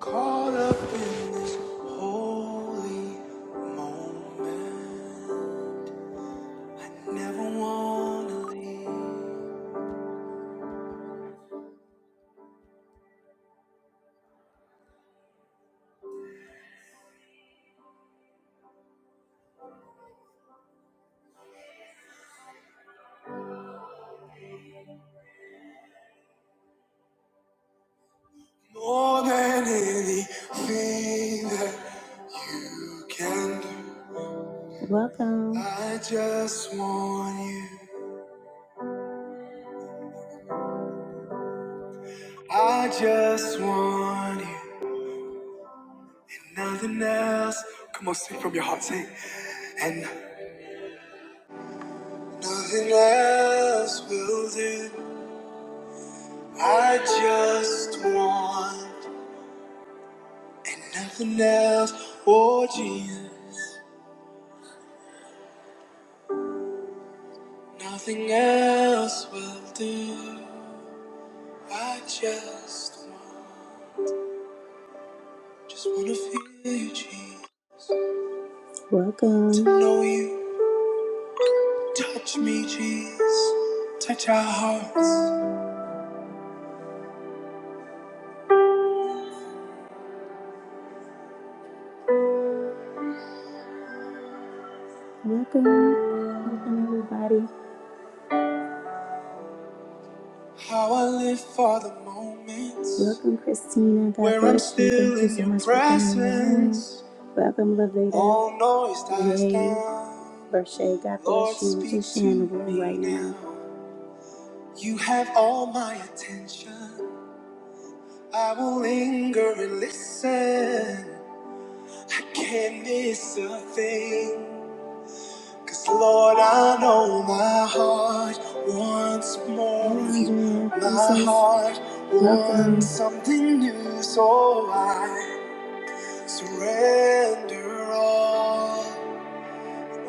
Caught up in this holy moment. I never wanna leave more than anything that you can do. Welcome. I just want you. I just want you. Nothing else. Come on, sing from your heart, sing. And nothing else will do. I just want. And nothing else, oh Jesus, nothing else will do. I just want, just want to feel you, Jesus. Welcome. To know you, touch me, Jesus. Touch our hearts. Welcome. Welcome, everybody. How I live for the moments. Welcome, Christina. God Where I'm bless you. still Thank you in so your much for coming in the Welcome, Lavita. All noise dies Yay. down. Vershay, God Lord, bless Lord, you. We're just speak just sharing the room me right now. now. You have all my attention. I will linger and listen. I can't miss a thing. Cause Lord, I know my heart wants more of Yes, you. My heart wants something new, so I surrender all.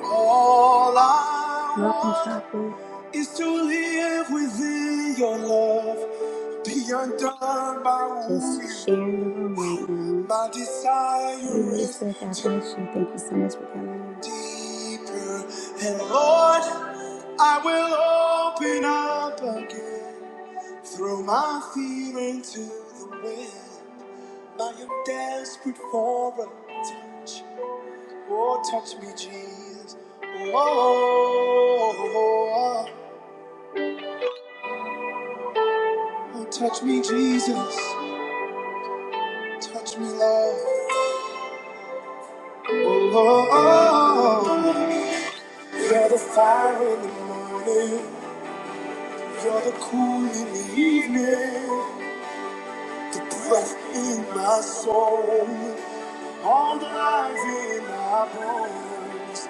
All I Welcome, want is to live within your love, be undone by Just wounding. sharing the room right now. My desire Lady is Lisa, God bless you. Thank you so much for coming deeper, and Lord, I will open up again, throw my fear into the wind. I am desperate for a touch. Oh, touch me, Jesus. Oh, oh, touch me, Jesus. Touch me, Lord. Oh, oh, oh. you're the fire in the morning. You're the cool in the evening. The breath in my soul. All the life in my bones.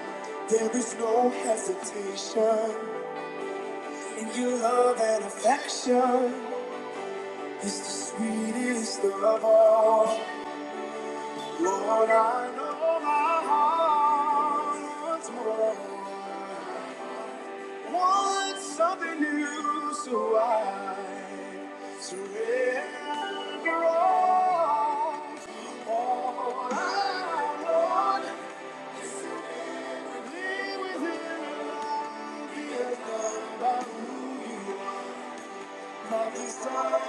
There is no hesitation in your love and affection. It's the sweetest of all. Lord, I know my heart wants more. Wants something new, so I surrender all. All I want is to be with you. Be loved by who you are. My desire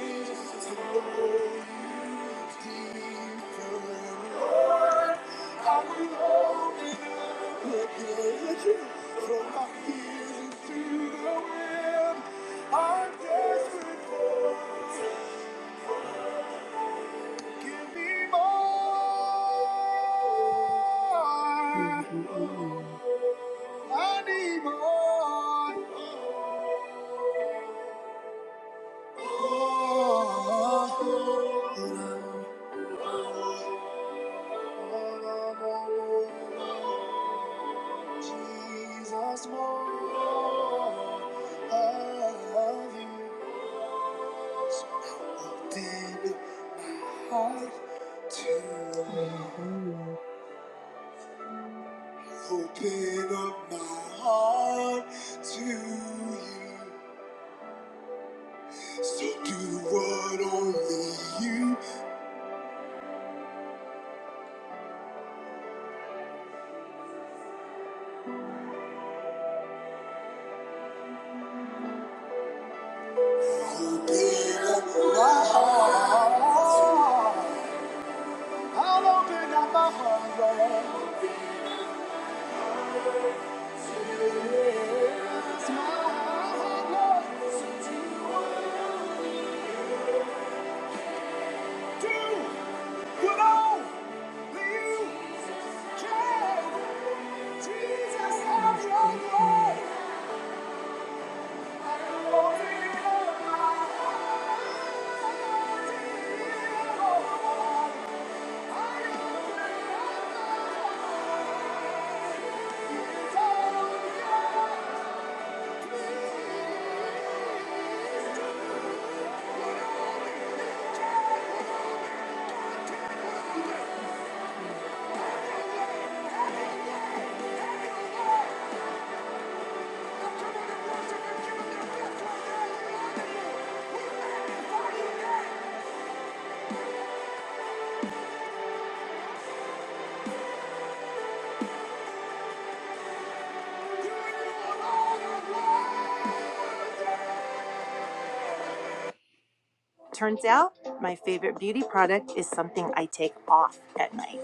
is to know you deeper, Lord. I will open up again from my feelings to the wind. I'm desperate for you. Give me more. I need more. Oh, oh, oh. Jesus, more of you. So I Open my heart to you. Open up my heart to you. So do what only you open up my heart. I'll open up my heart, Lord. Thank you. Turns out my favorite beauty product is something I take off at night.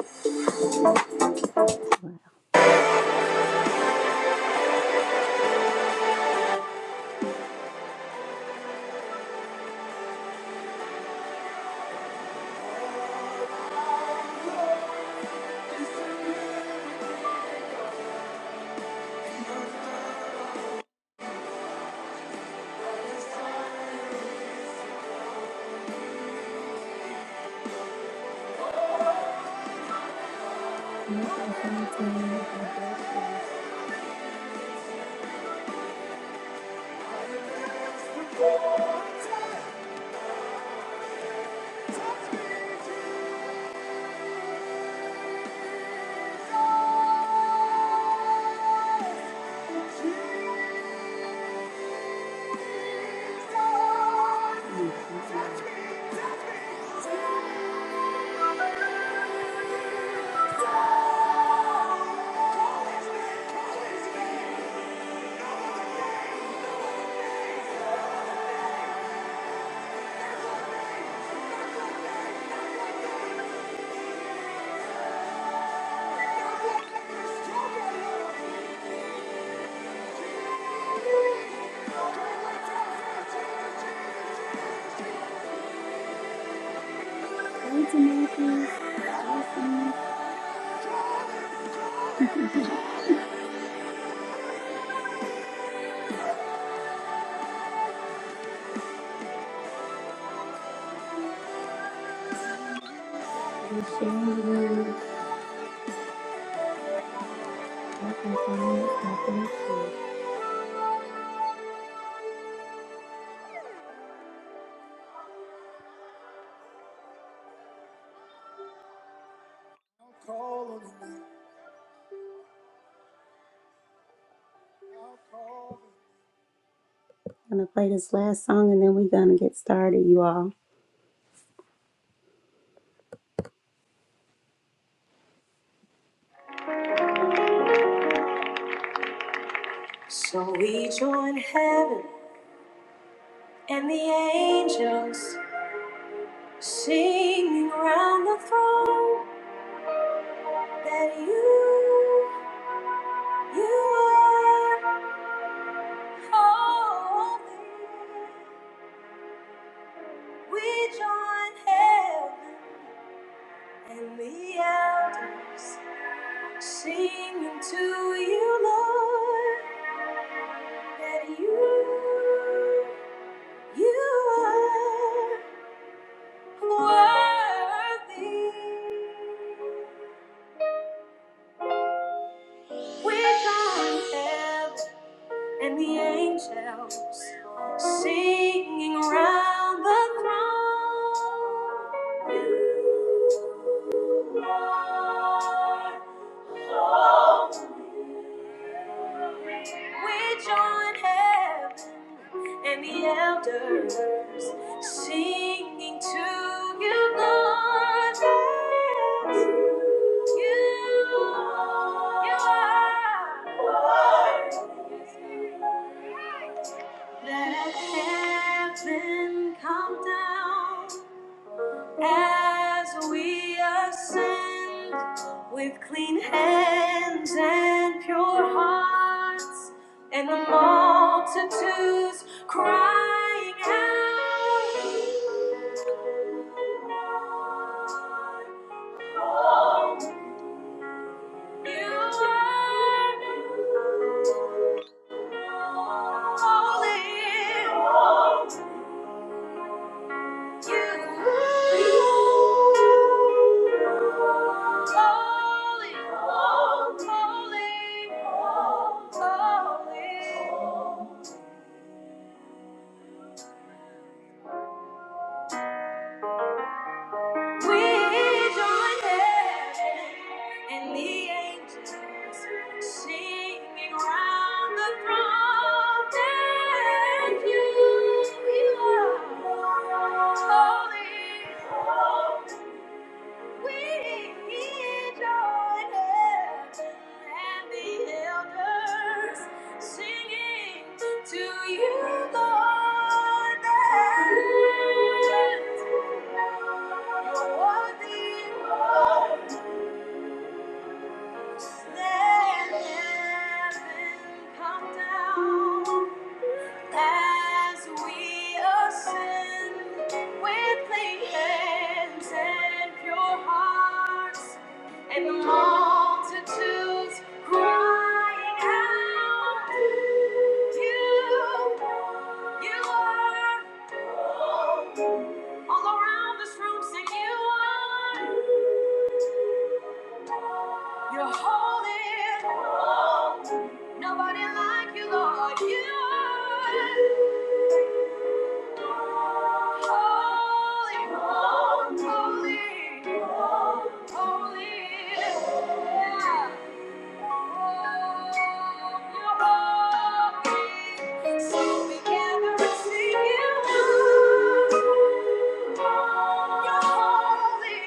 Hey, I'm going to play this last song and then we're going to get started, you all. So we join heaven and the angels. Singing round the throne that you, you are holy. We join heaven and the elders, singing to you, Lord, that you, you are worthy. We join heaven. and the angels singing around the throne. You are holy. We join heaven and the elders singing to you, Lord. that you, you are. holy. Let heaven come down as we ascend with clean hands and pure hearts, and the multitudes crying out. You are holy. Holy, holy, We join hands and the elders singing to you, Lord. that You're worthy, as we ascend with clean hands and pure hearts, and the multitudes crying out, You, you are all around this room, sing you are. You're holding on. to Nobody like you, Lord. You holy, holy, holy. Yeah. Oh, you're holy. So we gather and sing you. You're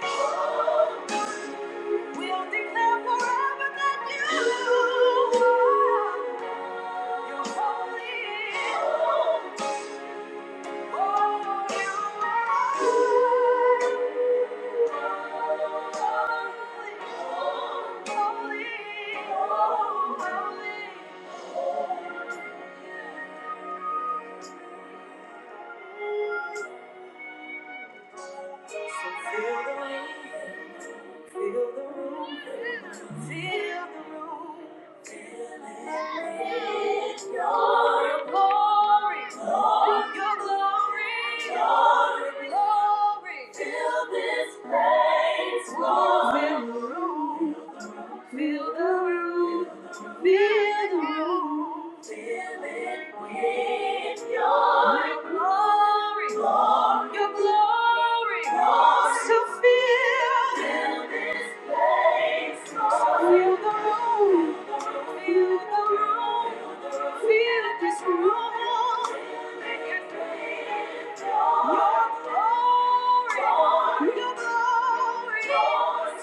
holy. We'll declare forever that you are, you're holy. Oh, you are holy, holy, holy. So Feel the room, feel the room, feel the room. Feel the room. Feel the room, feel this room. room. room. Your glory, your glory, glory, the room,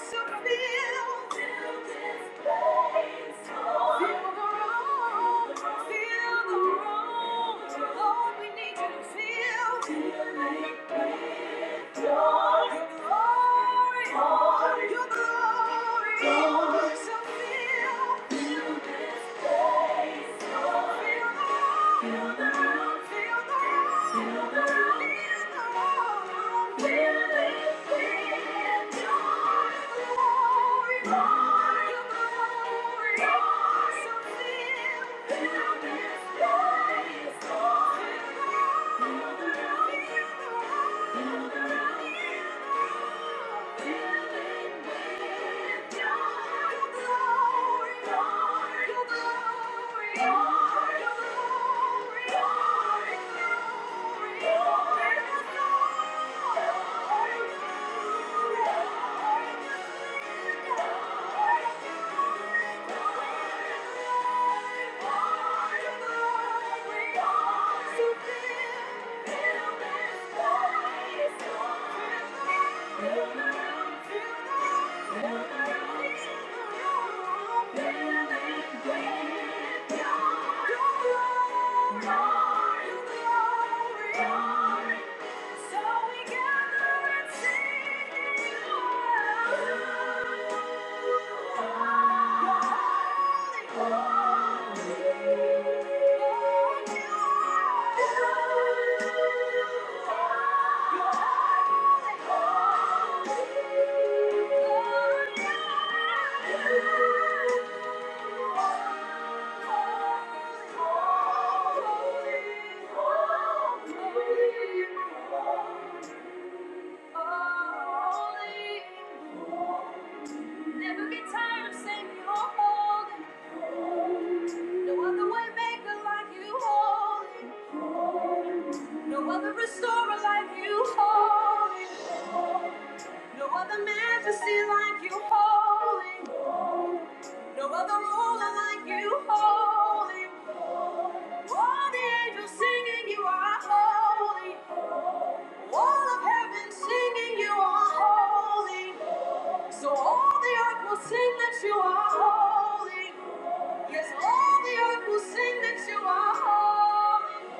feel the room. Lord, we need you to feel. Glory, glory, glory. Thank you. So we gather and sing. Never get tired of saying you're holy. No other way maker like you holy. No other restorer like you, holy. No other majesty like you, holy. No other ruler like you, holy. All the angels singing, you are holy. All of heaven singing, you are holy. So all the earth will sing that you are holy. Yes, all the earth will sing that you are holy.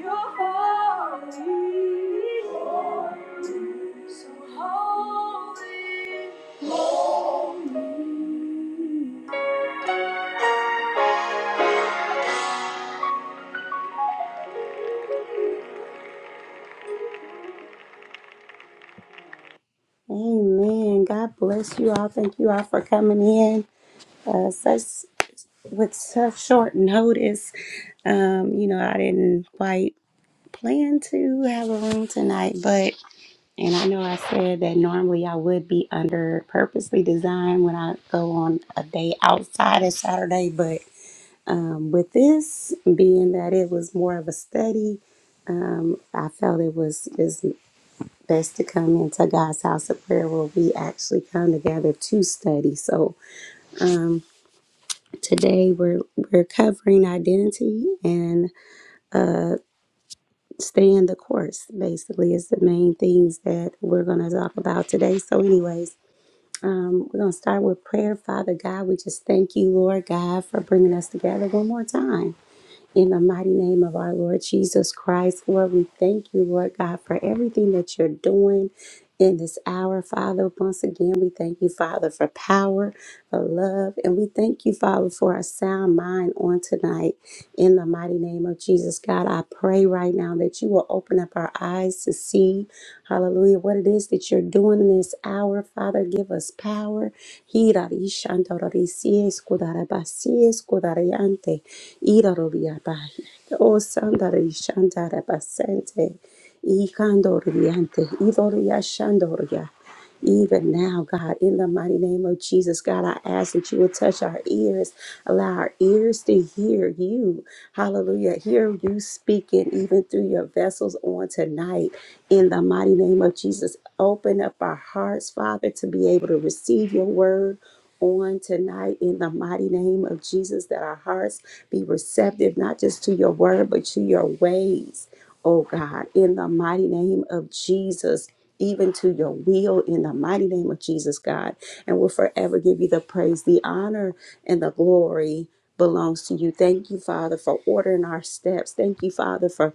You're holy. So holy. Amen. God bless you all. Thank you all for coming in. Uh, such with such short notice. Um, you know, I didn't quite plan to have a room tonight, but and I know I said that normally I would be under purposely designed when I go on a day outside of Saturday, but um, with this being that it was more of a study, um, I felt it was this best to come into God's house of prayer where we actually come together to study. So today we're we're covering identity and staying the course. Basically, is the main things that we're going to talk about today. So, anyways. Um, we're going to start with prayer. Father God, we just thank you, Lord God, for bringing us together one more time. In the mighty name of our Lord Jesus Christ, Lord, we thank you, Lord God, for everything that you're doing in this hour, Father. Once again, we thank you, Father, for power, for love, and we thank you, Father, for a sound mind on tonight. In the mighty name of Jesus, God, I pray right now that you will open up our eyes to see, hallelujah, What what it is that you're doing in this hour. Father, give us power. Hirarishandarorisieskudarabasieskudariante. Iraroriabahi. Oh, sandarishandarabasente. Ikandoriante. Idoriashandoria. Even now, God, in the mighty name of Jesus, God, I ask that you would touch our ears, allow our ears to hear you. Hallelujah. Hear you speaking, even through your vessels on tonight. In the mighty name of Jesus, open up our hearts, Father, to be able to receive your word. On tonight, in the mighty name of Jesus, that our hearts be receptive, not just to your word, but to your ways oh God, in the mighty name of Jesus. Even to your will in the mighty name of Jesus, God. And we'll forever give you the praise, the honor, and the glory belongs to you. Thank you, Father, for ordering our steps. Thank you, Father, for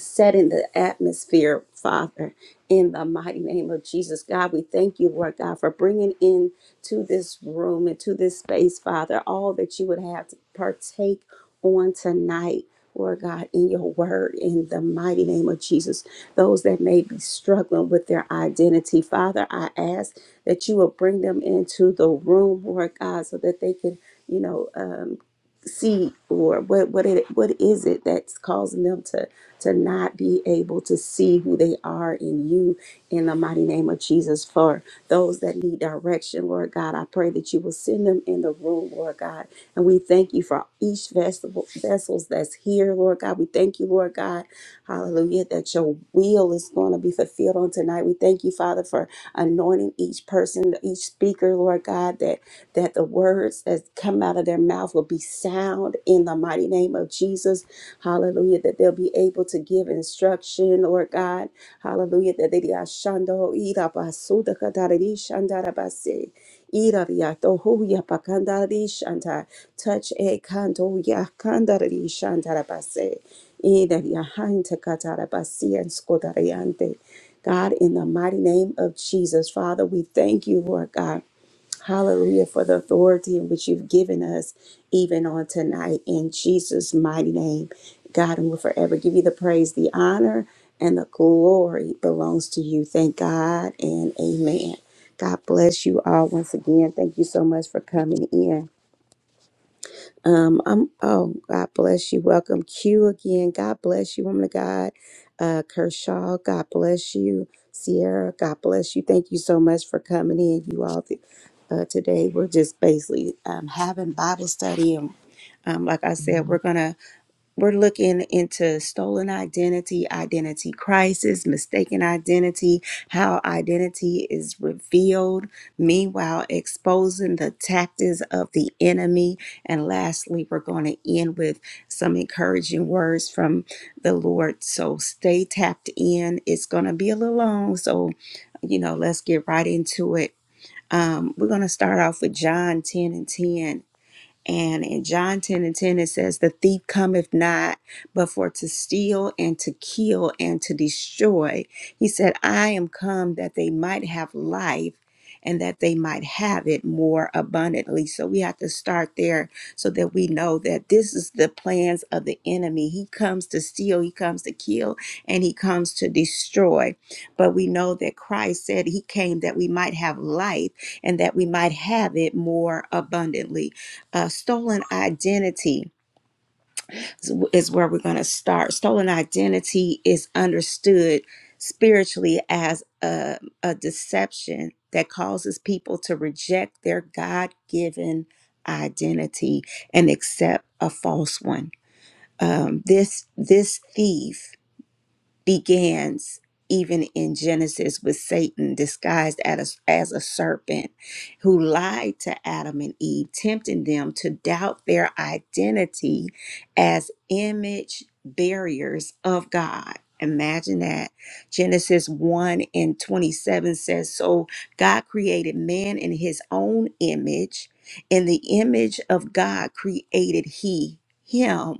setting the atmosphere, Father, in the mighty name of Jesus. God, we thank you, Lord God, for bringing in to this room and to this space, Father, all that you would have to partake on tonight. Lord God, in your word, in the mighty name of Jesus, those that may be struggling with their identity, Father, I ask that you will bring them into the room, Lord God, so that they can, you know, um, see or what what it what is it that's causing them to to not be able to see who they are in you in the mighty name of Jesus. For those that need direction, Lord God, I pray that you will send them in the room, Lord God. And we thank you for each vessel vessels that's here, Lord God. We thank you, Lord God, hallelujah, that your will is going to be fulfilled on tonight. We thank you, Father, for anointing each person, each speaker, Lord God, that that the words that come out of their mouth will be sound in the mighty name of Jesus Hallelujah. That they'll be able to give instruction, Lord God. Hallelujah. That they ashando ira basuda kadari shandara basi. Ira riato huya pakandari shanta. Touch a kanto ya kandari shandara basi. Ira riahanta katara basi and skodariante. God, in the mighty name of Jesus, Father, we thank you, Lord God. Hallelujah for the authority in which you've given us, even on tonight, in Jesus' mighty name. God, and we will forever give you the praise, the honor, and the glory belongs to you. Thank God and amen. God bless you all once again. Thank you so much for coming in. Um, I'm oh God bless you. Welcome Q again. God bless you, woman of God. Uh Kershaw, God bless you. Sierra, God bless you. Thank you so much for coming in. You all th- uh, today. We're just basically um, having Bible study and um, like I said, we're gonna we're looking into stolen identity, identity crisis, mistaken identity, how identity is revealed, meanwhile, exposing the tactics of the enemy. And lastly, we're going to end with some encouraging words from the Lord. So stay tapped in. It's going to be a little long. So, you know, let's get right into it. Um, we're going to start off with John 10 and 10. And in John 10 and 10, it says, The thief cometh not but for to steal and to kill and to destroy. He said, I am come that they might have life and that they might have it more abundantly. So we have to start there so that we know that this is the plans of the enemy. He comes to steal, he comes to kill, and he comes to destroy. But we know that Christ said he came that we might have life and that we might have it more abundantly uh, stolen identity is where we're going to start. Stolen identity is understood spiritually as a, a deception that causes people to reject their God given identity and accept a false one. Um, this this thief begins even in Genesis with Satan disguised as, a, as a serpent who lied to Adam and Eve, tempting them to doubt their identity as image barriers of God. Imagine that. Genesis 1 and 27 says, So God created man in his own image. In the image of God created he him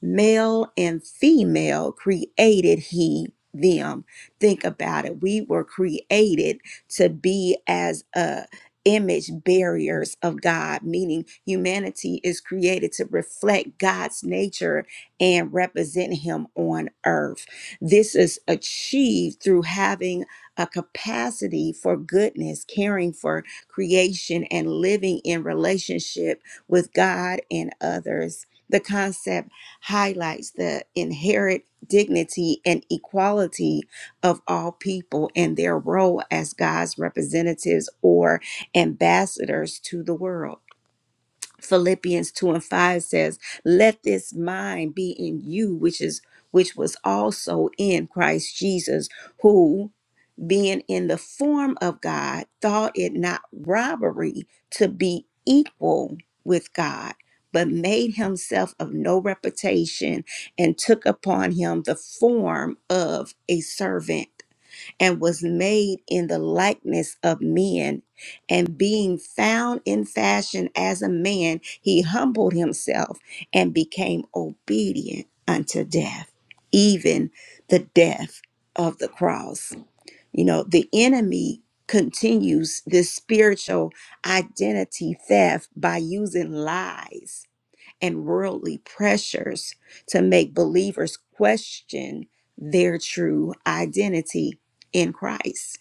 Male and female created he them. Think about it. We were created to be as a image barriers of God, meaning humanity is created to reflect God's nature and represent him on earth. This is achieved through having a capacity for goodness, caring for creation and living in relationship with God and others. The concept highlights the inherent dignity and equality of all people and their role as God's representatives or ambassadors to the world. Philippians 2 and 5 says, Let this mind be in you, which is which was also in Christ Jesus, who being in the form of God, thought it not robbery to be equal with God, but made himself of no reputation and took upon him the form of a servant and was made in the likeness of men. And being found in fashion as a man, he humbled himself and became obedient unto death, even the death of the cross. You know, the enemy continues this spiritual identity theft by using lies and worldly pressures to make believers question their true identity in Christ,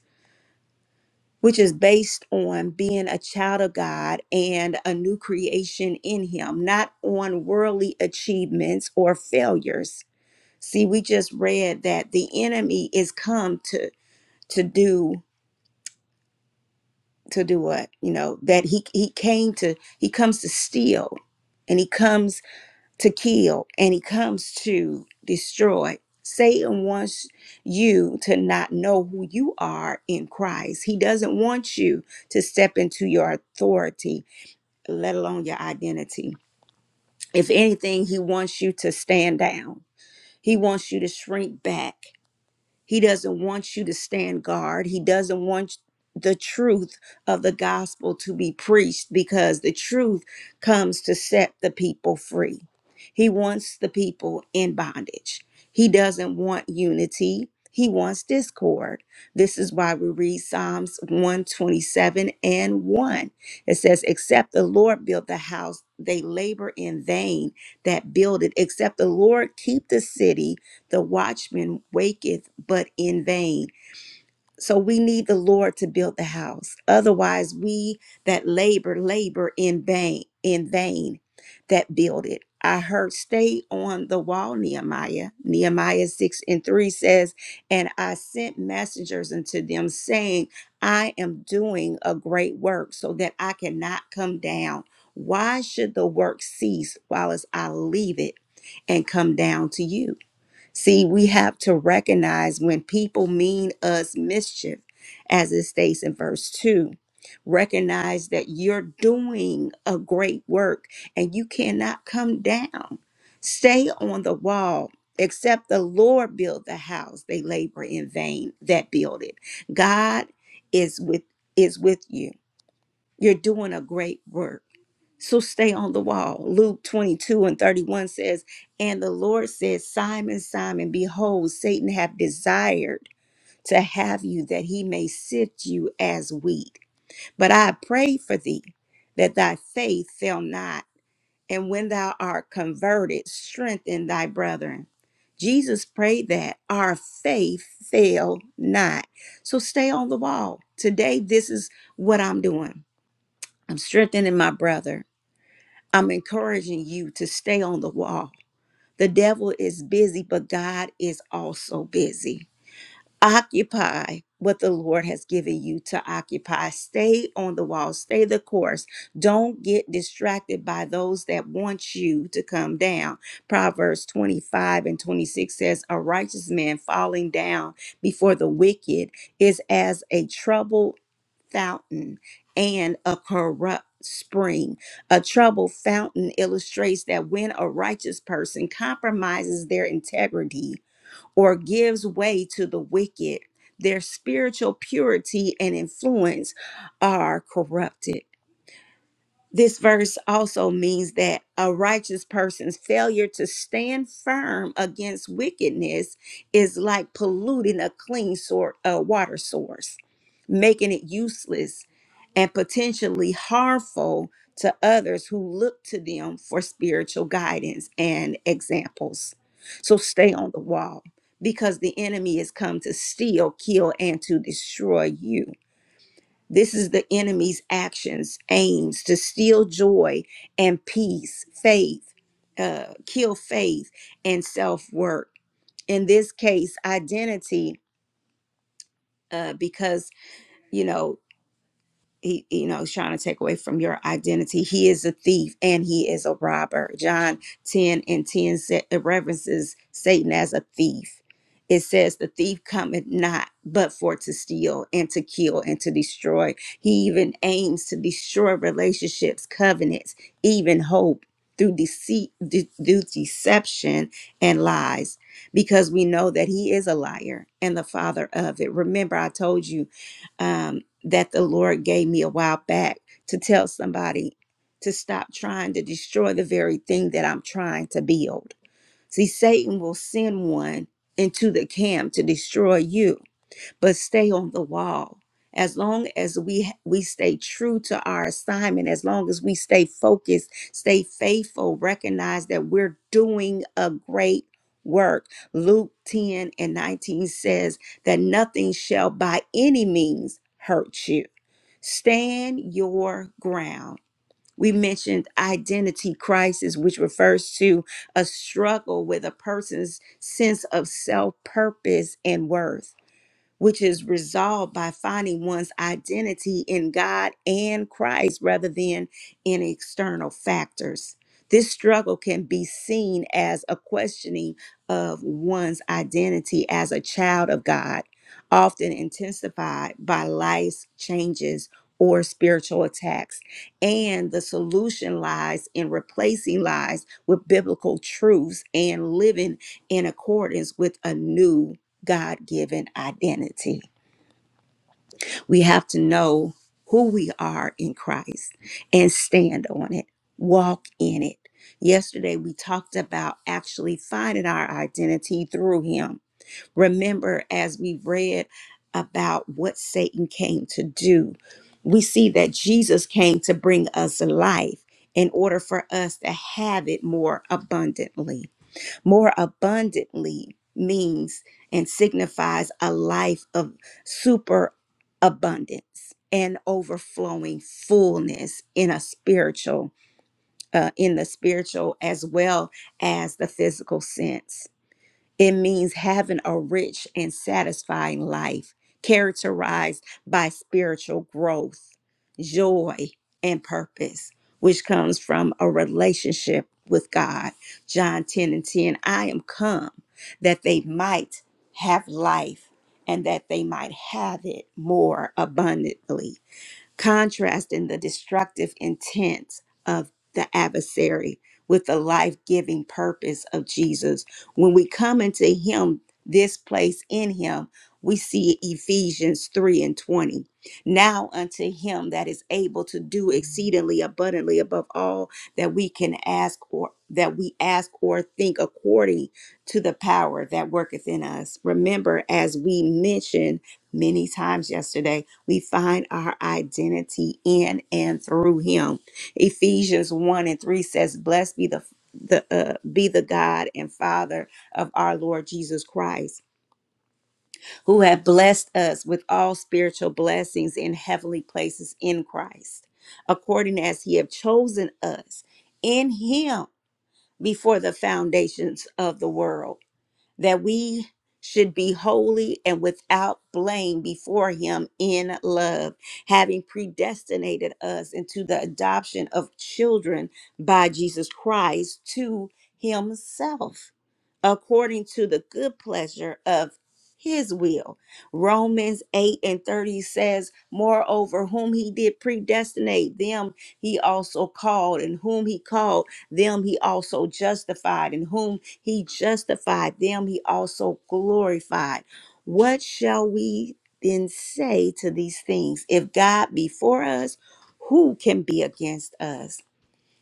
which is based on being a child of God and a new creation in Him, not on worldly achievements or failures. See, we just read that the enemy is come to to do to do what you know that he he came to he comes to steal and he comes to kill and he comes to destroy satan wants you to not know who you are in christ he doesn't want you to step into your authority let alone your identity if anything he wants you to stand down he wants you to shrink back he doesn't want you to stand guard. He doesn't want the truth of the gospel to be preached because the truth comes to set the people free. He wants the people in bondage. He doesn't want unity. He wants discord. This is why we read Psalms 127 and 1. It says, Except the Lord build the house, they labor in vain that build it. Except the Lord keep the city, the watchman waketh, but in vain. So we need the Lord to build the house. Otherwise, we that labor, labor in vain, in vain that build it. I heard, stay on the wall, Nehemiah. Nehemiah 6 and 3 says, And I sent messengers unto them, saying, I am doing a great work so that I cannot come down. Why should the work cease while as I leave it and come down to you? See, we have to recognize when people mean us mischief, as it states in verse 2. Recognize that you're doing a great work and you cannot come down. Stay on the wall. Except the Lord build the house, they labor in vain that build it. God is with is with you. You're doing a great work. So stay on the wall. Luke 22 and 31 says, And the Lord says, Simon, Simon, behold, Satan hath desired to have you that he may sift you as wheat. But I pray for thee that thy faith fail not. And when thou art converted, strengthen thy brethren. Jesus prayed that our faith fail not. So stay on the wall. Today, this is what I'm doing. I'm strengthening my brother. I'm encouraging you to stay on the wall. The devil is busy, but God is also busy occupy what the Lord has given you to occupy. Stay on the wall, stay the course. Don't get distracted by those that want you to come down. Proverbs 25 and 26 says, A righteous man falling down before the wicked is as a troubled fountain and a corrupt spring. A troubled fountain illustrates that when a righteous person compromises their integrity, or gives way to the wicked, their spiritual purity and influence are corrupted. This verse also means that a righteous person's failure to stand firm against wickedness is like polluting a clean sort, a water source making it useless and potentially harmful to others who look to them for spiritual guidance and examples. So stay on the wall because the enemy has come to steal, kill, and to destroy you. This is the enemy's actions, aims to steal joy and peace, faith, uh, kill faith and self work. In this case, identity, uh, because, you know, he you know is trying to take away from your identity he is a thief and he is a robber john 10 and 10 sa- it references satan as a thief it says the thief cometh not but for to steal and to kill and to destroy he even aims to destroy relationships covenants even hope through deceit de- through deception and lies because we know that he is a liar and the father of it remember i told you um, that the Lord gave me a while back to tell somebody to stop trying to destroy the very thing that I'm trying to build. See, Satan will send one into the camp to destroy you but stay on the wall. As long as we we stay true to our assignment, as long as we stay focused, stay faithful, recognize that we're doing a great work. Luke 10 and 19 says that nothing shall by any means hurt you. Stand your ground. We mentioned identity crisis, which refers to a struggle with a person's sense of self, purpose, and worth which is resolved by finding one's identity in God and Christ rather than in external factors. This struggle can be seen as a questioning of one's identity as a child of God, often intensified by life's changes or spiritual attacks. And the solution lies in replacing lies with biblical truths and living in accordance with a new God given identity. We have to know who we are in Christ and stand on it, walk in it. Yesterday, we talked about actually finding our identity through Him. Remember, as we read about what Satan came to do, we see that Jesus came to bring us life in order for us to have it more abundantly. More abundantly means and signifies a life of super abundance and overflowing fullness in a spiritual uh, in the spiritual as well as the physical sense it means having a rich and satisfying life characterized by spiritual growth, joy, and purpose, which comes from a relationship with God. John 10 and 10 I am come that they might have life and that they might have it more abundantly contrasting the destructive intent of the adversary with the life giving purpose of Jesus. When we come into Him, this place in Him, we see Ephesians 3 and 20. Now unto Him that is able to do exceedingly abundantly above all that we can ask or that we ask or think according to the power that worketh in us. Remember, as we mentioned many times yesterday, we find our identity in and through him. Ephesians 1 and 3 says, Blessed be the the uh, be the God and Father of our Lord Jesus Christ, who have blessed us with all spiritual blessings in heavenly places in Christ, according as he have chosen us in him before the foundations of the world that we should be holy and without blame before him in love, having predestinated us into the adoption of children by Jesus Christ to himself, according to the good pleasure of his will. Romans 8 and 30 says, Moreover, whom he did predestinate, them he also called, and whom he called, them he also justified, and whom he justified, them he also glorified. What shall we then say to these things? If God be for us, who can be against us?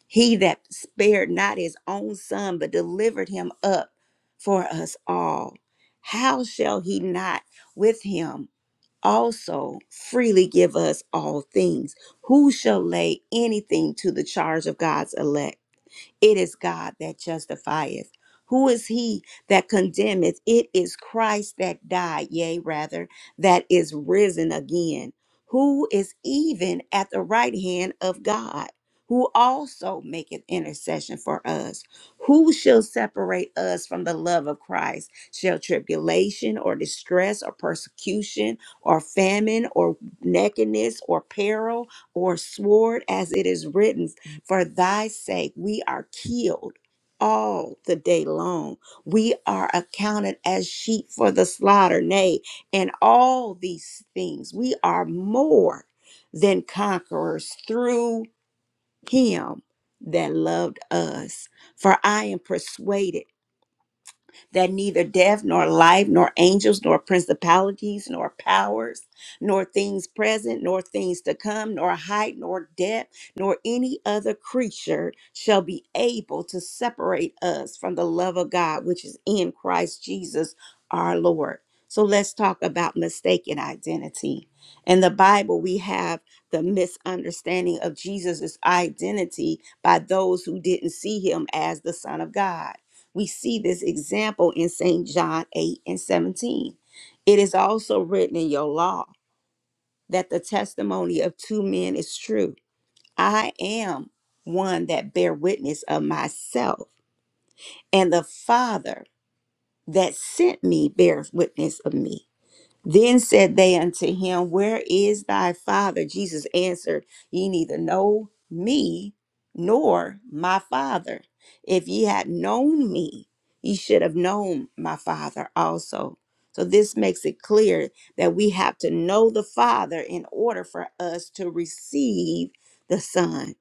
He that spared not his own son, but delivered him up for us all, how shall he not with him also freely give us all things? Who shall lay anything to the charge of God's elect? It is God that justifieth. Who is he that condemneth? It is Christ that died, yea, rather, that is risen again, who is even at the right hand of God, who also maketh intercession for us. Who shall separate us from the love of Christ? Shall tribulation or distress or persecution or famine or nakedness or peril or sword, as it is written? For thy sake, we are killed all the day long. We are accounted as sheep for the slaughter. Nay, in all these things, we are more than conquerors through him that loved us. For I am persuaded that neither death nor life nor angels nor principalities nor powers nor things present nor things to come nor height nor depth nor any other creature shall be able to separate us from the love of God which is in Christ Jesus our Lord. So let's talk about mistaken identity. In the Bible, we have the misunderstanding of Jesus' identity by those who didn't see him as the Son of God. We see this example in St. John 8 and 17. It is also written in your law that the testimony of two men is true. I am one that bear witness of myself, and the Father that sent me bears witness of me. Then said they unto him, Where is thy father? Jesus answered, Ye neither know me nor my father. If ye had known me, ye should have known my father also. So this makes it clear that we have to know the father in order for us to receive the son.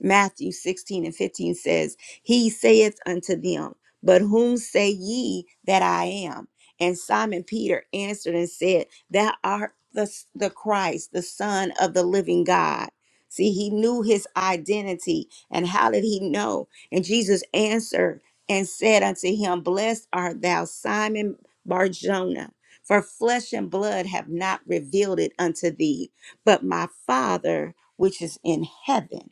Matthew 16 and 15 says, He saith unto them, But whom say ye that I am? And Simon Peter answered and said, Thou art the, the Christ, the Son of the living God. See, he knew his identity. And how did he know? And Jesus answered and said unto him, Blessed art thou, Simon Barjona, for flesh and blood have not revealed it unto thee, but my Father which is in heaven.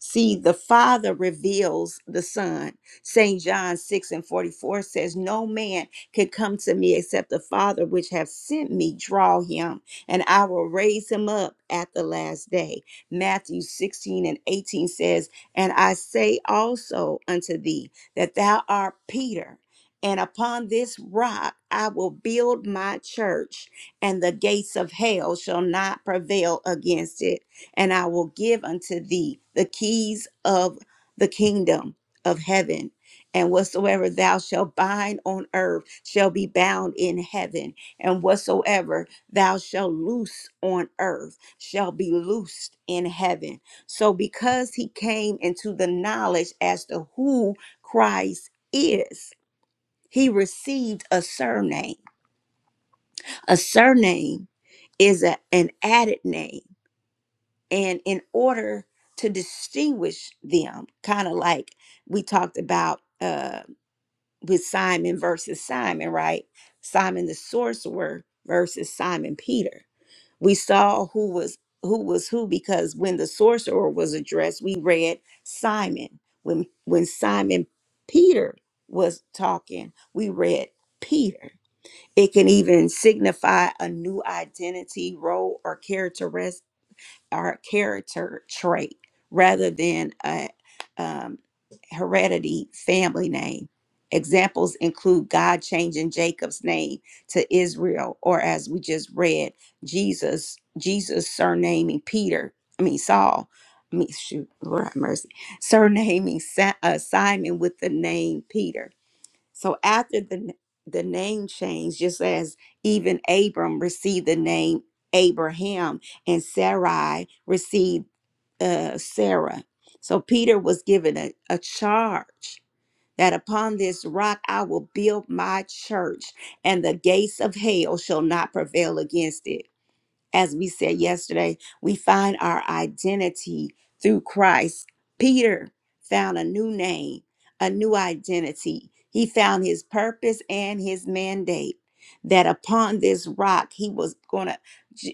See, the Father reveals the Son. St. John 6 and 44 says, No man can come to me except the Father which have sent me draw him, and I will raise him up at the last day. Matthew 16 and 18 says, And I say also unto thee that thou art Peter. And upon this rock I will build my church, and the gates of hell shall not prevail against it and I will give unto thee the keys of the kingdom of heaven. And whatsoever thou shalt bind on earth shall be bound in heaven, and whatsoever thou shalt loose on earth shall be loosed in heaven. So, because he came into the knowledge as to who Christ is, he received a surname. A surname is a- an added name and in order to distinguish them, kind of like we talked about uh, with Simon versus Simon, right? Simon the sorcerer versus Simon Peter. We saw who was who was who because when the sorcerer was addressed, we read Simon. When when Simon Peter was talking, we read Peter. It can even signify a new identity, role, or characteristic or character trait rather than a um, heredity family name. Examples include God changing Jacob's name to Israel, or as we just read, Jesus, Jesus surnaming Peter, I mean Saul, I mean shoot, Lord have mercy, surnaming Sa- uh, Simon with the name Peter. So after the the name change, just as even Abram received the name Abraham and Sarai received uh, Sarah. So Peter was given a, a charge that upon this rock I will build my church, and the gates of hell shall not prevail against it as we said yesterday, we find our identity through Christ. Peter found a new name, a new identity. He found his purpose and his mandate that upon this rock he was going to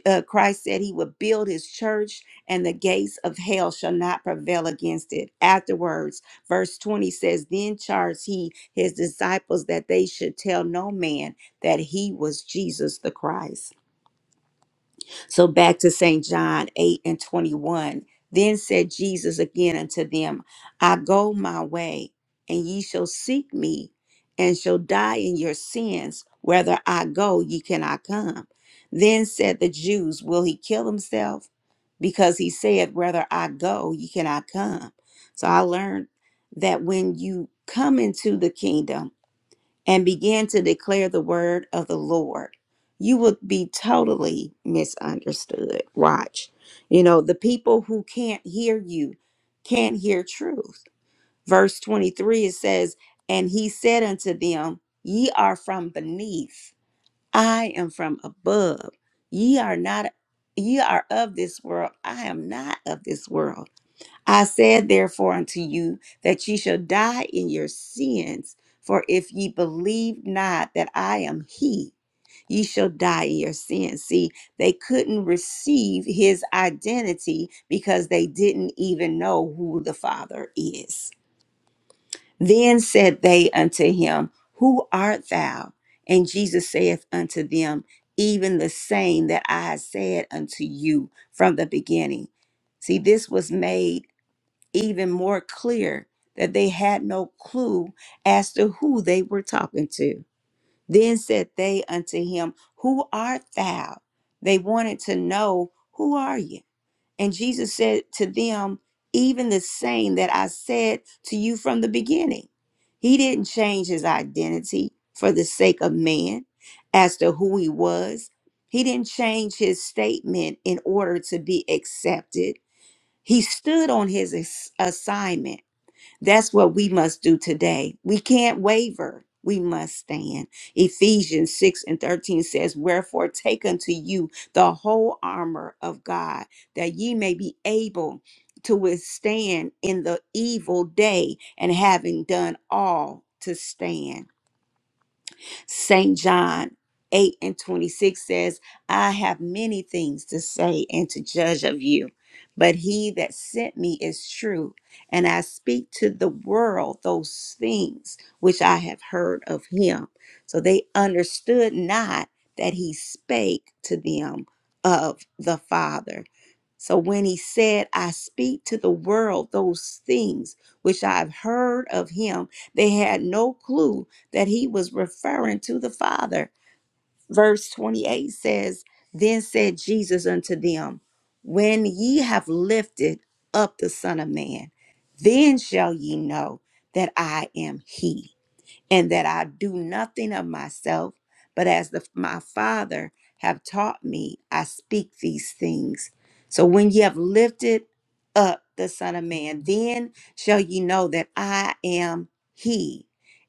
uh, Christ said he would build his church and the gates of hell shall not prevail against it. Afterwards, verse 20 says, "Then charged he his disciples that they should tell no man that he was Jesus the Christ." So back to St. John 8 and 21. Then said Jesus again unto them, I go my way, and ye shall seek me, and shall die in your sins. Whether I go, ye cannot come. Then said the Jews, Will he kill himself? Because he said, Whether I go, ye cannot come. So I learned that when you come into the kingdom, and begin to declare the word of the Lord, you will be totally misunderstood. Watch. You know, the people who can't hear you can't hear truth. Verse 23, it says, And he said unto them, Ye are from beneath, I am from above. Ye are not, ye are of this world, I am not of this world. I said therefore unto you that ye shall die in your sins, for if ye believe not that I am he, ye shall die in your sins. See, they couldn't receive his identity because they didn't even know who the Father is. Then said they unto him, Who art thou? And Jesus saith unto them, Even the same that I said unto you from the beginning. See, this was made even more clear that they had no clue as to who they were talking to. Then said they unto him, Who art thou? They wanted to know, Who are you? And Jesus said to them, Even the same that I said to you from the beginning. He didn't change his identity for the sake of man as to who he was. He didn't change his statement in order to be accepted. He stood on his ass- assignment that's what we must do today. We can't waver. We must stand. Ephesians 6 and 13 says, Wherefore take unto you the whole armor of God, that ye may be able to withstand in the evil day, and having done all to stand. St. John 8 and 26 says, I have many things to say and to judge of you, but he that sent me is true, and I speak to the world those things which I have heard of him. So they understood not that he spake to them of the Father. So when he said, I speak to the world those things which I've heard of him, they had no clue that he was referring to the Father. Verse 28 says, Then said Jesus unto them, When ye have lifted up the Son of Man, then shall ye know that I am he and that I do nothing of myself, but as the, my Father have taught me, I speak these things. So when ye have lifted up the Son of Man, then shall ye know that I am He,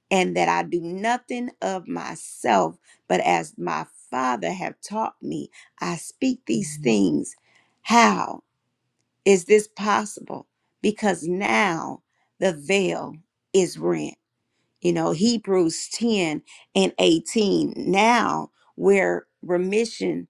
and that I do nothing of myself, but as my Father have taught me, I speak these things. How is this possible? Because now the veil is rent you know hebrews 10 and 18 now where remission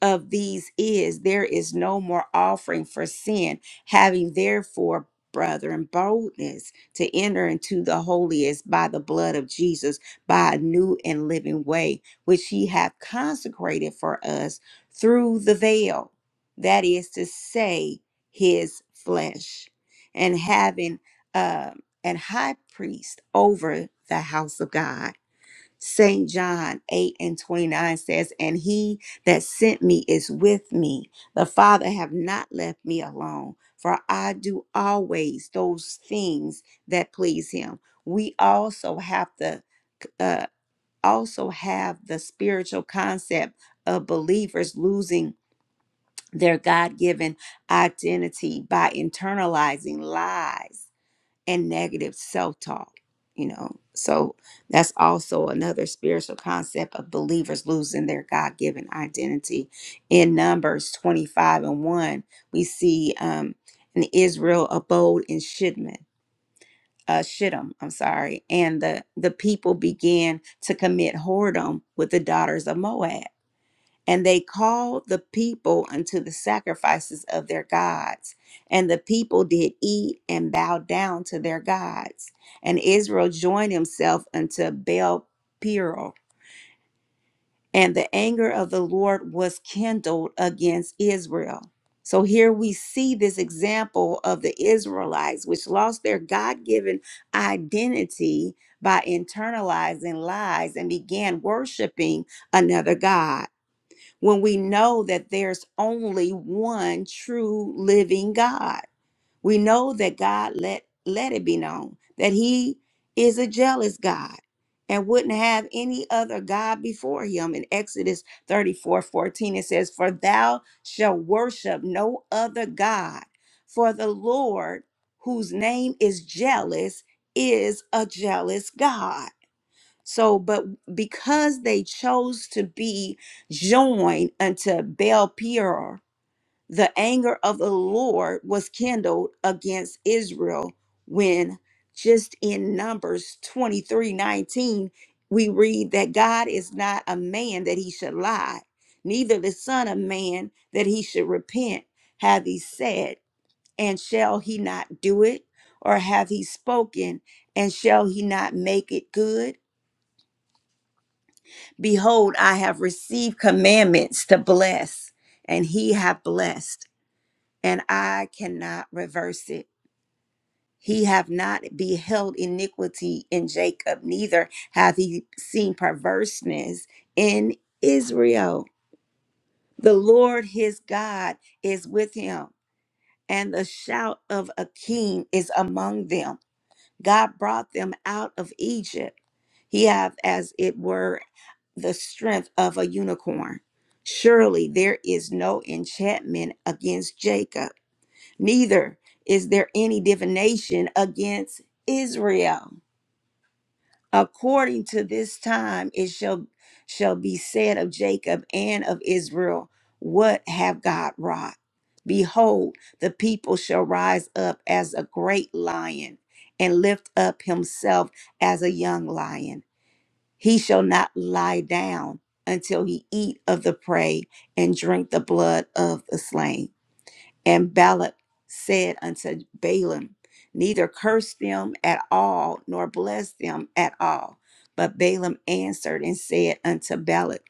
of these is there is no more offering for sin, having therefore, brethren, boldness to enter into the holiest by the blood of Jesus, by a new and living way, which he hath consecrated for us through the veil, that is to say, his flesh, and having um an high priest over the house of God St. John 8 and 29 says, And he that sent me is with me. The Father have not left me alone, for I do always those things that please him. We also have the uh, also have the spiritual concept of believers losing their God given identity by internalizing lies and negative self talk, you know. So that's also another spiritual concept of believers losing their God given identity. In Numbers 25 and 1, we see um, in Israel abode in Shittim. Uh, Shittim, I'm sorry, and the the people began to commit whoredom with the daughters of Moab and they called the people unto the sacrifices of their gods. And the people did eat and bow down to their gods. And Israel joined himself unto Baal Peor. And the anger of the Lord was kindled against Israel. So here we see this example of the Israelites, which lost their God given identity by internalizing lies and began worshiping another God when we know that there's only one true living God. We know that God let let it be known that he is a jealous God and wouldn't have any other God before him. In Exodus 34:14, it says, For thou shalt worship no other God, for the Lord, whose name is jealous, is a jealous God. So, but because they chose to be joined unto Baal Peor, the anger of the Lord was kindled against Israel when just in Numbers 23 19, we read that God is not a man that he should lie, neither the Son of Man that he should repent. Hath he said, and shall he not do it? Or have he spoken, and shall he not make it good? Behold, I have received commandments to bless, and he hath blessed, and I cannot reverse it. He hath not beheld iniquity in Jacob, neither hath he seen perverseness in Israel. The Lord his God is with him, and the shout of a king is among them. God brought them out of Egypt. He hath, as it were, the strength of a unicorn. Surely there is no enchantment against Jacob, neither is there any divination against Israel according to this time it shall shall be said of jacob and of israel what have god wrought behold the people shall rise up as a great lion and lift up himself as a young lion he shall not lie down until he eat of the prey and drink the blood of the slain and Balak said unto Balaam, Neither curse them at all, nor bless them at all. But Balaam answered and said unto Balak,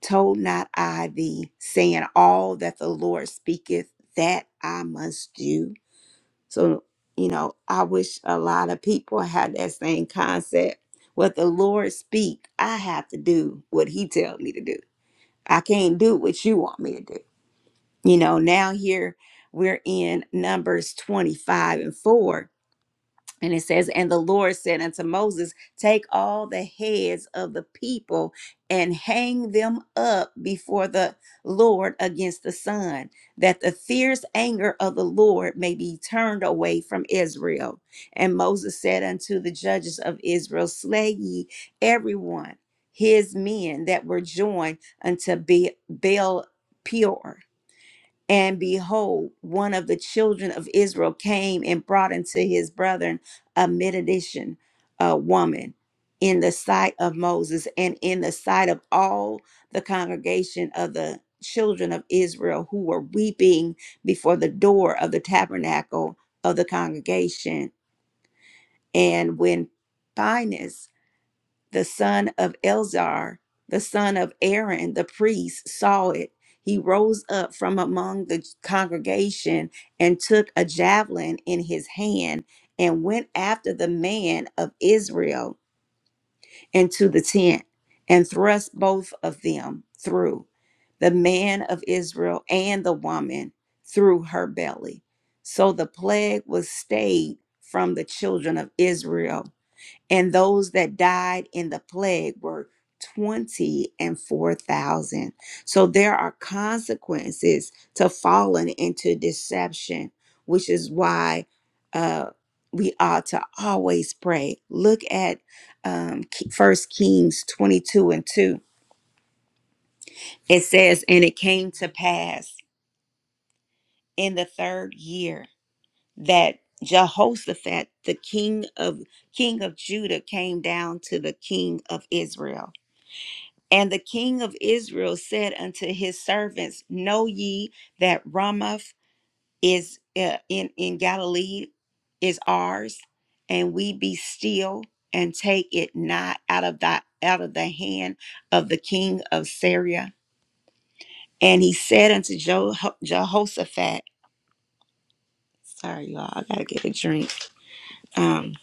Told not I thee, saying, All that the Lord speaketh, that I must do? So, you know, I wish a lot of people had that same concept. What the Lord speak, I have to do what he tells me to do. I can't do what you want me to do. You know, now here we're in Numbers 25 and 4. And it says, And the Lord said unto Moses, Take all the heads of the people and hang them up before the Lord against the sun, that the fierce anger of the Lord may be turned away from Israel. And Moses said unto the judges of Israel, Slay ye everyone his men that were joined unto Be- Baal Peor and behold, one of the children of Israel came and brought unto his brethren a Midianitish uh, woman in the sight of Moses and in the sight of all the congregation of the children of Israel who were weeping before the door of the tabernacle of the congregation. And when Phineas the son of Elzar, the son of Aaron, the priest, saw it. He rose up from among the congregation and took a javelin in his hand and went after the man of Israel into the tent and thrust both of them through the man of Israel and the woman through her belly. So the plague was stayed from the children of Israel and those that died in the plague were 20 and 4,000. So there are consequences to falling into deception, which is why uh, we ought to always pray. Look at um, First Kings 22 and 2. It says, And it came to pass in the third year that Jehoshaphat, the king of king of Judah, came down to the king of Israel And the king of Israel said unto his servants, Know ye that Ramoth is uh, in, in Galilee is ours, and we be still and take it not out of thy out of the hand of the king of Syria. And he said unto jo- Jehoshaphat, Sorry, y'all, I gotta get a drink. Um,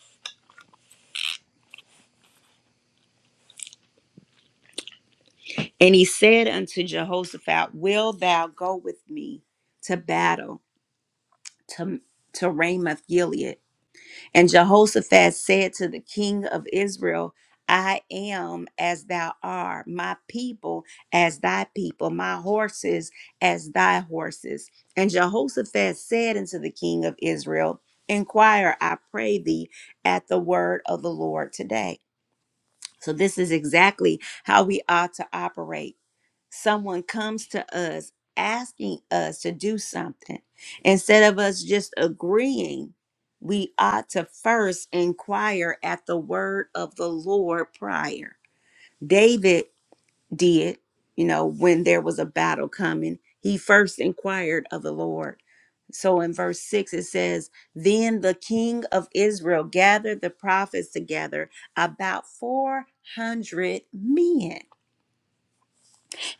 and he said unto Jehoshaphat, Will thou go with me to battle to, to Ramoth Gilead? And Jehoshaphat said to the king of Israel, I am as thou art, my people as thy people, my horses as thy horses. And Jehoshaphat said unto the king of Israel, Inquire, I pray thee, at the word of the Lord today. So, this is exactly how we ought to operate someone comes to us asking us to do something, instead of us just agreeing, we ought to first inquire at the word of the Lord prior. David did, you know, when there was a battle coming, he first inquired of the Lord. So in verse 6, it says, Then the king of Israel gathered the prophets together, about 400 men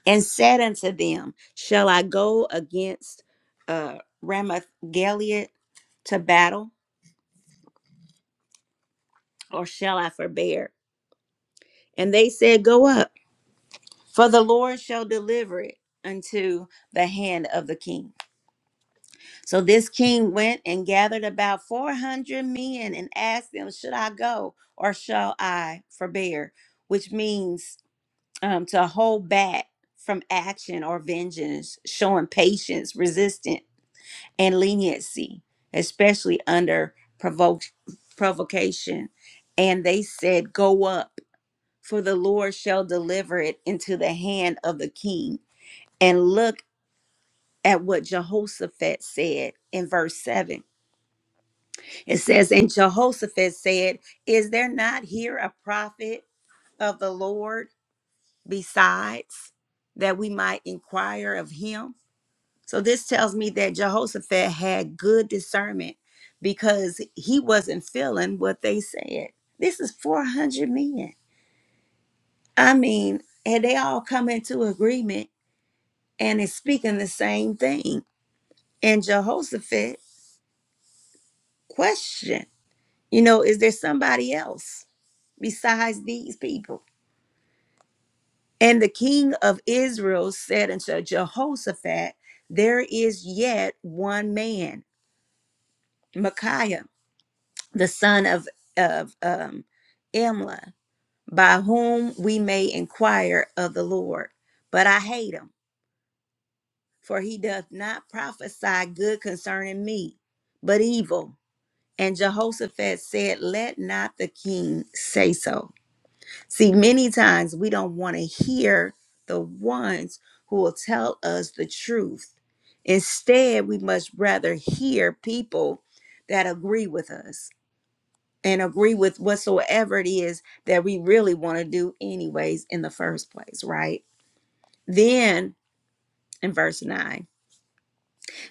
and said unto them, Shall I go against uh, Ramoth Gilead to battle, or shall I forbear? And they said, Go up, for the Lord shall deliver it unto the hand of the king. So this king went and gathered about 400 men and asked them, Should I go, or shall I forbear? Which means um, to hold back from action or vengeance, showing patience, resistance and leniency, especially under provoke, provocation. And they said, Go up, for the Lord shall deliver it into the hand of the king. And look at what Jehoshaphat said in verse 7. It says, And Jehoshaphat said, Is there not here a prophet of the Lord besides that we might inquire of him? So this tells me that Jehoshaphat had good discernment because he wasn't feeling what they said. This is 400 men. I mean, and they all come into agreement and is speaking the same thing. And Jehoshaphat questioned, you know, is there somebody else besides these people? And the king of Israel said unto Jehoshaphat, There is yet one man, Micaiah the son of of um, Imlah, by whom we may inquire of the Lord. But I hate him, for he doth not prophesy good concerning me, but evil. And Jehoshaphat said, Let not the king say so. See, many times we don't want to hear the ones who will tell us the truth. Instead, we must rather hear people that agree with us. and agree with whatsoever it is that we really want to do, anyways, in the first place, right? Then in verse 9,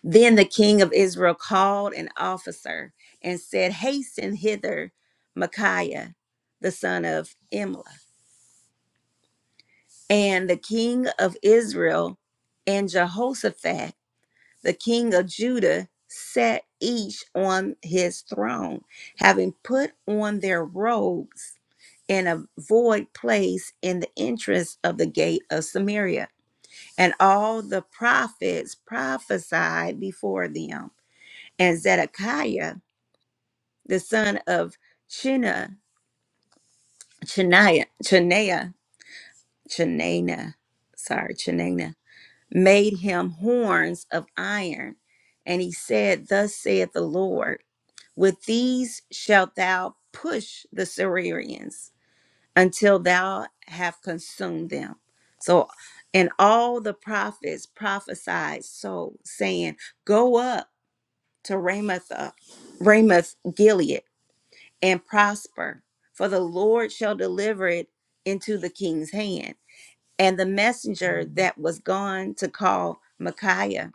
then the king of Israel called an officer and said, Hasten hither Micaiah, the son of Imlah. And the king of Israel and Jehoshaphat, the king of Judah, sat each on his throne, having put on their robes in a void place in the entrance of the gate of Samaria. And all the prophets prophesied before them. And Zedekiah, the son of Chena, Chenaiah, Chenaiah, Chenana, sorry, Chenaiah, made him horns of iron. And he said, Thus saith the Lord, with these shalt thou push the Syrians until thou have consumed them. So, and all the prophets prophesied so, saying, Go up to Ramoth, uh, Ramoth Gilead, and prosper, for the Lord shall deliver it into the king's hand. And the messenger that was gone to call Micaiah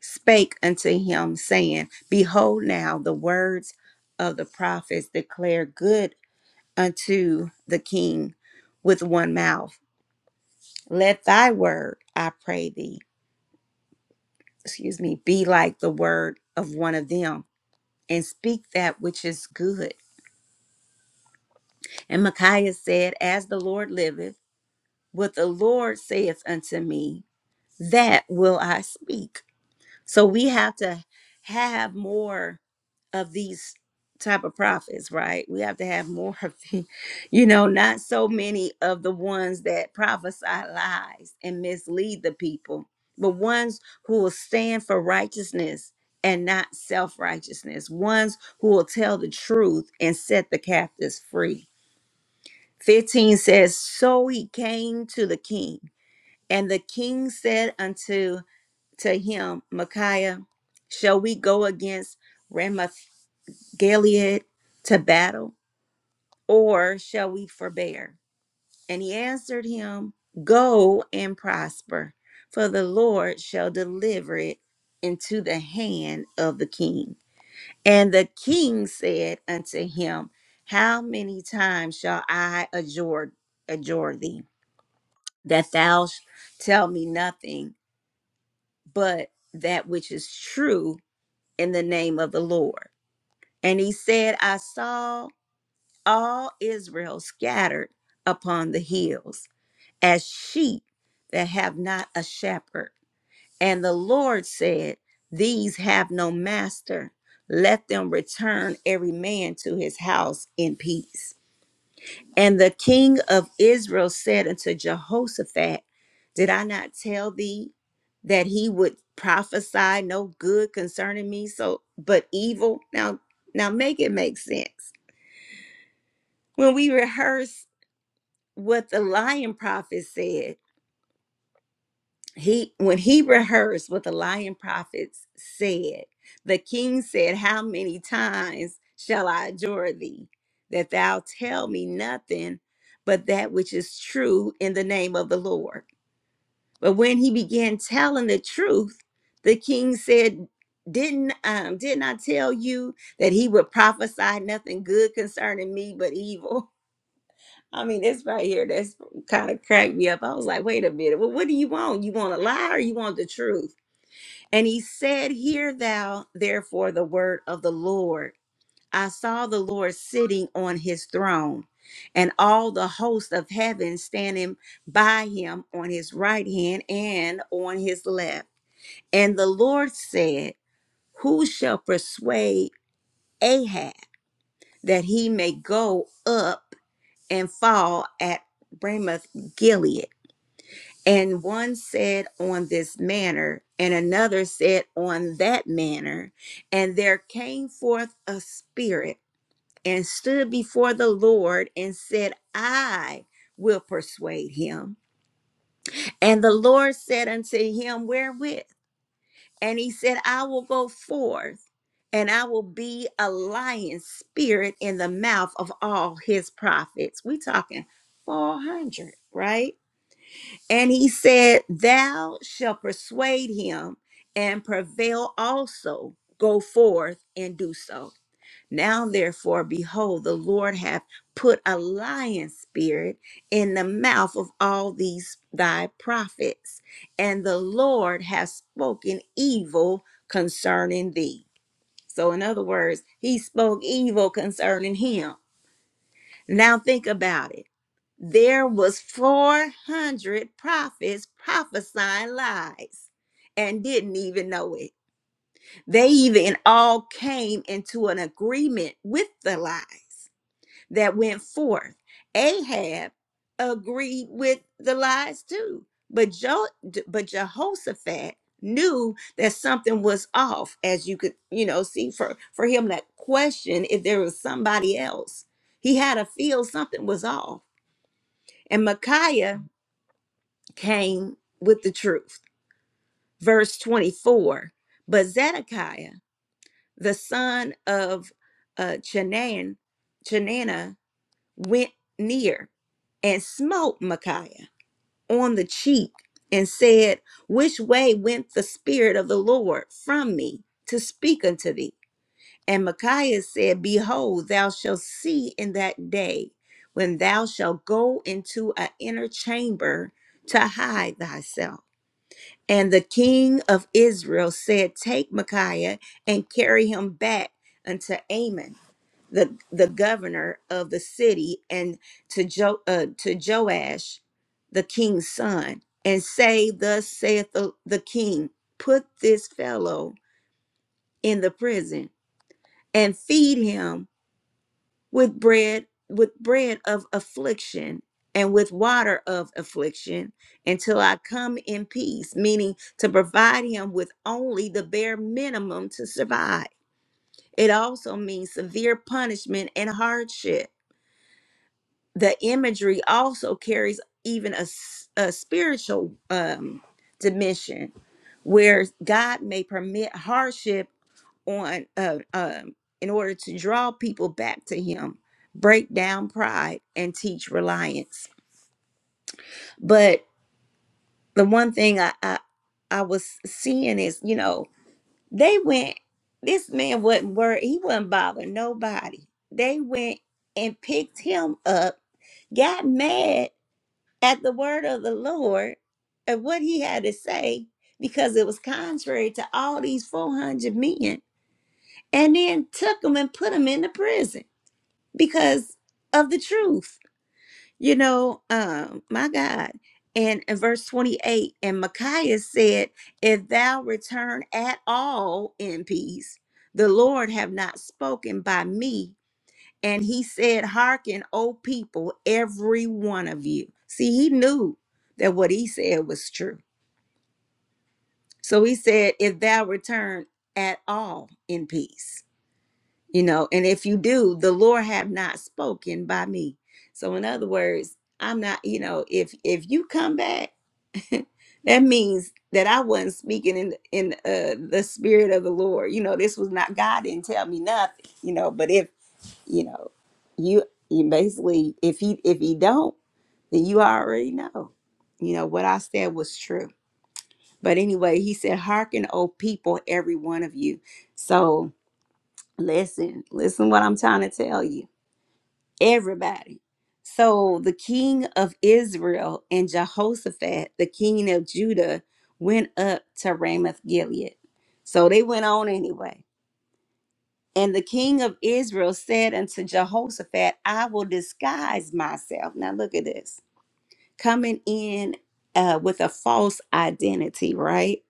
spake unto him, saying, Behold, now the words of the prophets declare good unto the king with one mouth. Let thy word, I pray thee, excuse me, be like the word of one of them, and speak that which is good. And Micaiah said, As the Lord liveth, what the Lord saith unto me, that will I speak So we have to have more of these type of prophets, right? We have to have more of the, you know, not so many of the ones that prophesy lies and mislead the people, but ones who will stand for righteousness and not self-righteousness, ones who will tell the truth and set the captives free. 15 says, So he came to the king, and the king said unto to him, Micaiah, shall we go against Ramoth Gilead to battle, or shall we forbear? And he answered him, Go and prosper, for the Lord shall deliver it into the hand of the king. And the king said unto him, How many times shall I adjure, adjure thee, that thou sh- tell me nothing but that which is true in the name of the Lord. And he said, I saw all Israel scattered upon the hills as sheep that have not a shepherd. And the Lord said, These have no master. Let them return every man to his house in peace. And the king of Israel said unto Jehoshaphat, Did I not tell thee that he would prophesy no good concerning me, so but evil? Now, now make it make sense. When we rehearse what the lion prophet said, he when he rehearsed what the lying prophets said the king said how many times shall i adjure thee that thou tell me nothing but that which is true in the name of the lord but when he began telling the truth the king said didn't um didn't i tell you that he would prophesy nothing good concerning me but evil I mean, this right here that's kind of cracked me up. I was like, wait a minute. Well, what do you want? You want a lie or you want the truth? And he said, Hear thou therefore the word of the Lord. I saw the Lord sitting on his throne, and all the hosts of heaven standing by him on his right hand and on his left. And the Lord said, Who shall persuade Ahab that he may go up and fall at Ramoth Gilead? And one said on this manner, and another said on that manner. And there came forth a spirit and stood before the Lord and said, I will persuade him. And the Lord said unto him, Wherewith? And he said, I will go forth and I will be a lion spirit in the mouth of all his prophets. We talking 400, right? And he said, Thou shalt persuade him and prevail also. Go forth and do so. Now, therefore, behold, the Lord hath put a lion spirit in the mouth of all these thy prophets, and the Lord hath spoken evil concerning thee. So, in other words, he spoke evil concerning him. Now, think about it there was 400 prophets prophesying lies and didn't even know it they even all came into an agreement with the lies that went forth ahab agreed with the lies too but jo- but jehoshaphat knew that something was off as you could you know see for for him that question if there was somebody else he had a feel something was off and micaiah came with the truth. Verse 24 But Zedekiah, the son of uh, Chenan, Chenana, went near and smote Micaiah on the cheek and said, Which way went the Spirit of the Lord from me to speak unto thee? And Micaiah said, Behold, thou shalt see in that day when thou shalt go into an inner chamber to hide thyself. And the king of Israel said, Take Micaiah and carry him back unto Amon, the, the governor of the city, and to, jo- uh, to Joash, the king's son, and say, Thus saith the, the king, Put this fellow in the prison and feed him with bread with bread of affliction and with water of affliction until I come in peace, meaning to provide him with only the bare minimum to survive. It also means severe punishment and hardship. The imagery also carries even a, s- a spiritual um, dimension where God may permit hardship on uh, um, in order to draw people back to him break down pride and teach reliance but the one thing I, I i was seeing is you know they went this man wasn't worried he wasn't bothering nobody they went and picked him up got mad at the word of the lord and what he had to say because it was contrary to all these 400 men and then took him and put him in the prison because of the truth. You know, um, my God. And in verse 28, and Micaiah said, If thou return at all in peace, the Lord have not spoken by me. And he said, Hearken, O people, every one of you. See, he knew that what he said was true. So he said, If thou return at all in peace. you know and if you do the lord have not spoken by me so in other words i'm not you know if if you come back that means that i wasn't speaking in in uh, the spirit of the lord you know this was not god didn't tell me nothing you know but if you know you you basically if he if he don't then you already know you know what i said was true but anyway he said hearken o people every one of you so listen listen what i'm trying to tell you everybody. So the king of Israel and Jehoshaphat, the king of Judah, went up to Ramoth Gilead. So they went on anyway. And the king of Israel said unto Jehoshaphat, I will disguise myself. Now look at this coming in uh, with a false identity, right?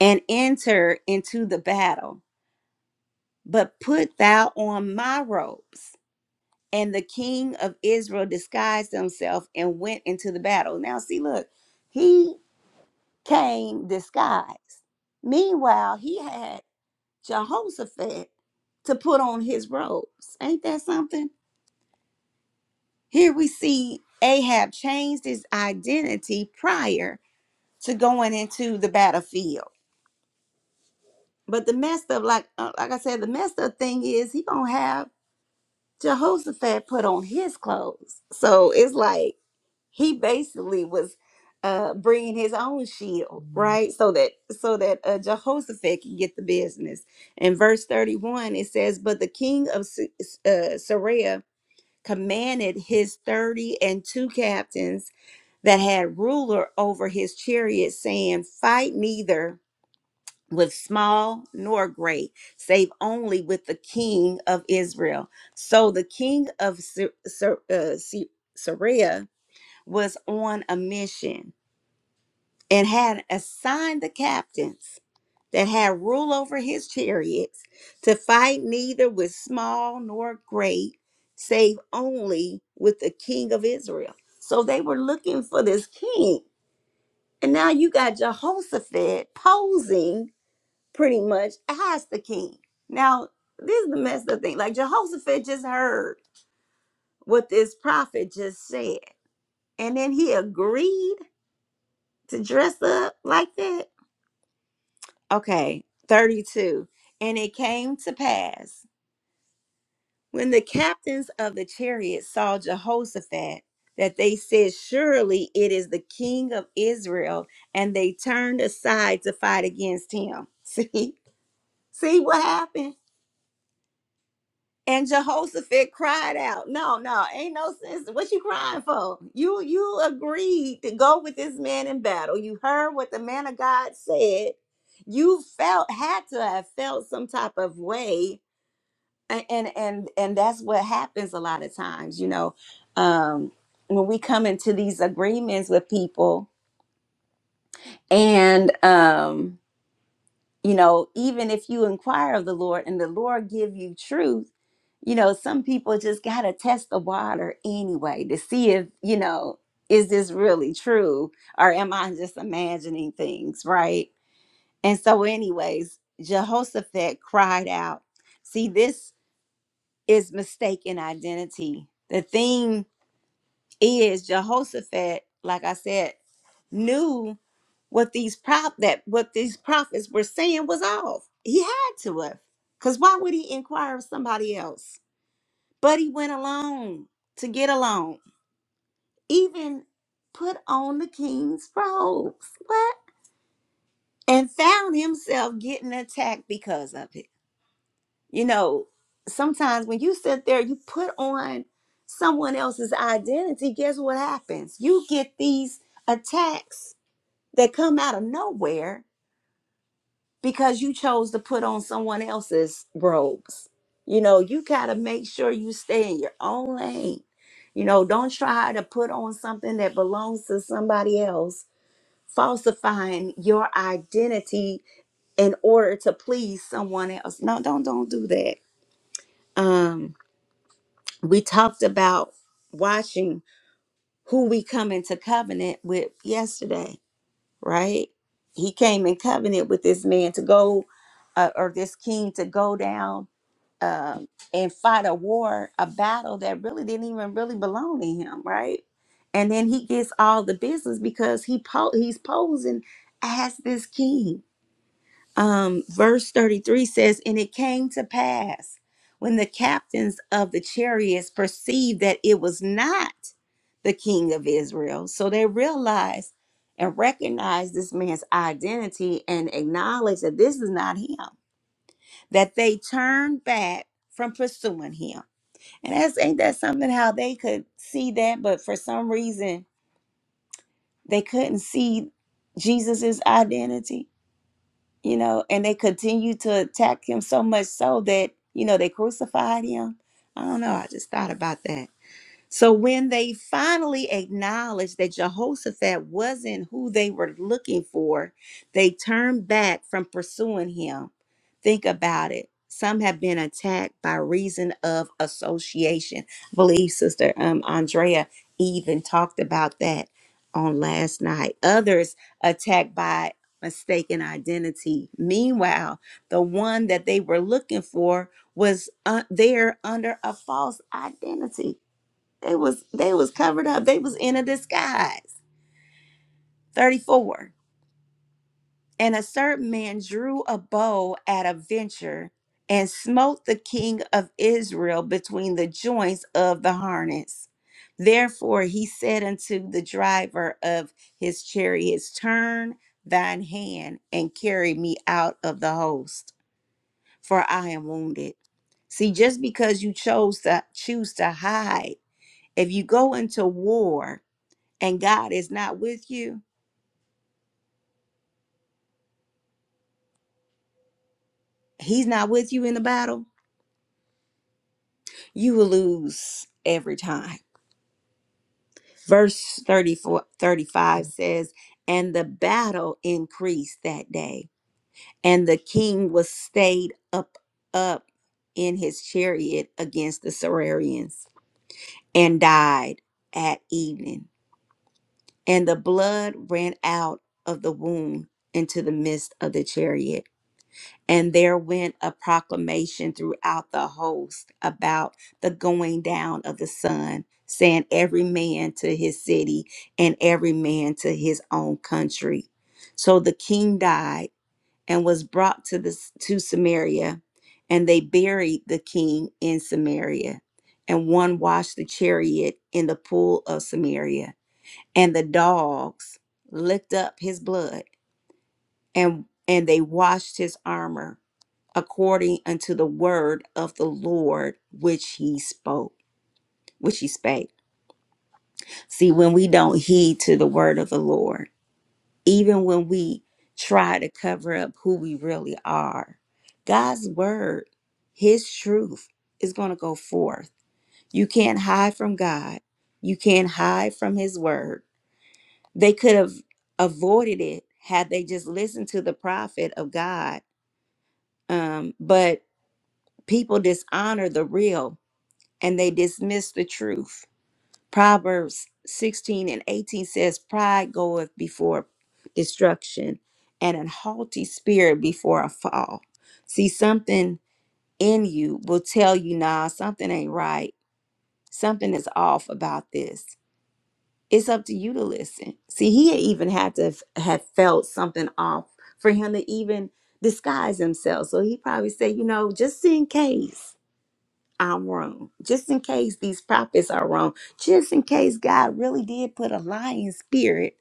And enter into the battle. But put thou on my robes And the king of Israel disguised himself and went into the battle. Now, see, look, he came disguised. Meanwhile, he had Jehoshaphat to put on his robes. Ain't that something? Here we see Ahab changed his identity prior to going into the battlefield. But the messed up, like uh, like I said, the messed up thing is he gonna have Jehoshaphat put on his clothes. So it's like he basically was uh bringing his own shield right so that so that uh, jehoshaphat can get the business in verse 31 it says but the king of S- S- uh, Syria commanded his 30 and two captains that had ruler over his chariot saying fight neither with small nor great save only with the king of israel so the king of Sy- Sy- uh, Sy- Syria was on a mission and had assigned the captains that had rule over his chariots to fight neither with small nor great, save only with the king of Israel. So they were looking for this king. And now you got Jehoshaphat posing pretty much as the king. Now, this is the messed up thing. Like Jehoshaphat just heard what this prophet just said. And then he agreed to dress up like that? Okay, 32. And it came to pass when the captains of the chariots saw Jehoshaphat that they said, Surely it is the king of Israel. And they turned aside to fight against him. See, see what happened? And Jehoshaphat cried out, No, no, ain't no sense. What you crying for? You you agreed to go with this man in battle. You heard what the man of God said. You felt had to have felt some type of way. A- And and and that's what happens a lot of times, you know. Um when we come into these agreements with people and um, you know even if you inquire of the lord and the lord give you truth you know some people just got to test the water anyway to see if you know is this really true or am i just imagining things right and so anyways jehoshaphat cried out see this is mistaken identity the thing is jehoshaphat like i said knew what these prop that what these prophets were saying was off. He had to have. Cause why would he inquire of somebody else? But he went alone to get alone. Even put on the king's robes. What? And found himself getting attacked because of it. You know, sometimes when you sit there, you put on someone else's identity, guess what happens? You get these attacks that come out of nowhere because you chose to put on someone else's robes. You know, you got to make sure you stay in your own lane. You know, don't try to put on something that belongs to somebody else, falsifying your identity in order to please someone else. No, don't don't do that. Um we talked about watching who we come into covenant with yesterday, right? He came in covenant with this man to go uh, or this king to go down um, and fight a war, a battle that really didn't even really belong to him, right? And then he gets all the business because he po- he's posing as this king. Um, verse 33 says, And it came to pass when the captains of the chariots perceived that it was not the king of Israel. So they realized and recognized this man's identity and acknowledged that this is not him that they turned back from pursuing him. And that's ain't that something how they could see that, but for some reason they couldn't see Jesus's identity, you know, and they continued to attack him so much so that, you know, they crucified him. I don't know. I just thought about that. So when they finally acknowledged that Jehoshaphat wasn't who they were looking for, they turned back from pursuing him. Think about it. Some have been attacked by reason of association. I believe Sister um, Andrea even talked about that on last night. Others attacked by mistaken identity. Meanwhile, the one that they were looking for was uh, there under a false identity. They was they was covered up. They was in a disguise. 34. And a certain man drew a bow at a venture and smote the king of Israel between the joints of the harness. Therefore he said unto the driver of his chariots, Turn thine hand and carry me out of the host, for I am wounded. See, just because you chose to choose to hide, if you go into war, and God is not with you, He's not with you in the battle, you will lose every time. Verse 34, 35 says, And the battle increased that day, and the king was stayed up, up in his chariot against the Saracens, and died at evening. And the blood ran out of the wound into the midst of the chariot And there went a proclamation throughout the host about the going down of the sun, saying, Every man to his city and every man to his own country. So the king died and was brought to, the, to Samaria, and they buried the king in Samaria. And one washed the chariot in the pool of Samaria, and the dogs licked up his blood, and, and they washed his armor according unto the word of the Lord which he spoke, which he spake. See, when we don't heed to the word of the Lord, even when we try to cover up who we really are, God's word, his truth is going to go forth. You can't hide from God. You can't hide from his word. They could have avoided it had they just listened to the prophet of God. Um, but people dishonor the real and they dismiss the truth. Proverbs 16 and 18 says, Pride goeth before destruction, and an haughty spirit before a fall. See, something in you will tell you, nah, something ain't right. Something is off about this. It's up to you to listen. See, he even had to have have felt something off for him to even disguise himself. So he probably said, you know, just in case. I'm wrong. Just in case these prophets are wrong. Just in case God really did put a lying spirit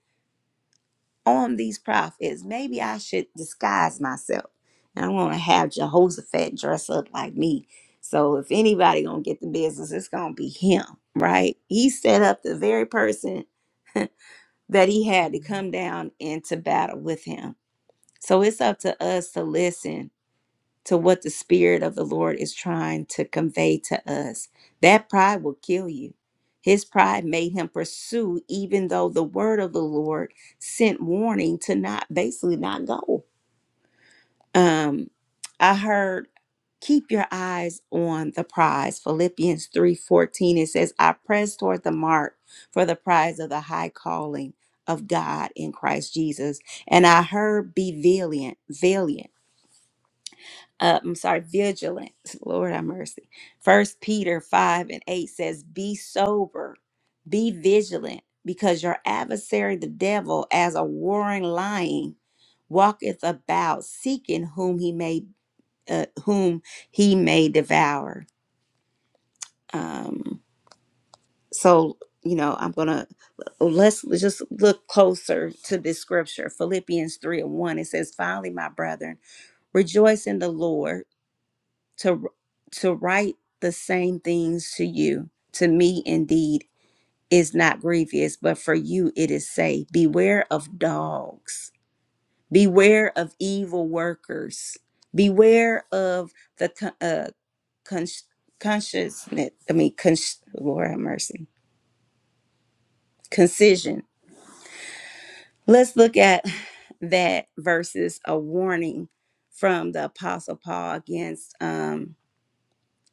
on these prophets. Maybe I should disguise myself. And I want to have Jehoshaphat dress up like me. So if anybody gonna get the business, it's gonna be him, right? He set up the very person that he had to come down into battle with him. So it's up to us to listen to what the Spirit of the Lord is trying to convey to us. That pride will kill you. His pride made him pursue, even though the word of the Lord sent warning to not basically not go. Um, I heard keep your eyes on the prize. Philippians 3:14 it says, I press toward the mark for the prize of the high calling of God in Christ Jesus. And I heard be valiant, valiant uh, I'm sorry, vigilant. Lord have mercy. First Peter 5 and 8 says, Be sober, be vigilant, because your adversary, the devil, as a warring lion, walketh about seeking whom he may uh, whom he may devour. Um, so you know, I'm gonna let's just look closer to this scripture. Philippians 3 and 1. It says, Finally, my brethren, rejoice in the Lord. to to write the same things to you to me indeed is not grievous but for you it is safe beware of dogs beware of evil workers beware of the con- uh, con- consciousness i mean con- lord have mercy concision let's look at that versus a warning from the apostle paul against um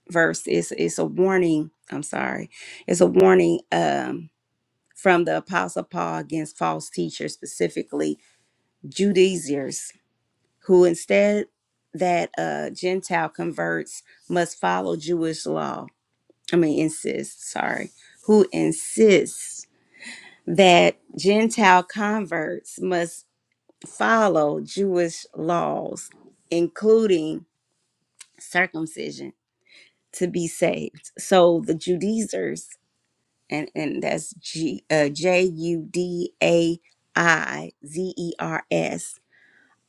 verse is it's a warning i'm sorry it's a warning um from the apostle paul against false teachers specifically judaizers who instead that uh gentile converts must follow jewish law i mean insist sorry who insists that gentile converts must follow jewish laws including circumcision to be saved so the judaizers and and that's G uh, J U D A I Z E R S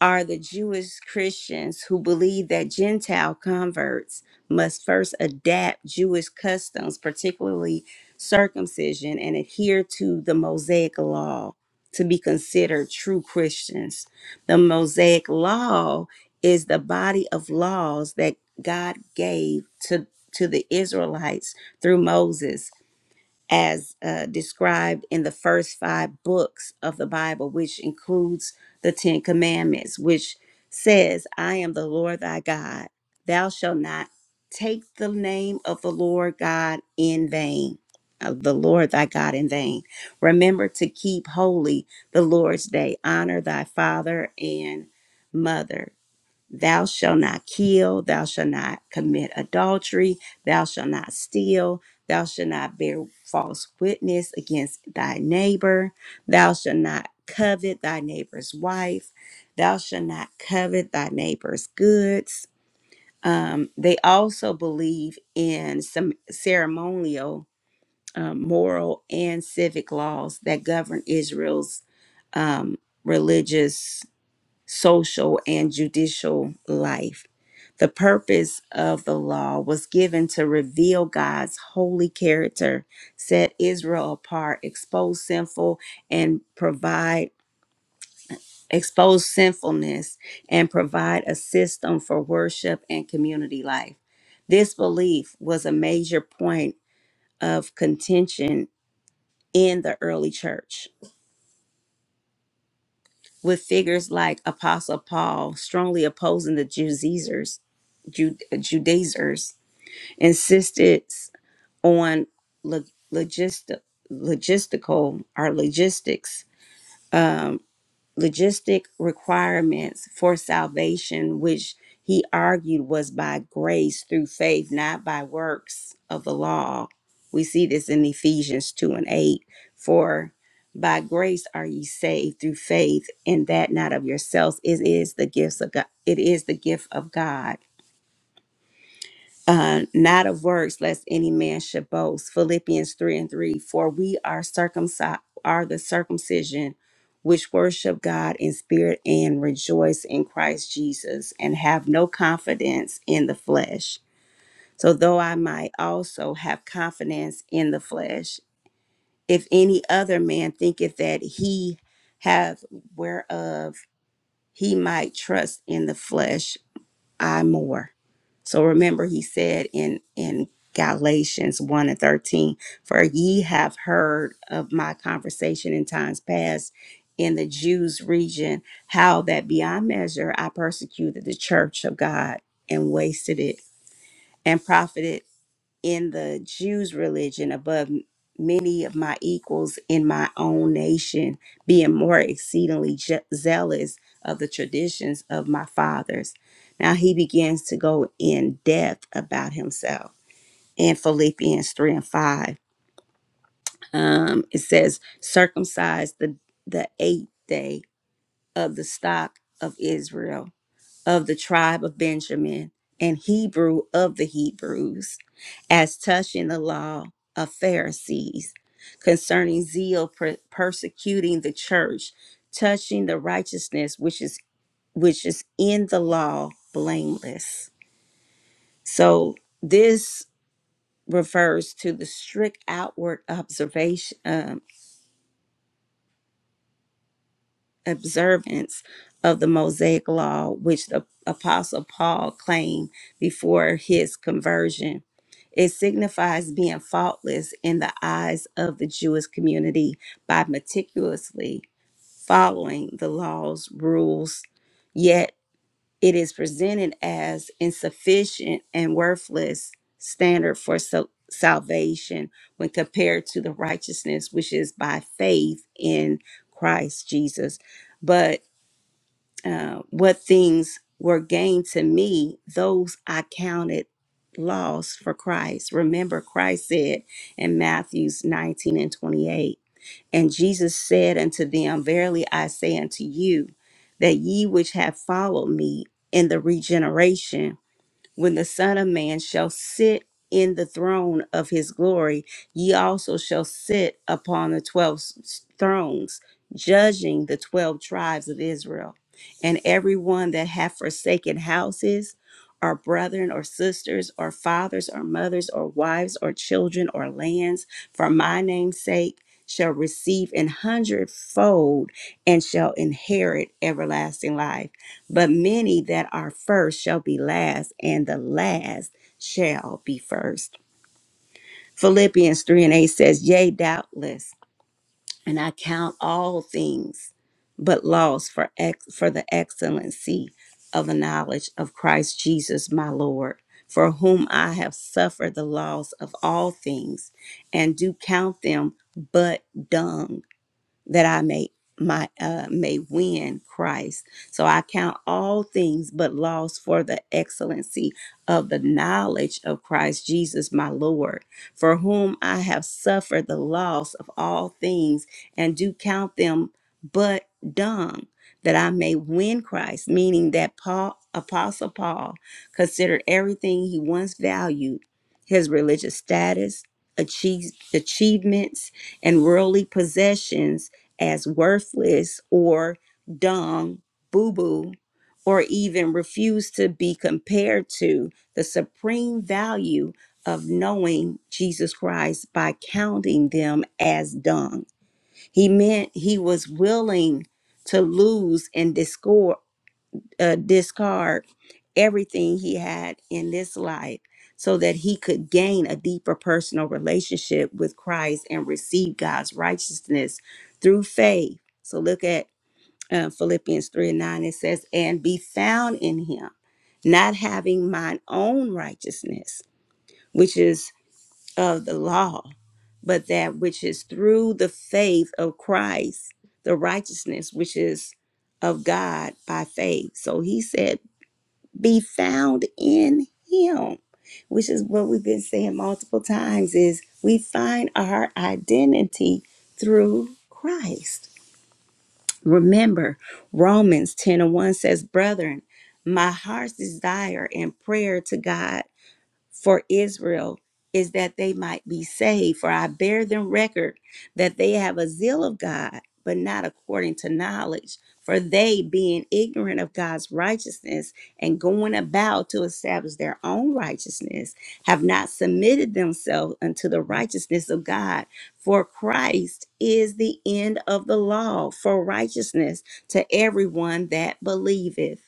are the Jewish Christians who believe that Gentile converts must first adapt Jewish customs, particularly circumcision, and adhere to the Mosaic law to be considered true Christians. The Mosaic law is the body of laws that God gave to to the Israelites through Moses as uh, described in the first five books of the Bible, which includes the Ten Commandments, which says, I am the Lord thy God. Thou shalt not take the name of the Lord God in vain, of the Lord thy God in vain. Remember to keep holy the Lord's day. Honor thy father and mother. Thou shalt not kill, thou shalt not commit adultery, thou shalt not steal, thou shalt not bear false witness against thy neighbor, thou shalt not covet thy neighbor's wife, thou shalt not covet thy neighbor's goods. Um, they also believe in some ceremonial, um, moral, and civic laws that govern Israel's um, religious social, and judicial life. The purpose of the law was given to reveal God's holy character, set Israel apart, expose sinful and provide expose sinfulness and provide a system for worship and community life. This belief was a major point of contention in the early church. with figures like Apostle Paul strongly opposing the Judaizers, Jud Judaizers insisted on log- logistic, logistical or logistics. um, logistic requirements for salvation, which he argued was by grace through faith, not by works of the law. We see this in Ephesians 2 and 8. For by grace are ye saved through faith, and that not of yourselves. It is the gifts of God. It is the gift of God uh, not of works, lest any man should boast. Philippians 3 and 3. For we are circumcised, are the circumcision which worship God in spirit and rejoice in Christ Jesus and have no confidence in the flesh. So, though I might also have confidence in the flesh, if any other man thinketh that he have whereof he might trust in the flesh, I more. So remember, he said in in Galatians 1 and 13, For ye have heard of my conversation in times past in the Jews' region, how that beyond measure I persecuted the church of God and wasted it and profited in the Jews' religion above m- many of my equals in my own nation, being more exceedingly je- zealous of the traditions of my fathers. Now he begins to go in depth about himself in Philippians 3 and 5. Um, it says, circumcised the, the eighth day of the stock of Israel of the tribe of Benjamin, and Hebrew of the Hebrews, as touching the law of Pharisees, concerning zeal per- persecuting the church, touching the righteousness which is which is in the law, blameless. So this refers to the strict outward observation um, observance of the Mosaic law, which the Apostle Paul claimed before his conversion. It signifies being faultless in the eyes of the Jewish community by meticulously following the laws, rules, yet it is presented as insufficient and worthless standard for sal- salvation when compared to the righteousness which is by faith in Christ Jesus. But uh, what things were gained to me, those I counted loss for Christ. Remember, Christ said in Matthews 19 and 28, And Jesus said unto them, Verily I say unto you, that ye which have followed me in the regeneration, when the Son of Man shall sit in the throne of his glory, ye also shall sit upon the twelve s- thrones, judging the twelve tribes of Israel. And every one that hath forsaken houses, or brethren, or sisters, or fathers, or mothers, or wives, or children, or lands, for my name's sake, shall receive an hundredfold and shall inherit everlasting life. But many that are first shall be last, and the last shall be first. Philippians 3 and 8 says, Yea, doubtless, and I count all things but loss for, ex- for the excellency of the knowledge of Christ Jesus my Lord, for whom I have suffered the loss of all things, and do count them but dung that I may my uh may win Christ. So I count all things but loss for the excellency of the knowledge of Christ Jesus my Lord, for whom I have suffered the loss of all things and do count them but dung that I may win Christ, meaning that Paul apostle Paul considered everything he once valued, his religious status, achieve, achievements and worldly possessions as worthless or dumb, boo boo, or even refuse to be compared to the supreme value of knowing Jesus Christ by counting them as dung. He meant he was willing to lose and discard uh, discard everything he had in this life so that he could gain a deeper personal relationship with Christ and receive God's righteousness through faith. So look at uh, Philippians 3 and 9. It says, And be found in him, not having mine own righteousness, which is of the law, but that which is through the faith of Christ, the righteousness which is of God by faith. So he said, be found in him which is what we've been saying multiple times is we find our identity through christ remember romans 10 and 1 says brethren my heart's desire and prayer to god for Israel is that they might be saved. For I bear them record that they have a zeal of God, but not according to knowledge. For they, being ignorant of God's righteousness and going about to establish their own righteousness, have not submitted themselves unto the righteousness of God. For Christ is the end of the law for righteousness to everyone that believeth.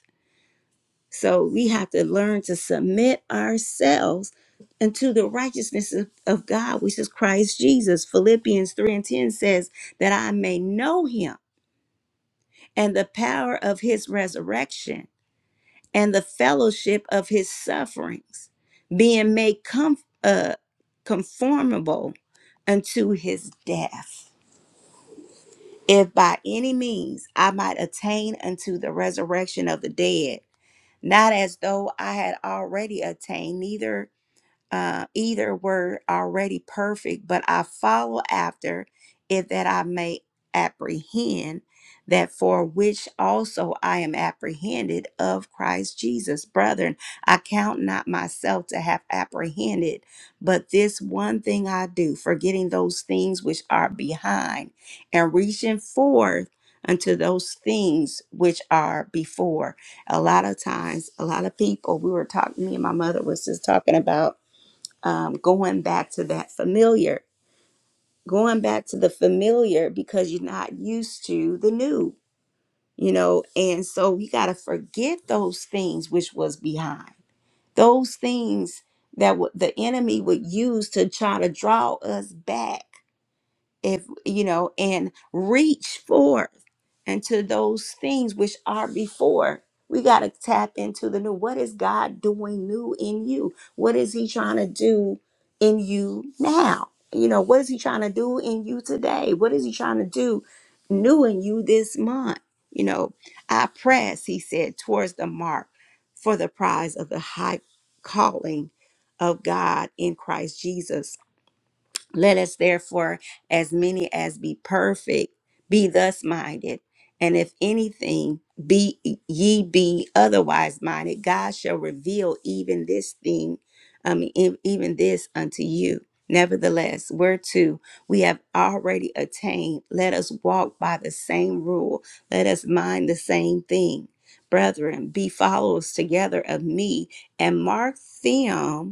So we have to learn to submit ourselves unto the righteousness of, of God, which is Christ Jesus. Philippians 3 and 10 says, That I may know him and the power of his resurrection and the fellowship of his sufferings, being made com- uh, conformable unto his death. If by any means I might attain unto the resurrection of the dead, not as though I had already attained, neither uh, either were already perfect, but I follow after it that I may apprehend that for which also I am apprehended of Christ Jesus. Brethren, I count not myself to have apprehended, but this one thing I do, forgetting those things which are behind and reaching forth unto those things which are before. A lot of times, a lot of people, we were talking, me and my mother was just talking about um, going back to that familiar, going back to the familiar because you're not used to the new, you know. And so we got to forget those things which was behind, those things that w- the enemy would use to try to draw us back if you know and reach forth into those things which are before we got to tap into the new what is god doing new in you what is he trying to do in you now you know what is he trying to do in you today what is he trying to do new in you this month you know i press he said towards the mark for the prize of the high calling of god in christ jesus let us therefore, as many as be perfect, be thus minded. And if anything be ye be otherwise minded, God shall reveal even this thing, um, e- even this unto you. Nevertheless, whereto we have already attained, let us walk by the same rule. Let us mind the same thing. Brethren, be followers together of me and mark them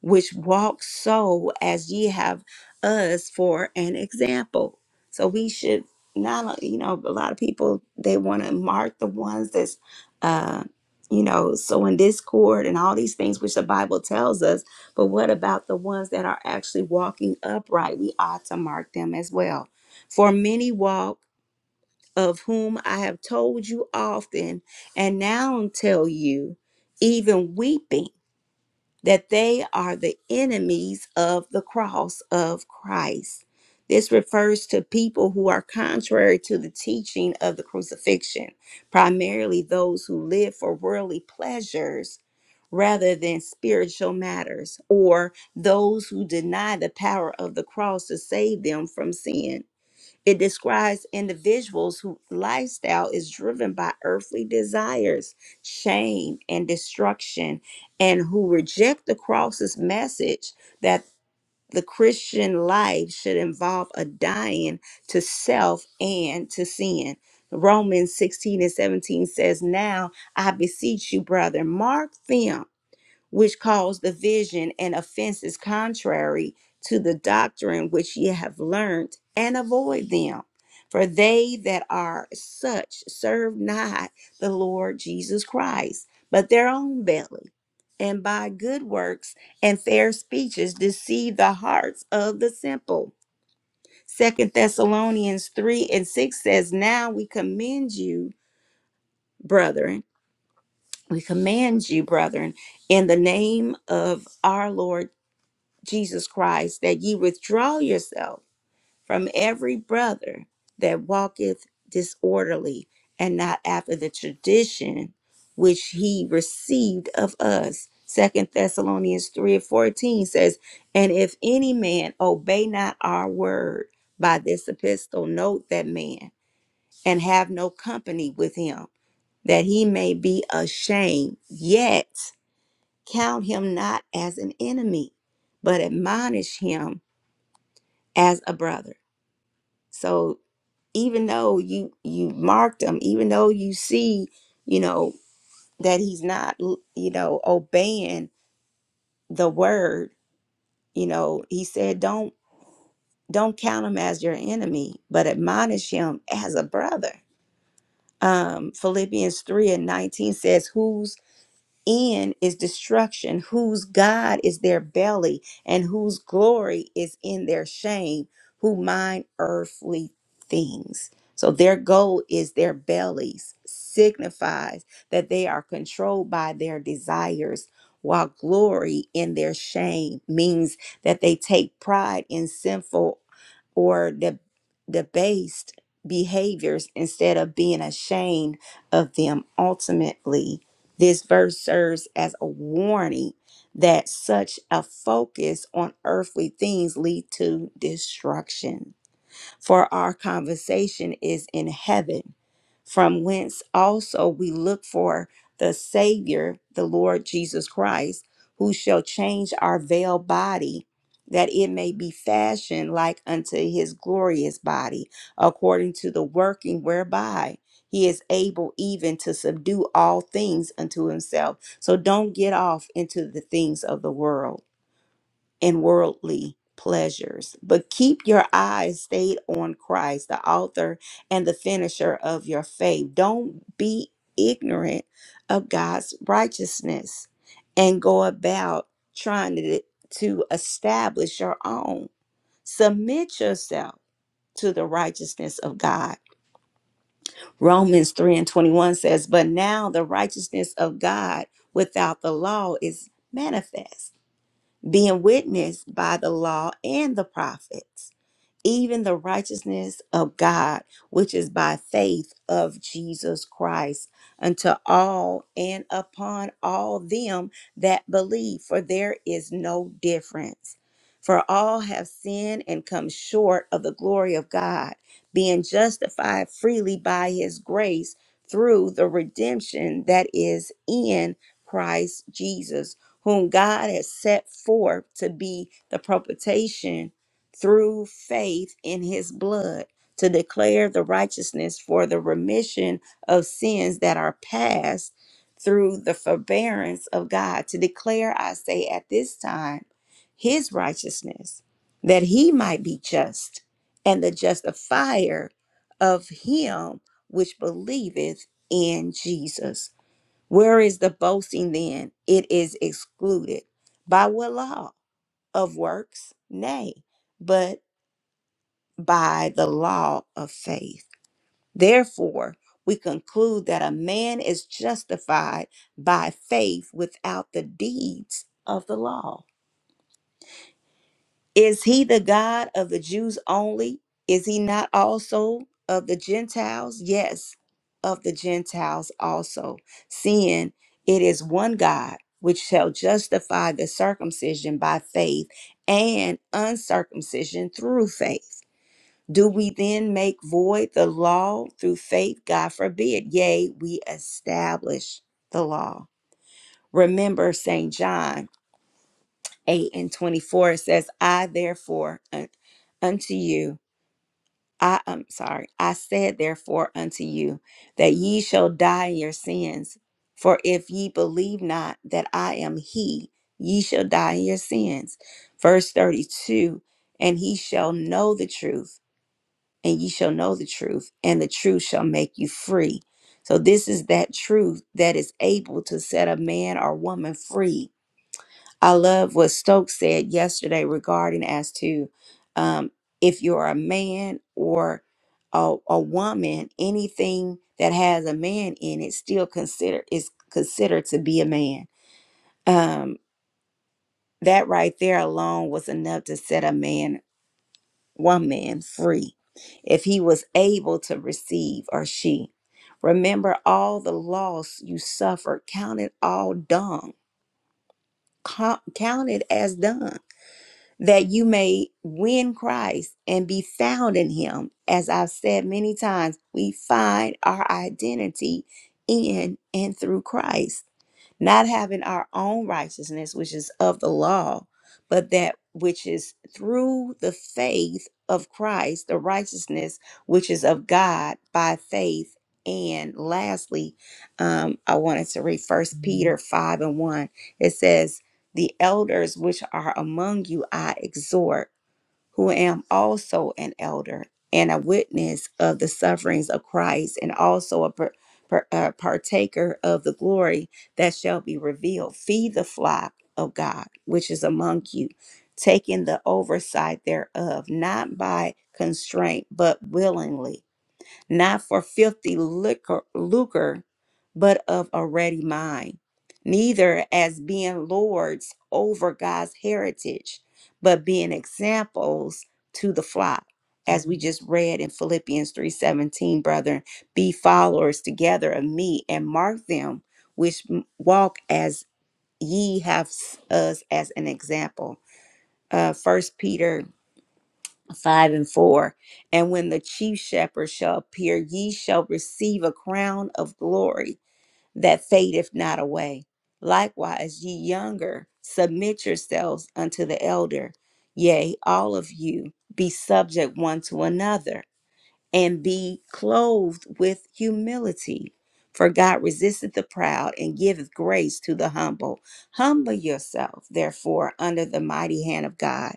which walk so as ye have us for an example. So we should not, uh, you know, a lot of people they want to mark the ones that's, uh, you know, so in discord and all these things which the Bible tells us. But what about the ones that are actually walking upright? We ought to mark them as well. For many walk, of whom I have told you often, and now tell you, even weeping that they are the enemies of the cross of Christ. This refers to people who are contrary to the teaching of the crucifixion, primarily those who live for worldly pleasures rather than spiritual matters, or those who deny the power of the cross to save them from sin. It describes individuals whose lifestyle is driven by earthly desires, shame, and destruction, and who reject the cross's message that the Christian life should involve a dying to self and to sin. Romans 16 and 17 says, Now I beseech you, brother, mark them which cause division and offenses contrary to the doctrine which ye have learned, and avoid them. For they that are such serve not the Lord Jesus Christ, but their own belly, and by good works and fair speeches deceive the hearts of the simple. Second Thessalonians 3 and 6 says, Now we commend you, brethren, we command you, brethren, in the name of our Lord Jesus Christ, that ye withdraw yourself from every brother that walketh disorderly and not after the tradition which he received of us. Second Thessalonians 3 and 14 says, And if any man obey not our word by this epistle, note that man and have no company with him, that he may be ashamed, yet count him not as an enemy, but admonish him as a brother. So even though you you marked him, even though you see, you know, that he's not, l- you know, obeying the word, you know, he said don't don't count him as your enemy, but admonish him as a brother. Um Philippians 3 and 19 says, Who's end is destruction, whose God is their belly, and whose glory is in their shame, who mind earthly things. So their goal is their bellies, signifies that they are controlled by their desires, while glory in their shame means that they take pride in sinful or the debased behaviors instead of being ashamed of them ultimately this verse serves as a warning that such a focus on earthly things lead to destruction for our conversation is in heaven, from whence also we look for the Savior, the Lord Jesus Christ, who shall change our veiled body, that it may be fashioned like unto his glorious body, according to the working whereby he is able even to subdue all things unto himself. So don't get off into the things of the world and worldly pleasures, but keep your eyes stayed on Christ, the author and the finisher of your faith. Don't be ignorant of God's righteousness and go about trying to, to establish your own. Submit yourself to the righteousness of God. Romans 3 and 21 says, But now the righteousness of God without the law is manifest being witnessed by the law and the prophets even the righteousness of God, which is by faith of Jesus Christ, unto all and upon all them that believe, for there is no difference. For all have sinned and come short of the glory of God, being justified freely by his grace through the redemption that is in Christ Jesus, whom God has set forth to be the propitiation through faith in his blood to declare the righteousness for the remission of sins that are past through the forbearance of God, to declare, I say, at this time, his righteousness, that he might be just and the justifier of him which believeth in Jesus. Where is the boasting then? It is excluded. By what law? Of works? Nay, but by the law of faith. Therefore, we conclude that a man is justified by faith without the deeds of the law. Is he the God of the Jews only? Is he not also of the Gentiles? Yes, of the Gentiles also, seeing it is one God which shall justify the circumcision by faith and uncircumcision through faith. Do we then make void the law through faith? God forbid. Yea, we establish the law. Remember St. John 8 and 24 it says, I therefore un- unto you, I am sorry, I said therefore unto you that ye shall die in your sins. For if ye believe not that I am he, ye shall die in your sins. Verse 32, and he shall know the truth and ye shall know the truth, and the truth shall make you free. So, this is that truth that is able to set a man or woman free. I love what Stokes said yesterday regarding as to um, if you're a man or a, a woman, anything that has a man in it still consider is considered to be a man. Um, that right there alone was enough to set a man one man free if he was able to receive or she. Remember all the loss you suffered, count it all dung, co- count it as dung, that you may win Christ and be found in him. As I've said many times, we find our identity in and through Christ not having our own righteousness, which is of the law, but that which is through the faith of Christ, the righteousness which is of God by faith. And lastly, um, I wanted to read First Peter 5 and 1. It says, The elders which are among you, I exhort who am also an elder and a witness of the sufferings of Christ, and also a par- par- uh, partaker of the glory that shall be revealed. Feed the flock of God, which is among you, taking the oversight thereof, not by constraint, but willingly not for filthy liquor, lucre, but of a ready mind, neither as being lords over God's heritage, but being examples to the flock. As we just read in Philippians 3:17, brethren, be followers together of me and mark them which m- walk as ye have s- us as an example. Uh, First Peter 5 and 4 and when the chief shepherd shall appear ye shall receive a crown of glory that fadeth not away likewise ye younger submit yourselves unto the elder yea all of you be subject one to another and be clothed with humility for god resisteth the proud and giveth grace to the humble humble yourself therefore under the mighty hand of god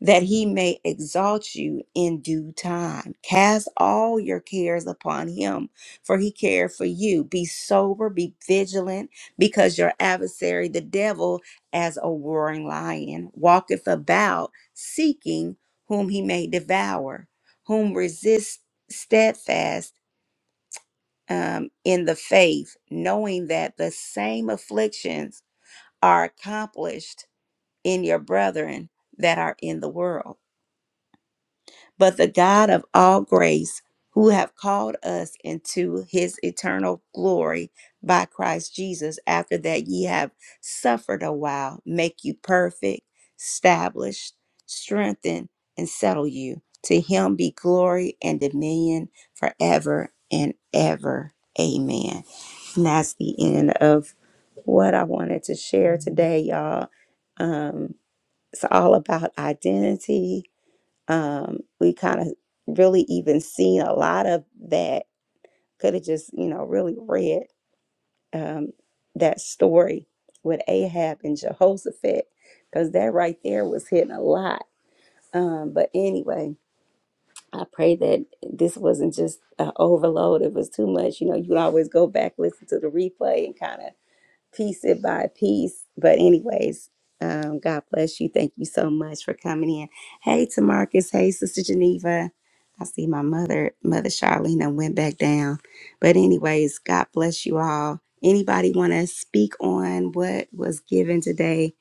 that he may exalt you in due time. Cast all your cares upon him, for he cared for you. Be sober, be vigilant, because your adversary, the devil, as a roaring lion, walketh about seeking whom he may devour, whom resist steadfast um, in the faith, knowing that the same afflictions are accomplished in your brethren that are in the world. but the God of all grace, who have called us into his eternal glory by Christ Jesus, after that ye have suffered a while, make you perfect, establish, strengthen, and settle you. To him be glory and dominion forever and ever. Amen. And that's the end of what I wanted to share today, y'all. Um, it's all about identity um, we kind of really even seen a lot of that. Could have just, you know, really read um, that story with Ahab and Jehoshaphat, because that right there was hitting a lot. Um, but anyway, I pray that this wasn't just an overload. It was too much. You know, you can always go back, listen to the replay, and kind of piece it by piece. But anyways, um, God bless you. Thank you so much for coming in. Hey, to Marcus. Hey, Sister Geneva. I see my mother, Mother Charlene, done went back down. But anyways, God bless you all. Anybody want to speak on what was given today?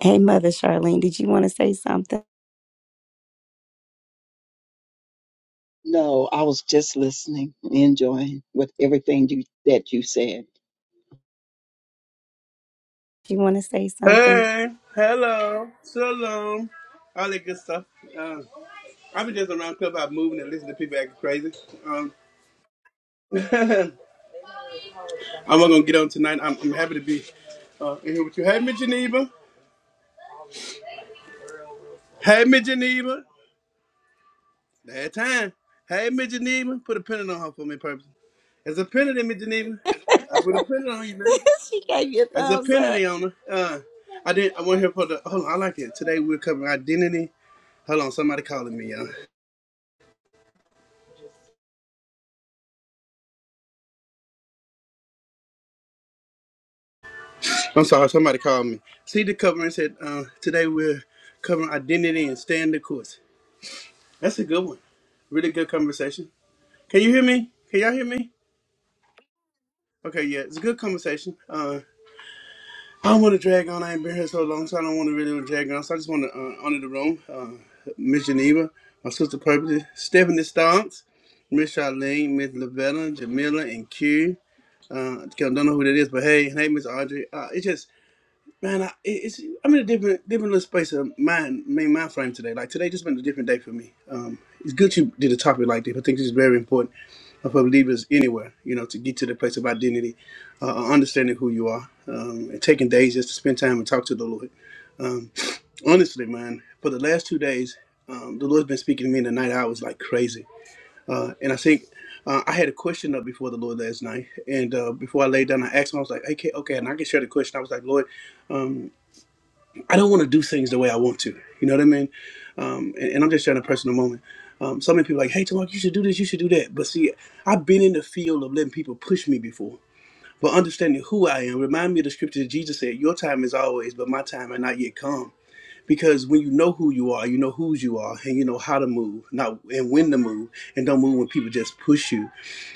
Hey, Mother Charlene, did you want to say something? No, I was just listening and enjoying with everything you, that you said. You want to say something? Hey, hello, shalom, all that good stuff. Um, I've been just around club, I'm moving and listening to people acting crazy. Um, I'm not gonna get on tonight. I'm, I'm happy to be uh, in here with you. Hey, Miss Geneva. Hey, Miss Geneva. That time. Hey, Miss Geneva. Put a pennant on her for me, purpose. There's a pennant in Miss Geneva. I put a pennant on you, man. she gave you a There's a thumbs pennant up. on her. Uh, I didn't. I went here for the. Hold on. I like it. Today we're covering identity. Hold on. Somebody calling me, y'all. I'm sorry, somebody called me. See the cover and said, uh, today we're covering identity and staying the course. That's a good one. Really good conversation. Can you hear me? Can y'all hear me? Okay, yeah, it's a good conversation. Uh, I don't want to drag on. I ain't been here so long, so I don't want to really drag on. So I just want to uh, honor the room. Uh, Miss Geneva, my sister Purple, Stephanie Stonks, Miss Charlene, Miss Lavella, Jamila, and Q. Uh, I don't know who that is, but hey, hey, Miss Audrey. Uh, it's just Man, I, it- it's I'm in a different different little space of mind, main mind frame today. Like today, just been a different day for me. Um, it's good you did a topic like this. I think this is very important for believers anywhere. You know, to get to the place of identity, uh, understanding who you are, um, and taking days just to spend time and talk to the Lord. Um, honestly, man, for the last two days, um, the Lord's been speaking to me in the night hours like crazy. Uh, and I think uh, I had a question up before the Lord last night, and uh, before I laid down, I asked him. I was like, "Okay, okay," and I can share the question. I was like, "Lord." Um, I don't want to do things the way I want to. You know what I mean? Um, and, and I'm just sharing a personal moment. Um, so many people are like, hey, Tamark, you should do this, you should do that. But see, I've been in the field of letting people push me before. But understanding who I am, remind me of the scripture that Jesus said, your time is always, but my time had not yet come. Because when you know who you are, you know whose you are, and you know how to move, not and when to move, and don't move when people just push you.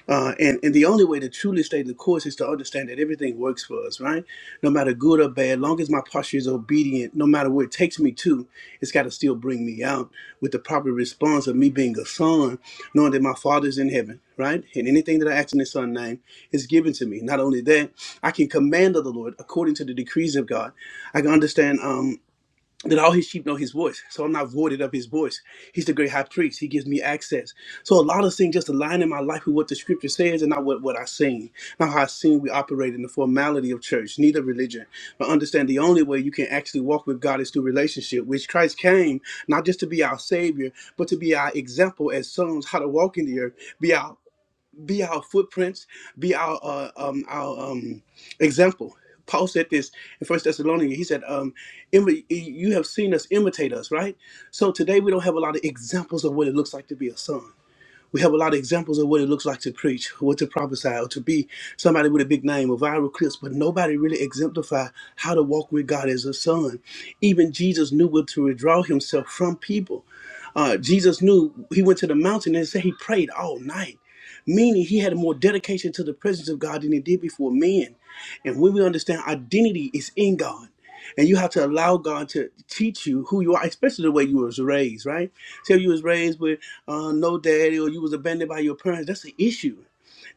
Uh, and, and the only way to truly stay the course is to understand that everything works for us, right? No matter good or bad, long as my posture is obedient, no matter where it takes me to, it's got to still bring me out with the proper response of me being a son, knowing that my Father's in heaven, right? And anything that I ask in His Son's name is given to me. Not only that, I can command of the Lord according to the decrees of God. I can understand. Um, then all his sheep know his voice. So I'm not voided of his voice. He's the great high priest. He gives me access. So a lot of things just align in my life with what the scripture says and not what, what I seen. Not how I seen we operate in the formality of church, neither religion. But understand the only way you can actually walk with God is through relationship, which Christ came not just to be our savior, but to be our example as sons how to walk in the earth, be our be our footprints, be our uh, um, our um, example. Paul said this in First Thessalonians. He said, um, "Imi- "You have seen us imitate us, right?" So today we don't have a lot of examples of what it looks like to be a son. We have a lot of examples of what it looks like to preach, what to prophesy, or to be somebody with a big name or viral clips, but nobody really exemplify how to walk with God as a son. Even Jesus knew what to withdraw himself from people. Uh, Jesus knew he went to the mountain and said he prayed all night, meaning he had more dedication to the presence of God than he did before men. And when we understand identity is in God, and you have to allow God to teach you who you are, especially the way you was raised, right? So you was raised with uh, no daddy or you was abandoned by your parents, that's an issue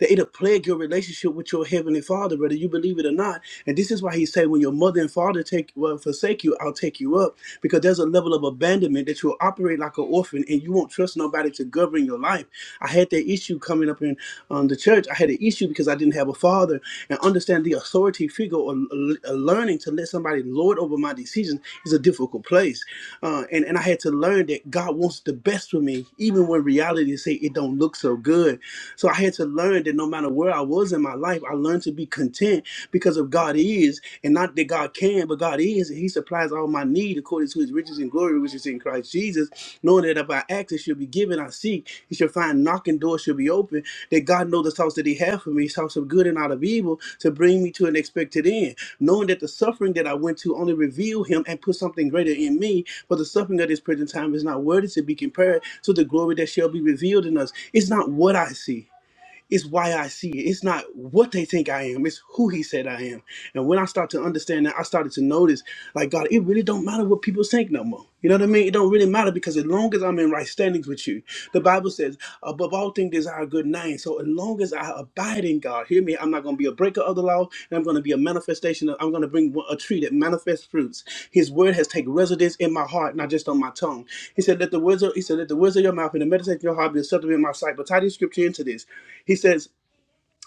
that it'll plague your relationship with your heavenly father, whether you believe it or not. And this is why he said, when your mother and father take well, forsake you, I'll take you up. Because there's a level of abandonment that you'll operate like an orphan and you won't trust nobody to govern your life. I had that issue coming up in um, the church. I had an issue because I didn't have a father and understand the authority figure or l- l- learning to let somebody lord over my decisions is a difficult place. Uh, and, and I had to learn that God wants the best for me, even when reality say it don't look so good. So I had to to learn that no matter where I was in my life, I learned to be content because of God is, and not that God can, but God is, and He supplies all my need according to His riches and glory, which is in Christ Jesus. Knowing that if I ask, it shall be given. I seek, it shall find. Knocking doors shall be open. That God knows the thoughts that He has for me, thoughts of good and out of evil, to bring me to an expected end. Knowing that the suffering that I went to only revealed Him and put something greater in me, for the suffering of this present time is not worthy to be compared to the glory that shall be revealed in us. It's not what I see. It's why I see it. It's not what they think I am. It's who he said I am. And when I start to understand that, I started to notice, like God, it really don't matter what people think no more. You know what I mean? It don't really matter because as long as I'm in right standings with you, the Bible says, above all things desire a good name. So as long as long as I abide in God, hear me, I'm not going to be a breaker of the law, and I'm going to be a manifestation. Of, I'm going to bring a tree that manifests fruits. His word has taken residence in my heart, not just on my tongue. He said, "Let the words of He said, "Let the words of your mouth and the meditation of your heart be acceptable in my sight." But tie this scripture into this. He says.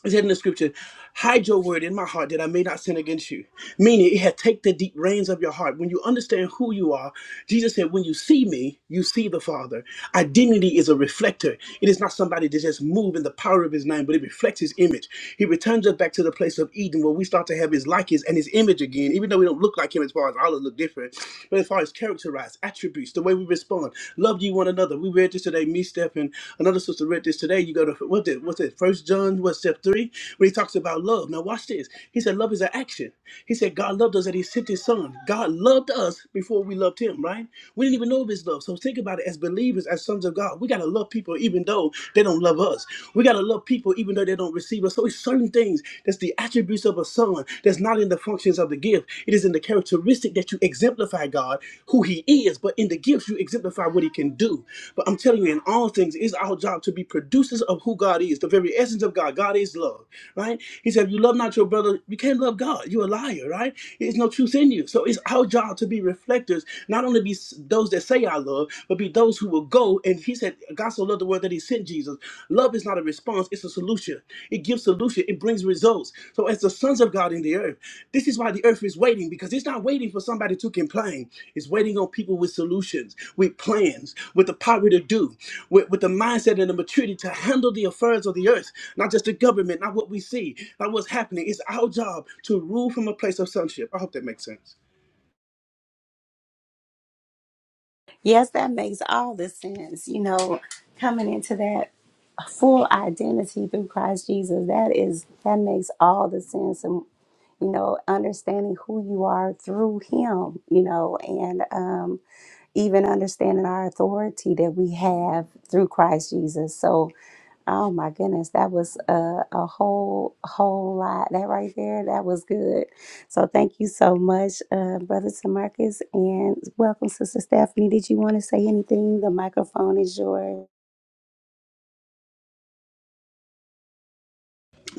It said in the scripture, hide your word in my heart that I may not sin against you. Meaning, it had take the deep reins of your heart. When you understand who you are, Jesus said, when you see me, you see the Father. Identity is a reflector. It is not somebody that just move in the power of his name, but it reflects his image. He returns us back to the place of Eden where we start to have his likeness and his image again, even though we don't look like him as far as all look different. But as far as characterized attributes, the way we respond respond. Love ye one another. We read this today. Me, Steph, and another sister read this today. You go to what's it? What's it? First John, what step three? When he talks about love. Now watch this. He said love is an action. He said God loved us and He sent His Son. God loved us before we loved Him. Right? We didn't even know of His love. So think about it. As believers, as sons of God, we gotta love people even though they don't love us. We gotta love people even though they don't receive us. So it's certain things that's the attributes of a son one that's not in the functions of the gift. It is in the characteristic that you exemplify God, who He is, but in the gifts you exemplify what He can do. But I'm telling you, in all things, it's our job to be producers of who God is, the very essence of God. God is love, right? He said, if you love not your brother, you can't love God. You're a liar, right? There's no truth in you. So it's our job to be reflectors, not only be s- those that say I love, but be those who will go. And He said, God so Love the word that he sent Jesus. Love is not a response, it's a solution. It gives solution, it brings results. So, as the sons of God in the earth, this is why the earth is waiting because it's not waiting for somebody to complain. It's waiting on people with solutions, with plans, with the power to do, with, with the mindset and the maturity to handle the affairs of the earth, not just the government, not what we see, not what's happening. It's our job to rule from a place of sonship. I hope that makes sense. Yes, that makes all the sense. You know, coming into that full identity through Christ Jesus, that is that makes all the sense. And you know, understanding who you are through Him, you know, and um, even understanding our authority that we have through Christ Jesus. So, oh my goodness, that was a, a whole, whole lot. That right there, that was good. So, thank you so much, uh, Brother Tamarcus, and welcome, Sister Stephanie. Did you want to say anything? The microphone is yours.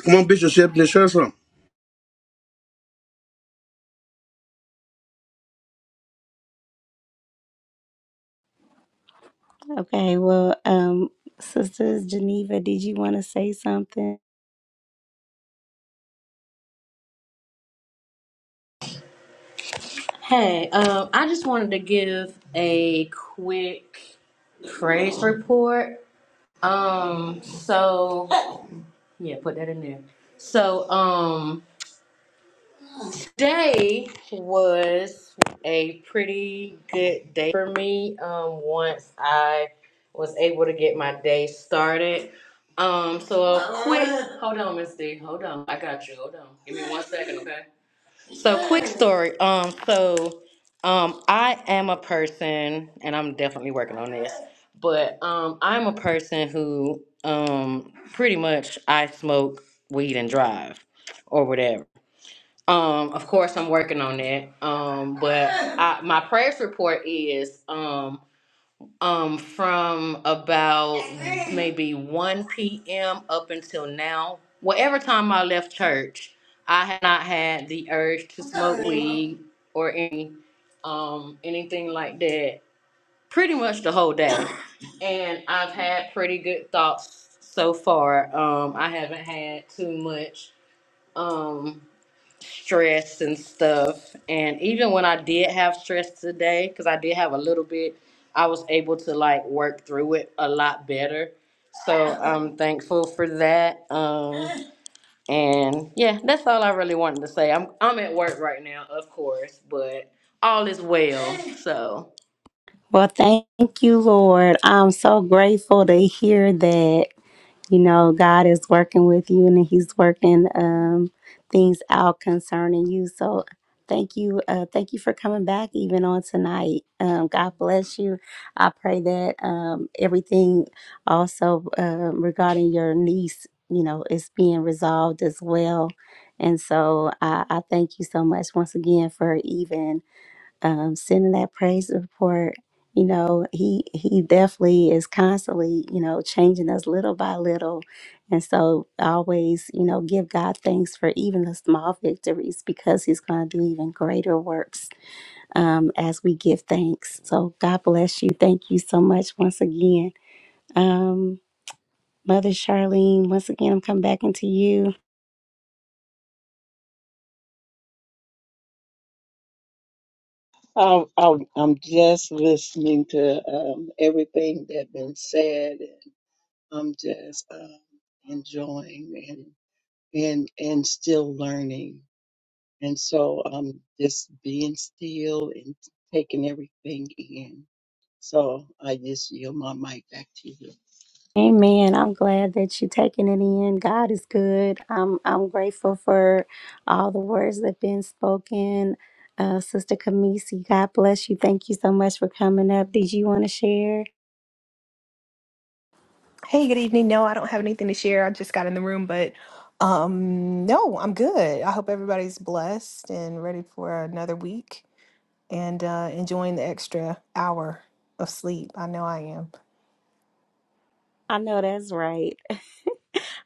Come on, Bishop Shepard, share some. Okay, well, um, Sister Geneva, did you want to say something? Hey, um, I just wanted to give a quick praise report. Um, so yeah, put that in there. So, um, today was a pretty good day for me. Um, once I was able to get my day started. Um, so a quick, hold on, Miss D, hold on, I got you. Hold on, give me one second, okay? So quick story. Um, so um I am a person and I'm definitely working on this, but um I'm a person who um pretty much I smoke weed and drive or whatever. Um, of course I'm working on that. Um, but I, my prayers report is um um from about maybe 1 p.m. up until now. Whatever time I left church, I had not had the urge to smoke weed or any um anything like that pretty much the whole day. And I've had pretty good thoughts so far. Um I haven't had too much. Um stress and stuff. And even when I did have stress today, because I did have a little bit, I was able to like work through it a lot better. So I'm thankful for that. Um, and yeah, that's all I really wanted to say. I'm I'm at work right now, of course, but all is well. So Well, thank you, Lord. I'm so grateful to hear that, you know, God is working with you and he's working um, things out concerning you. So thank you. Uh, thank you for coming back even on tonight. Um, God bless you. I pray that um, everything also um regarding your niece, you know, is being resolved as well. And so I, I thank you so much once again for even um, sending that praise report. You know, he he definitely is constantly, you know, changing us little by little, and so always, you know, give God thanks for even the small victories because He's going to do even greater works um, as we give thanks. So God bless you. Thank you so much once again, um, Mother Charlene. Once again, I'm coming back into you. I, I, I'm just listening to um, everything that been said. And I'm just um, enjoying and and and still learning. And so I'm just being still and taking everything in. So I just yield my mic back to you. Amen. I'm glad that you're taking it in. God is good. I'm I'm grateful for all the words that have been spoken. Uh, Sister Kamisi, God bless you. Thank you so much for coming up. Did you want to share? Hey, good evening. No, I don't have anything to share. I just got in the room, but um no, I'm good. I hope everybody's blessed and ready for another week and uh enjoying the extra hour of sleep. I know I am. I know that's right.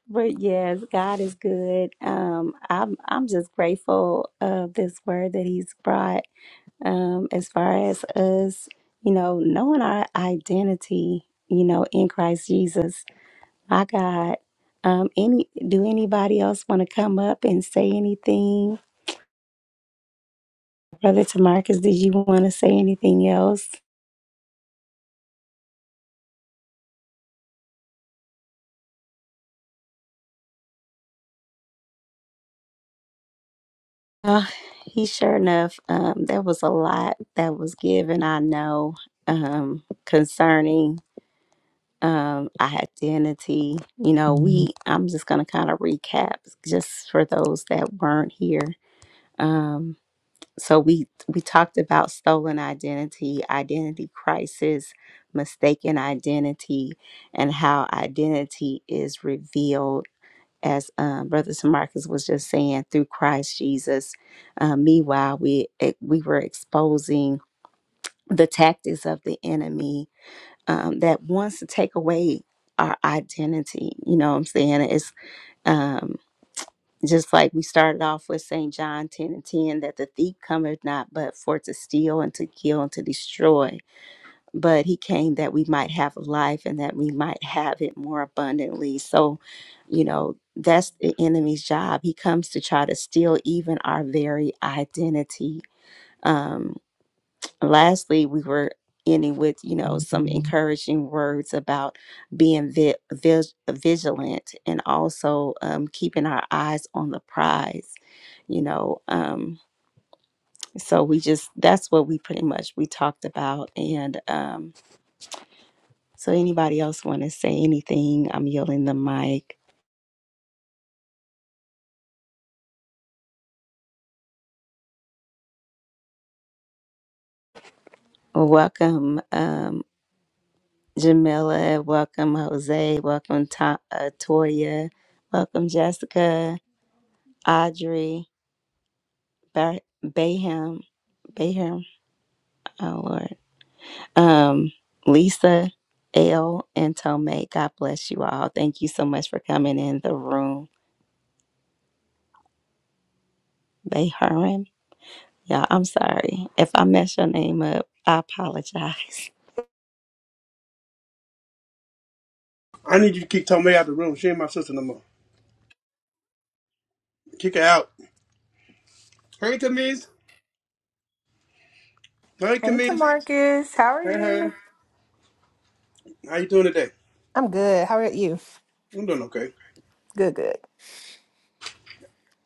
But yes, God is good. Um, I'm I'm just grateful of this word that He's brought. Um, as far as us, you know, knowing our identity, you know, in Christ Jesus My God. Um, any do anybody else want to come up and say anything? Brother Tamarcus, did you want to say anything else? Uh, he sure enough, um, there was a lot that was given, I know, um, concerning um identity. You know, we I'm just gonna kind of recap just for those that weren't here. Um. so we we talked about stolen identity identity crisis mistaken identity and how identity is revealed as um, brother Marcus was just saying through christ jesus uh, meanwhile we it, we were exposing the tactics of the enemy um, that wants to take away our identity you know what i'm saying it's um, just like we started off with St. John 10 and 10, that the thief cometh not but for to steal and to kill and to destroy, but he came that we might have life and that we might have it more abundantly. So, you know, that's the enemy's job. He comes to try to steal even our very identity. Um, lastly, we were ending with, you know, some encouraging words about being vi- vig- vigilant and also um, keeping our eyes on the prize, you know. Um, so we just, that's what we pretty much, we talked about. And um, so anybody else want to say anything? I'm yielding the mic. Welcome, um, Jamila. Welcome, Jose. Welcome, Ta- uh, Toya. Welcome, Jessica, Audrey. Ba- Baham, Baham, oh Lord, um, Lisa, L, and Tomei. God bless you all. Thank you so much for coming in the room. Baham, y'all, I'm sorry. If I mess your name up, I apologize. I need you to keep Tommy out of the room. She ain't my sister no more. Kick her out. Hurry, Tamiz. Hi, Hey, Kamish. Tamarcus, how are Hey, hey. you? How you doing today? I'm good. How about you? I'm doing okay. Good, good.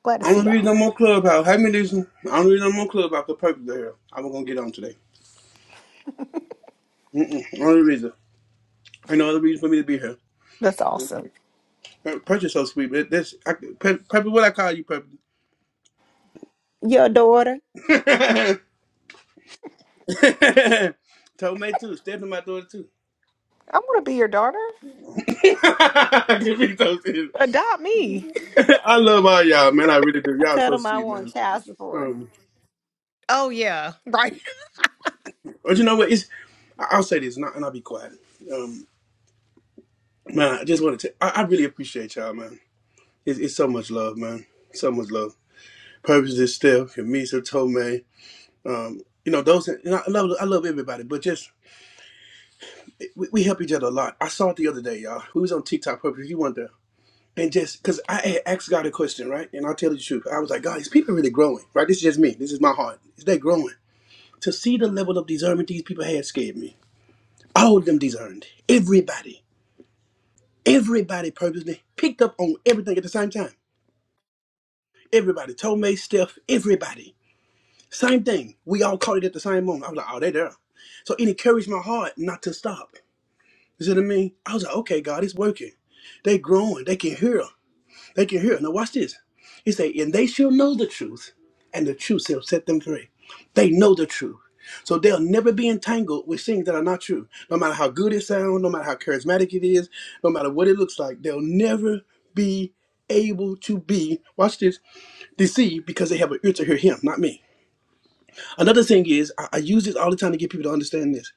Glad to I see don't y'all. read no more Clubhouse. Hey, Medicine. I don't read no more Clubhouse for purpose of here. i was going to get on today. Mm-mm. Only reason. Ain't no other reason for me to be here. That's awesome. Pur- Purpose so sweet, but this, I, Pur- Purpose, what I call you, Purpose? Your daughter, Told me too. Step in my daughter too. I want to be your daughter. I can read those things. Adopt me. I love all y'all, man. I really do. I Y'all tell so them I sweet, want man. child support. Um, Oh yeah, right. but you know what? It's I- I'll say this, and, I, and I'll be quiet. Um, Man, I just want to. I I really appreciate y'all, man. It's, it's so much love, man. So much love. Purpose is still Camisa Tomei. Um, you know those. And I love. I love everybody, but just we, we help each other a lot. I saw it the other day, y'all. We was on TikTok. Purpose, if you want to. And just because I had asked God a question, right? And I'll tell you the truth. I was like, God, these people really growing, right? This is just me. This is my heart. Is they growing? To see the level of discernment these people had scared me. All of them discerned. Everybody. Everybody purposely picked up on everything at the same time. Everybody, Tomei, Steph, everybody. Same thing. We all caught it at the same moment. I was like, oh, they there. So it encouraged my heart not to stop. You see what I mean? I was like, okay, God, it's working. They growing. They can hear. They can hear. Now watch this. He say, and they shall know the truth, and the truth shall set them free. They know the truth. So they'll never be entangled with things that are not true. No matter how good it sounds, no matter how charismatic it is, no matter what it looks like, they'll never be able to be, watch this, deceived because they have an ear to hear him, not me. Another thing is, I, I use this all the time to get people to understand this.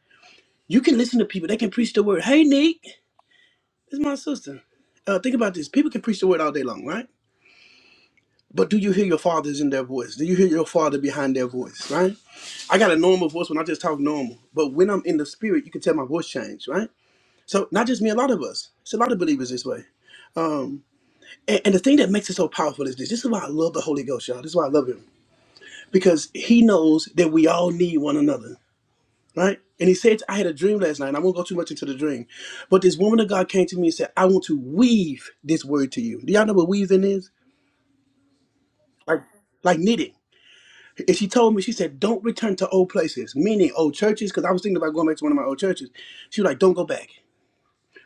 You can listen to people, they can preach the word. Hey, Nick, this is my sister. Uh, think about this. People can preach the word all day long, right? But do you hear your father's in their voice? Do you hear your father behind their voice, right? I got a normal voice when I just talk normal. But when I'm in the spirit, you can tell my voice change, right? So not just me, a lot of us. It's a lot of believers this way. And, and the thing that makes it so powerful is this. This is why I love the Holy Ghost, y'all. This is why I love him. Because he knows that we all need one another. right? And he said, I had a dream last night, and I won't go too much into the dream. But this woman of God came to me and said, I want to weave this word to you. Do y'all know what weaving is? Like like knitting. And she told me, she said, Don't return to old places, meaning old churches, because I was thinking about going back to one of my old churches. She was like, Don't go back.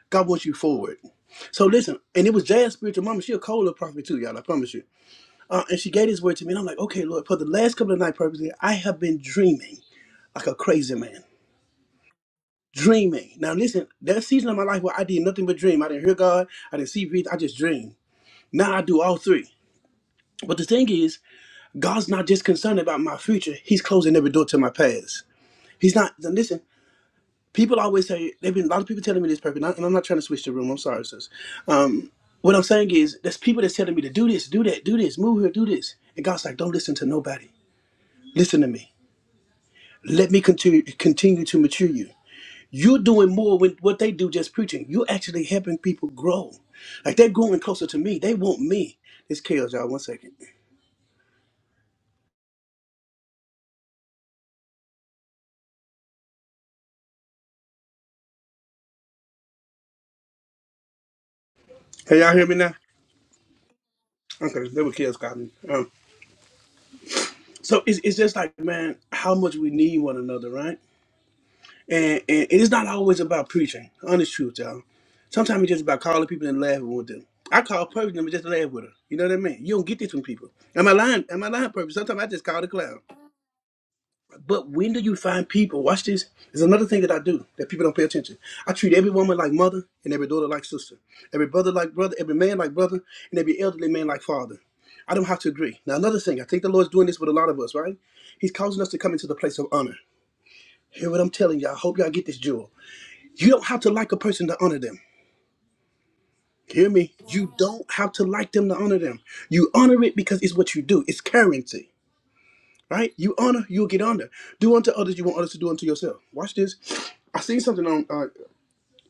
God wants you forward. So listen, and it was Jazz Spiritual Mama. She a cola prophet too, y'all, I promise you. Uh, and she gave this word to me, and I'm like, okay, Lord, for the last couple of night purposes, I have been dreaming like a crazy man. dreaming. Now listen, that season of my life where I did nothing but dream. I didn't hear God, I didn't see breathe, I just dreamed. Now I do all three. But the thing is, God's not just concerned about my future, He's closing every door to my past. He's not then listen, people always say they've been a lot of people telling me this perfect, and I- and I'm not trying to switch the room, I'm sorry, sis. Um what I'm saying is there's people that's telling me to do this, do that, do this, move here, do this. And God's like, don't listen to nobody. Listen to me. Let me continue continue to mature you. You're doing more with what they do just preaching. You're actually helping people grow. Like they're growing closer to me. They want me. This kills y'all. One second. Can y'all hear me now? Okay, they were kills cotton. Um, so it's, it's just like, man, how much we need one another, right? And, and it is not always about preaching. Honest truth, y'all. Sometimes it's just about calling people and laughing with them. I call Purvis and just laugh with her. You know what I mean? You don't get this from people. Am I lying? Am I lying, Purvis? Sometimes I just call the clown. But when do you find people? Watch this. There's another thing that I do that people don't pay attention. I treat every woman like mother and every daughter like sister, every brother like brother, every man like brother, and every elderly man like father. I don't have to agree. Now, another thing, I think the Lord's doing this with a lot of us, right? He's causing us to come into the place of honor. Hear what I'm telling y'all. I hope y'all get this jewel. You don't have to like a person to honor them. Hear me? You don't have to like them to honor them. You honor it because it's what you do, it's currency. Right? You honor, you'll get honor. Do unto others you want others to do unto yourself. Watch this. I seen something on uh,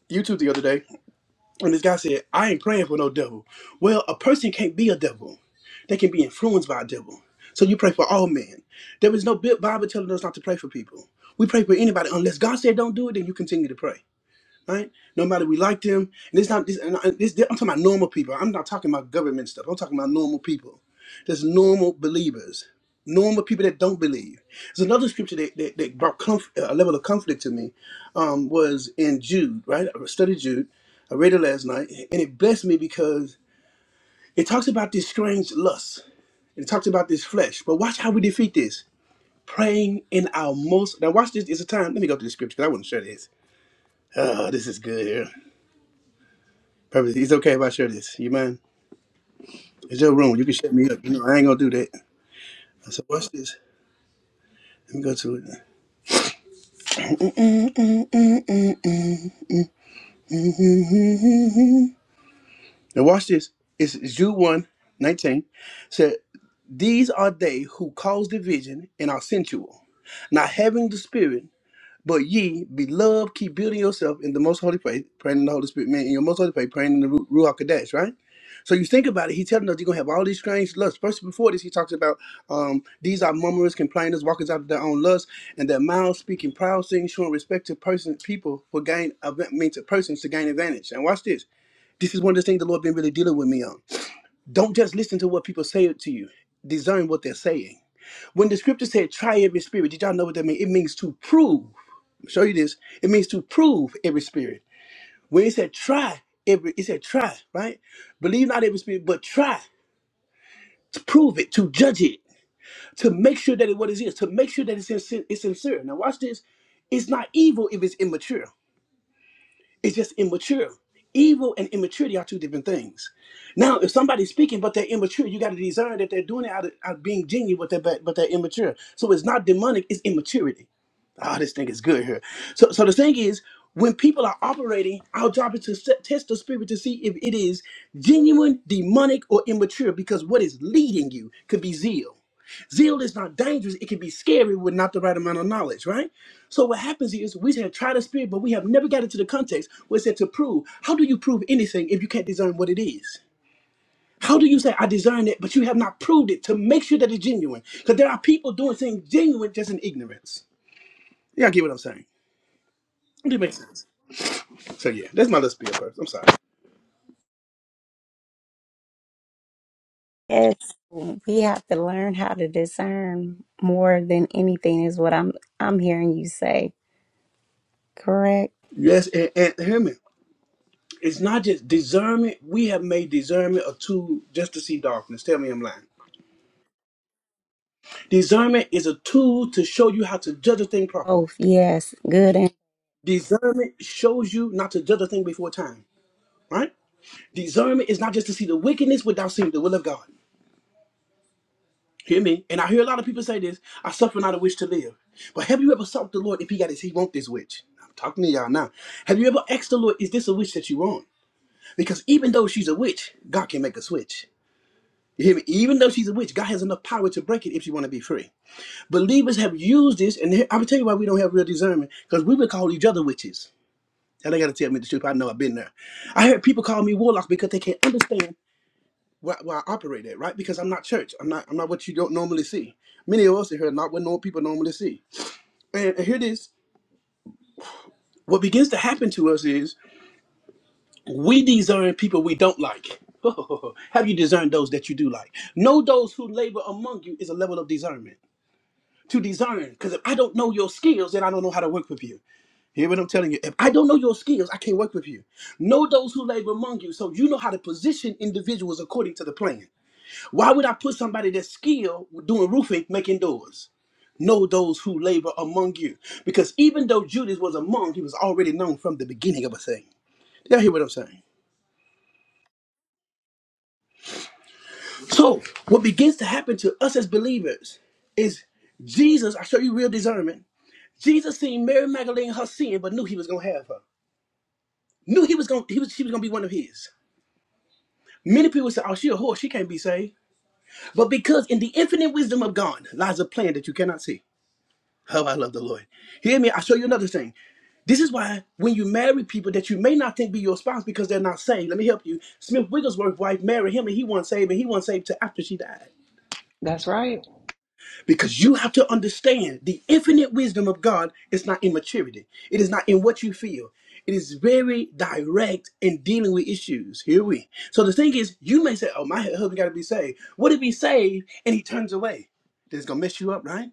YouTube the other day, and this guy said, I ain't praying for no devil. Well, a person can't be a devil, they can be influenced by a devil. So you pray for all men. There is no Bi- Bible telling us not to pray for people. We pray for anybody. Unless God said don't do it, then you continue to pray right? No matter we like them, and it's not. This, and I- this, I'm talking about normal people. I'm not talking about government stuff. I'm talking about normal people. There's normal believers, normal people that don't believe. There's another scripture that, that, that brought comf- a level of conflict to me um, was in Jude, right? I studied Jude. I read it last night, and it blessed me because it talks about this strange lust. It talks about this flesh. But watch how we defeat this. Praying in our most now watch this It's a time. Let me go to the scripture because I want to share this. Oh, this is good here. Purpose, it's okay if I share this. You mind? It's your room. You can shut me up. You know, I ain't gonna do that. I said, watch this. Let me go to it. Now watch this. It's Jude one, 19. Said, These are they who cause division and are sensual, not having the spirit. But ye, beloved, keep building yourself in the most holy faith, praying in the Holy Spirit, man, in your most holy faith, praying in the Ru- Ruach Kodesh, right? So you think about it, He's telling us you're gonna have all these strange lusts. First before this, he talks about um, these are murmurers, complainers, walkers after their own lusts, and their mouths speaking proud things, showing respect to person people for gain of means to persons to gain advantage. And watch this. This is one of the things the Lord been really dealing with me on. Don't just listen to what people say to you. Discern what they're saying. When the scripture said, try every spirit, did y'all know what that means? It means to prove show you this. It means to prove every spirit. When it said try every, it said try, right? Believe not every spirit, but try to prove it, to judge it, to make sure that it what it is, to make sure that it's sincere. It's sincere. Now watch this. It's not evil if it's immature. It's just immature. Evil and immaturity are two different things. Now, if somebody's speaking but they're immature, you got to discern that they're doing it out of, out of being genuine, but they're but they're immature. So it's not demonic; it's immaturity. oh, this thing is good here. So, so the thing is, when people are operating, our job is to set, test the spirit to see if it is genuine, demonic, or immature. Because what is leading you could be zeal. Zeal is not dangerous; it can be scary with not the right amount of knowledge, right? So what happens is we have tried the spirit, but we have never got into the context where it said to prove. How do you prove anything if you can't discern what it is? How do you say I discern it, but you have not proved it to make sure that it's genuine? Because there are people doing things genuine just in ignorance. Yeah, I get what I'm saying it makes sense. So yeah, that's my little spiel first. I'm sorry. Yes, we have to learn how to discern more than anything is what I'm I'm hearing you say. Correct? Yes, and, and hear me. It's not just discernment. We have made discernment a tool just to see darkness. Tell me I'm lying. Discernment is a tool to show you how to judge a thing properly. Both, yes, good and. Discernment shows you not to judge a thing before time, right? Discernment is not just to see the wickedness without seeing the will of God. Hear me? And I hear a lot of people say this, I suffer not a wish to live. But have you ever sought the Lord if he got his he want this wish? I'm talking to y'all now. Have you ever asked the Lord, is this a wish that you want? Because even though she's a witch, God can make a switch. You hear me? Even though she's a witch, God has enough power to break it if she want to be free. Believers have used this, and here- I will tell you why we don't have real discernment, because we would call each other witches. And they got to tell me the truth. I know I've been there. I heard people call me warlocks because they can't understand where, where I operate at, right? Because I'm not church. I'm not. I'm not what you don't normally see. Many of us in here are not what normal people normally see. And and here it is. What begins to happen to us is We discern people we don't like. Have you discerned those that you do like? Know those who labor among you is a level of discernment. To discern, because if I don't know your skills, then I don't know how to work with you. Hear what I'm telling you? If I don't know your skills, I can't work with you. Know those who labor among you, so you know how to position individuals according to the plan. Why would I put somebody that's skilled with doing roofing making doors? Know those who labor among you, because even though Judas was among, he was already known from the beginning of a thing. Y'all hear what I'm saying? So, what begins to happen to us as believers is Jesus, I show you real discernment. Jesus seen Mary Magdalene her sin, but knew he was gonna have her. Knew he was gonna he was she was gonna be one of his. Many people say, Oh, she a whore, she can't be saved. But because in the infinite wisdom of God lies a plan that you cannot see. How I love the Lord. Hear me, I'll show you another thing. This is why when you marry people that you may not think be your spouse because they're not saved, let me help you. Smith Wigglesworth's wife married him and he wasn't saved and he wasn't saved till after she died. That's right. Because you have to understand the infinite wisdom of God is not in maturity. It is not in what you feel. It is very direct in dealing with issues. Here we. So the thing is, you may say, "Oh, my husband got to be saved." What if he's saved and he turns away? That's gonna mess you up, right?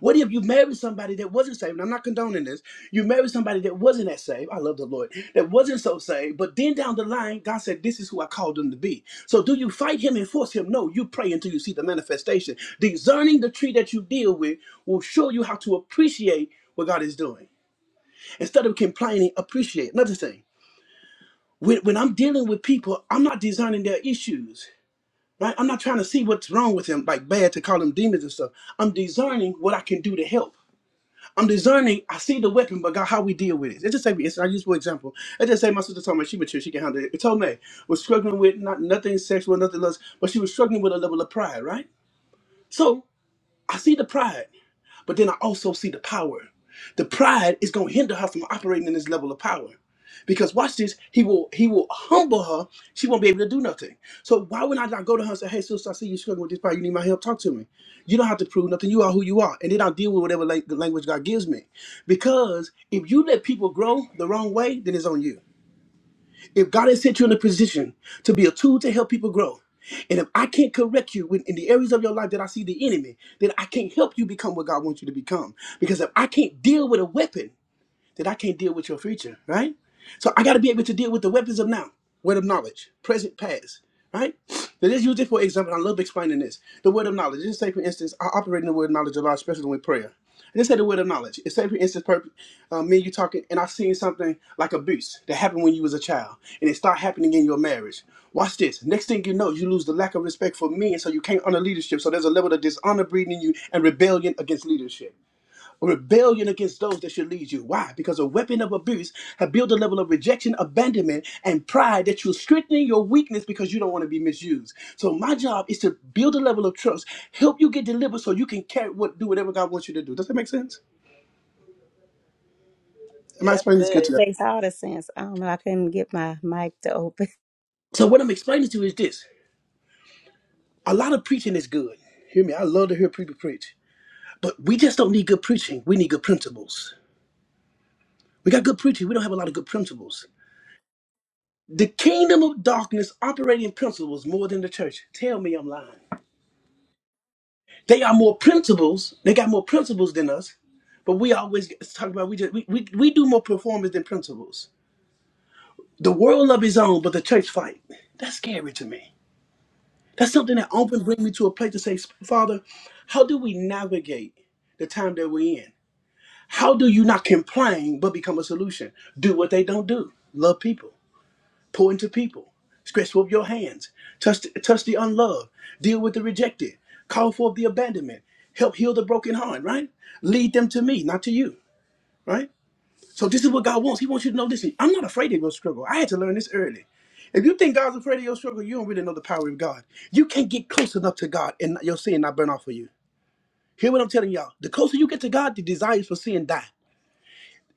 What if you married somebody that wasn't saved? And I'm not condoning this. You married somebody that wasn't that saved. I love the Lord. That wasn't so saved. But then down the line, God said, This is who I called them to be. So do you fight him and force him? No, you pray until you see the manifestation. Discerning the tree that you deal with will show you how to appreciate what God is doing. Instead of complaining, appreciate. Another thing, when, when I'm dealing with people, I'm not discerning their issues. Right? I'm not trying to see what's wrong with them, like bad to call them demons and stuff. I'm discerning what I can do to help. I'm discerning. I see the weapon, but God, how we deal with it. Let's just say, it's- I use for example. Let's just say my sister told me she mature, she can handle it. Told me was struggling with not nothing sexual, nothing lust, but she was struggling with a level of pride, right? So I see the pride. But then I also see the power. The pride is going to hinder her from operating in this level of power. Because watch this, he will he will humble her. She won't be able to do nothing. So why would I not go to her and say, "Hey, sister, I see you struggling with this power. You need my help. Talk to me. You don't have to prove nothing. You are who you are." And then I'll deal with whatever la- the language God gives me. Because if you let people grow the wrong way, then it's on you. If God has set you in a position to be a tool to help people grow, and if I can't correct you when- in the areas of your life that I see the enemy, then I can't help you become what God wants you to become. Because if I can't deal with a weapon, that I can't deal with your future, right? So I got to be able to deal with the weapons of now, word of knowledge, present, past, right? Now let's use it for example. I love explaining this. The word of knowledge. Just say, for instance, I operate in the word of knowledge a lot, especially with prayer. Let's say the word of knowledge. It's say, for instance, per, uh, me and you talking, and I seen something like abuse that happened when you was a child, and it start happening in your marriage. Watch this. Next thing you know, you lose the lack of respect for me, and so you can't honor leadership. So there's a level of dishonor breeding in you and rebellion against leadership rebellion against those that should lead you. Why? Because a weapon of abuse have built a level of rejection, abandonment, and pride that you're strengthening your weakness because you don't want to be misused. So my job is to build a level of trust, help you get delivered so you can carry what do whatever God wants you to do. Does that make sense? Yeah, Am I That's explaining this That good good. to you? makes all the sense. I don't know. I couldn't get my mic to open. So what I'm explaining to you is this. A lot of preaching is good. Hear me. I love to hear people preach. But we just don't need good preaching. We need good principles. We got good preaching. We don't have a lot of good principles. The kingdom of darkness operating principles more than the church. Tell me I'm lying. They are more principles. They got more principles than us, but we always talk about we just we, we, we do more performance than principles. The world love his own, but the church fight. That's scary to me. That's something that often brings me to a place to say, Father, how do we navigate the time that we're in? How do you not complain but become a solution? Do what they don't do. Love people. Pour into people. Stretch forth your hands. Touch, touch the unloved. Deal with the rejected. Call forth the abandonment. Help heal the broken heart, right? Lead them to me, not to you, right? So this is what God wants. He wants you to know this. I'm not afraid of your struggle. I had to learn this early. If you think God's afraid of your struggle, you don't really know the power of God. You can't get close enough to God and your sin not burn off for you. Hear what I'm telling y'all. The closer you get to God, the desires for sin die.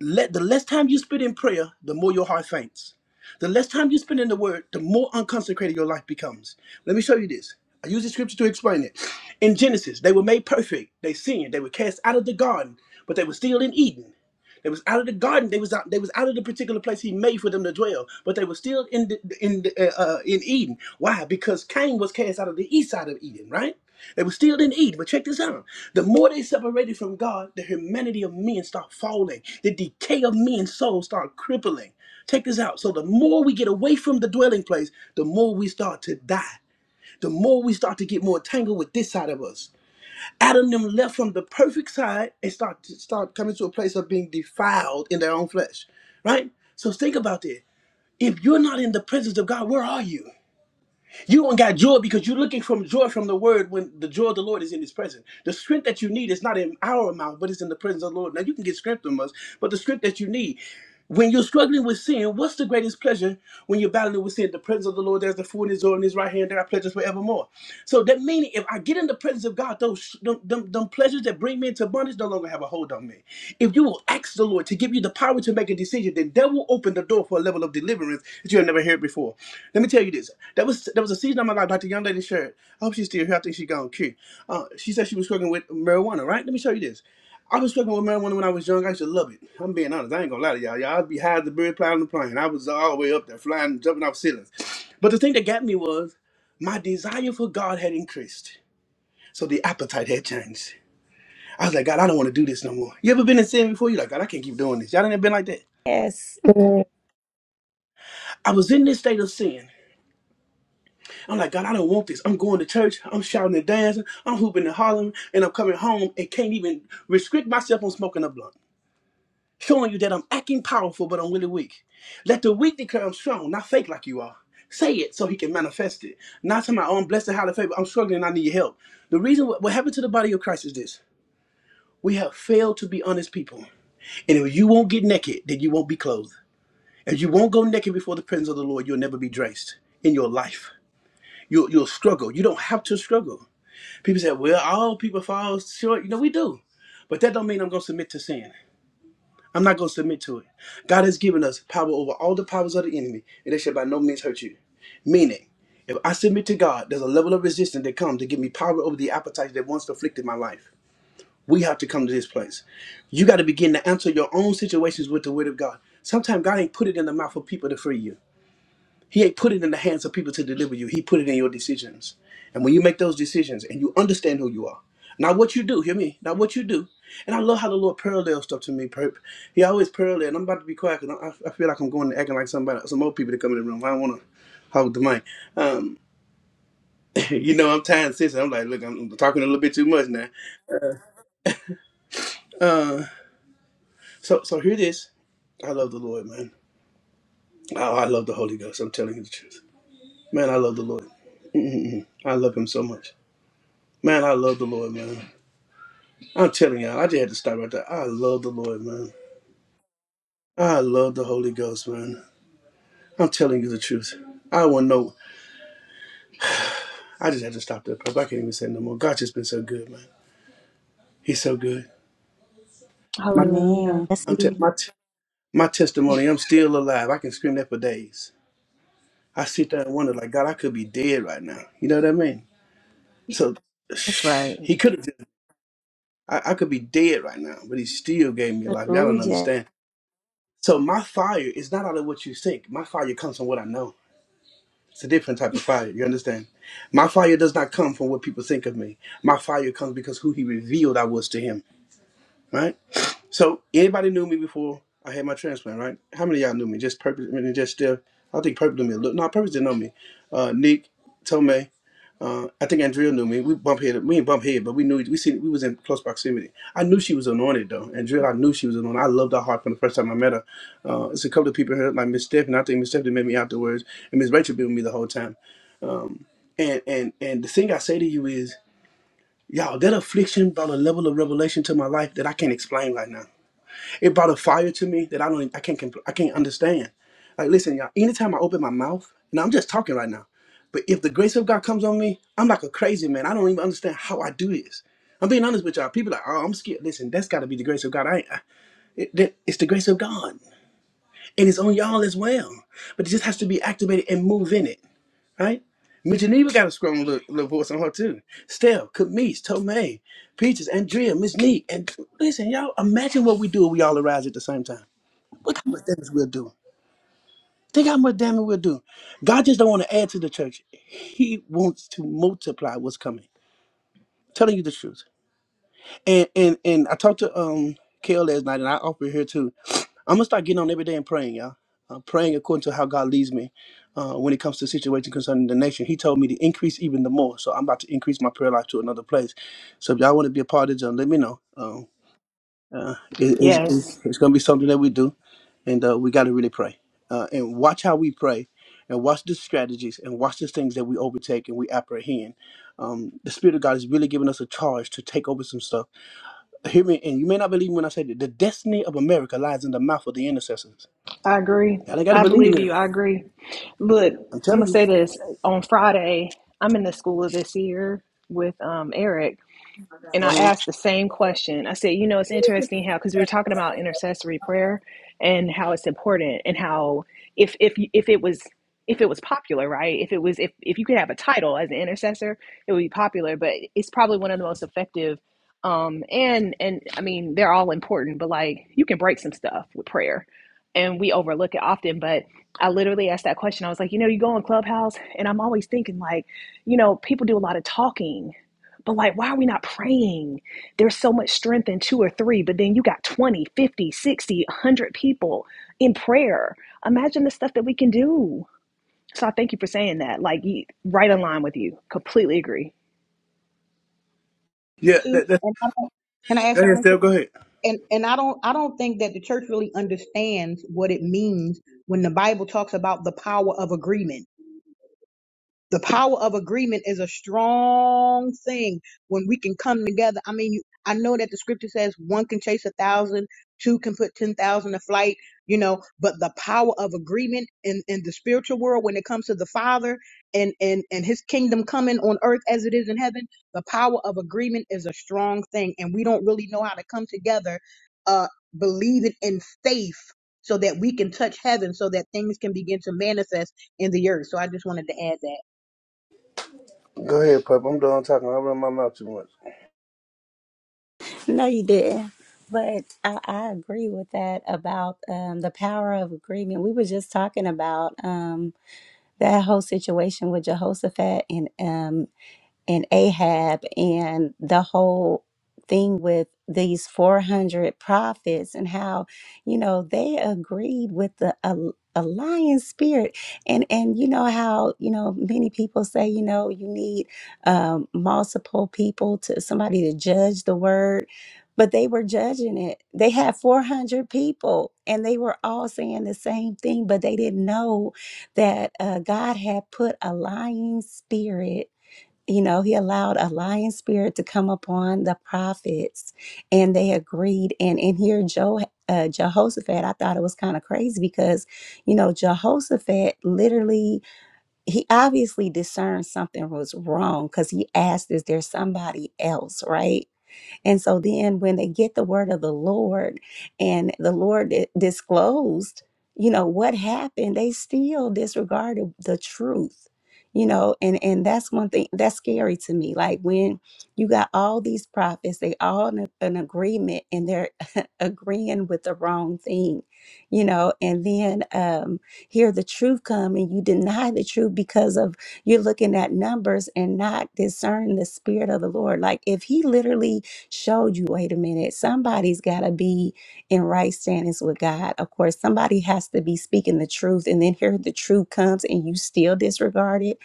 Let the less time you spend in prayer, the more your heart faints. The less time you spend in the word, the more unconsecrated your life becomes. Let me show you this. I use the scripture to explain it. In Genesis, they were made perfect. They sinned. They were cast out of the garden, but they were still in Eden. They was out of the garden. They was out. They was out of the particular place He made for them to dwell. But they were still in the, in the, uh, uh, in Eden. Why? Because Cain was cast out of the east side of Eden, right? They were still in Eden. But check this out: the more they separated from God, the humanity of men start falling. The decay of men's souls start crippling. Check this out. So the more we get away from the dwelling place, the more we start to die. The more we start to get more entangled with this side of us Adam and them left from the perfect side and start start coming to a place of being defiled in their own flesh, right? So think about this. If you're not in the presence of God, where are you? You don't got joy because you're looking from joy from the word when the joy of the Lord is in his presence. The strength that you need is not in our amount, but it's in the presence of the Lord. Now you can get strength from us, but the strength that you need. When you're struggling with sin, what's the greatest pleasure when you're battling with sin? The presence of the Lord, there's the food in his oil in his right hand, there are pleasures forevermore. So that meaning, if I get in the presence of God, those them, them, them pleasures that bring me into bondage no longer have a hold on me. If you will ask the Lord to give you the power to make a decision, then that will open the door for a level of deliverance that you have never heard before. Let me tell you this. There was there was a season of my life, like the young lady shared. I hope she's still here. I think she gone cute. Uh, she said she was struggling with marijuana, right? Let me show you this. I was struggling with marijuana when I was young. I used to love it. I'm being honest. I ain't gonna lie to y'all. Y'all I'd be high as a bird flying on the plane. I was all the way up there flying, jumping off ceilings. But the thing that got me was my desire for God had increased. So the appetite had changed. I was like, God, I don't want to do this no more. You ever been in sin before? You're like, God, I can't keep doing this. Y'all ain't been like that. Yes. Mm. I was in this state of sin. I'm like, God, I don't want this. I'm going to church. I'm shouting and dancing. I'm hooping and hollering. And I'm coming home and can't even restrict myself on smoking a blunt. Showing you that I'm acting powerful, but I'm really weak. Let the weak declare I'm strong, not fake like you are. Say it so he can manifest it. Not to my own blessed and highly favored. I'm struggling and I need your help. The reason what, what happened to the body of Christ is this. We have failed to be honest people. And if you won't get naked, then you won't be clothed. If you won't go naked before the presence of the Lord, you'll never be dressed in your life. You'll, you'll struggle. You don't have to struggle. People say, well, all people fall short. You know, we do. But that don't mean I'm going to submit to sin. I'm not going to submit to it. God has given us power over all the powers of the enemy, and they shall by no means hurt you. Meaning, if I submit to God, there's a level of resistance that comes to give me power over the appetites that once afflicted my life. We have to come to this place. You got to begin to answer your own situations with the word of God. Sometimes God ain't put it in the mouth of people to free you. He ain't put it in the hands of people to deliver you. He put it in your decisions. And when you make those decisions and you understand who you are, not what you do, hear me, not what you do. And I love how the Lord parallels stuff to me. per- He always parallel. And I'm about to be quiet because I, I feel like I'm going and acting like somebody, some old people that come in the room. I don't want to hold the mic. Um, you know, I'm tired and sensitive. I'm like, look, I'm talking a little bit too much now. Uh, so, so here it is. I love the Lord, man. Oh, I love the Holy Ghost. I'm telling you the truth. Man, I love the Lord. Mm-mm-mm. I love him so much. Man, I love the Lord, man. I'm telling y'all, I just had to stop right there. I love the Lord, man. I love the Holy Ghost, man. I'm telling you the truth. I want to know. I just had to stop there, Papa. I can't even say no more. God just been so good, man. He's so good. My, Man. Hallelujah. That's I'm te- my, te- my testimony, I'm still alive. I can scream that for days. I sit there and wonder, like, God, I could be dead right now. You know what I mean? So That's right. he could have, just, I, I could be dead right now, but he still gave me life. Y'all Ooh, don't yeah. understand. So my fire is not out of what you think. My fire comes from what I know. It's a different type of fire. You understand? My fire does not come from what people think of me. My fire comes because who he revealed I was to him. Right? So anybody knew me before I had my transplant, right? How many of y'all knew me? Just purpose I mean, just still I think purpose knew me a little no purpose didn't know me. Uh Nick, Tomei, uh, I think Andrea knew me. We bump head. We didn't bump head, but we knew we seen we was in close proximity. I knew she was anointed though. Andrea, I knew she was anointed. I loved her heart from the first time I met her. Uh, it's a couple of people here like Miss Steph, and I think Miss Stephanie met me afterwards, and Miss Rachel been with me the whole time. And and and the thing I say to you is, y'all, that affliction brought a level of revelation to my life that I can't explain right now. It brought a fire to me that I don't, I can't, compl- I can't understand. Like, listen, y'all. Anytime I open my mouth, and I'm just talking right now, but if the grace of God comes on me, I'm like a crazy man. I don't even understand how I do this. I'm being honest with y'all. People are like, oh, I'm scared. Listen, that's got to be the grace of God. I, ain't- I it, that, it's the grace of God, and it's on y'all as well. But it just has to be activated and move in it right? Mitchell Neva got a strong little, little voice on her too. Steph, Kamis, Tomei, Peaches, Andrea, Miss Neat, and listen, y'all. Imagine what we do if we all arise at the same time. Look how much damage we'll do. Think how much damage we'll do. God just don't want to add to the church. He wants to multiply what's coming. Telling you the truth. And and and I talked to um Kale last night, and I offer here too. I'm gonna start getting on every day and praying, y'all. i praying according to how God leads me uh, when it comes to situations concerning the nation. He told me to increase even the more, so I'm about to increase my prayer life to another place. So if y'all want to be a part of it, let me know. Um, uh, it- it's, Yes. it's, it's gonna be something that we do, and uh, we got to really pray uh, and watch how we pray, and watch the strategies and watch the things that we overtake and we apprehend. Um, the Spirit of God has really given us a charge to take over some stuff hear me, and you may not believe me when I say that the destiny of America lies in the mouth of the intercessors. I agree. Y'all ain't gotta I believe believe me. you. I agree. Look, I'm I'm gonna telling you. say this on Friday. I'm in the school of this year with um, Eric, and I Uh-huh. asked the same question. I said, you know, it's interesting how because we were talking about intercessory prayer and how it's important and how if if if it was if it was popular, right? If it was if if you could have a title as an intercessor, it would be popular. But it's probably one of the most effective. Um, and and I mean, they're all important, but like you can break some stuff with prayer, and we overlook it often. But I literally asked that question. I was like, you know, you go on Clubhouse, and I'm always thinking like, you know, people do a lot of talking but like, why are we not praying? There's so much strength in two or three, but then you got 20, 50, 100 people in prayer. Imagine the stuff that we can do. So I thank you for saying that. Like, right in line with you. Completely agree. Yeah, Too. that, that, And I, and I ask go how ahead, much- Steph. Go ahead. and and I don't I don't think that the church really understands what it means when the Bible talks about the power of agreement. The power of agreement is a strong thing when we can come together. I mean, you, I know that the scripture says one can chase a thousand, two can put 10,000 to flight, you know, but the power of agreement in, in the spiritual world, when it comes to the Father and, and, and his kingdom coming on earth as it is in heaven, the power of agreement is a strong thing. And we don't really know how to come together, uh, believing in faith so that we can touch heaven so that things can begin to manifest in the earth. So I just wanted to add that. Go ahead, Pup. I'm done talking. I run my mouth too much. No, you didn't. But I, I agree with that about um, the power of agreement. We were just talking about um, that whole situation with Jehoshaphat and um. and Ahab and the whole thing with these 400 prophets and how you know they agreed with the al- alliance spirit and and you know how you know many people say you know you need um, multiple people to somebody to judge the word but they were judging it they had 400 people and they were all saying the same thing but they didn't know that uh, god had put a lying spirit you know, he allowed a lion spirit to come upon the prophets, and they agreed. And in here, jo, uh, Jehoshaphat, I thought it was kind of crazy because, you know, Jehoshaphat literally, he obviously discerned something was wrong because he asked, "Is there somebody else?" Right? And so then when they get the word of the Lord and the Lord di- disclosed, you know, what happened, they still disregarded the truth. You know, and and that's one thing that's scary to me. Like when you got all these prophets, they all in a- an agreement and they're agreeing with the wrong thing, you know, and then um hear the truth come and you deny the truth because of you're looking at numbers and not discerning the spirit of the Lord. Like if he literally showed you wait a minute, somebody's got to be in right standings with God. Of course, somebody has to be speaking the truth, and then here the truth comes and you still disregard it.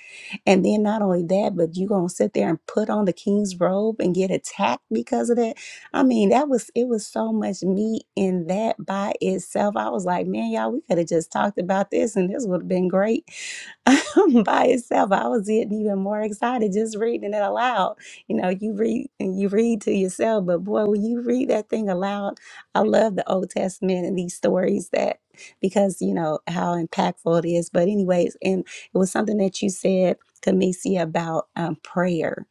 And then not only that, but you going to sit there and put on the king's robe and get attacked because of that. I mean, that was it was so much meat in that by itself. I was like, man, y'all, we could have just talked about this and this would have been great by itself. I was getting even more excited just reading it aloud. You know, you read and you read to yourself, but boy, when you read that thing aloud, I love the Old Testament and these stories that because you know how impactful it is. But anyways, and it was something that you said, Kamisi, about um, prayer,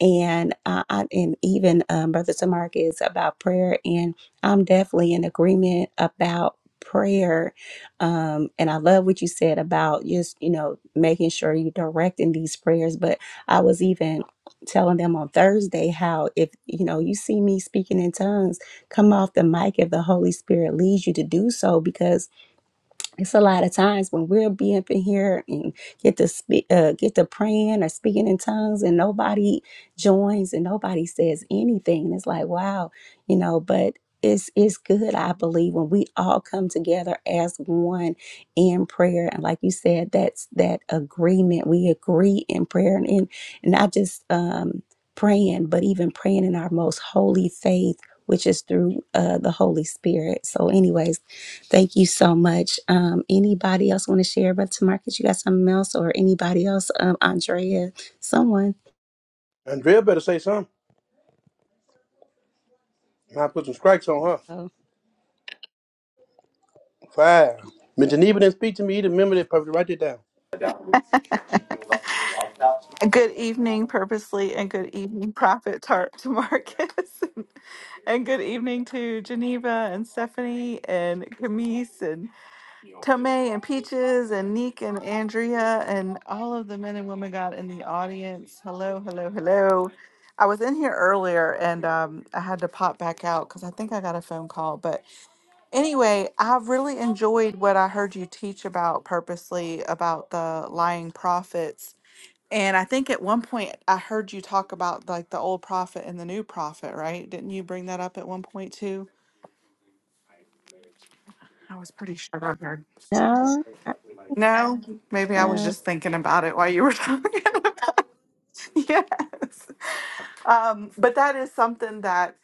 and uh, I, and even um, Brother Tamark is about prayer, and I'm definitely in agreement about prayer um, and I love what you said about just, you know, making sure you're directing these prayers. But I was even telling them on Thursday how if, you know, you see me speaking in tongues, come off the mic if the Holy Spirit leads you to do so because it's a lot of times when we'll be up in here and get to speak, uh, get to praying or speaking in tongues, and nobody joins and nobody says anything. And it's like, wow, you know, but. It's, it's good, I believe, when we all come together as one in prayer. And like you said, that's that agreement. We agree in prayer and in, and not just um, praying, but even praying in our most holy faith, which is through uh, the Holy Spirit. So, anyways, Thank you so much. Um, anybody else want to share, Brother Marcus? You got something else, or anybody else? Um, Andrea, someone. Andrea better say something. I put some strikes on her. Oh, Fire. Miss Geneva didn't speak to me either. Remember that, Pup. Write it down. Good evening, purposely, and good evening, Prophet Tart to Marcus, and good evening to Geneva and Stephanie and Camise and Tome and Peaches and Neek and Andrea and all of the men and women God in the audience. Hello, hello, hello. I was in here earlier and um, I had to pop back out because I think I got a phone call, but. Anyway, I really enjoyed what I heard you teach about purposely about the lying prophets. And I think at one point I heard you talk about like the old prophet and the new prophet, right? Didn't you bring that up at one point too? I was pretty sure I heard. no. No, maybe I was Uh, just thinking about it while you were talking. yes. Um, but that is something that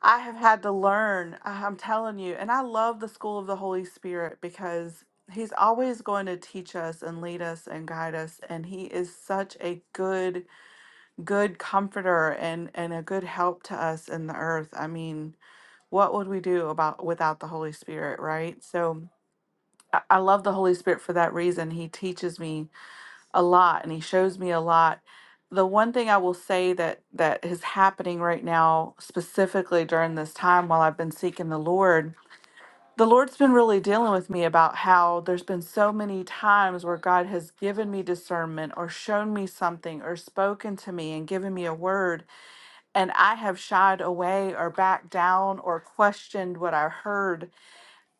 I have had to learn, I- I'm telling you, and I love the school of the Holy Spirit because he's always going to teach us and lead us and guide us and he is such a good good comforter and and a good help to us in the earth. I mean, what would we do about without the Holy Spirit, right? So I I love the Holy Spirit for that reason. He teaches me a lot and he shows me a lot the one thing i will say that that is happening right now specifically during this time while i've been seeking the lord the lord's been really dealing with me about how there's been so many times where god has given me discernment or shown me something or spoken to me and given me a word and i have shied away or backed down or questioned what i heard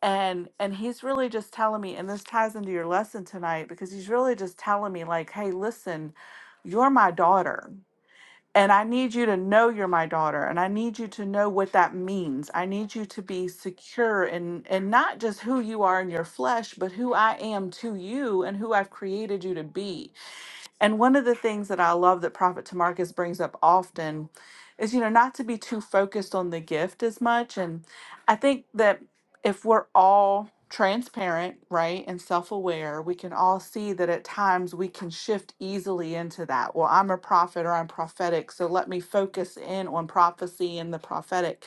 and and he's really just telling me and this ties into your lesson tonight because he's really just telling me like hey listen you're my daughter and i need you to know you're my daughter and i need you to know what that means i need you to be secure in and not just who you are in your flesh but who i am to you and who i've created you to be and one of the things that I love that Prophet Tamarcus brings up often is, you know, not to be too focused on the gift as much. And I think that if we're all transparent, right, and self aware, we can all see that at times we can shift easily into that. Well, I'm a prophet or I'm prophetic, so let me focus in on prophecy and the prophetic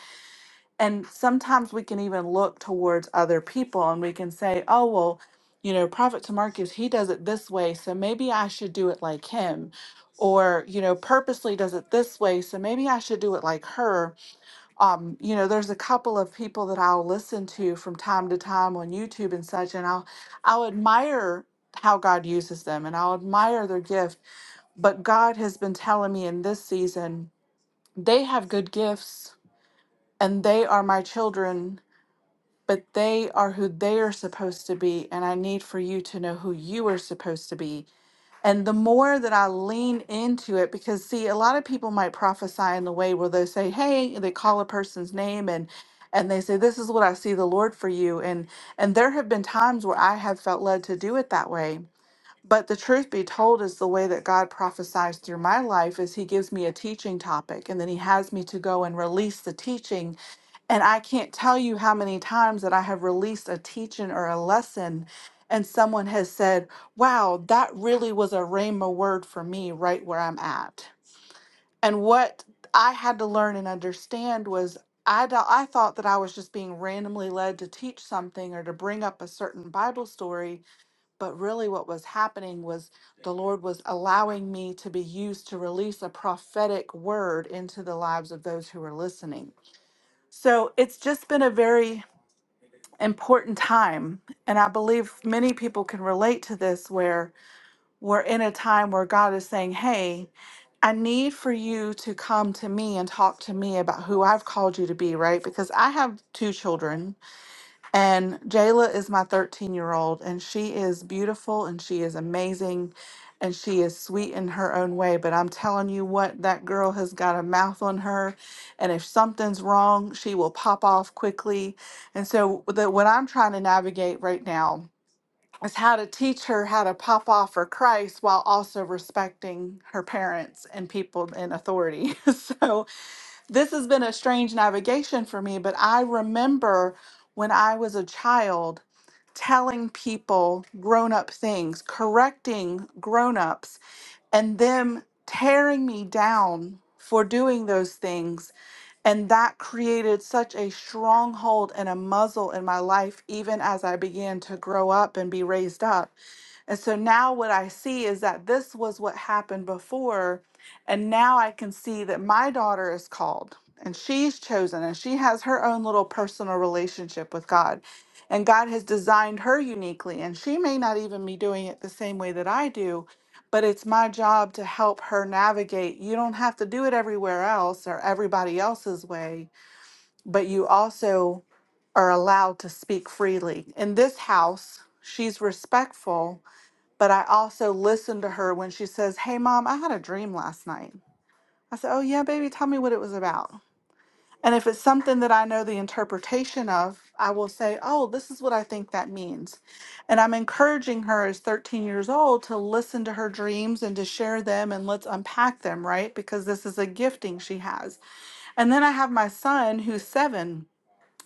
and sometimes we can even look towards other people and we can say, oh, well, you know, Prophet Tamarcus, he does it this way, so maybe I should do it like him. Or, you know, purposely does it this way, so maybe I should do it like her. Um, you know, there's a couple of people that I'll listen to from time to time on YouTube and such, and I'll I'll admire how God uses them and I'll admire their gift. But God has been telling me in this season, they have good gifts and they are my children but they are who they are supposed to be. And I need for you to know who you are supposed to be. And the more that I lean into it, because see, a lot of people might prophesy in the way where they say, Hey, they call a person's name and and they say, This is what I see the Lord for you. And and there have been times where I have felt led to do it that way. But the truth be told is the way that God prophesies through my life is he gives me a teaching topic and then he has me to go and release the teaching and I can't tell you how many times that I have released a teaching or a lesson, and someone has said, Wow, that really was a rhema word for me right where I'm at. And what I had to learn and understand was I, do- I thought that I was just being randomly led to teach something or to bring up a certain Bible story, but really what was happening was the Lord was allowing me to be used to release a prophetic word into the lives of those who were listening. So it's just been a very important time. And I believe many people can relate to this where we're in a time where God is saying, Hey, I need for you to come to me and talk to me about who I've called you to be, right? Because I have two children and Jayla is my 13 year old, and she is beautiful and she is amazing and she is sweet in her own way. But I'm telling you what, that girl has got a mouth on her. And if something's wrong, she will pop off quickly. And so, the, what I'm trying to navigate right now is how to teach her how to pop off for Christ while also respecting her parents and people in authority. so, this has been a strange navigation for me, but I remember when I was a child telling people grown up things, correcting grown ups and them tearing me down for doing those things. And that created such a stronghold and a muzzle in my life, even as I began to grow up and be raised up. And so now what I see is that this was what happened before. And now I can see that my daughter is called and she's chosen and she has her own little personal relationship with God. And God has designed her uniquely. And she may not even be doing it the same way that I do, but it's my job to help her navigate. You don't have to do it everywhere else or everybody else's way, but you also are allowed to speak freely. In this house, she's respectful, but I also listen to her when she says, Hey, mom, I had a dream last night. I said, Oh, yeah, baby, tell me what it was about. And if it's something that I know the interpretation of, I will say, oh, this is what I think that means. And I'm encouraging her as 13 years old to listen to her dreams and to share them and let's unpack them, right? Because this is a gifting she has. And then I have my son who's seven.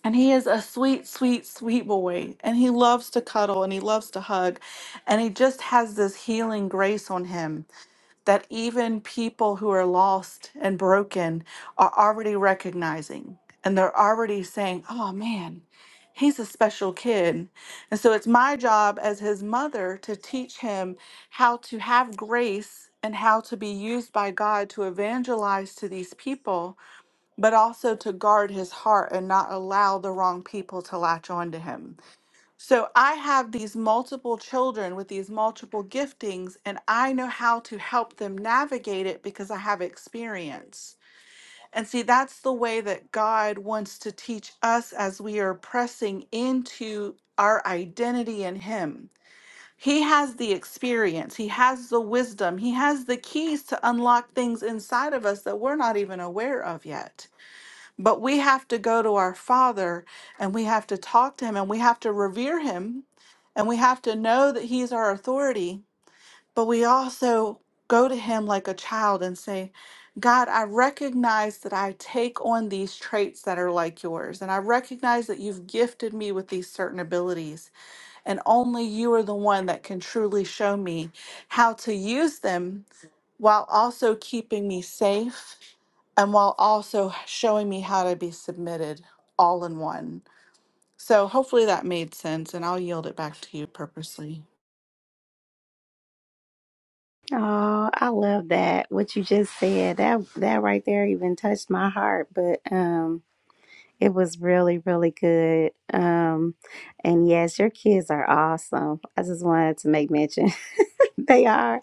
And he is a sweet, sweet, sweet boy. And he loves to cuddle and he loves to hug. And he just has this healing grace on him that even people who are lost and broken are already recognizing and they're already saying, oh man, he's a special kid. And so it's my job as his mother to teach him how to have grace and how to be used by God to evangelize to these people, but also to guard his heart and not allow the wrong people to latch on to him. So I have these multiple children with these multiple giftings, and I know how to help them navigate it because I have experience. And see, that's the way that God wants to teach us as we are pressing into our identity in Him. He has the experience, He has the wisdom, He has the keys to unlock things inside of us that we're not even aware of yet. But we have to go to our Father and we have to talk to Him and we have to revere Him and we have to know that He's our authority. But we also go to Him like a child and say, God, I recognize that I take on these traits that are like yours. And I recognize that you've gifted me with these certain abilities. And only you are the one that can truly show me how to use them while also keeping me safe and while also showing me how to be submitted all in one. So hopefully that made sense, and I'll yield it back to you purposely. oh, I love that. What you just said that that right there even touched my heart. But um, it was really really good. Um, and yes, your kids are awesome. I just wanted to make mention they are.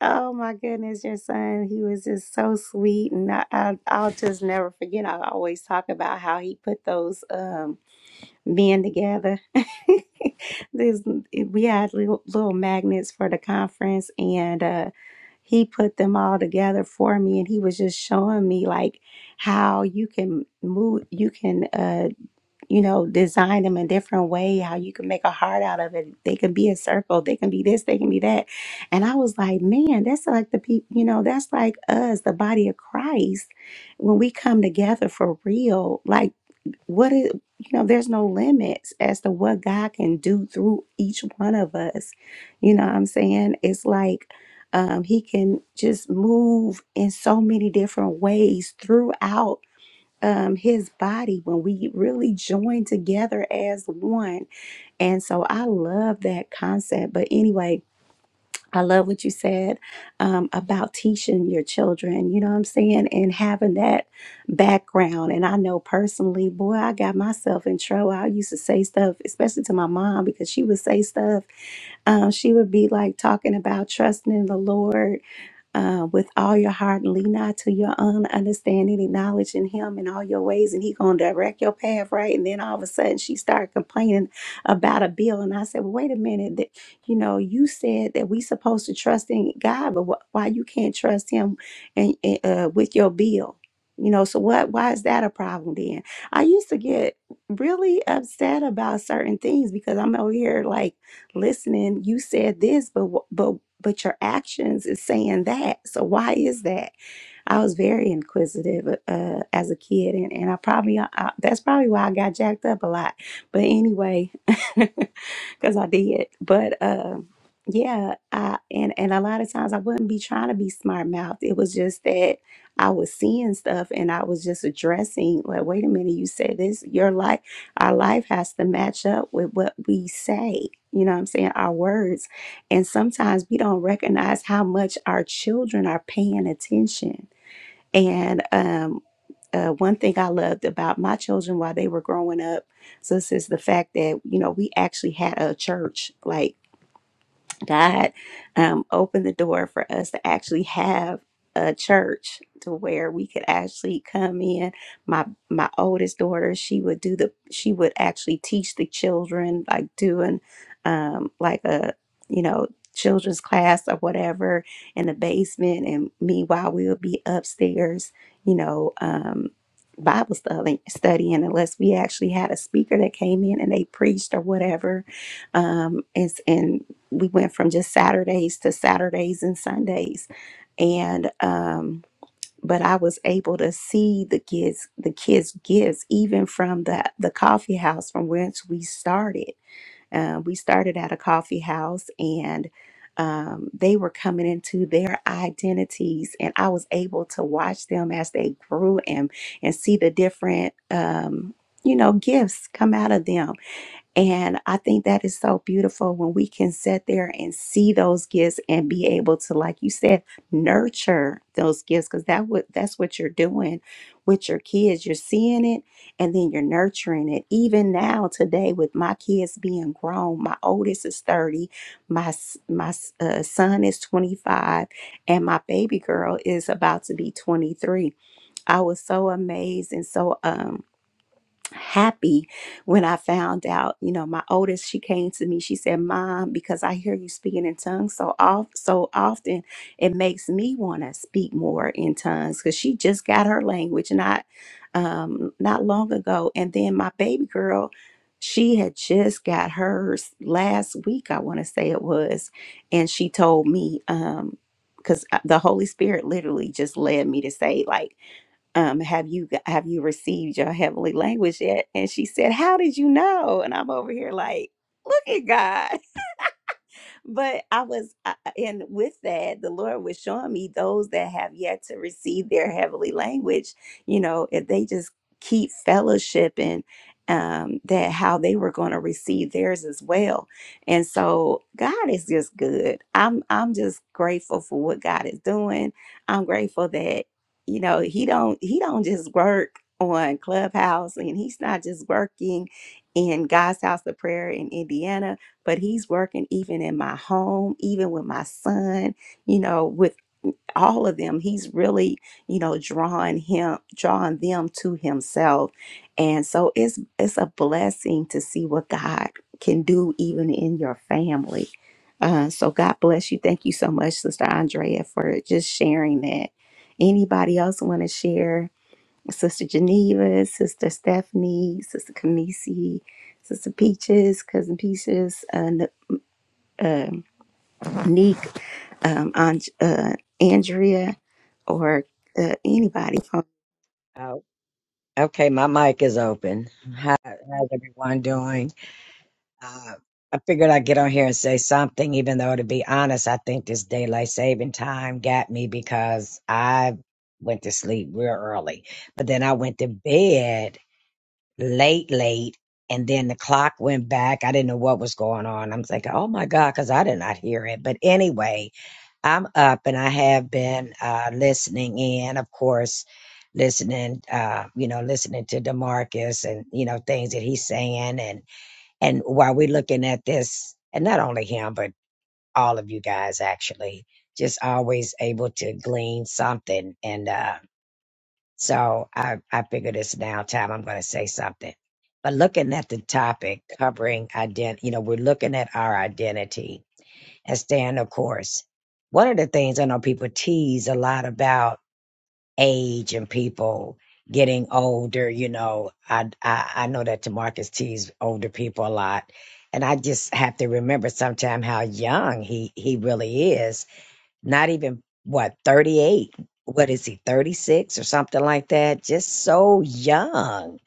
Oh my goodness, your son, he was just so sweet. And I, I, I'll just never forget. I always talk about how he put those um, men together. This, we had little, little magnets for the conference, and uh, he put them all together for me. And he was just showing me like how you can move, you can. Uh, you know, design them a different way, how you can make a heart out of it. They can be a circle, they can be this, they can be that. And I was like, man, that's like the people, you know, that's like us, the body of Christ. When we come together for real, like what is, you know, there's no limits as to what God can do through each one of us. You know what I'm saying? It's like, um, he can just move in so many different ways throughout um his body when we really join together as one and so i love that concept but anyway I love what you said um, about teaching your children, you know what I'm saying, and having that background. And I know personally, boy, I got myself in trouble. I used to say stuff, especially to my mom, because she would say stuff. Um, she would be like talking about trusting in the Lord uh, with all your heart and lean not to your own understanding, acknowledging him in all your ways, and he gonna direct your path, right? And then all of a sudden she started complaining about a bill, and I said, well, wait a minute you know, you said that we supposed to trust in God, but wh- why you can't trust Him and uh, with your bill? You know, so what? Why is that a problem then? I used to get really upset about certain things because I'm over here like listening. You said this, but wh- but but your actions is saying that. So why is that? I was very inquisitive uh, as a kid, and, and I probably uh, I, that's probably why I got jacked up a lot. But anyway, because I did. But uh, yeah, I and and a lot of times I wouldn't be trying to be smart mouthed. It was just that I was seeing stuff and I was just addressing. Like, wait a minute, you said this. Your life, our life has to match up with what we say. You know what I'm saying? Our words. And sometimes we don't recognize how much our children are paying attention and um, uh, one thing I loved about my children while they were growing up, so, sis, is the fact that you know we actually had a church. Like God um, opened the door for us to actually have a church to where we could actually come in. My my oldest daughter, she would do the she would actually teach the children like doing um, like a you know children's class or whatever in the basement, and meanwhile we would be upstairs, you know. Um, Bible study, studying, unless we actually had a speaker that came in and they preached or whatever, um, and, and we went from just Saturdays to Saturdays and Sundays. And um but I was able to see the kids the kids gifts even from the the coffee house from whence we started. Uh, we started at a coffee house and um, they were coming into their identities and I was able to watch them as they grew and and see the different um, you know gifts come out of them and I think that is so beautiful when we can sit there and see those gifts and be able to, like you said, nurture those gifts because that what that's what you're doing with your kids. You're seeing it and then you're nurturing it. Even now, today, with my kids being grown, my oldest is 30, my s- my s- uh, son is 25, and my baby girl is about to be 23. I was so amazed and so um happy when I found out. You know, my oldest, she came to me. She said, "Mom, because I hear you speaking in tongues so off so often, it makes me want to speak more in tongues." Because she just got her language not um, not long ago, and then my baby girl. She had just got hers last week, I want to say it was, and she told me, um, because the Holy Spirit literally just led me to say, like, um, have you have you received your heavenly language yet? And she said, How did you know? And I'm over here like, look at God but I was, I- I- and with that, the Lord was showing me those that have yet to receive their heavenly language, you know, if they just keep fellowshipping, um, that how they were going to receive theirs as well. And so God is just good. I'm, I'm just grateful for what God is doing. I'm grateful that, you know, he don't, he don't just work on Clubhouse and he's not just working in God's house of prayer in Indiana but he's working even in my home, even with my son, you know, with all of them. He's really, you know, drawing him, drawing them to himself. And so it's it's a blessing to see what God can do even in your family. Uh, so God bless you. Thank you so much, Sister Andrea, for just sharing that. Anybody else want to share? Sister Geneva, Sister Stephanie, Sister Kamisi, Sister Peaches, Cousin Peaches, uh, um, Neek, um, Anj uh, Andrea, or uh, anybody. Oh, okay, my mic is open. How, how's everyone doing? Uh, I figured I'd get on here and say something, even though, to be honest, I think this daylight saving time got me because I went to sleep real early. But then I went to bed late, late, and then the clock went back. I didn't know what was going on. I'm thinking, oh my God, because I did not hear it. But anyway, I'm up and I have been uh, listening in, of course, listening, uh, you know, listening to Demarcus and, you know, things that he's saying. And, and while we're looking at this, and not only him, but all of you guys actually, just always able to glean something. And uh, so I, I figured it's now time I'm going to say something. But looking at the topic covering ident, you know, we're looking at our identity and staying the course. One of the things I know people tease a lot about age and people getting older. You know, I I, I know that Tamarcus teased older people a lot, and I just have to remember sometime how young he he really is. Not even what thirty eight. What is he, 36 or something like that? Just so young.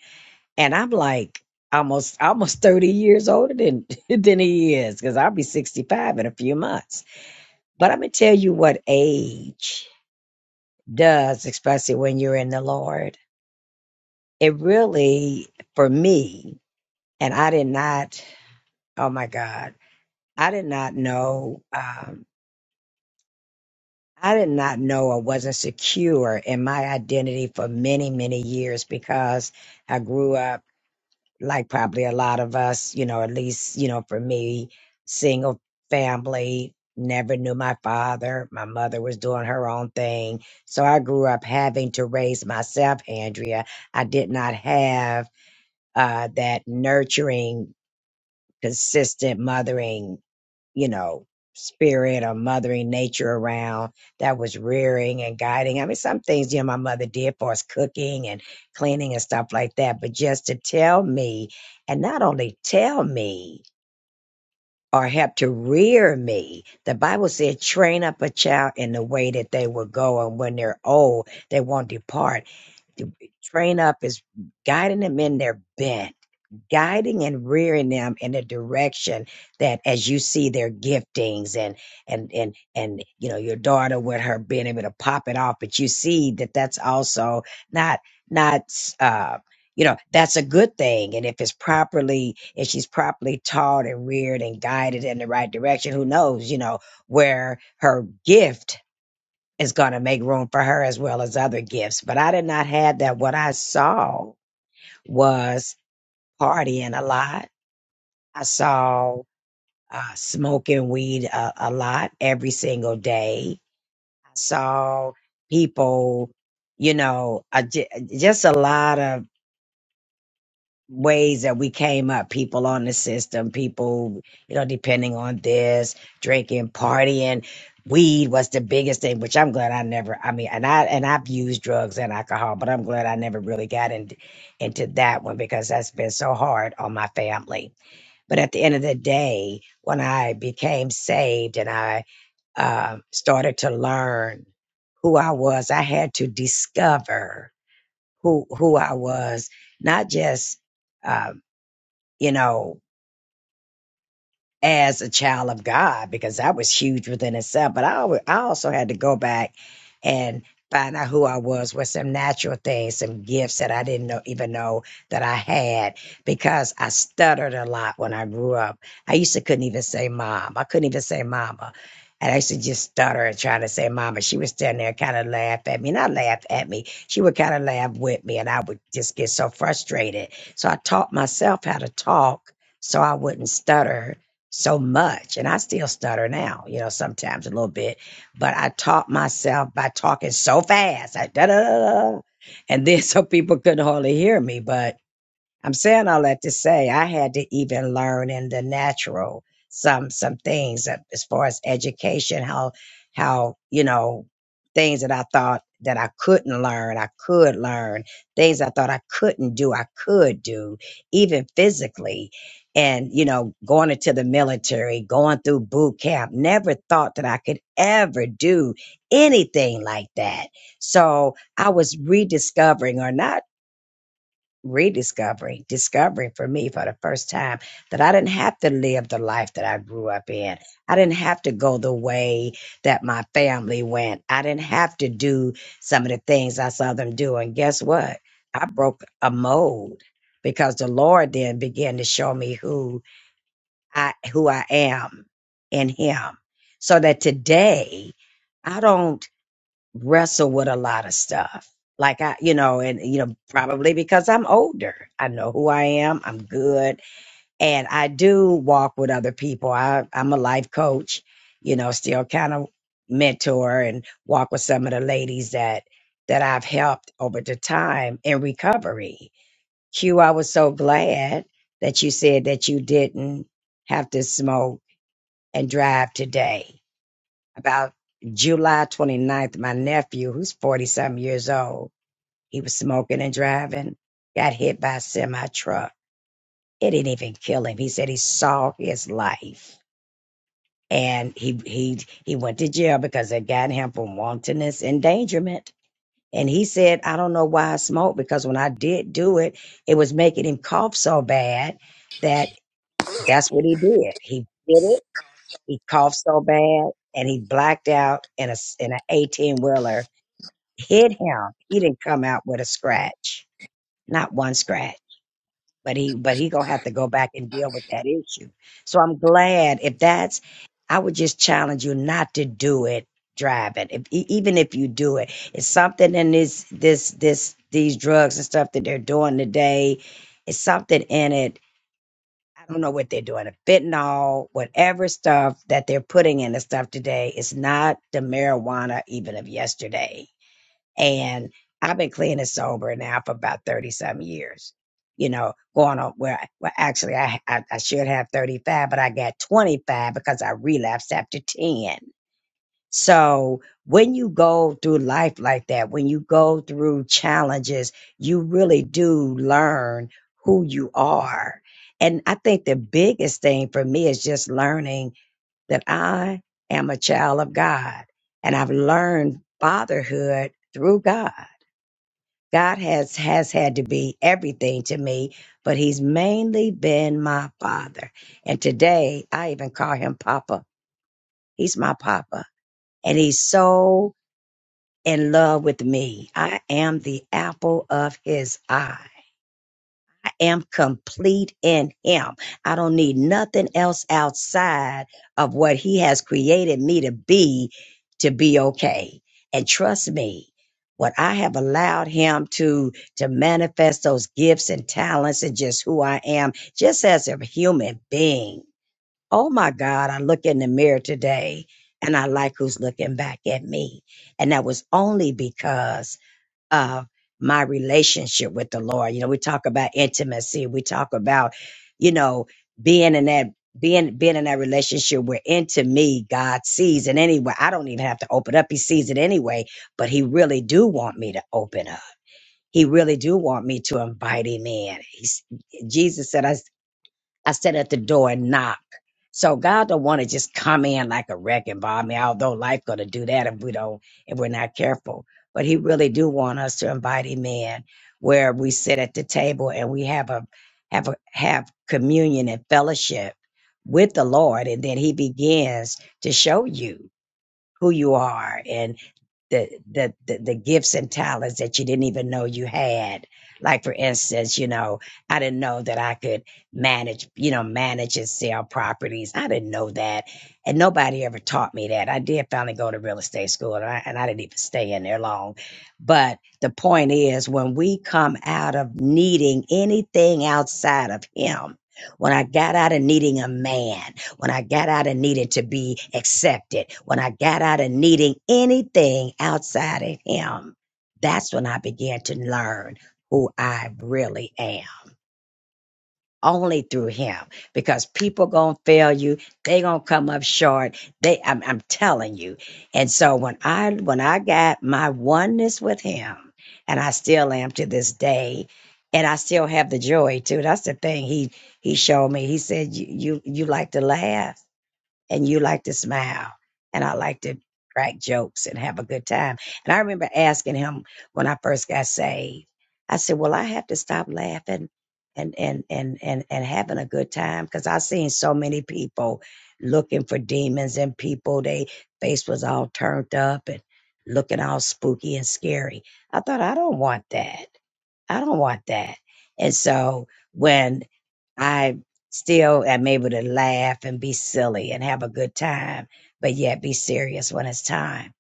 And I'm like almost almost 30 years older than than he is, because I'll be 65 in a few months but I'm going to tell you what age does, especially when you're in the Lord. It really, for me, and I did not, oh my God, I did not know, um, I did not know I wasn't secure in my identity for many, many years because I grew up. like probably a lot of us, you know, at least, you know, for me, single family, never knew my father. My mother was doing her own thing. So I grew up having to raise myself, Andrea. I did not have uh, that nurturing, consistent mothering you know, spirit or mothering nature around that was rearing and guiding. I mean, some things, you know, my mother did for us cooking and cleaning and stuff like that. But just to tell me, and not only tell me, or help to rear me. The Bible said, train up a child in the way that they will go, and when they're old, they won't depart. To Train up is guiding them in their bent guiding and rearing them in a direction that as you see their giftings and and and and you know your daughter with her being able to pop it off but you see that that's also not not uh you know that's a good thing and if it's properly if she's properly taught and reared and guided in the right direction who knows you know where her gift is going to make room for her as well as other gifts but i did not have that what i saw was partying a lot I saw uh, smoking weed a, a lot every single day. I saw people, you know, uh, j- just a lot of ways that we came up people on the system, people, you know, depending on this, drinking, partying. Weed was the biggest thing, which I'm glad I never. I mean, and I and I've used drugs and alcohol, but I'm glad I never really got in, into that one because that's been so hard on my family but at the end of the day, when I became saved and I uh, started to learn who I was, I had to discover who who I was, not just um, you know as a child of God because that was huge within itself. But I, always, I also had to go back and find out who I was with some natural things, some gifts that I didn't know, even know that I had because I stuttered a lot when I grew up. I used to couldn't even say mom. I couldn't even say mama. And I used to just stutter and try to say mama. She would stand there and kind of laugh at me, not laugh at me. She would kind of laugh with me and I would just get so frustrated. So I taught myself how to talk so I wouldn't stutter so much and i still stutter now you know sometimes a little bit but i taught myself by talking so fast I, da, da, da, da, and then so people couldn't hardly hear me but I'm saying all that to say I had to even learn in the natural some some things uh, as far as education, how how you know things that I thought that I couldn't learn, I could learn things I thought I couldn't do, I could do, even physically. And you know, going into the military, going through boot camp, never thought that I could ever do anything like that. So I was rediscovering, or not rediscovery, discovering for me for the first time that I didn't have to live the life that I grew up in. I didn't have to go the way that my family went. I didn't have to do some of the things I saw them do. And guess what? I broke a mold because the Lord then began to show me who I who I am in him. So that today I don't wrestle with a lot of stuff. Like I, you know, and you know, probably because I'm older, I know who I am. I'm good, and I do walk with other people. I, I'm a life coach, you know, still kind of mentor and walk with some of the ladies that that I've helped over the time in recovery. Q, I was so glad that you said that you didn't have to smoke and drive today about July 29th, my nephew, who's 40 something years old, he was smoking and driving, got hit by a semi truck. It didn't even kill him. He said he saw his life. And he he he went to jail because they got him for wantonness endangerment. And he said, I don't know why I smoked because when I did do it, it was making him cough so bad that that's what he did. He did it. He coughed so bad and he blacked out in a s- in an 18 wheeler hit him. He didn't come out with a scratch, not one scratch. But he, but he gonna have to go back and deal with that issue. So I'm glad if that's. I would just challenge you not to do it driving. If, e- even if you do it, it's something in this, this, this, these drugs and stuff that they're doing today. It's something in it. I don't know what they're doing. Fentanyl, whatever stuff that they're putting in the stuff today is not the marijuana even of yesterday and I've been clean and sober now for about 30 some years. You know, going on where, well, actually, I, I, I should have 35, but I got 25 because I relapsed after 10. So when you go through life like that, when you go through challenges, you really do learn who you are. And I think the biggest thing for me is just learning that I am a child of God and I've learned fatherhood through God God has has had to be everything to me, but he's mainly been my father. And today I even call him papa. He's my papa and he's so in love with me. I am the apple of his eye am complete in him. I don't need nothing else outside of what he has created me to be to be okay. And trust me, what I have allowed him to to manifest those gifts and talents and just who I am, just as a human being. Oh my God, I look in the mirror today and I like who's looking back at me. And that was only because of my relationship with the Lord. You know, we talk about intimacy. We talk about, you know, being in that being being in that relationship where into me God sees it anyway. I don't even have to open up. He sees it anyway, but he really do want me to open up. He really do want me to invite him in. He's, Jesus said, "I." I sat at the door and knocked. So God don't want to just come in like a wrecking ball. I mean, although life gonna do that if we don't, if we're not careful. But He really do want us to invite Him in, where we sit at the table and we have a have a have communion and fellowship with the Lord, and then He begins to show you who you are and the, the the the gifts and talents that you didn't even know you had. Like for instance, you know, I didn't know that I could manage, you know, manage and sell properties. I didn't know that, and nobody ever taught me that. I did finally go to real estate school, and I, and I didn't even stay in there long. But the point is, when we come out of needing anything outside of Him, when I got out of needing a man when I got out of needing to be accepted, when I got out of needing anything outside of Him, that's when I began to learn who I really am. Only through him, because people gonna fail you. They gonna come up short. They, I'm, I'm telling you. And so when I, when I got my oneness with him, and I still am to this day, and I still have the joy too. That's the thing. He, he showed me. He said, "You, you, you like to laugh." and you like to smile and I like to crack jokes and have a good time. And I remember asking him when I first got saved, I said, Well, I have to stop laughing and and and and, and having a good time because I seen so many people looking for demons and people they face was all turned up and looking all spooky and scary. I thought I don't want that. I don't want that. And so when I still am able to laugh and be silly and have a good time, but yet be serious when it's time.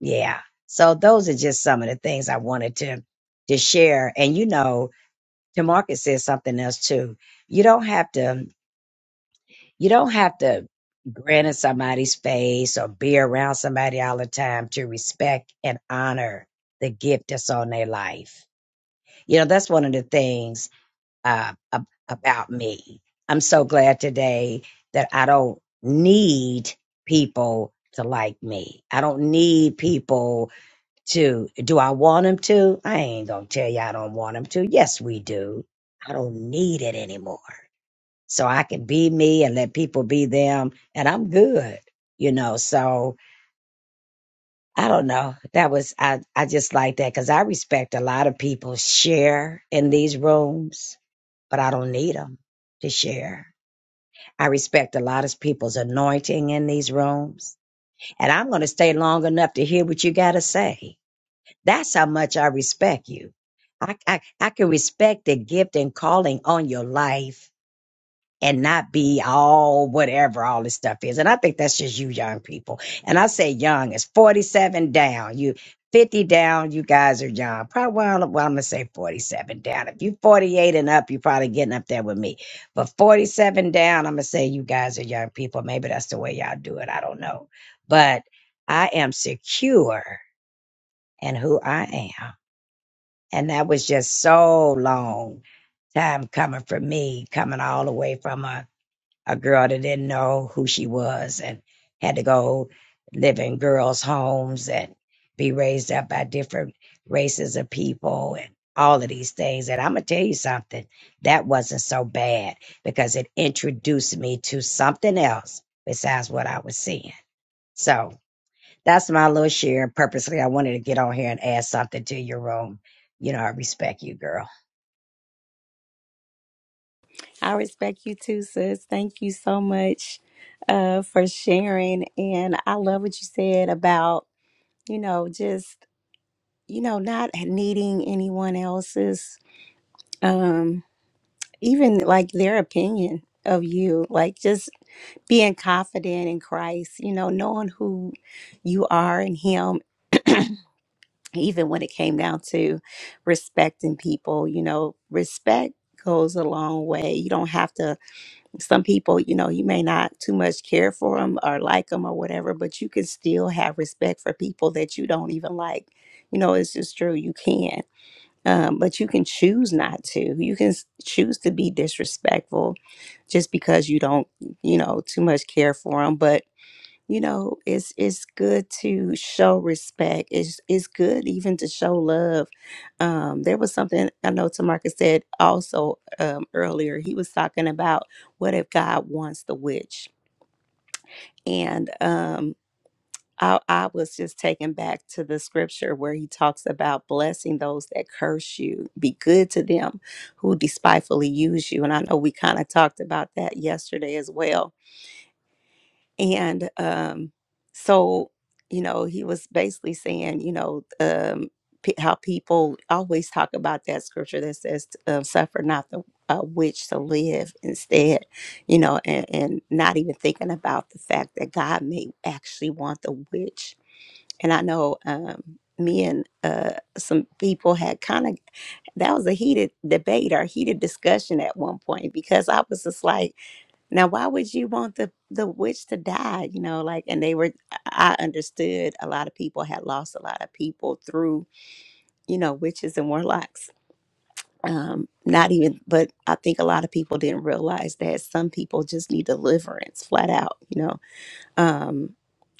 Yeah. So those are just some of the things I wanted to to share. And you know, Demarcus said something else too. You don't have to you don't have to grin in somebody's face or be around somebody all the time to respect and honor the gift that's on their life. You know, that's one of the things uh, ab- about me. I'm so glad today that I don't need people to like me. I don't need people to. Do I want them to? I ain't gonna tell you I don't want them to. Yes, we do. I don't need it anymore. So I can be me and let people be them, and I'm good. You know, so I don't know. That was I. I just like that because I respect a lot of people share in these rooms but I don't need them to share. I respect a lot of people's anointing in these rooms, and I'm going to stay long enough to hear what you got to say. That's how much I respect you. I, I, I can respect the gift and calling on your life and not be all whatever all this stuff is. And I think that's just you young people. And I say young is 47 down. You 50 down, you guys are young. Probably well, well, I'm gonna say 47 down. If you 48 and up, you're probably getting up there with me. But 47 down, I'm gonna say you guys are young people. Maybe that's the way y'all do it. I don't know. But I am secure in who I am. And that was just so long time coming for me, coming all the way from a a girl that didn't know who she was and had to go live in girls' homes and be raised up by different races of people and all of these things. And I'm going to tell you something that wasn't so bad because it introduced me to something else besides what I was seeing. So that's my little share. Purposely, I wanted to get on here and add something to your room. You know, I respect you, girl. I respect you too, sis. Thank you so much uh, for sharing. And I love what you said about, you know, just, you know, not needing anyone else's, um, even like their opinion of you, like just being confident in Christ, you know, knowing who you are in Him even when it came down to respecting people, you know, respect goes a long way. You don't have to, some people, you know, you may not too much care for them or like them or whatever, but you can still have respect for people that you don't even like. You know, it's just true. You can. Um, but you can choose not to. You can s- choose to be disrespectful just because you don't, you know, too much care for them. But you know it's it's good to show respect it's it's good even to show love um there was something i know tamarcus said also um earlier he was talking about what if god wants the witch and um I, I was just taken back to the scripture where he talks about blessing those that curse you. Be good to them who despitefully use you. And I know we kind of talked about that yesterday as well And um, so, you know, he was basically saying, you know, um, pe how people always talk about that scripture that says, uh, suffer not the uh, witch to live instead, you know, and, and not even thinking about the fact that God may actually want the witch and I know um, me and uh, some people had kind of that was a heated debate or heated discussion at one point because I was just like now, why would you want the the witch to die? You know, like, and they were. I I understood a lot of people had lost a lot of people through you know witches and warlocks. Um, not even, but I think a lot of people didn't realize that some people just need deliverance, flat out. You know, um,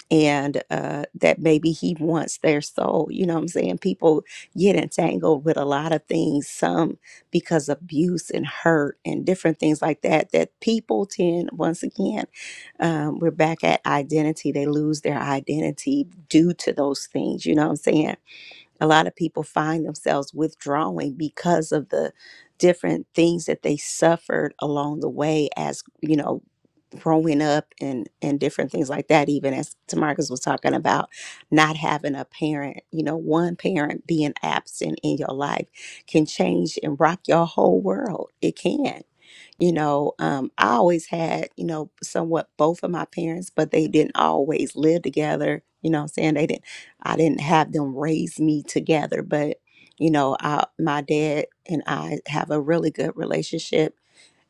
and uh, that maybe he wants their soul. You know what I'm saying? People get entangled with a lot of things, some because of abuse and hurt and different things like that. That people tend, once again, um, we're back at identity. They lose their identity due to those things. You know what I'm saying? A lot of people find themselves withdrawing because of the different things that they suffered along the way as you know growing up and and different things like that even as Tamarcus was talking about not having a parent you know one parent being absent in your life can change and rock your whole world it can you know um, i always had you know somewhat both of my parents but they didn't always live together you know what i'm saying they didn't i didn't have them raise me together but you know I, my dad and i have a really good relationship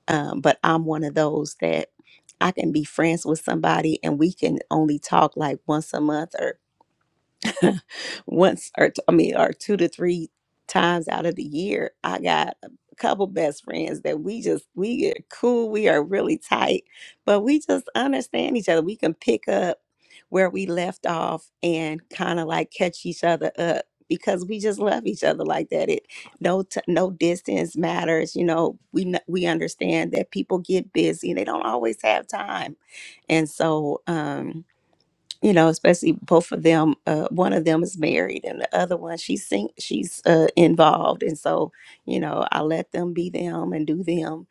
um, but I'm one of those that I can be friends with somebody and we can only talk like once a month or. once or t- I mean, or two to three times out of the year, I got a couple best friends that we just we get cool. We are really tight, but we just understand each other. We can pick up where we left off and kind of like catch each other up because we just love each other like that. It no t- no distance matters. You know, we kn- we understand that people get busy and they don't always have time, and so um you know, especially both of them. Uh, one of them is married, and the other one she's sing- she's uh, involved, and so you know, I let them be them and do them,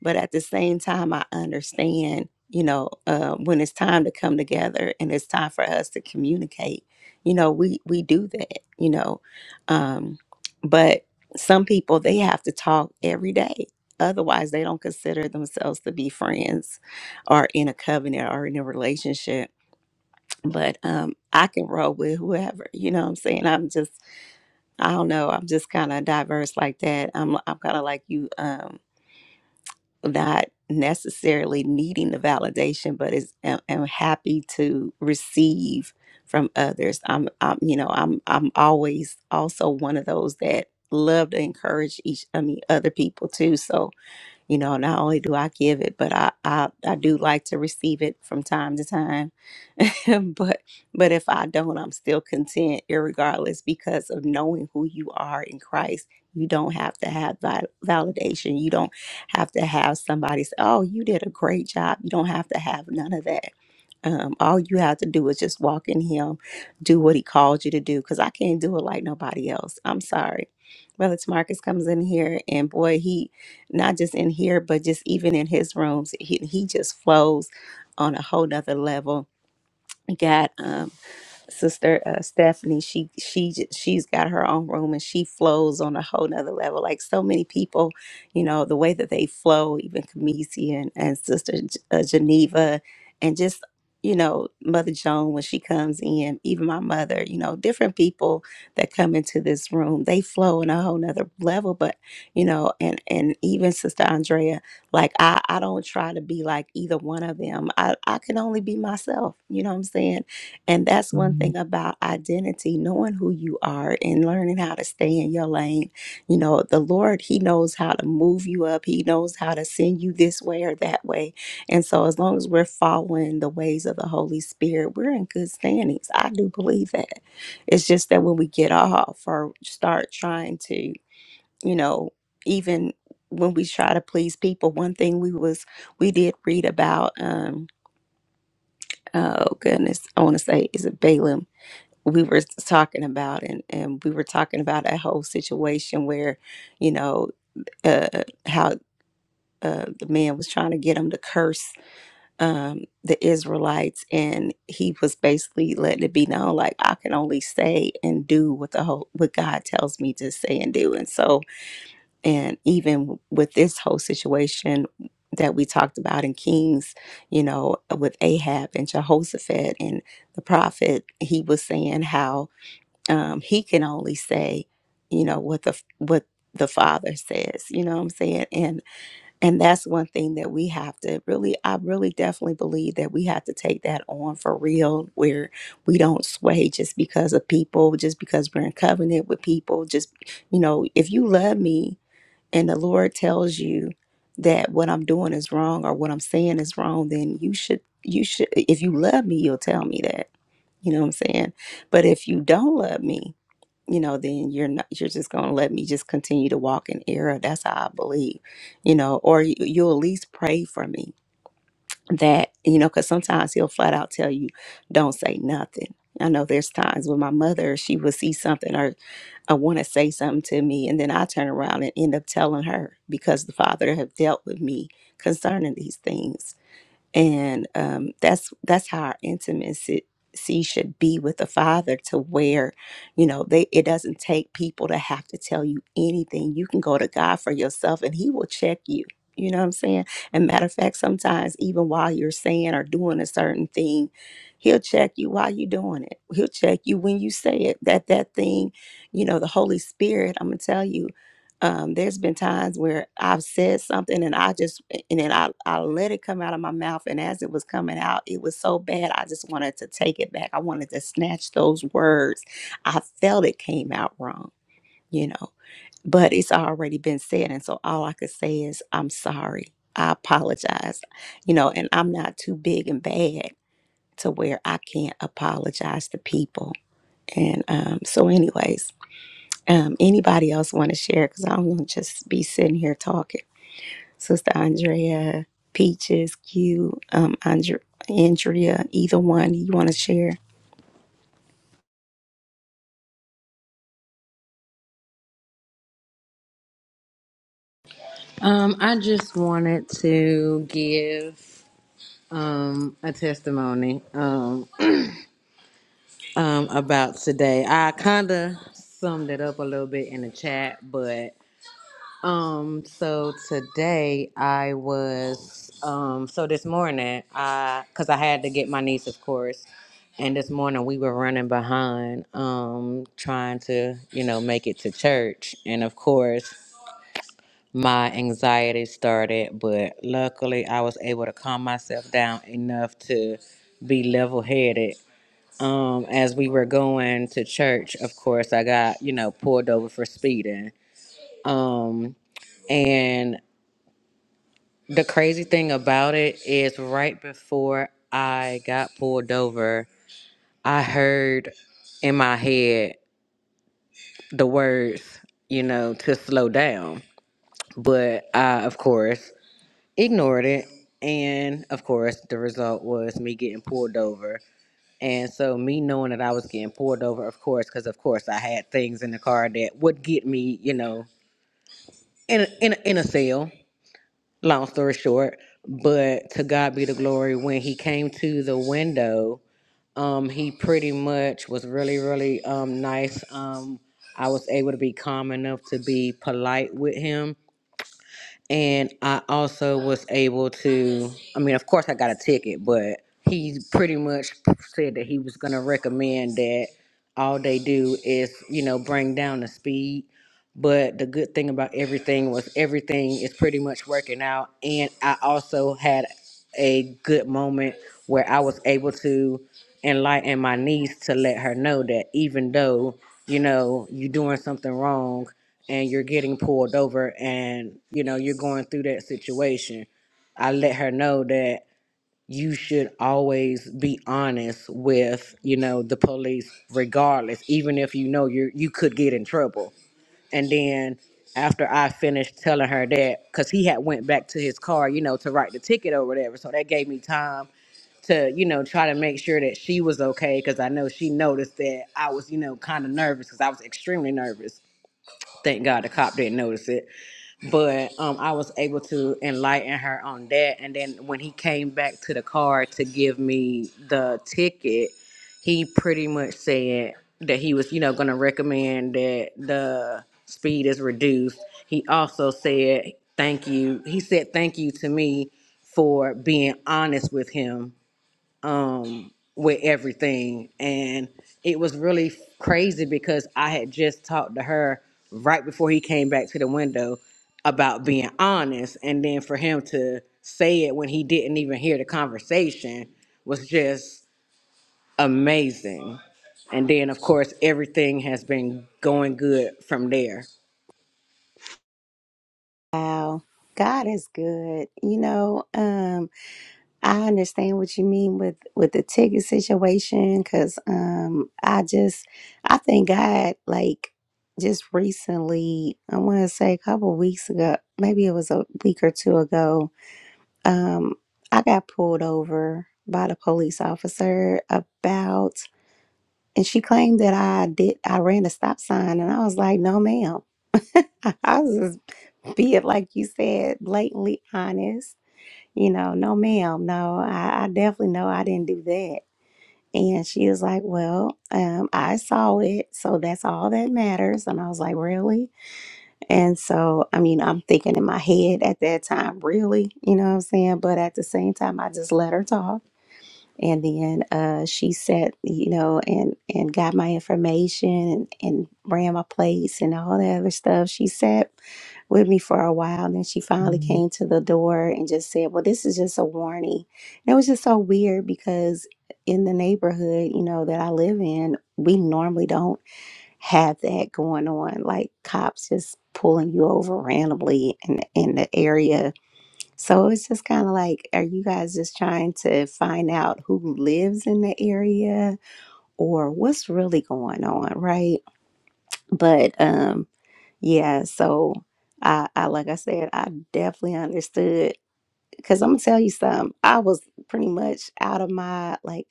but at the same time, I understand, you know, uh, when it's time to come together and it's time for us to communicate. You know, we we do that, you know, um, but some people they have to talk every day. Otherwise, they don't consider themselves to be friends or in a covenant or in a relationship but um I can roll with whoever, you know what I'm saying? I'm just I don't know, I'm just kind of diverse like that. I'm I'm kind of like you um not necessarily needing the validation, but is am, am happy to receive from others. I'm I'm you know, I'm I'm always also one of those that love to encourage each I mean other people too. So you know, not only do I give it, but I I, I do like to receive it from time to time. but but if I don't, I'm still content, irregardless, because of knowing who you are in Christ. You don't have to have val- validation. You don't have to have somebody say, "Oh, you did a great job." You don't have to have none of that. Um, all you have to do is just walk in Him, do what He called you to do. Because I can't do it like nobody else. I'm sorry. Brother Marcus comes in here, and boy, he not just in here, but just even in his rooms. He, he just flows on a whole nother level. God, um, sister uh, Stephanie, she she j- she's got her own room and she flows on a whole nother level. Like so many people, you know, the way that they flow, even Kamisi and, and Sister J- uh, Geneva, and just you know Mother Joan when she comes in, even my mother, you know, different people that come into this room, they flow on a whole nother level. But you know, and and even Sister Andrea, like I I don't try to be like either one of them. I I can only be myself. You know what I'm saying? And that's one thing about identity, knowing who you are and learning how to stay in your lane. You know, the Lord, He knows how to move you up, He knows how to send you this way or that way. And so, as long as we're following the ways of the Holy Spirit, we're in good standings. I do believe that. It's just that when we get off or start trying to, you know, even when we try to please people, one thing we was we did read about um oh goodness, I want to say is it Balaam we were talking about and, and we were talking about that whole situation where you know uh, how uh, the man was trying to get him to curse um, the israelites and he was basically letting it be known like i can only say and do what the whole what god tells me to say and do and so and even with this whole situation that we talked about in kings you know with ahab and jehoshaphat and the prophet he was saying how um, he can only say, you know, what the what the father says. You know what I'm saying? And and that's one thing that we have to really, I really definitely believe that we have to take that on for real, where we don't sway just because of people, just because we're in covenant with people. Just you know, if you love me and the Lord tells you that what I'm doing is wrong or what I'm saying is wrong, then you should you should if you love me, you'll tell me that. You know what I'm saying? But if you don't love me, you know, then you're not, you're just going to let me just continue to walk in error. That's how I believe, you know, or you, you'll at least pray for me that, you know, because sometimes he'll flat out tell you, don't say nothing. I know there's times when my mother, she would see something or I want to say something to me, and then I turn around and end up telling her because the Father have dealt with me concerning these things and um, that's that's how our intimacy should be with the father to where you know they it doesn't take people to have to tell you anything you can go to god for yourself and he will check you you know what i'm saying and matter of fact sometimes even while you're saying or doing a certain thing he'll check you while you're doing it he'll check you when you say it that that thing you know the holy spirit i'm gonna tell you um, there's been times where I've said something and I just and then I, I let it come out of my mouth and as it was coming out it was so bad I just wanted to take it back. I wanted to snatch those words. I felt it came out wrong, you know, but it's already been said and so all I could say is I'm sorry. I apologize. You know, and I'm not too big and bad to where I can't apologize to people. And um so anyways, um, anybody else want to share? Because I'm gonna just be sitting here talking. Sister Andrea, Peaches, Q, um, Andre, Andrea, either one you want to share? Um, I just wanted to give um a testimony. Um, um, about today. I kind of summed it up a little bit in the chat, but um, so today I was um, so this morning I because I had to get my niece, of course, and this morning we were running behind, um, trying to you know make it to church, and of course. My anxiety started, but luckily I was able to calm myself down enough to be level headed um, as we were going to church, of course, I got, you know, pulled over for speeding. Um, and the crazy thing about it is, right before I got pulled over, I heard in my head the words, you know, to slow down. But I, of course, ignored it. And of course, the result was me getting pulled over. And so, me knowing that I was getting pulled over, of course, because of course I had things in the car that would get me, you know, in a, in a, in a cell. Long story short, but to God be the glory. When he came to the window, um, he pretty much was really, really um nice. Um, I was able to be calm enough to be polite with him and I also was able to. I mean, of course, I got a ticket, but he pretty much said that he was going to recommend that all they do is, you know, bring down the speed but the good thing about everything was everything is pretty much working out. And I also had a good moment where I was able to enlighten my niece to let her know that even though, you know, you're doing something wrong and you're getting pulled over and, you know, you're going through that situation, I let her know that you should always be honest with, you know, the police regardless, even if you know you you could get in trouble and then after I finished telling her that, because he had went back to his car, you know, to write the ticket or whatever. So that gave me time to, you know, try to make sure that she was okay. Cause I know she noticed that I was, you know, kind of nervous because I was extremely nervous. Thank God the cop didn't notice it but um, I was able to enlighten her on that. And then when he came back to the car to give me the ticket, he pretty much said that he was, you know, going to recommend that the speed is reduced. He also said thank you. He said thank you to me for being honest with him with everything. And it was really crazy because I had just talked to her right before he came back to the window about being honest. And then for him to say it when he didn't even hear the conversation was just amazing. And then, of course, everything has been going good from there. Wow, God is good. You know, um, I understand what you mean with with the ticket situation. Because um, I just, I thank God like just recently. I want to say a couple weeks ago, maybe it was a week or two ago Um, I got pulled over by the police officer about, and she claimed that I did, I ran a stop sign, and I was like, no, ma'am. I was just being, like you said, blatantly honest. You know, no, ma'am, no, I, I definitely know I didn't do that. And she was like, well, um, I saw it, so that's all that matters. And I was like, really? And so, I mean, I'm thinking in my head at that time, really, you know what I'm saying? But at the same time, I just let her talk. And then uh, she said, you know, and and got my information and, and ran my plates and all that other stuff. She sat with me for a while, and then she finally Mhm. came to the door and just said, "Well, this is just a warning." And it was just so weird because in the neighborhood, you know, that I live in, we normally don't have that going on, like cops just pulling you over randomly in in the area. So it's just kind of like, are you guys just trying to find out who lives in the area or what's really going on, right? But um, yeah. So I, I like I said, I definitely understood because I'm gonna tell you something. I was pretty much out of my like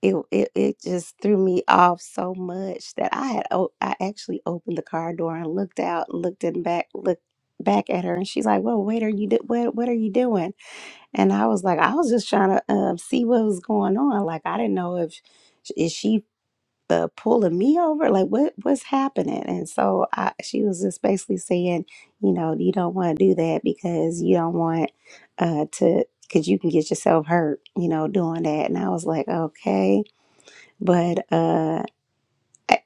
it, it it just threw me off so much that I had o- I actually opened the car door and looked out and looked in back looked back at her and she's like, "Well, wait, are you do- what what are you doing?" And I was like, "I was just trying to um, see what was going on. Like I didn't know if is she uh, pulling me over? Like what what's happening?" And so I she was just basically saying, you know, you don't want to do that because you don't want uh to because you can get yourself hurt, you know, doing that. And I was like, okay but uh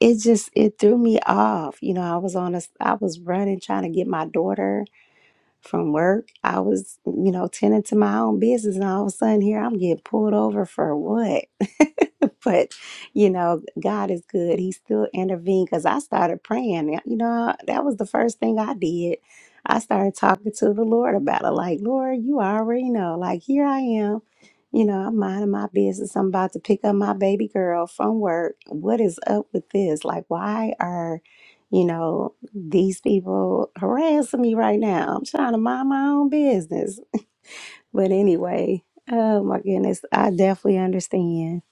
it just it threw me off you know i was on a, I was running trying to get my daughter from work. I was, you know, tending to my own business, and all of a sudden here I'm getting pulled over for what? but you know, God is good. He still intervened because I started praying. You know, that was the first thing I did. I started talking to the Lord about it. Like, Lord, you already know. Like, here I am. You know, I'm minding my business. I'm about to pick up my baby girl from work. What is up with this? Like, why are you know, these people harassing me right now. I'm trying to mind my own business. But anyway, oh my goodness, I definitely understand.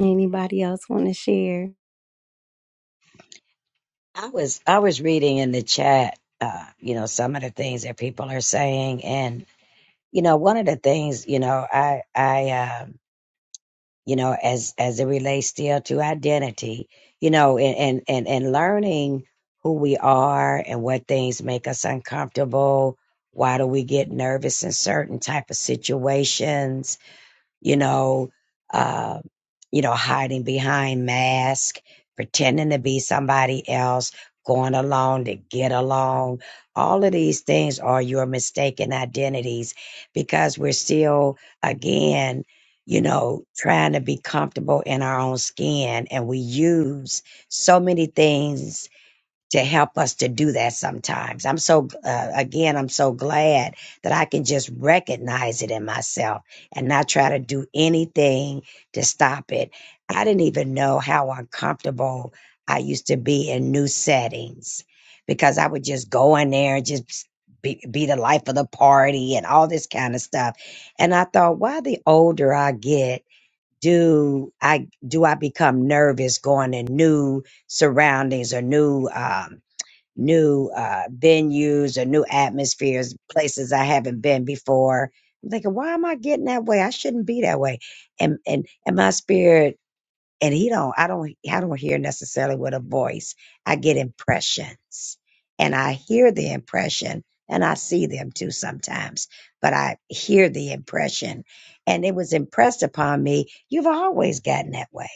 Anybody else want to share? I was I was reading in the chat, uh, you know, some of the things that people are saying, and you know, one of the things, you know, I I um, you know, as as it relates still to identity, you know, and and and, and learning who we are and what things make us uncomfortable. Why do we get nervous in certain type of situations? you know, uh, you know, hiding behind masks, pretending to be somebody else, going along to get along. All of these things are your mistaken identities because we're still, again, you know, trying to be comfortable in our own skin and we use so many things to help us to do that sometimes. I'm so, uh, again, I'm so glad that I can just recognize it in myself and not try to do anything to stop it. I didn't even know how uncomfortable I used to be in new settings because I would just go in there and just be, be the life of the party and all this kind of stuff. And I thought, why the older I get, do I do I become nervous going in new surroundings or new um, new uh, venues or new atmospheres, places I haven't been before. I'm thinking, why am I getting that way? I shouldn't be that way. And and and my spirit and he don't I don't I don't hear necessarily with a voice. I get impressions, and I hear the impression, and I see them too sometimes. But I hear the impression, and it was impressed upon me. You've always gotten that way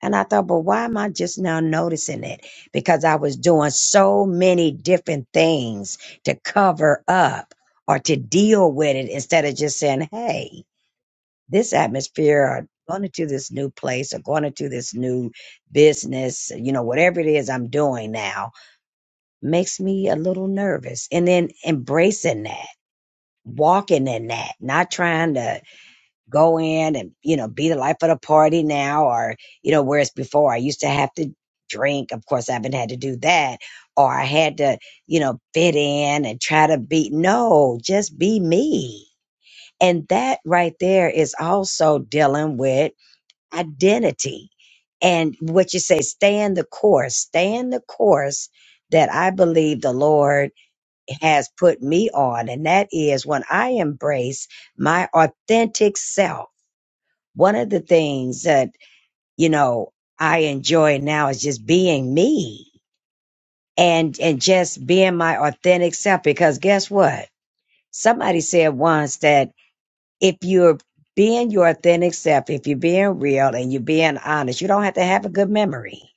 and I thought, but why am I just now noticing it? Because I was doing so many different things to cover up or to deal with it instead of just saying, hey, this atmosphere or going into this new place or going into this new business, you know, whatever it is I'm doing now makes me a little nervous. And then embracing that, walking in that, not trying to go in and you know be the life of the party now or you know whereas before i used to have to drink of course i haven't had to do that or i had to you know fit in and try to be no just be me and that right there is also dealing with identity and what you say stay in the course stay in the course that i believe the lord has put me on and that is when i embrace my authentic self one of the things that you know I enjoy now is just being me and and just being my authentic self because guess what somebody said once that if you're being your authentic self if you're being real and you're being honest you don't have to have a good memory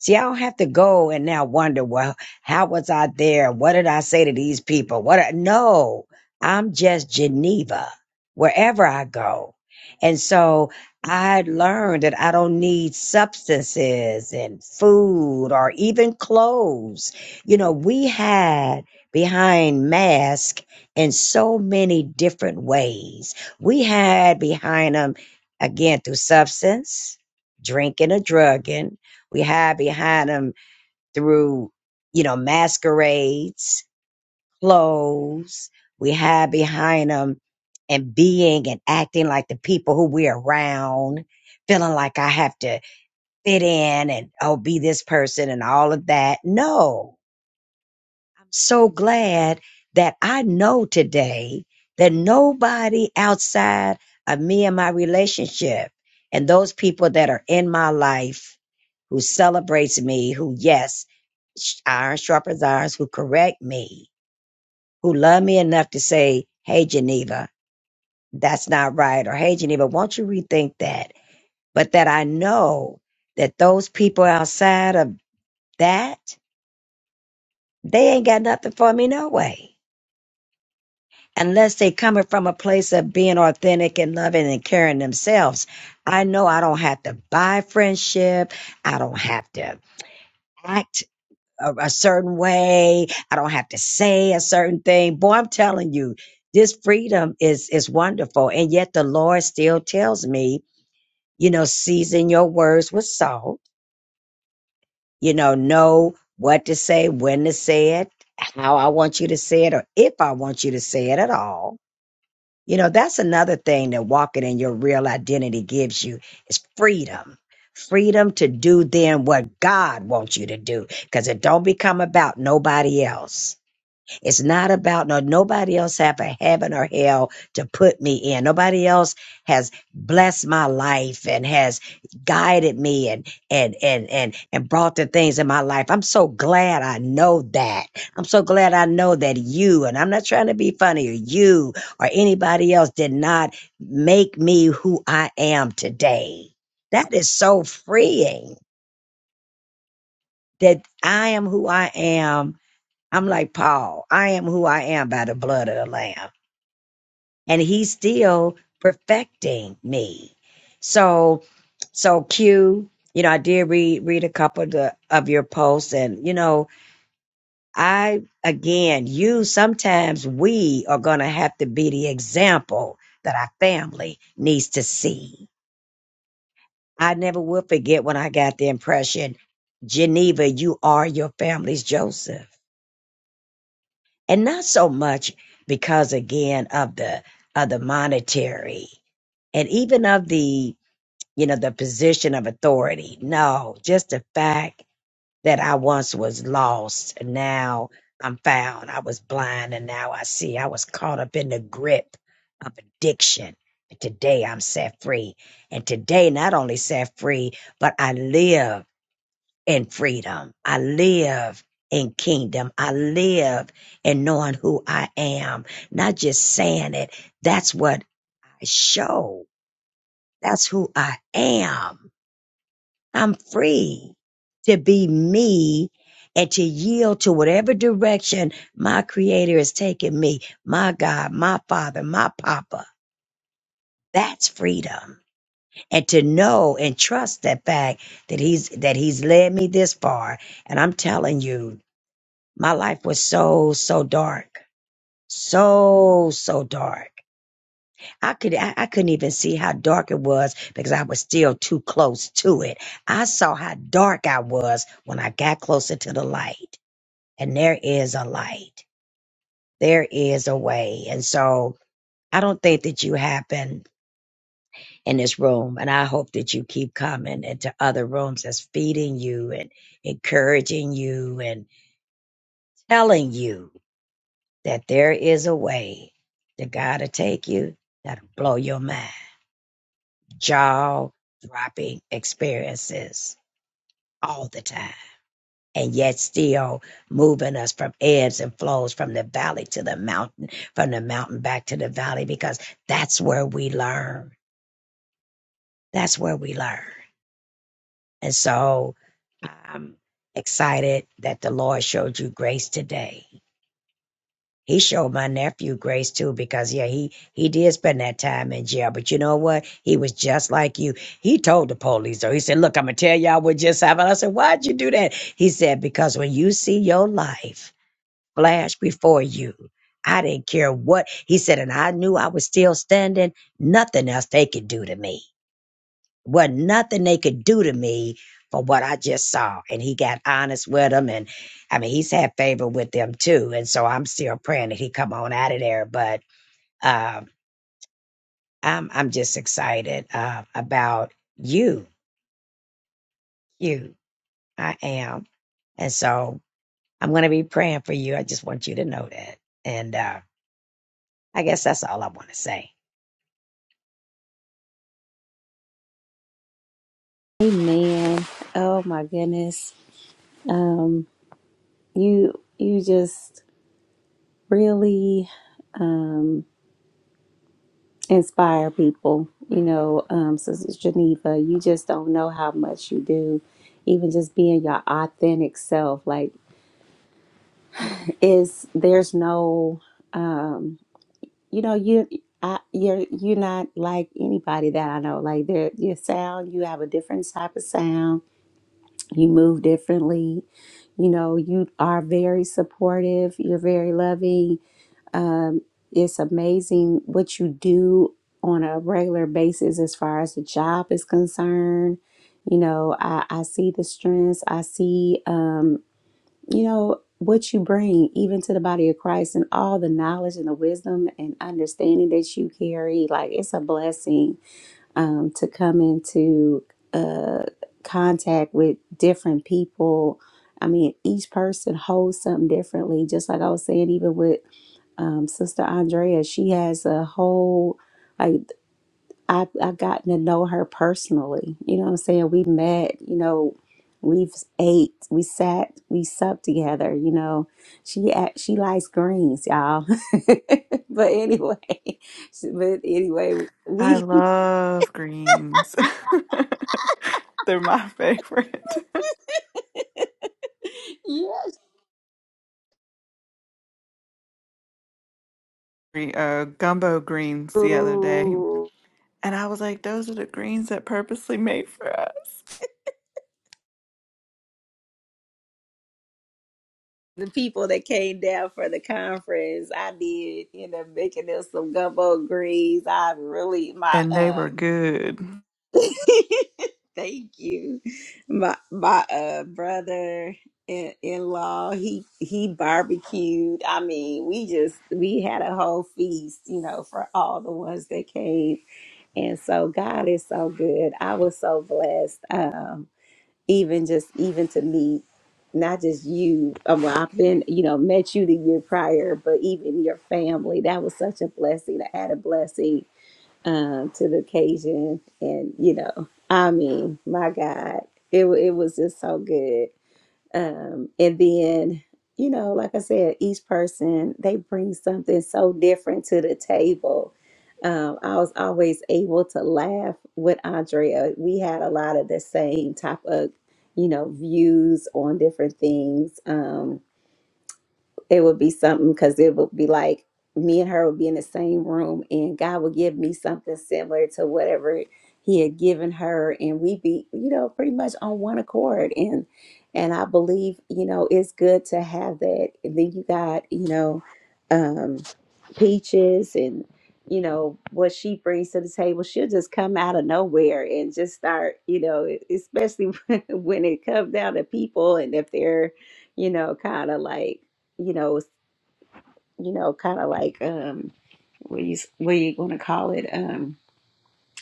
See, I don't have to go and now wonder, well, how was I there? What did I say to these people? What? I-" No, I'm just Geneva wherever I go. And so I learned that I don't need substances and food or even clothes. You know, we had behind mask in so many different ways. We had behind them again through substance, drinking or drugging, we hide behind them through, you know, masquerades, clothes. We hide behind them and being and acting like the people who we're around, feeling like I have to fit in and, oh, be this person and all of that. No, so glad that I know today that nobody outside of me and my relationship and those people that are in my life who celebrates me, who yes, sh- iron sharpens irons, who correct me, who love me enough to say, hey, Geneva, that's not right, or hey, Geneva, won't you rethink that? But that I know that those people outside of that, they ain't got nothing for me no way unless they coming from a place of being authentic and loving and caring themselves. I know I don't have to buy friendship. I don't have to act a, a certain way. I don't have to say a certain thing. Boy, I'm telling you, this freedom is is wonderful. And yet the Lord still tells me, you know, season your words with salt. You know, know what to say, when to say it, how I want you to say it, or if I want you to say it at all You know, that's another thing that walking in your real identity gives you is freedom. Freedom to do then what God wants you to do because it don't become about nobody else. It's not about no nobody else have a heaven or hell to put me in. Nobody else has blessed my life and has guided me and and and and and brought the things in my life. I'm so glad I know that. I'm so glad I know that you and I'm not trying to be funny or you or anybody else did not make me who I am today. That is so freeing that I am who I am I'm like, Paul, I am who I am by the blood of the Lamb. And he's still perfecting me. So, so Q, you know, I did read, read a couple of, the, of your posts and, you know, I, again, you, sometimes we are going to have to be the example that our family needs to see. I never will forget when I got the impression, Geneva, you are your family's Joseph and not so much because again of the of the monetary and even of the you know the position of authority no just the fact that i once was lost and now i'm found i was blind and now i see i was caught up in the grip of addiction and today i'm set free and today not only set free but i live in freedom. I live in kingdom. I live in knowing who I am, not just saying it. That's what I show. That's who I am. I'm free to be me and to yield to whatever direction my creator is taking me, my God, my father, my papa. That's freedom. And to know and trust that fact that he's, that he's led me this far. And I'm telling you my life was so so dark so so dark i could I, I couldn't even see how dark it was because i was still too close to it i saw how dark i was when i got closer to the light and there is a light there is a way and so i don't think that you happen in this room and i hope that you keep coming into other rooms that's feeding you and encouraging you and telling you that there is a way that God will take you that'll blow your mind. Jaw dropping experiences all the time. And yet still moving us from ebbs and flows from the valley to the mountain, from the mountain back to the valley, because that's where we learn. That's where we learn. And so I'm excited that the Lord showed you grace today he showed my nephew grace too because yeah he he did spend that time in jail but you know what he was just like you he told the police though he said look i'm gonna tell y'all what just happened i said why'd you do that he said because when you see your life flash before you i didn't care what he said and i knew i was still standing nothing else they could do to me wasn't nothing they could do to me for what I just saw. And he got honest with them. And I mean, he's had favor with them too. And so I'm still praying that he come on out of there. But um, I'm, I'm just excited uh, about you. You, I am. And so I'm going to be praying for you. I just want you to know that. And uh, I guess that's all I want to say. Amen. Oh my goodness. Um, you you just really um, inspire people. You know, um, Sister Geneva, you just don't know how much you do. Even just being your authentic self, like is there's no. um. you know you I, you're you're not like anybody that I know. Like there, your sound, you have a different type of sound. You move differently. You know, you are very supportive. You're very loving. Um, it's amazing what you do on a regular basis as far as the job is concerned. You know, I, I see the strengths. I see. Um, you know, what you bring even to the body of Christ and all the knowledge and the wisdom and understanding that you carry, like it's a blessing um, to come into uh, contact with different people. I mean, each person holds something differently. Just like I was saying, even with um, Sister Andrea, she has a whole like I I gotten to know her personally. You know what I'm saying? We met, you know, we've ate, we sat, we supped together, you know. She act, she likes greens, y'all. but anyway, but anyway, I we love greens. They're my favorite. yes. Gre- uh, gumbo greens the other day, Ooh, and I was like, "Those are the greens that purposely made for us," the people that came down for the conference, I did end up making them some gumbo greens. I really my and they were um good. Thank you. My my uh brother in in law, he he barbecued. I mean, we just we had a whole feast, you know, for all the ones that came. And so God is so good. I was so blessed. Um, even just even to meet not just you. Um, well, I've been, you know, met you the year prior, but even your family. That was such a blessing, an added blessing uh, to the occasion. And, you know, I mean, my God, it, wa- it was just so good. Um, and then, you know, like I said, each person, they bring something so different to the table. Um, I was always able to laugh with Andrea. We had a lot of the same type of, you know, views on different things. Um, it would be something because it would be like me and her would be in the same room and God would give me something similar to whatever he had given her and we'd be, you know, pretty much on one accord. And and I believe, you know, it's good to have that. And then you got, you know, um peaches and you know what she brings to the table she'll just come out of nowhere and just start you know e, especially when it comes down to people and if they're you know, kind of like you know, you know, kind of like um, what you what you going to call it? Um,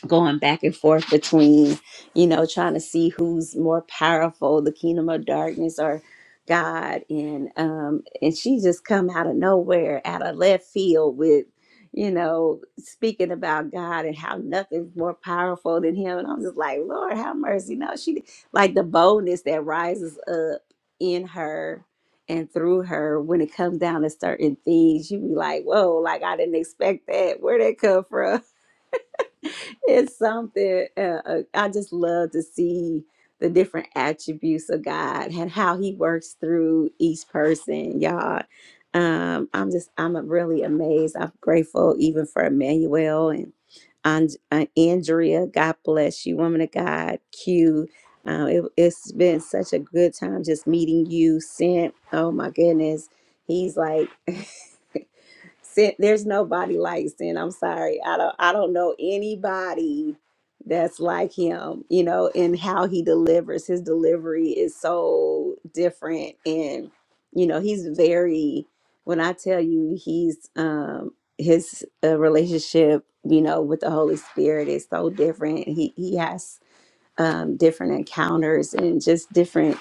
going back and forth between, you know, trying to see who's more powerful, the kingdom of darkness or God. And um and she just come out of nowhere, out of left field with, you know, speaking about God and how nothing's more powerful than him. And I'm just like, Lord, have mercy. No, she like the boldness that rises up in her and through her when it comes down to certain things, you be like, whoa, like I didn't expect that. Where'd that come from? it's something uh, uh, I just love to see the different attributes of God and how He works through each person, y'all. Um, I'm just I'm really amazed. I'm grateful even for Emmanuel and and- uh, Andrea. God bless you, woman of God. Q. Uh, it, it's been such a good time just meeting you, Sent. Oh my goodness, he's like. Sin, there's nobody like Sin. I'm sorry. I don't I don't know anybody that's like him, you know, and how he delivers. His delivery is so different and you know, he's very when I tell you he's um his uh, relationship, you know, with the Holy Spirit is so different. He he has um different encounters and just different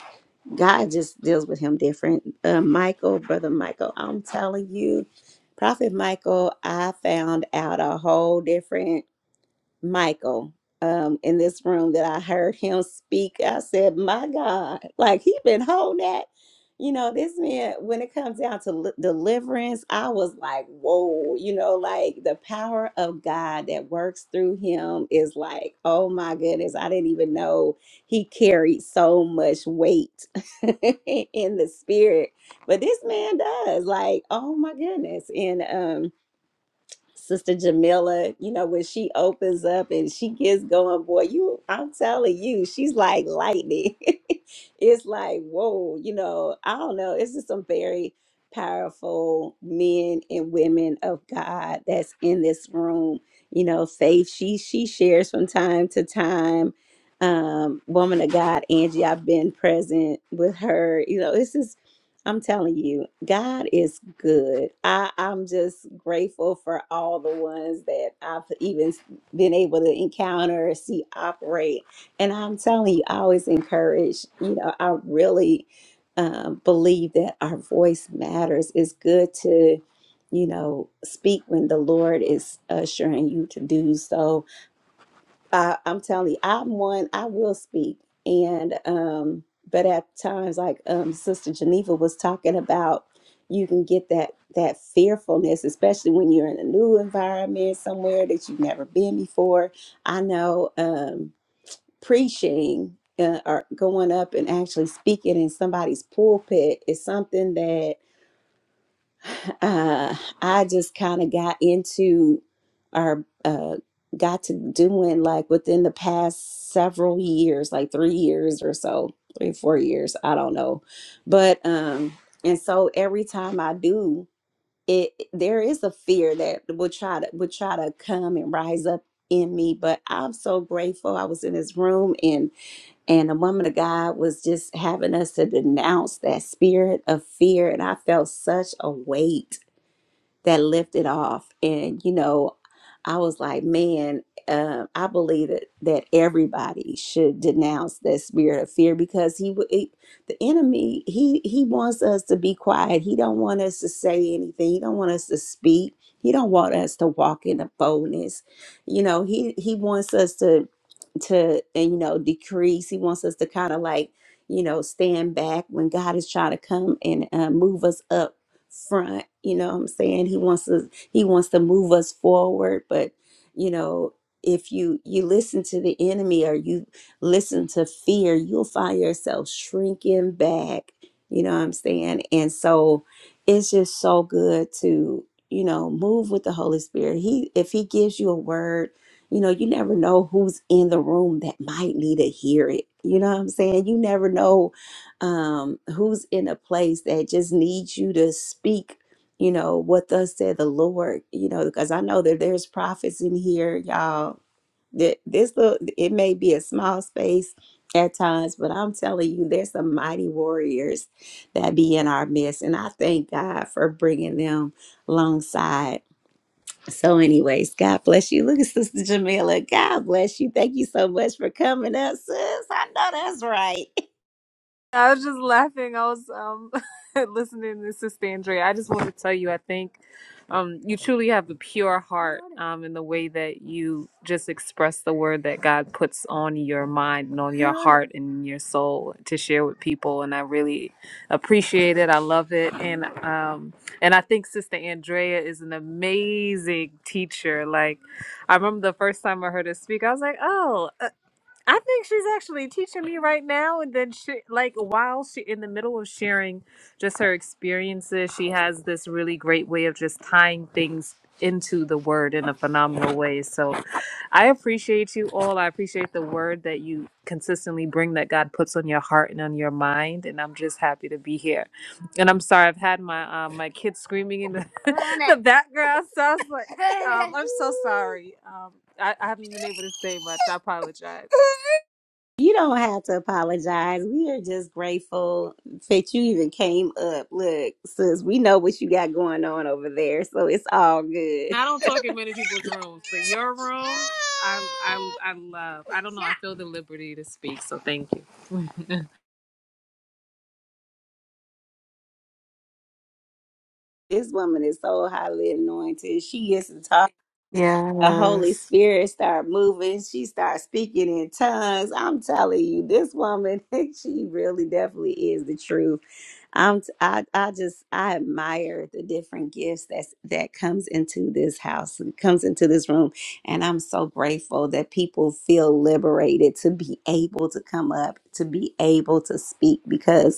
God just deals with him different. Uh, Michael, brother Michael, I'm telling you, Prophet Michael, I found out a whole different Michael um, in this room that I heard him speak. I said, "My God, like he been holding that." You know, this man, when it comes down to li- deliverance, I was like, whoa, you know, like the power of God that works through him is like, oh my goodness, I didn't even know he carried so much weight in the spirit. But this man does, like, oh my goodness. And, um. Sister Jamila, you know, when she opens up and she gets going, boy, you, I'm telling you, she's like lightning. it's like, whoa, you know, I don't know. It's just some very powerful men and women of God that's in this room. You know, Faith, she she shares from time to time. Um, woman of God, Angie, I've been present with her. You know, it's just I'm telling you, God is good. I, I'm just grateful for all the ones that I've even been able to encounter, see operate. And I'm telling you, I always encourage, you know, I really um, believe that our voice matters. It's good to, you know, speak when the Lord is assuring you to do so I, I'm telling you, I'm one, I will speak. And, um, but at times, like, um, Sister Geneva was talking about, you can get that, that fearfulness, especially when you're in a new environment somewhere that you've never been before. I know, um, preaching, uh, or going up and actually speaking in somebody's pulpit is something uh, I just kind of got into or uh, got to doing like within the past several years, like three years or so, three, four years, I don't know. But, um, and so every time I do, it there is a fear that will try to will try to come and rise up in me but i'm so grateful i was in this room and and a woman of god was just having us to denounce that spirit of fear and i felt such a weight that lifted off. And, you know, I was like, man, uh, I believe that, that everybody should denounce that spirit of fear because he, w- he the enemy, he, he wants us to be quiet. He don't want us to say anything. He don't want us to speak. He don't want us to walk in the boldness. You know, he, he wants us to, to, and, you know, decrease. He wants us to kind of like, you know, stand back when God is trying to come and uh, move us up front you know what i'm saying he wants to he wants to move us forward but you know if you you listen to the enemy or you listen to fear you'll find yourself shrinking back you know what i'm saying and so it's just so good to you know move with the holy spirit he if he gives you a word you know you never know who's in the room that might need to hear it you know what i'm saying you never know um, who's in a place that just needs you to speak, you know, what thus said the Lord, you know, because I know that there's prophets in here, y'all. That this look, it may be a small space at times, but I'm telling you, there's some mighty warriors that be in our midst, and I thank God for bringing them alongside. So, anyways, God bless you. Look at Sister Jamila. God bless you. Thank you so much for coming up, sis. I know that's right. I was just laughing. I was um listening to Sister Andrea. I just want to tell you, I think um you truly have a pure heart um in the way that you just express the word that God puts on your mind and on your heart and your soul to share with people. And I really appreciate it. I love it. And um and I think Sister Andrea is an amazing teacher. Like I remember the first time I heard her speak, I was like, oh. I think she's actually teaching me right now. And then she, like, while she in the middle of sharing just her experiences, she has this really great way of just tying things into the word in a phenomenal way. So I appreciate you all. I appreciate the word that you consistently bring that God puts on your heart and on your mind. And I'm just happy to be here. And I'm sorry, I've had my um, my kids screaming in the, the background. So I was like, um, I'm so sorry. Um, I, I haven't been able to say much. I apologize. You don't have to apologize. We are just grateful that you even came up. Look, sis, we know what you got going on over there, so it's all good. And I don't talk in many people's rooms, but your room, I, I, I love. I don't know. I feel the liberty to speak, so thank you. This woman is so highly anointed. She is the talk. the Holy Yes. Spirit started moving. She started speaking in tongues. I'm telling you, this woman, she really definitely is the truth. I'm t- I I just I admire the different gifts that's that comes into this house and comes into this room. And I'm so grateful that people feel liberated to be able to come up, to be able to speak because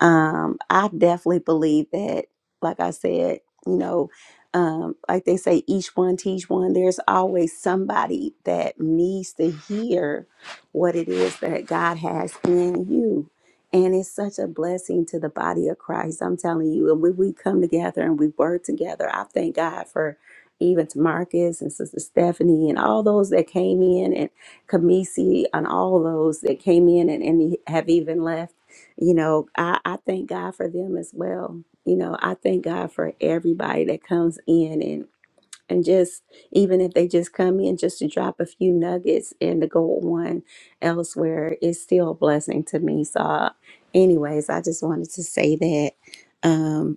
um, I definitely believe that, like I said, you know, um, like they say, each one teach one. There's always somebody that needs to hear what it is that God has in you. And it's such a blessing to the body of Christ. I'm telling you. And when we come together and we work together, I thank God for even to Marcus and Sister Stephanie and all those that came in and Kamisi and all those that came in and, and have even left you know, I, I thank God for them as well. You know, I thank God for everybody that comes in and and just even if they just come in just to drop a few nuggets and to go one elsewhere, it's still a blessing to me. So, uh, anyways, I just wanted to say that. Um,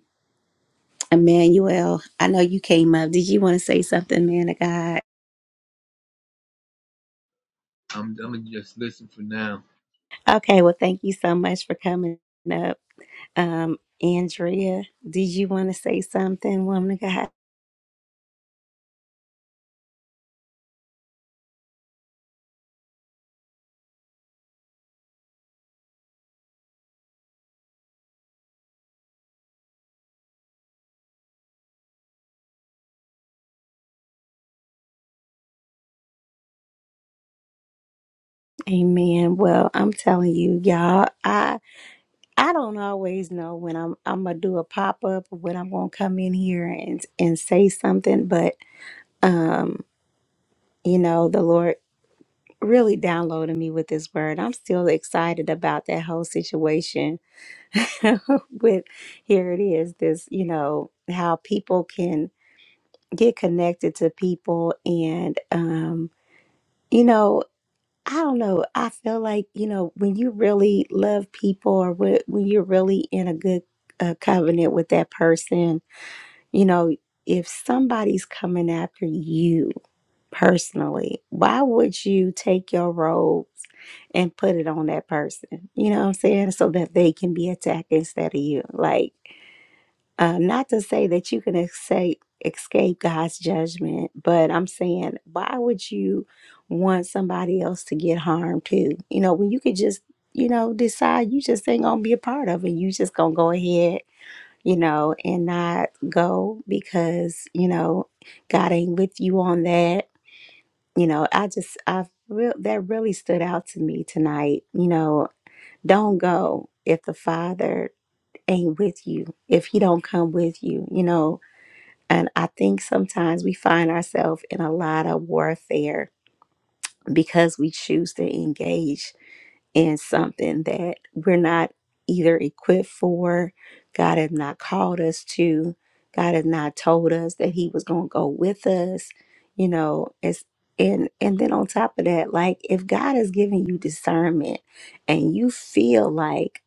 Emmanuel, I know you came up. Did you want to say something, man of God? I'm I'm gonna just listen for now. Okay, well, thank you so much for coming up. Um, Andrea, did you want to say something, woman of God? Amen. Well, I'm telling you, y'all, I I don't always know when I'm I'm gonna do a pop up or when I'm gonna come in here and and say something, but um, you know, the Lord really downloaded me with this word. I'm still excited about that whole situation with here it is, this, you know, how people can get connected to people and um, you know, I don't know. I feel like, you know, when you really love people or when when you're really in a good uh, covenant with that person, you know, if somebody's coming after you personally, why would you take your robes and put it on that person? You know what I'm saying? So that they can be attacked instead of you. Like, um, not to say that you can escape escape God's judgment, but I'm saying, why would you want somebody else to get harmed too? You know, when you could just, you know, decide you just ain't gonna be a part of it. You just gonna go ahead, you know, and not go because you know God ain't with you on that. You know, I just I real that really stood out to me tonight. You know, don't go if the Father ain't with you if he don't come with you you know and I think sometimes we find ourselves in a lot of warfare because we choose to engage in something that we're not either equipped for, God has not called us to, God has not told us that He was going to go with us. You know, it's and and then on top of that, like if God is giving you discernment and you feel like,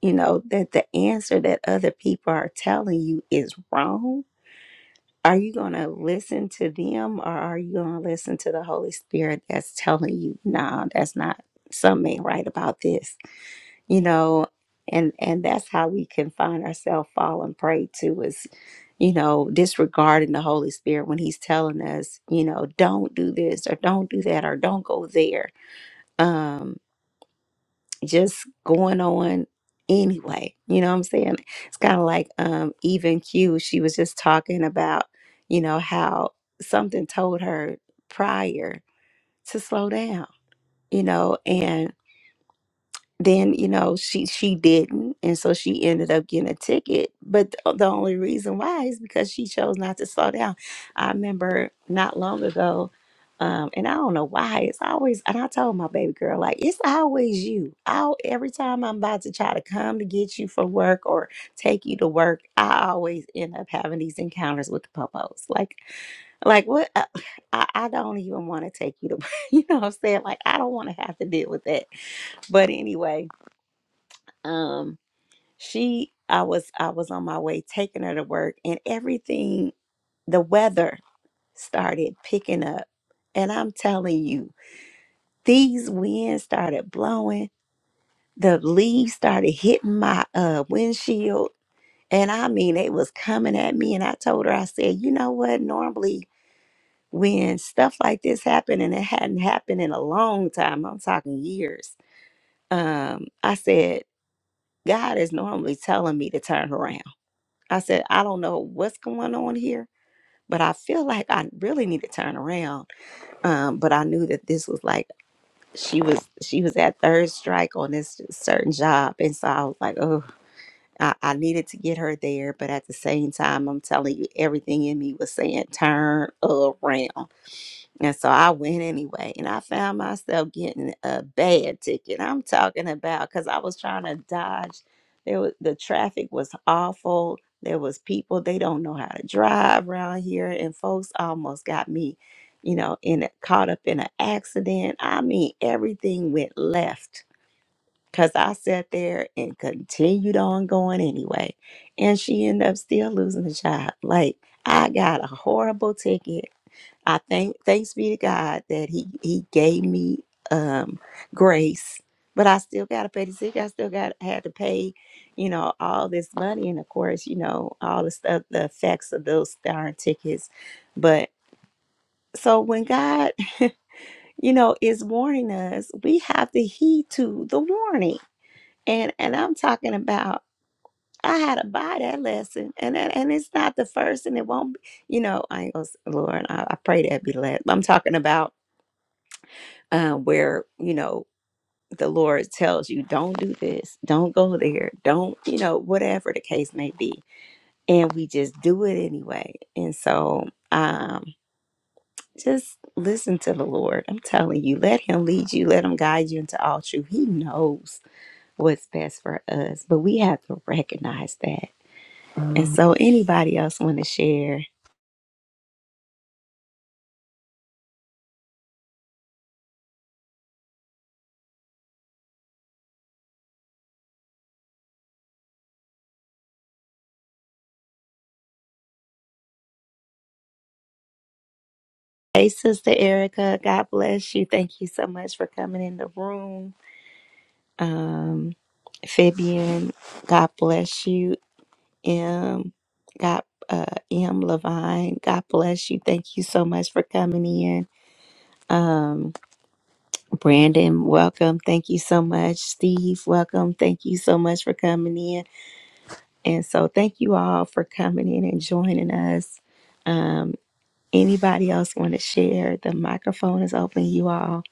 you know, that the answer that other people are telling you is wrong, are you going to listen to them or are you going to listen to the Holy Spirit that's telling you, no, that's not something ain't right about this, you know? And, and that's how we can find ourselves falling prey to is, you know, disregarding the Holy Spirit when he's telling us, you know, don't do this or don't do that or don't go there. Um, just going on anyway. You know what I'm saying? It's kind of like um even Q, she was just talking about, you know, how something told her prior to slow down, you know, and then you know she she didn't and so she ended up getting a ticket but th- the only reason why is because she chose not to slow down i remember not long ago um and i don't know why it's always and i told my baby girl like it's always you i every time i'm about to try to come to get you from work or take you to work i always end up having these encounters with the popos like like what i, I I don't even want to take you to you know what i'm saying like i don't want to have to deal with that but anyway um she i was i was on my way taking her to work and everything the weather started picking up and i'm telling you these winds started blowing the leaves started hitting my uh windshield and i mean it was coming at me and i told her i said you know what normally when stuff like this happened and it hadn't happened in a long time i'm talking years um i said god is normally telling me to turn around I said, I don't know what's going on here, but I feel like I really need to turn around. Um, but I knew that this was like she was she was at third strike on this certain job, and so I was like, oh, I, I needed to get her there. But at the same time, I'm telling you, everything in me was saying turn around. And so I went anyway, and I found myself getting a bad ticket. I'm talking about because I was trying to dodge. There was the traffic was awful. There was people they don't know how to drive around here, and folks almost got me, you know, in a, caught up in an accident. I mean, everything went left because I sat there and continued on going anyway, and she ended up still losing the job. Like I got a horrible ticket I thank thanks be to God that He He gave me um grace, but I still gotta pay the sick. I still got had to pay, you know, all this money and of course, you know, all the stuff the effects of those darn tickets. But so when God, you know, is warning us, we have to heed to the warning. And and I'm talking about I had to buy that lesson, and and, and it's not the first, and it won't. Be, you know, I ain't gonna, s- Lord, I, I pray that be the last. But I'm talking about uh, where you know the Lord tells you, "Don't do this, don't go there, don't you know whatever the case may be," and we just do it anyway. And so, um, just listen to the Lord. I'm telling you, let Him lead you, let Him guide you into all truth. He knows what's best for us, but we have to recognize that. And so, anybody else want to share? Hey, Sister Erica, God bless you. Thank you so much for coming in the room. Um, Fabian, God bless you. M, God, uh, M Levine, God bless you. Thank you so much for coming in. Um, Brandon, welcome. Thank you so much. Steve, welcome. Thank you so much for coming in. And so, thank you all for coming in and joining us. Um, anybody else want to share? The microphone is open, you all.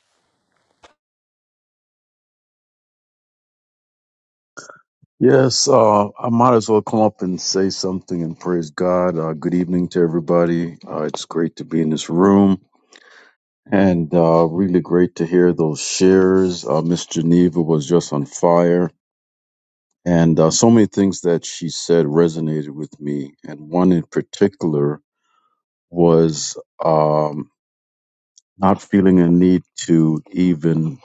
Yes, uh, I might as well come up and say something and praise God. Uh, good evening to everybody. Uh, it's great to be in this room and uh, really great to hear those shares. Uh, Miss Geneva was just on fire, and uh, so many things that she said resonated with me. And one in particular was um, not feeling a need to even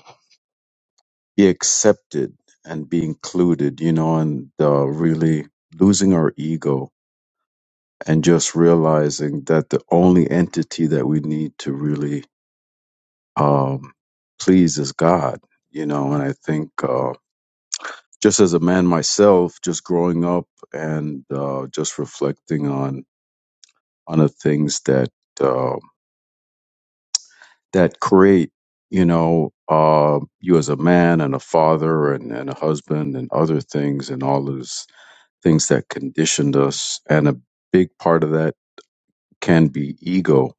be accepted and be included, you know, and uh, really losing our ego and just realizing that the only entity that we need to really um, please is God, you know. And I think uh, just as a man myself, just growing up and uh, just reflecting on on the things that uh, that create, you know, uh, you as a man and a father and, and a husband and other things and all those things that conditioned us, and a big part of that can be ego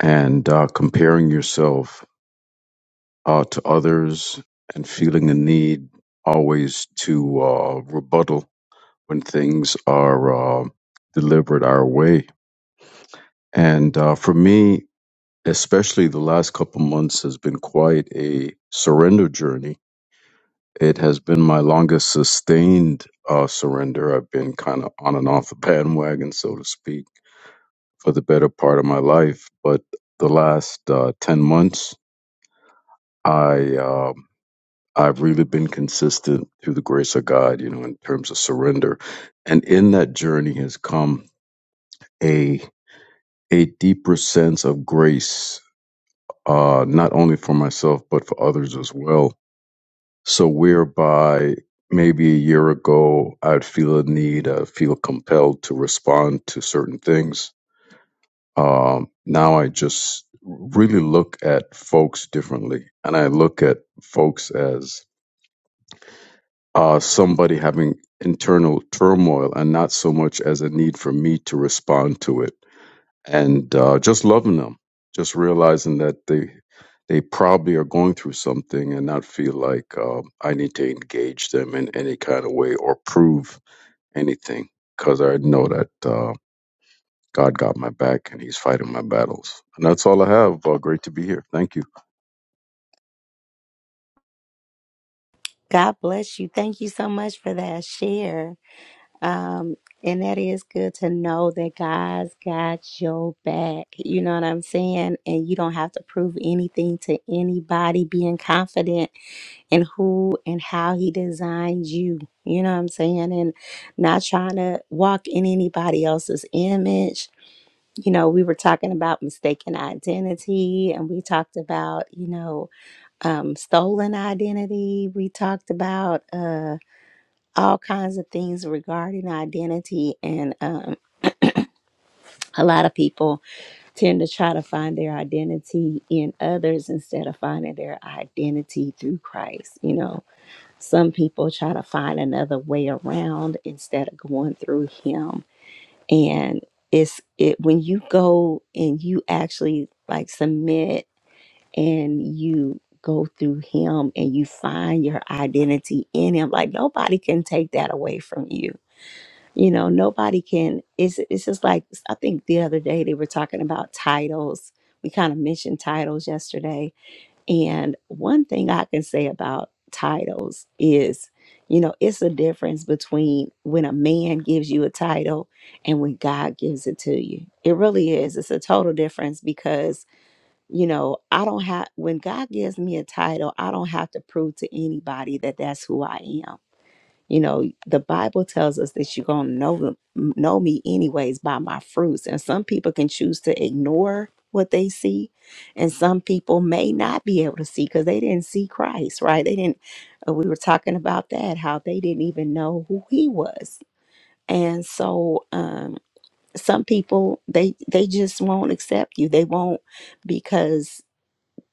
and uh, comparing yourself uh, to others and feeling the need always to uh, rebuttal when things are uh, delivered our way. And uh, for me, especially the last couple months has been quite a surrender journey. It has been my longest sustained uh, surrender. I've been kind of on and off the bandwagon, so to speak, for the better part of my life. But the last uh, 10 months, I um I've really been consistent through the grace of God, you know, in terms of surrender. And in that journey has come a a deeper sense of grace, uh, not only for myself but for others as well. So whereby maybe a year ago I'd feel a need, i feel compelled to respond to certain things. Um, now I just really look at folks differently, and I look at folks as uh, somebody having internal turmoil and not so much as a need for me to respond to it and uh, just loving them just realizing that they they probably are going through something and not feel like uh, i need to engage them in any kind of way or prove anything because i know that uh, god got my back and he's fighting my battles and that's all i have uh, great to be here thank you God bless you. Thank you so much for that share. Um, and that is good to know that God's got your back. You know what I'm saying? And you don't have to prove anything to anybody, being confident in who and how He designed you. You know what I'm saying? And not trying to walk in anybody else's image. You know, we were talking about mistaken identity and we talked about, you know, um, stolen identity. We talked about. uh, all kinds of things regarding identity and um, a lot of people tend to try to find their identity in others instead of finding their identity through christ you know some people try to find another way around instead of going through him and it's it when you go and you actually like submit and you go through him and you find your identity in him like nobody can take that away from you You know, nobody can. It's it's just like I think the other day they were talking about titles. We kind of mentioned titles yesterday, and one thing I can say about titles is, you know, it's a difference between when a man gives you a title and when God gives it to you. It really is. It's a total difference because you know, I don't have, when God gives me a title, I don't have to prove to anybody that that's who I am you know, the Bible tells us that you're going to know, them- know me anyways by my fruits. And some people can choose to ignore what they see. And some people may not be able to see because they didn't see Christ, right? They didn't, uh, we were talking about that, how they didn't even know who he was. And so, um, some people they they just won't accept you they won't because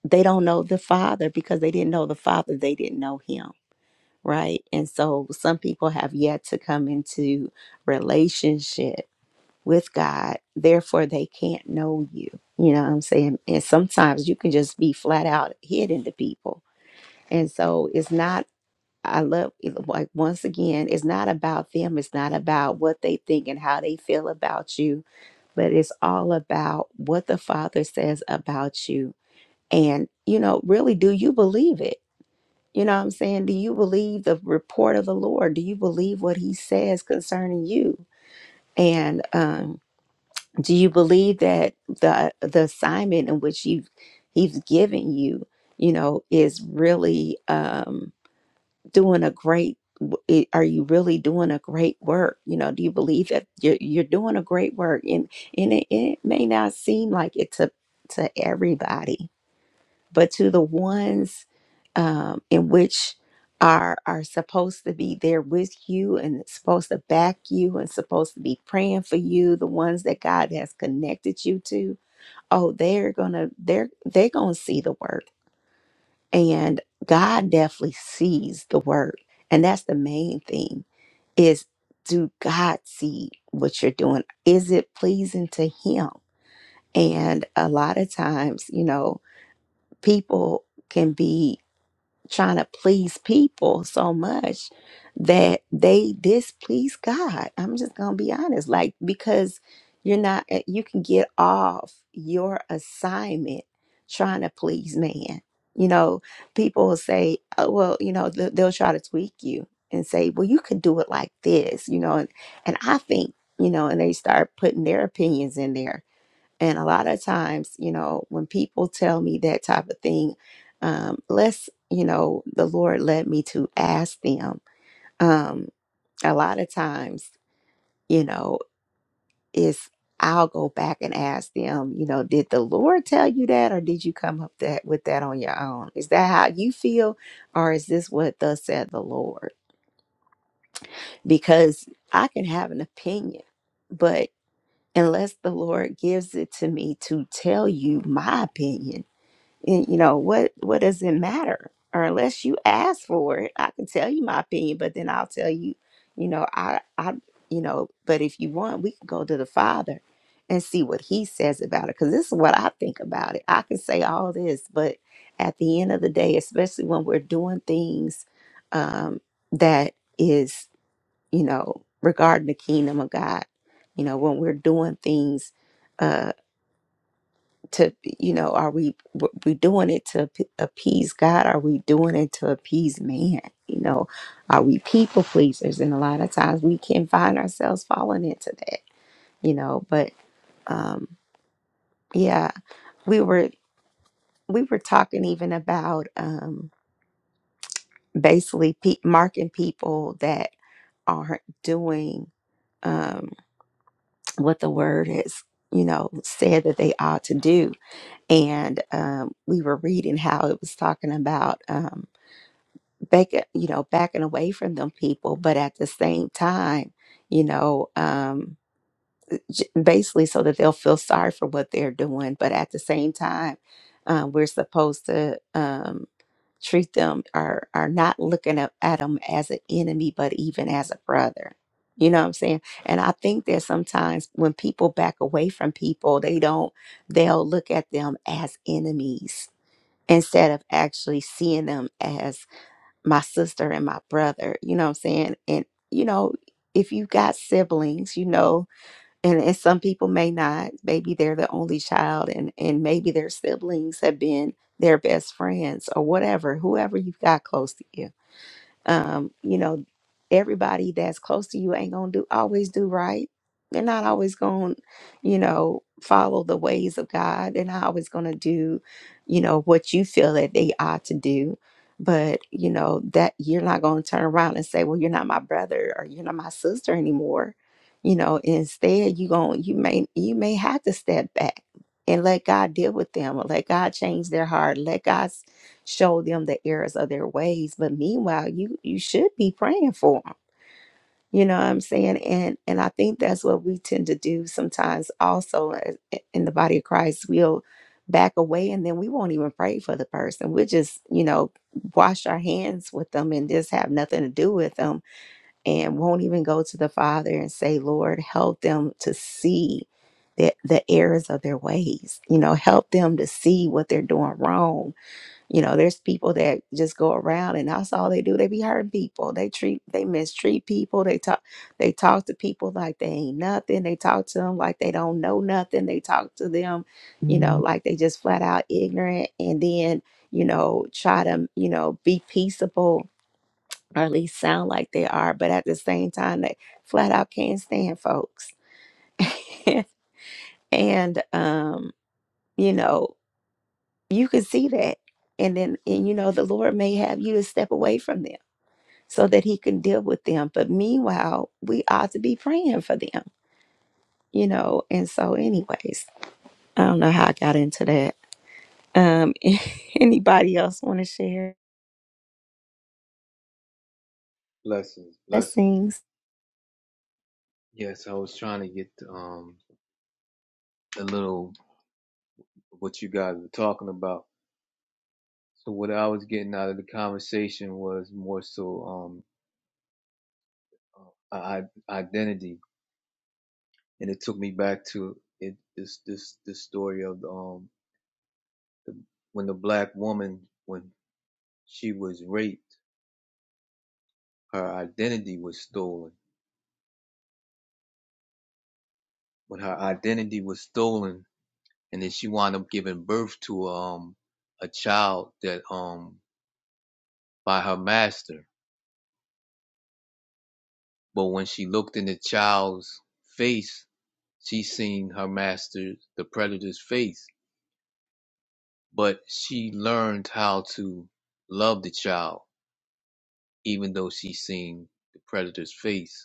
they don't know the father because they didn't know the father they didn't know him right? And so some people have yet to come into relationship with God, therefore they can't know you. You know what I'm saying? And sometimes you can just be flat out hidden to people. And so it's not I love like once again, it's not about them, it's not about what they think and how they feel about you, but it's all about what the Father says about you. And you know, really do you believe it? You know what I'm saying? Do you believe the report of the Lord? Do you believe what he says concerning you? And um, do you believe that the the assignment in which you he's given you, you know, is really um, doing a great w- i- are you really doing a great work? You know, do you believe that you're, you're doing a great work? And and it, and it may not seem like it to to everybody, but to the ones um, in which are are supposed to be there with you and supposed to back you and supposed to be praying for you the ones that god has connected you to oh they're gonna they're they're gonna see the work and god definitely sees the work and that's the main thing is do god see what you're doing is it pleasing to him and a lot of times you know people can be trying to please people so much that they displease God. I'm just going to be honest. Like, because you're not, uh, you can get off your assignment trying to please man. You know, people will say, oh, well, you know, they'll, they'll try to tweak you and say, well, you could do it like this, you know, and, and I think, you know, and they start putting their opinions in there and a lot of times, you know, when people tell me that type of thing, um, let's, you know, the Lord led me to ask them. Um, a lot of times, you know, is I'll go back and ask them, you know, did the Lord tell you that or did you come up that with that on your own? Is that how you feel or is this what thus said the Lord? Because I can have an opinion, but unless the Lord gives it to me to tell you my opinion, Y- you know what what does it matter or unless you ask for it i can tell you my opinion but then i'll tell you you know i i you know but if you want we can go to the father and see what he says about it because this is what i think about it i can say all this but at the end of the day especially when we're doing things um that is you know regarding the kingdom of god you know when we're doing things uh, to you know are we w- we doing it to ap- appease god are we doing it to appease man you know are we people pleasers and a lot of times we can find ourselves falling into that you know but um yeah we were we were talking even about um basically pe- marking people that aren't doing um, what the word has, you know, said that they ought to do. And um, we were reading how it was talking about. um, back, uh, you know, backing away from them people, but at the same time, you know, um, j- basically so that they'll feel sorry for what they're doing. But at the same time, um, we're supposed to um, treat them or are not looking up at them as an enemy, but even as a brother. You know what I'm saying? And I think that sometimes when people back away from people, they don't, they'll look at them as enemies instead of actually seeing them as my sister and my brother, you know what I'm saying? And, you know, if you've got siblings, you know, and, and some people may not, maybe they're the only child and, and maybe their siblings have been their best friends or whatever, whoever you've got close to you um, you know, everybody that's close to you ain't gonna do always do right. They're not always gonna, you know, follow the ways of God. They're not always gonna do, you know, what you feel that they ought to do. But you know that you're not gonna turn around and say, "Well, you're not my brother or you're not my sister anymore." You know, instead, you going you may you may have to step back and let God deal with them or let God change their heart. Let God show them the errors of their ways but meanwhile you you should be praying for them you know what i'm saying and and i think that's what we tend to do sometimes also uh, i- in the body of christ we'll back away and then we won't even pray for the person we'll just you know wash our hands with them and just have nothing to do with them and won't even go to the father and say lord help them to see the, the errors of their ways you know help them to see what they're doing wrong you know, there's people that just go around and that's all they do. They be hurting people. They treat, they mistreat people. They talk, they talk to people like they ain't nothing. They talk to them like they don't know nothing. They talk to them, you know, like they just flat out ignorant. And then, you know, try to, you know, be peaceable or at least sound like they are. But at the same time, they flat out can't stand folks. and, um, you know, you can see that and then and you know the lord may have you to step away from them so that he can deal with them but meanwhile we ought to be praying for them you know and so anyways i don't know how i got into that um anybody else want to share Blessings, blessings. blessings Yes, I was trying to get um a little what you guys were talking about. So what I was getting out of the conversation was more so um uh, I, identity, and it took me back to it this this this story of um when the black woman when she was raped, her identity was stolen. When her identity was stolen, and then she wound up giving birth to um a child that um by her master. But when she looked in the child's face, she seen her master, the predator's face. But she learned how to love the child, even though she seen the predator's face.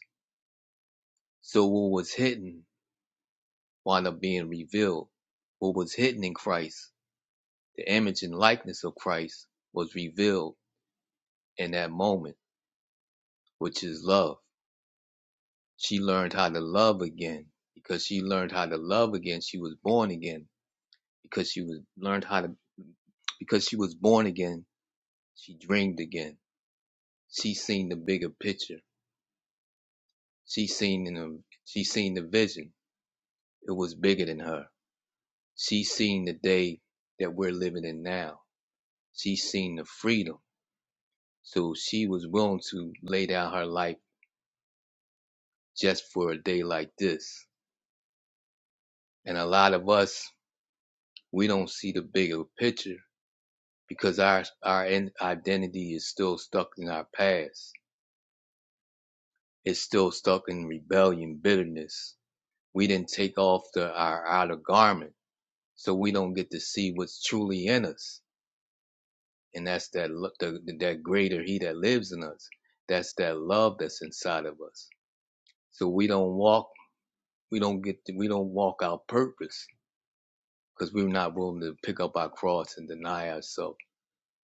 So what was hidden wound up being revealed. What was hidden in Christ, the image and likeness of Christ, was revealed in that moment, which is love. She learned how to love again. Because she learned how to love again, she was born again because she was learned how to because she was born again she dreamed again she seen the bigger picture she seen in the she seen the vision it was bigger than her she seen the day that we're living in now she seen the freedom so she was willing to lay down her life just for a day like this and a lot of us we don't see the bigger picture because our our in- identity is still stuck in our past it's still stuck in rebellion bitterness We didn't take off the our outer garment, so we don't get to see what's truly in us, and that's that lo- the, that greater He that lives in us. That's that love that's inside of us. So we don't walk, we don't get, to, we don't walk our purpose because we're not willing to pick up our cross and deny ourselves,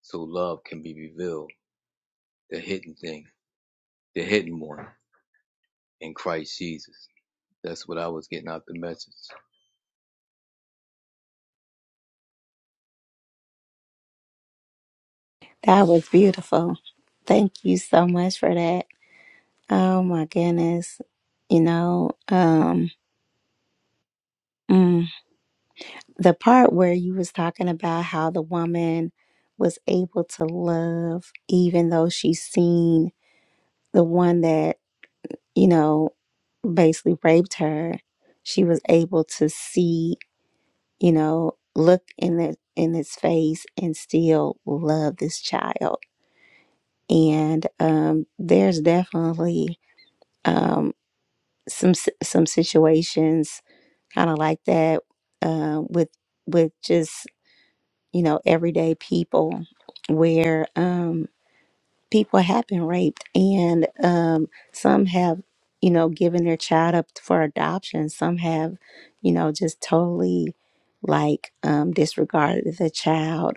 so love can be revealed, the hidden thing, the hidden one in Christ Jesus. That's what I was getting out the message. that was beautiful thank you so much for that oh my goodness you know um mm. the part where you was talking about how the woman was able to love even though she seen the one that you know basically raped her she was able to see you know look in the in his face and still love this child and um there's definitely um some si- some situations kind of like that um with with just you know, everyday people where um, people have been raped and um, some have, you know, given their child up for adoption. Some have, you know, just totally like um, disregarded the child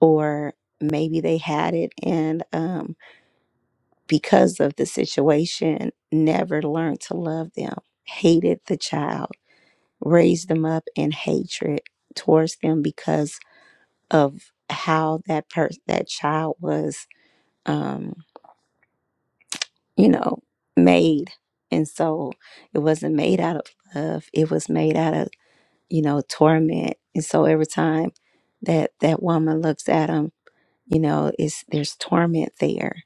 or maybe they had it and um, because of the situation, never learned to love them, hated the child, raised them up in hatred towards them because of how that person that child was um you know made and so it wasn't made out of love it was made out of you know torment and so every time that that woman looks at him you know it's there's torment there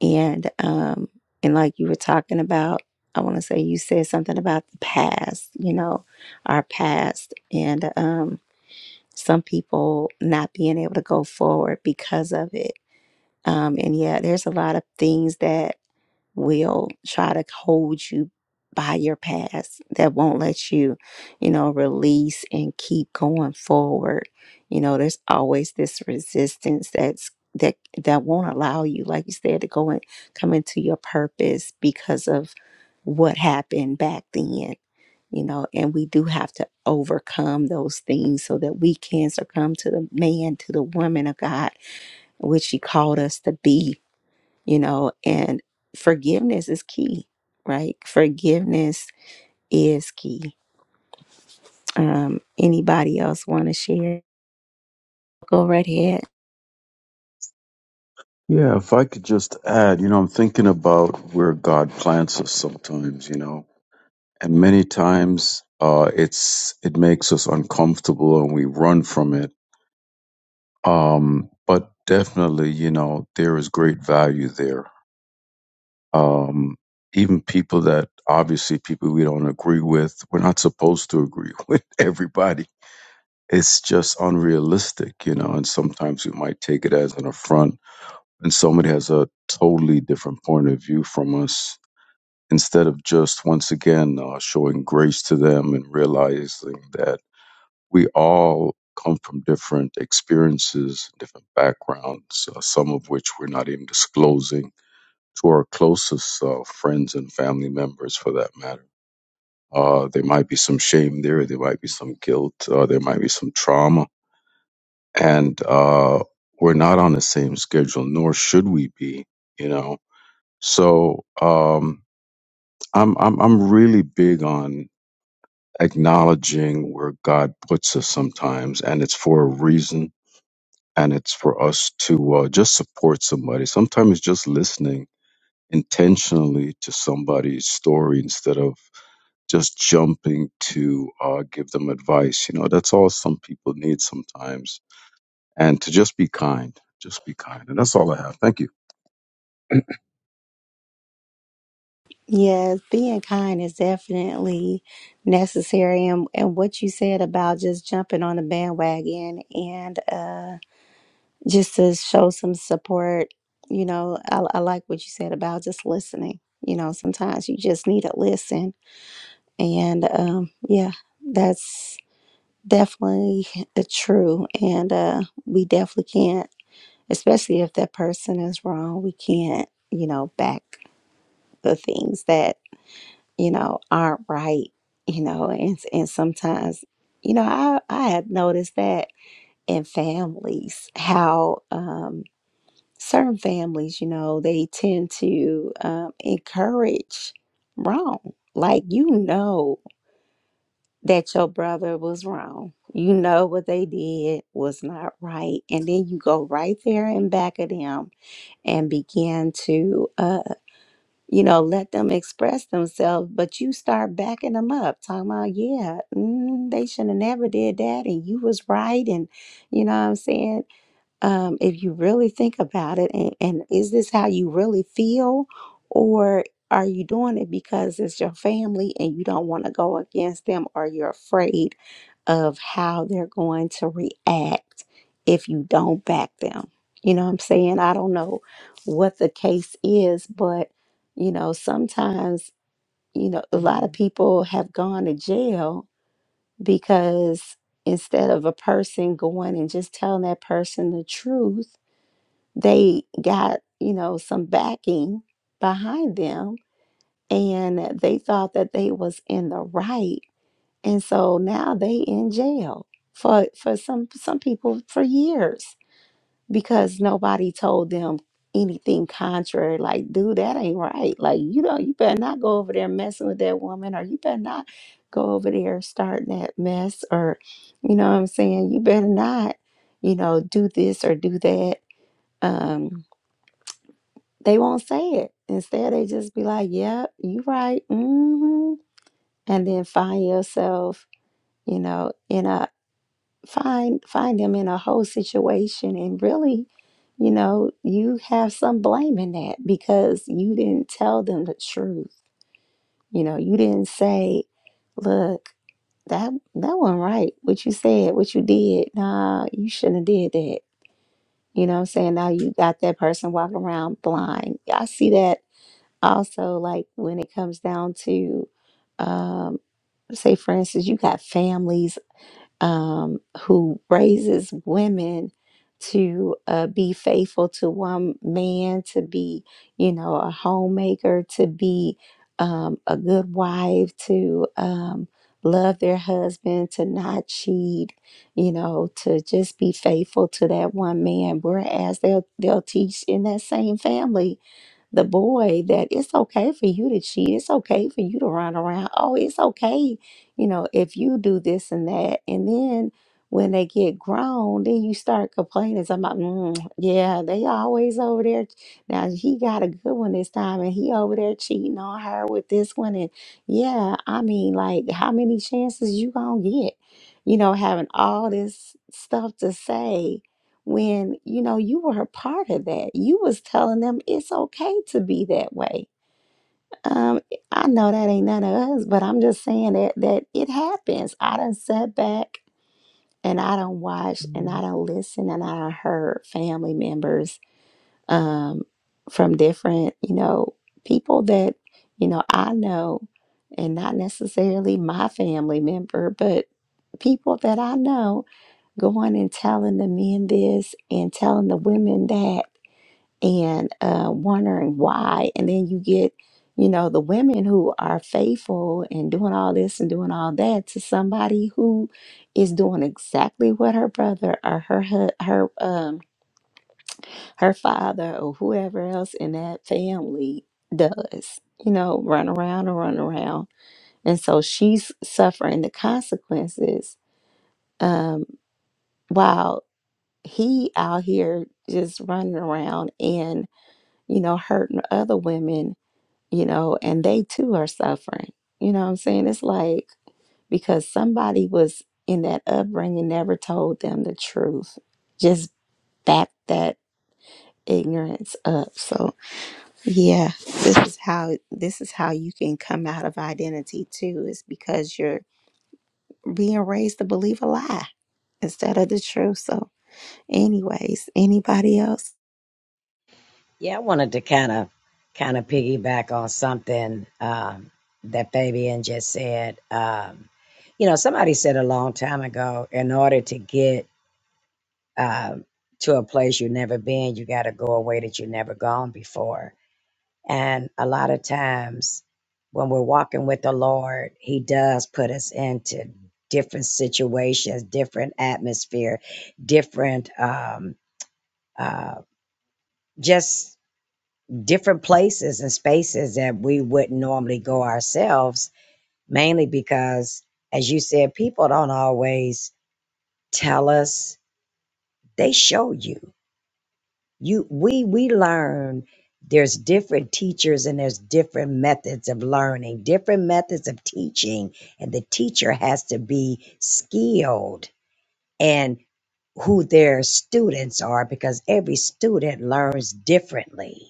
and um and like you were talking about i want to say you said something about the past you know our past and um some people not being able to go forward because of it Um, and yeah, there's a lot of things that will try to hold you by your past that won't let you, you know, release and keep going forward. You know, there's always this resistance that's that that won't allow you, like you said, to go and come into your purpose because of what happened back then. You know, and we do have to overcome those things so that we can succumb to the man, to the woman of God which he called us to be, you know, and forgiveness is key, right? Forgiveness is key. Um, anybody else want to share? Go right ahead. yeah if i could just add you know i'm thinking about where god plants us sometimes you know and many times uh, it's it makes us uncomfortable and we run from it. Um, but definitely, you know, there is great value there. Um, even people that obviously people we don't agree with, we're not supposed to agree with everybody. It's just unrealistic, you know. And sometimes we might take it as an affront when somebody has a totally different point of view from us. Instead of just once again uh, showing grace to them and realizing that we all come from different experiences, different backgrounds, uh, some of which we're not even disclosing to our closest uh, friends and family members for that matter. Uh, there might be some shame there, there might be some guilt, uh, there might be some trauma. And uh, we're not on the same schedule, nor should we be, you know. So um, I'm, I'm, I'm really big on acknowledging where God puts us sometimes, and it's for a reason and it's for us to uh, just support somebody. Sometimes just listening intentionally to somebody's story instead of just jumping to uh, give them advice. You know, that's all some people need sometimes. And to just be kind, just be kind. And that's all I have. Thank you. Yes, being kind is definitely necessary. And, and what you said about just jumping on the bandwagon and uh, just to show some support, you know, I, I like what you said about just listening. You know, sometimes you just need to listen. And um, yeah, that's. Definitely uh, true. And uh, we definitely can't, especially if that person is wrong, we can't, you know, back the things that, you know, aren't right, you know, and, and sometimes, you know, I, I had noticed that in families, how um, certain families, you know, they tend to um, encourage wrong. Like, you know, that your brother was wrong. You know what they did was not right. And then you go right there and back at them and begin to, uh, you know, let them express themselves, but you start backing them up, talking about, yeah, mm, they should have never did that, and you was right, and you know what I'm saying um, if you really think about it, and, and is this how you really feel, or are you doing it because it's your family and you don't want to go against them, or you're afraid of how they're going to react if you don't back them? You know what I'm saying? I don't know what the case is, but you know, sometimes, you know, a lot of people have gone to jail because instead of a person going and just telling that person the truth, they got, you know, some backing behind them and they thought that they was in the right. And so now they in jail for for some some people for years because nobody told them anything contrary like dude that ain't right like you know you better not go over there messing with that woman or you better not go over there starting that mess or you know what i'm saying you better not you know do this or do that um they won't say it. Instead, they just be like, "Yeah, you right." mm hmm And then find yourself, you know, in a find find them in a whole situation, and really, you know, you have some blame in that because you didn't tell them the truth. You know, you didn't say, "Look, that that wasn't right. What you said, what you did, nah, you shouldn't have did that." You know what I'm saying? Now you got that person walking around blind. Yeah, I see that also like when it comes down to um say for instance you got families um who raises women to uh, be faithful to one man to be you know a homemaker to be um, a good wife to um, love their husband to not cheat you know to just be faithful to that one man whereas they'll they'll teach in that same family the boy that it's okay for you to cheat. It's okay for you to run around. Oh, it's okay, you know, if you do this and that. And then when they get grown, then you start complaining about, mm, yeah, they always over there. Now he got a good one this time and he over there cheating on her with this one. And yeah, I mean, like how many chances you gonna get? You know, having all this stuff to say when you know you were a part of that you was telling them it's okay to be that way um i know that ain't none of us but i'm just saying that that it happens i done sat back and i done watched and i done listened and i done heard family members um from different you know people that you know i know and not necessarily my family member but people that i know going and telling the men this and telling the women that and uh, wondering why. And then you get, you know, the women who are faithful and doing all this and doing all that to somebody who is doing exactly what her brother or her hu- her um her father or whoever else in that family does. You know, run around and run around. And so she's suffering the consequences. Um, wow he out here just running around and you know hurting other women you know and they too are suffering you know what i'm saying it's like because somebody was in that upbringing never told them the truth just backed that ignorance up so yeah this is how this is how you can come out of identity too is because you're being raised to believe a lie instead of the truth so anyways anybody else Yeah, I wanted to kind of kind of piggyback on something um, that Fabian just said. Um, you know, somebody said a long time ago, in order to get um, to a place you've never been, you got to go a way that you've never gone before. And a lot of times when we're walking with the Lord, He does put us into different situations, different atmosphere, different um uh just different places and spaces that we wouldn't normally go ourselves, mainly because as you said, people don't always tell us, they show you. you we we learn there's different teachers and there's different methods of learning different methods of teaching and the teacher has to be skilled and who their students are because every student learns differently.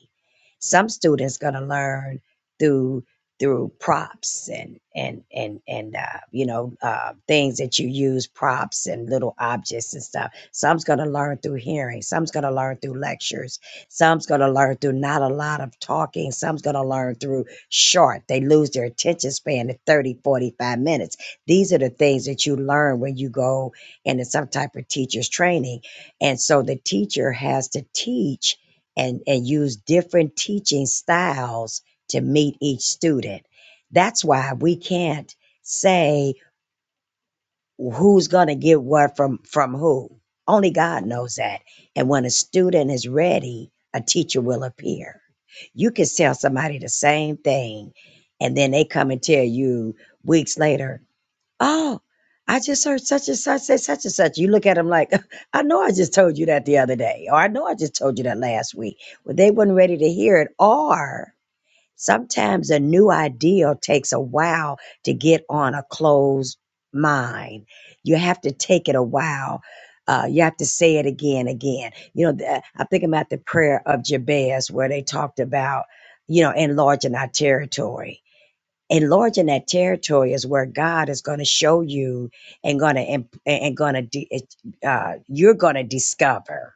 Some students going to learn through through props and and and and uh, you know uh, things that you use props and little objects and stuff. Some's going to learn through hearing. Some's going to learn through lectures. Some's going to learn through not a lot of talking. Some's going to learn through short. They lose their attention span at 30 45 minutes. These are the things that you learn when you go and in some type of teacher's training. And so the teacher has to teach and, and use different teaching styles to meet each student. That's why we can't say who's going to get what from, from who. Only God knows that. And when a student is ready, a teacher will appear. You can tell somebody the same thing, and then they come and tell you weeks later, Oh, I just heard such and such say such and such. You look at them like, I know I just told you that the other day, or I know I just told you that last week. Well, they weren't ready to hear it. Or sometimes a new idea takes a while to get on a closed mind. You have to take it a while. Uh, you have to say it again, again. You know, the, I'm thinking about the prayer of Jabez where they talked about, you know, enlarging our territory enlarging that territory is where God is going to show you and going to and going to uh, you're going to discover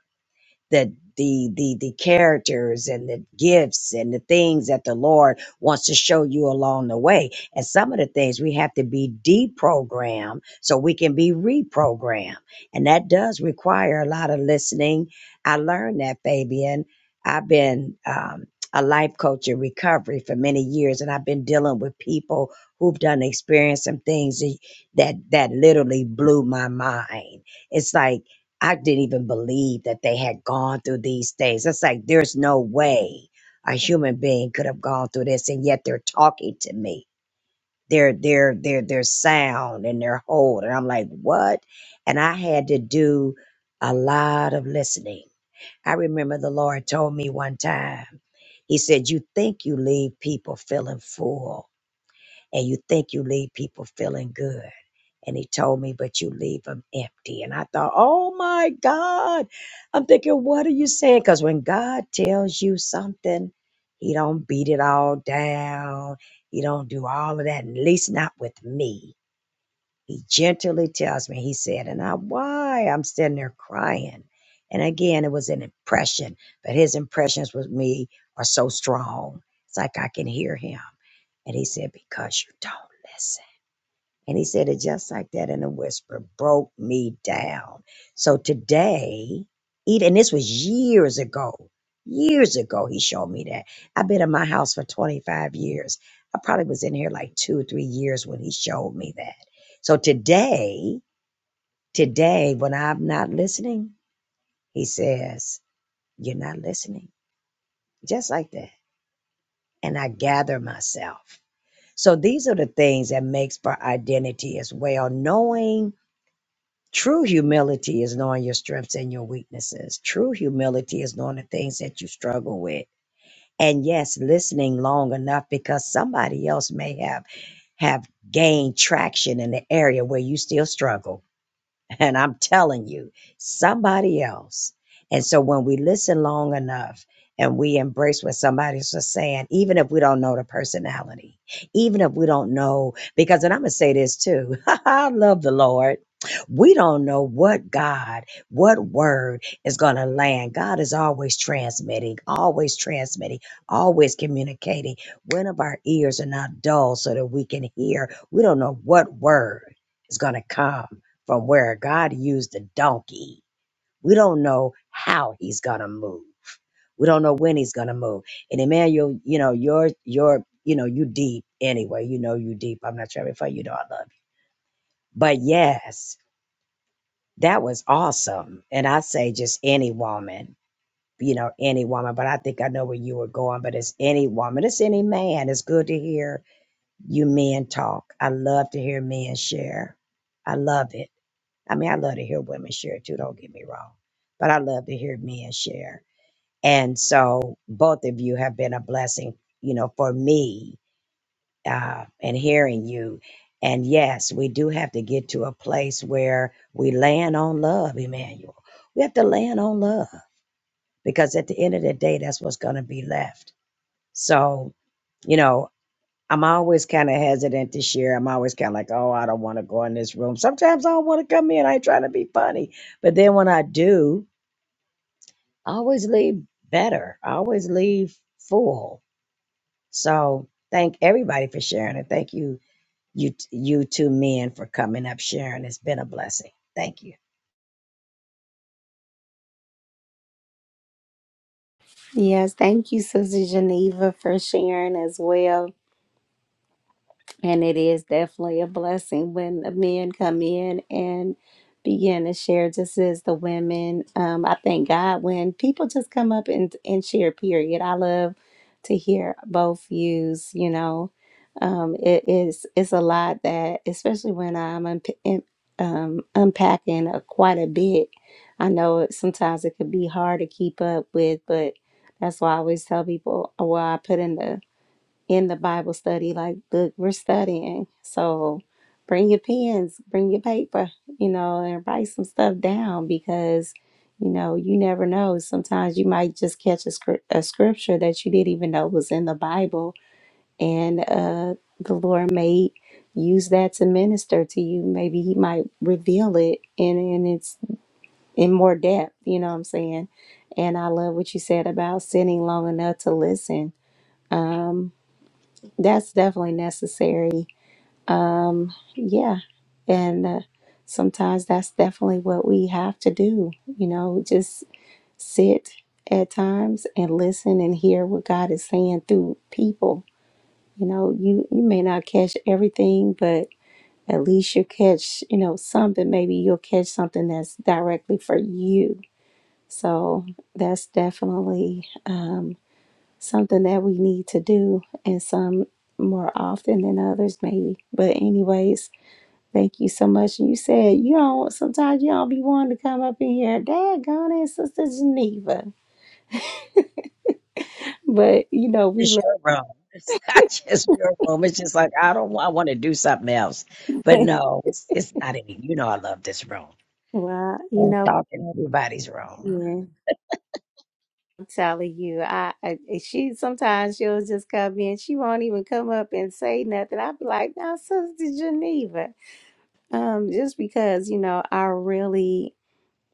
the the the the characters and the gifts and the things that the Lord wants to show you along the way. And some of the things we have to be deprogrammed so we can be reprogrammed. And that does require a lot of listening. I learned that, Fabian. I've been um, a life coach in recovery for many years, and I've been dealing with people who've done experience some things that that that literally blew my mind. It's like I didn't even believe that they had gone through these things. It's like there's no way a human being could have gone through this, and yet they're talking to me. Their their their their sound and their hold, and I'm like, what? And I had to do a lot of listening. I remember the Lord told me one time. He said, "You think you leave people feeling full, and you think you leave people feeling good." And he told me, but you leave them empty. And I thought, oh my God. I'm thinking, what are you saying? Because when God tells you something, he don't beat it all down. He don't do all of that, at least not with me. He gently tells me, he said, and I why I'm sitting there crying. And again, it was an impression, but his impressions with me are so strong. It's like I can hear him. And he said, Because you don't listen. And he said it just like that in a whisper, broke me down. So today, even and this was years ago, years ago, he showed me that. I've been in my house for 25 years. I probably was in here like two or three years when he showed me that. So today, today, when I'm not listening, he says, You're not listening. Just like that. And I gather myself. So these are the things that makes for identity as well, knowing True humility is knowing your strengths and your weaknesses. True humility is knowing the things that you struggle with. And yes, listening long enough because somebody else may have have gained traction in the area where you still struggle. And I'm telling you, somebody else. And so when we listen long enough and we embrace what somebody's just saying, even if we don't know the personality, even if we don't know, because, and I'm going to say this too I love the Lord. We don't know what God, what word is going to land. God is always transmitting, always transmitting, always communicating. When of our ears are not dull so that we can hear, we don't know what word is going to come from where God used a donkey. We don't know how he's gonna move. We don't know when he's gonna move. And Emmanuel, you know, you're you're you know, you deep anyway. You know you deep. I'm not trying to before you know I love you. But yes, that was awesome. And I say just any woman, you know, any woman, but I think I know where you were going, but it's any woman, it's any man. It's good to hear you men talk. I love to hear men share. I love it. I mean, I love to hear women share too, don't get me wrong, but I love to hear men share. And so both of you have been a blessing, you know, for me uh, and hearing you. And yes, we do have to get to a place where we land on love, Emmanuel. We have to land on love because at the end of the day, that's what's going to be left. So, you know, I'm always kind of hesitant to share. I'm always kind of like, oh, I don't want to go in this room. Sometimes I don't want to come in. I ain't trying to be funny. But then when I do, I always leave better. I always leave full. So thank everybody for sharing it. Thank you, you, you two men for coming up sharing. It's been a blessing. Thank you. Yes, thank you, Sister Geneva, for sharing as well. And it is definitely a blessing when the men come in and begin to share, just as the women. Um, I thank God when people just come up and, and share, period. I love to hear both views, you know. Um, it is it's a lot that, especially when I'm unp in- um, unpacking a, quite a bit. I know it, sometimes it could be hard to keep up with, but that's why I always tell people, well, I put in the in the Bible study. Like, look, we're studying. So bring your pens, bring your paper, you know, and write some stuff down because, you know, you never know. Sometimes you might just catch a, scr- a scripture that you didn't even know was in the Bible. And uh, the Lord may use that to minister to you. Maybe He might reveal it in, in its in more depth. You know what I'm saying? And I love what you said about sitting long enough to listen. That's definitely necessary Yeah. And uh, sometimes that's definitely what we have to do. You know, just sit at times and listen and hear what God is saying through people. You know, you, you may not catch everything, but at least you catch, you know, something. Maybe you'll catch something that's directly for you. So that's definitely um, something that we need to do, and some more often than others, maybe. But, anyways, Thank you so much. And you said you don't sometimes you don't be wanting to come up in here. Dad gone and sister Geneva. But you know, we It's your room. It's not just your room. It's just like I don't. I want to do something else. But love no, it's it's not any. You know, I love this room. well, I you don't know, talk in everybody's room. yeah. I'm telling you, I, I she sometimes she'll just come in, she won't even come up and say nothing. I'll be like, now sister Geneva. Um, just because, you know, I really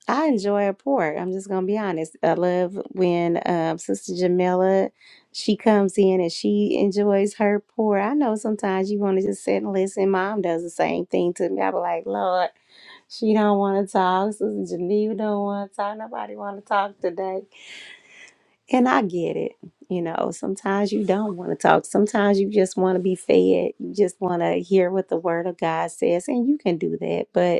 I enjoy a pour. I'm just gonna be honest. I love when um, Sister Jamila she comes in and she enjoys her pour. I know sometimes you want to just sit and listen. Mom does the same thing to me. I be like, Lord, she don't want to talk. Sister Geneva don't want to talk. Nobody want to talk today. And I get it. You know, sometimes you don't want to talk. Sometimes you just want to be fed. You just want to hear what the Word of God says, and you can do that. But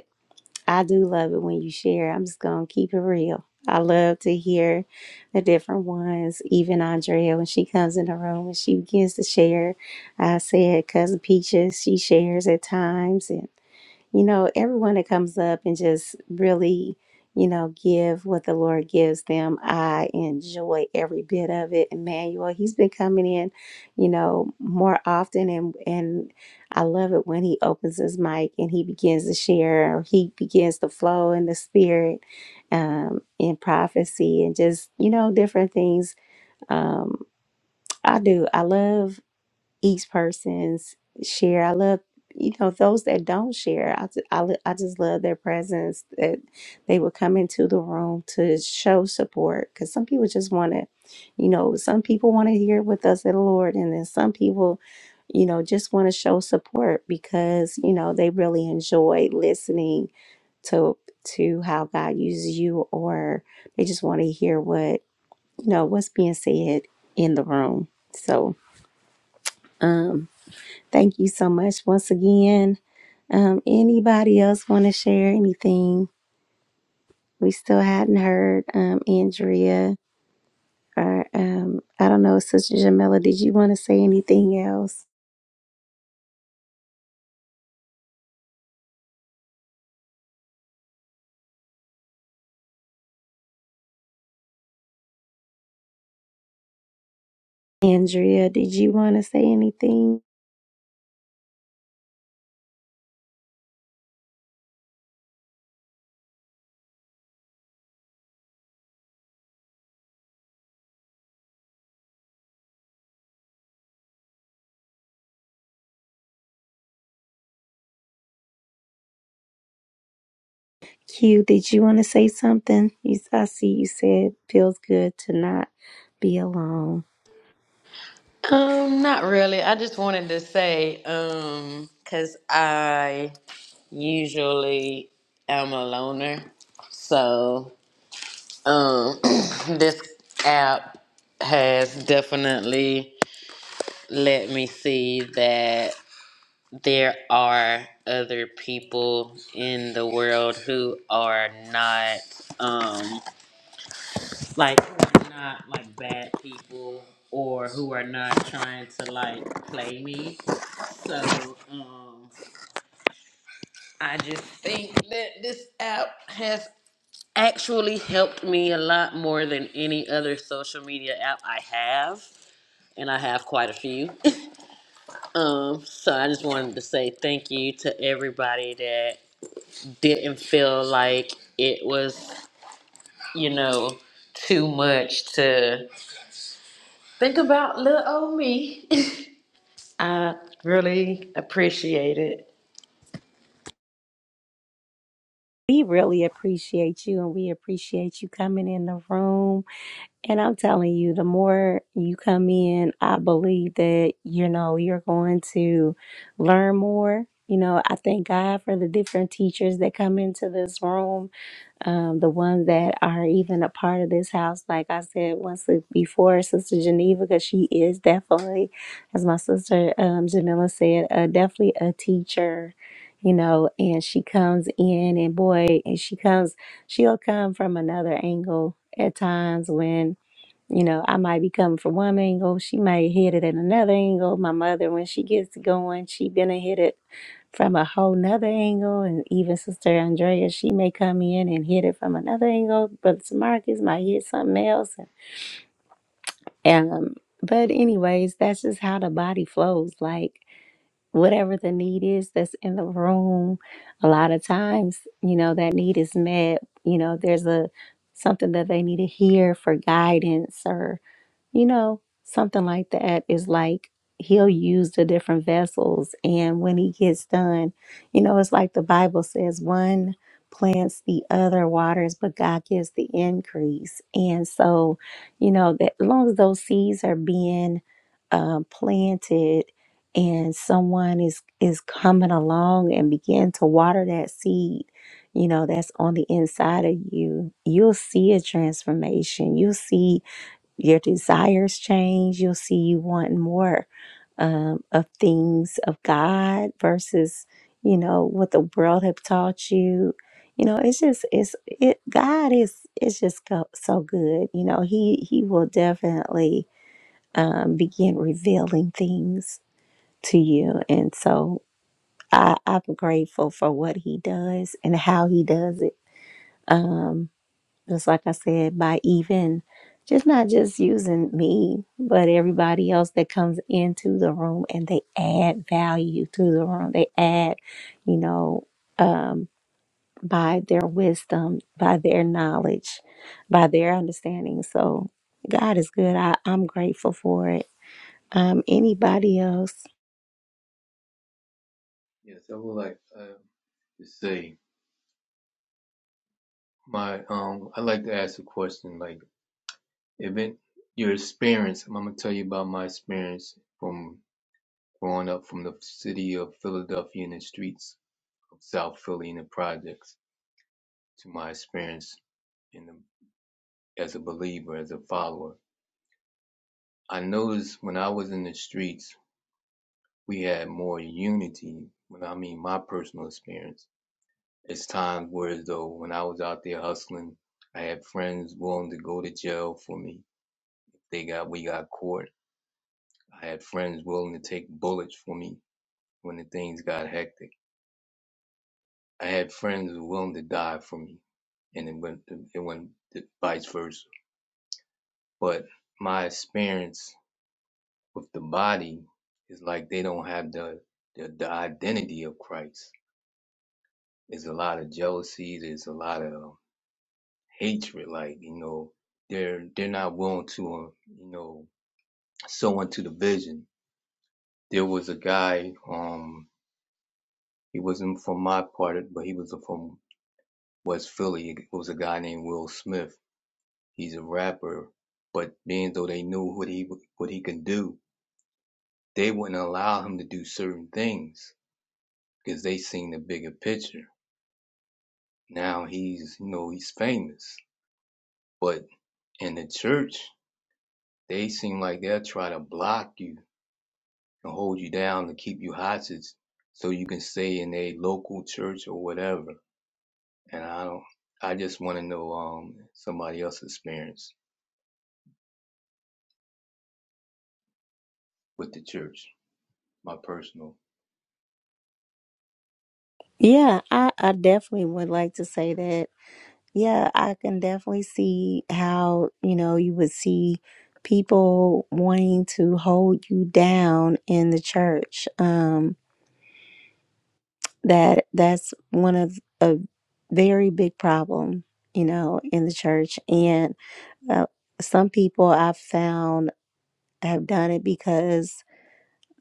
I do love it when you share. I'm just gonna keep it real. I love to hear the different ones. Even Andrea, when she comes in the room and she begins to share, I said, cousin Peaches, she shares at times, you know, everyone that comes up and just really, you know, give what the Lord gives them, I enjoy every bit of it. Emmanuel, he's been coming in, you know, more often and and I love it when he opens his mic and he begins to share or he begins to flow in the spirit um in prophecy and just, you know, different things. Um I do. I love each person's share. I love, you know, those that don't share. I, ju- I, lo- I just love their presence that they would come into the room to show support because some people just want to, you know, some people want to hear with us at the Lord, and then some people, you know, just want to show support because you know they really enjoy listening to to how God uses you, or they just want to hear what you know what's being said in the room. So. Um, Thank you so much once again. Um, anybody else want to share anything? We still hadn't heard um, Andrea or um, I don't know, Sister Jamila. Did you want to say anything else? Andrea, did you want to say anything? Q, did you want to say something? You, I see you said feels good to not be alone. Um, not really. I just wanted to say, um, 'cause I usually am a loner. So Um, this app has definitely let me see that there are other people in the world who are not um like who are not like bad people or who are not trying to like play me. So um I just think that this app has actually helped me a lot more than any other social media app I have and I have quite a few. um, so I just wanted to say thank you to everybody that didn't feel like it was, you know, too much to think about little old me. I really appreciate it. We really appreciate you, and we appreciate you coming in the room And I'm telling you, the more you come in, I believe that, you know, you're going to learn more. You know, I thank God for the different teachers that come into this room, um, the ones that are even a part of this house. Like I said once before, Sister Geneva, because she is definitely, as my sister um, Jamila said, uh, definitely a teacher, you know, and she comes in and boy, and she comes, she'll come from another angle at times when you know, I might be coming from one angle, she might hit it at another angle. My mother, when she gets going, she gonna hit it from a whole nother angle. And even Sister Andrea, she may come in and hit it from another angle. Brother Marcus might hit something else. And um, but anyways, that's just how the body flows. Like whatever the need is that's in the room, a lot of times, you know, that need is met. You know, there's a something that they need to hear for guidance or you know, something like that is like he'll use the different vessels. And when he gets done, you know, it's like the Bible says one plants the other waters, but God gives the increase. And so, you know, that as long as those seeds are being um, planted and someone is is coming along and begin to water that seed you know that's on the inside of you you'll see a transformation you'll see your desires change. You'll see you wanting more um, of things of God versus, you know, what the world have taught you. You know, it's just it's it. God is is just go, so good. You know, he he will definitely um, begin revealing things to you, and so I, I'm grateful for what he does and how he does it. Um, just like I said, by even just not just using me, but everybody else that comes into the room and they add value to the room. They add, you know, um, by their wisdom, by their knowledge, by their understanding. So God is good. I, I'm grateful for it. Um, anybody else? Yes, I would like uh, to say. My um, i like to ask a question. Like, if it your experience, I'm gonna tell you about my experience from growing up from the city of Philadelphia and the streets of South Philly and the projects to my experience in the, as a believer, as a follower. I noticed when I was in the streets, we had more unity. When I mean my personal experience, it's times where as though when I was out there hustling, I had friends willing to go to jail for me. They got we got caught I had friends willing to take bullets for me when the things got hectic. I had friends willing to die for me, and it went it went vice versa. But my experience with the body is like they don't have the the, the identity of Christ. There's a lot of jealousy. There's a lot of um, hatred. Like you know, they're they're not willing to um, you know sow into the vision. There was a guy. Um, he wasn't from my part, but he was from West Philly was a guy named Will Smith. He's a rapper, but being though they knew what he what he could do, they wouldn't allow him to do certain things because they seen the bigger picture. Now he's you know he's famous, but in the church they seem like they'll try to block you and hold you down to keep you hostage so you can stay in a local church or whatever. And I don't. I just want to know um somebody else's experience with the church. My personal. Yeah, I, I definitely would like to say that Yeah, I can definitely see how, you know, you would see people wanting to hold you down in the church. Um, that that's one of a very big problem, you know, in the church. And uh, some people I've found have done it because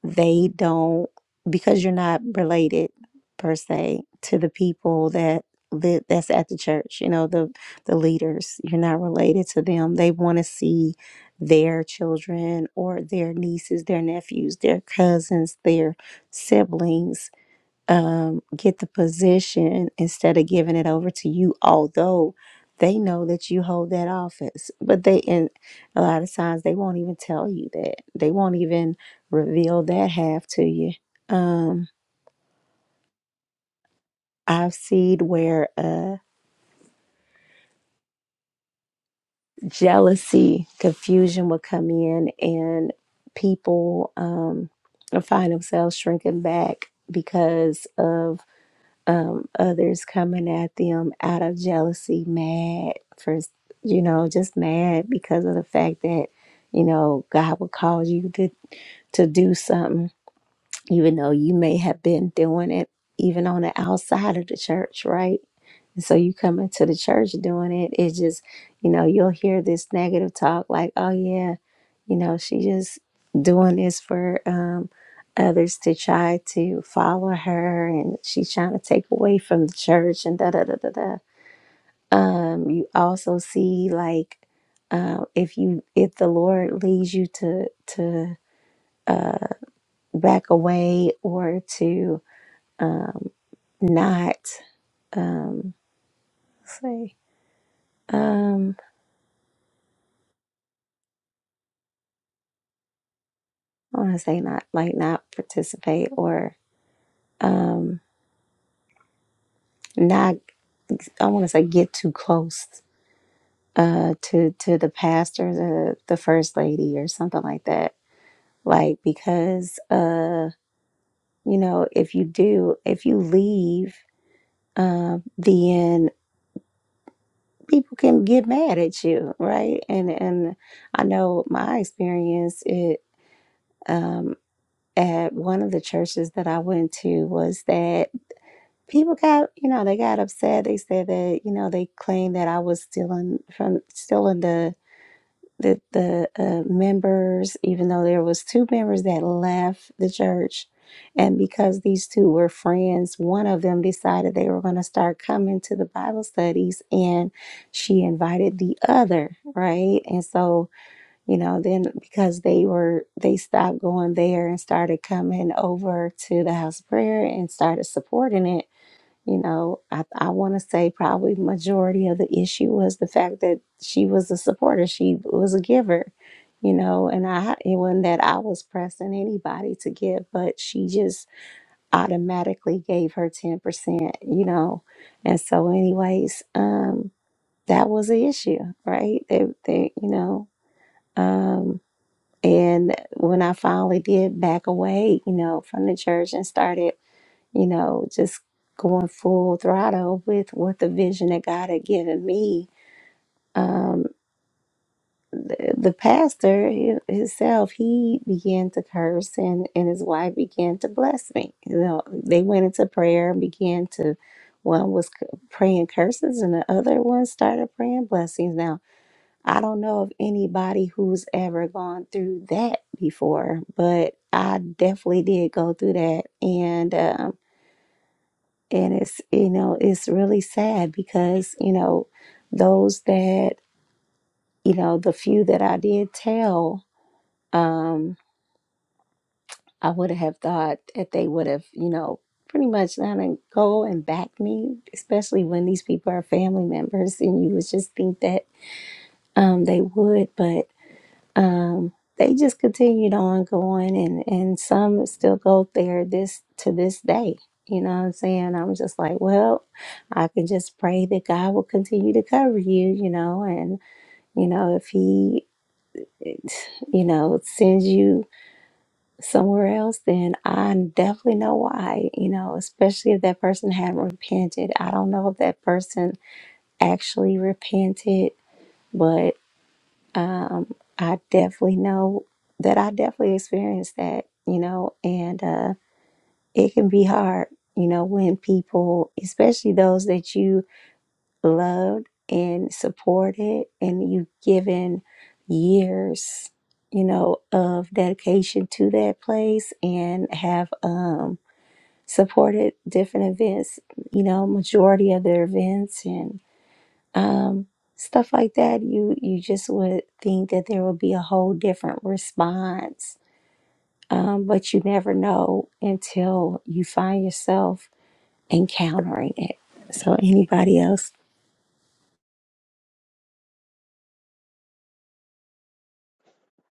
they don't because you're not related per se to the people that that that's at the church you know the the leaders you're not related to them they want to see their children or their nieces their nephews their cousins their siblings um, get the position instead of giving it over to you, although they know that you hold that office. But they, and a lot of times, they won't even tell you that. They won't even reveal that half to you. Um, I've seen where uh, jealousy, confusion will come in, and people um, find themselves shrinking back because of um, others coming at them out of jealousy, mad for, you know, just mad because of the fact that, you know, God would cause you to, to do something even though you may have been doing it even on the outside of the church, right? And so you come into the church doing it, it's just, you know, you'll hear this negative talk like, oh yeah, you know, she just doing this for um others to try to follow her and she's trying to take away from the church and da da da da da. Um, you also see like um if you if the Lord leads you to to back away or to um. not um let's say um I want to say not like not participate or um not I want to say get too close uh to to the pastor the the first lady or something like that like because uh you know if you do if you leave uh, then people can get mad at you right and and I know my experience it um. at one of the churches that I went to was that people got, you know, they got upset. They said that, you know, they claimed that I was stealing from stealing the the the uh, members, even though there was two members that left the church, and because these two were friends, one of them decided they were going to start coming to the Bible studies, and she invited the other, right? And so you know then because they were they stopped going there and started coming over to the house of prayer and started supporting it you know i, I want to say probably majority of the issue was the fact that she was a supporter she was a giver you know and i it wasn't that i was pressing anybody to give but she just automatically gave her 10% you know and so anyways um that was an issue right they, they you know um, and when I finally did back away, you know, from the church and started, you know, just going full throttle with what the vision that God had given me, um, the, the pastor hi- himself, he began to curse and, and his wife began to bless me. You know, they went into prayer and began to, one was c- praying curses and the other one started praying blessings. Now, I don't know of anybody who's ever gone through that before, but I definitely did go through that, and um, and it's you know it's really sad because you know those that you know the few that I did tell, um, I would have thought that they would have you know pretty much done and go and back me, especially when these people are family members, and you would just think that um, they would, but. um, they just continued on going and and some still go there this to this day you know what i'm saying i'm just like well i can just pray that god will continue to cover you you know and you know if he you know sends you somewhere else then i definitely know why you know especially if that person hadn't repented i don't know if that person actually repented but. Um, I definitely know that I definitely experienced that, you know, and uh, it can be hard, you know, when people, especially those that you loved and supported and you've given years, you know, of dedication to that place and have um, supported different events, you know, majority of their events and um, stuff like that, you you just would think that there would be a whole different response, um, but you never know until you find yourself encountering it. So, anybody else?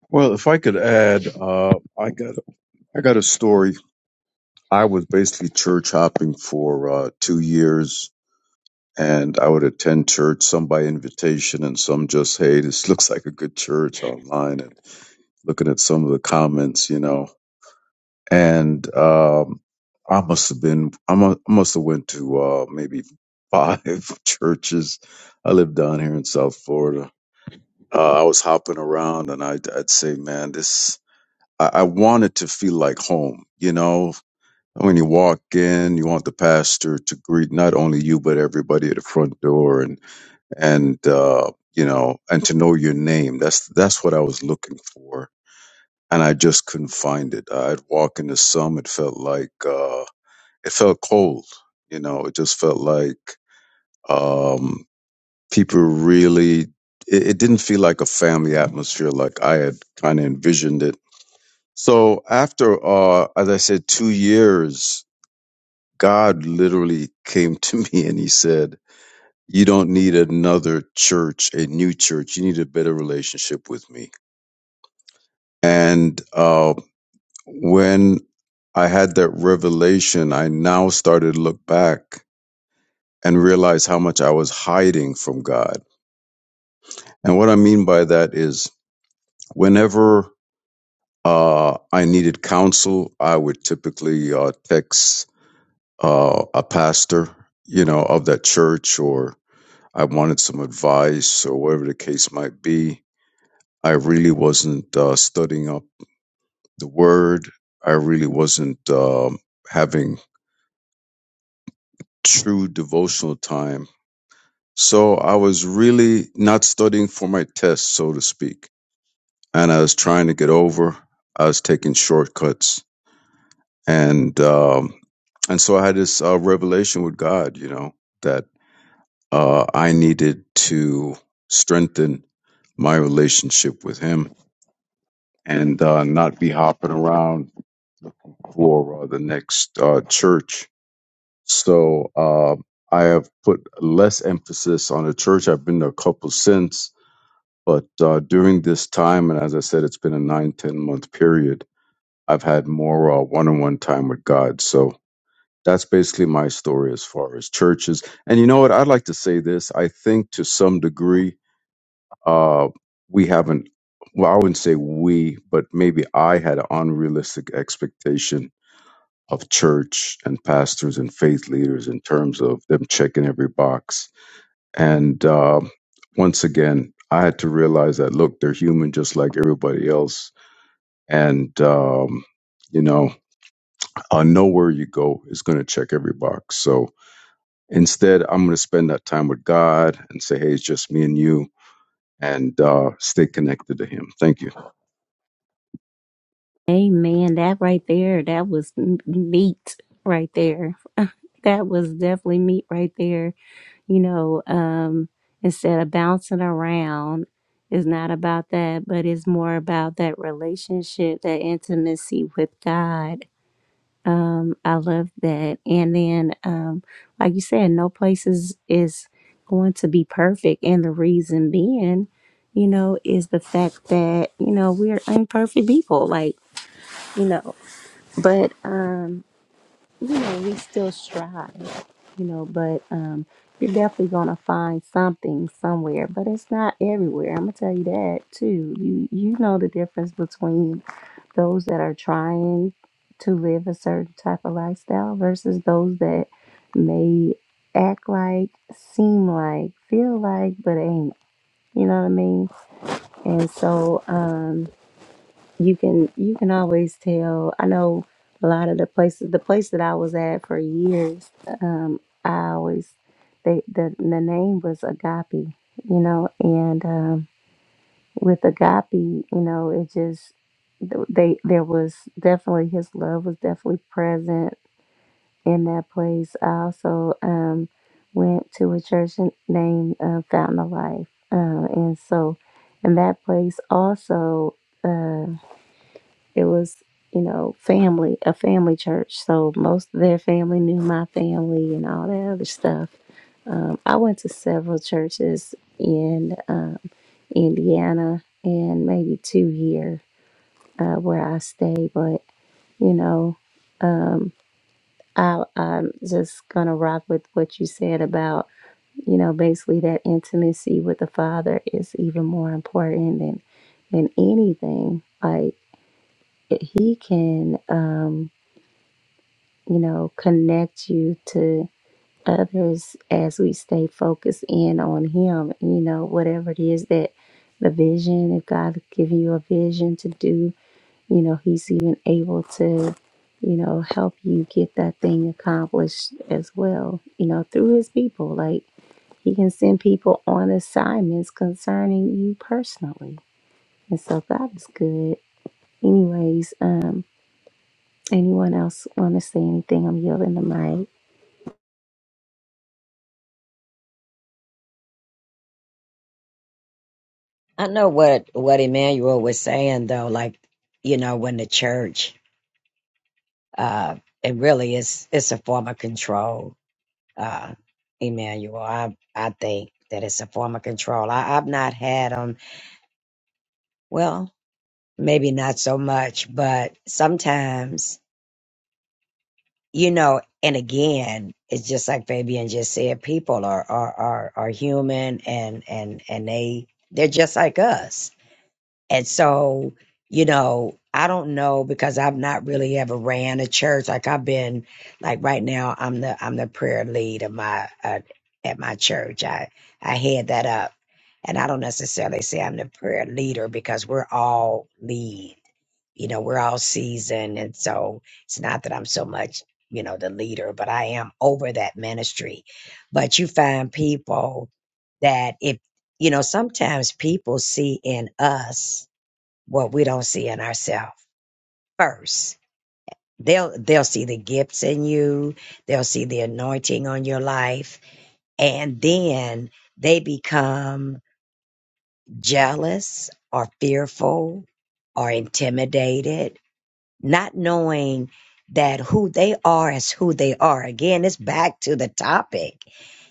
Well, if I could add, uh, I got I got a story. I was basically church hopping for uh, two years and I would attend church, some by invitation and some just, hey, this looks like a good church online and looking at some of the comments, you know. And um, I must have been, I mu- I must have went to uh, maybe five churches. I lived down here in South Florida. Uh, I was hopping around and I'd, I'd say, man, this, I, I wanted to feel like home, you know. When you walk in, you want the pastor to greet not only you, but everybody at the front door. and and uh, you know, and to know your name. That's that's what I was looking for, and I just couldn't find it. I'd walk into some, it felt like uh, it felt cold. You know, it just felt like um, people really. It, it didn't feel like a family atmosphere, like I had kind of envisioned it. So after, uh, as I said, two years, God literally came to me and He said You don't need another church, a new church. You need a better relationship with me. And uh, when I had that revelation, I now started to look back and realize how much I was hiding from God. And what I mean by that is whenever uh, I needed counsel, I would typically uh, text uh, a pastor, you know, of that church, or I wanted some advice or whatever the case might be. I really wasn't uh, studying up the word. I really wasn't um, having true devotional time. So I was really not studying for my test, so to speak. And I was trying to get over. I was taking shortcuts, and um, and so I had this uh, revelation with God, you know, that uh, I needed to strengthen my relationship with Him and uh, not be hopping around for uh, the next uh, church. So uh, I have put less emphasis on the church. I've been to a couple since, but uh, during this time, and as I said, it's been a nine, ten month period, I've had more uh, one-on-one time with God. So that's basically my story as far as churches. And you know what? I'd like to say this. I think to some degree, uh, we haven't, well, I wouldn't say we, but maybe I had an unrealistic expectation of church and pastors and faith leaders in terms of them checking every box. And uh, once again, I had to realize that look, they're human just like everybody else, and um, you know, uh, nowhere you go is going to check every box. So instead, I'm going to spend that time with God and say, hey, it's just me and you, and uh, stay connected to Him. Thank you. Amen. That right there, that was m- meat right there. that was definitely meat right there. You know, um, instead of bouncing around, it's not about that, but it's more about that relationship, that intimacy with God. Um, I love that. And then, um, like you said, no place is, is going to be perfect. And the reason being, you know, is the fact that, you know, we're imperfect people. Like, you know, but um you know, we still strive, you know, but um, you're definitely gonna find something somewhere, but it's not everywhere. I'm gonna tell you that too. You you know the difference between those that are trying to live a certain type of lifestyle versus those that may act like, seem like, feel like, but ain't. You know what I mean? And so, um, you can you can always tell i know a lot of the places the place that i was at for years um i always they the, the name was agape you know and um with agape you know it just th- they there was definitely his love was definitely present in that place i also um went to a church n- named uh, fountain of life uh, and so in that place also uh, it was you know family a family church so most of their family knew my family and all that other stuff um, i went to several churches in um, indiana and maybe two here uh, where i stay but you know I, i'm just gonna rock with what you said about you know basically that intimacy with the father is even more important than than anything like he can um you know, connect you to others as we stay focused in on Him. You know, whatever it is that the vision, if God has given you a vision to do, you know, He's even able to, you know, help you get that thing accomplished as well, you know, through His people. Like, He can send people on assignments concerning you personally. And so God is good. Anyways, um, anyone else want to say anything? I'm yielding the mic. I know what what Emmanuel was saying though, like you know, when the church, uh, it really is it's a form of control. Uh, Emmanuel, I I think that it's a form of control. I, I've not had them. Well, maybe not so much, but sometimes you know. And again, it's just like Fabian just said, people are are are, are human, and and and they they're just like us And so, you know, I don't know because I've not really ever ran a church. Like I've been, like right now, I'm the I'm the prayer lead of my uh, at my church. I I head that up, and I don't necessarily say I'm the prayer leader because we're all lead. You know, we're all seasoned, and so it's not that I'm so much you know the leader, but I am over that ministry. But you find people that if you know, sometimes people see in us what we don't see in ourselves first. They'll they'll see the gifts in you, they'll see the anointing on your life, and then they become jealous or fearful or intimidated, not knowing that who they are is who they are. Again, it's back to the topic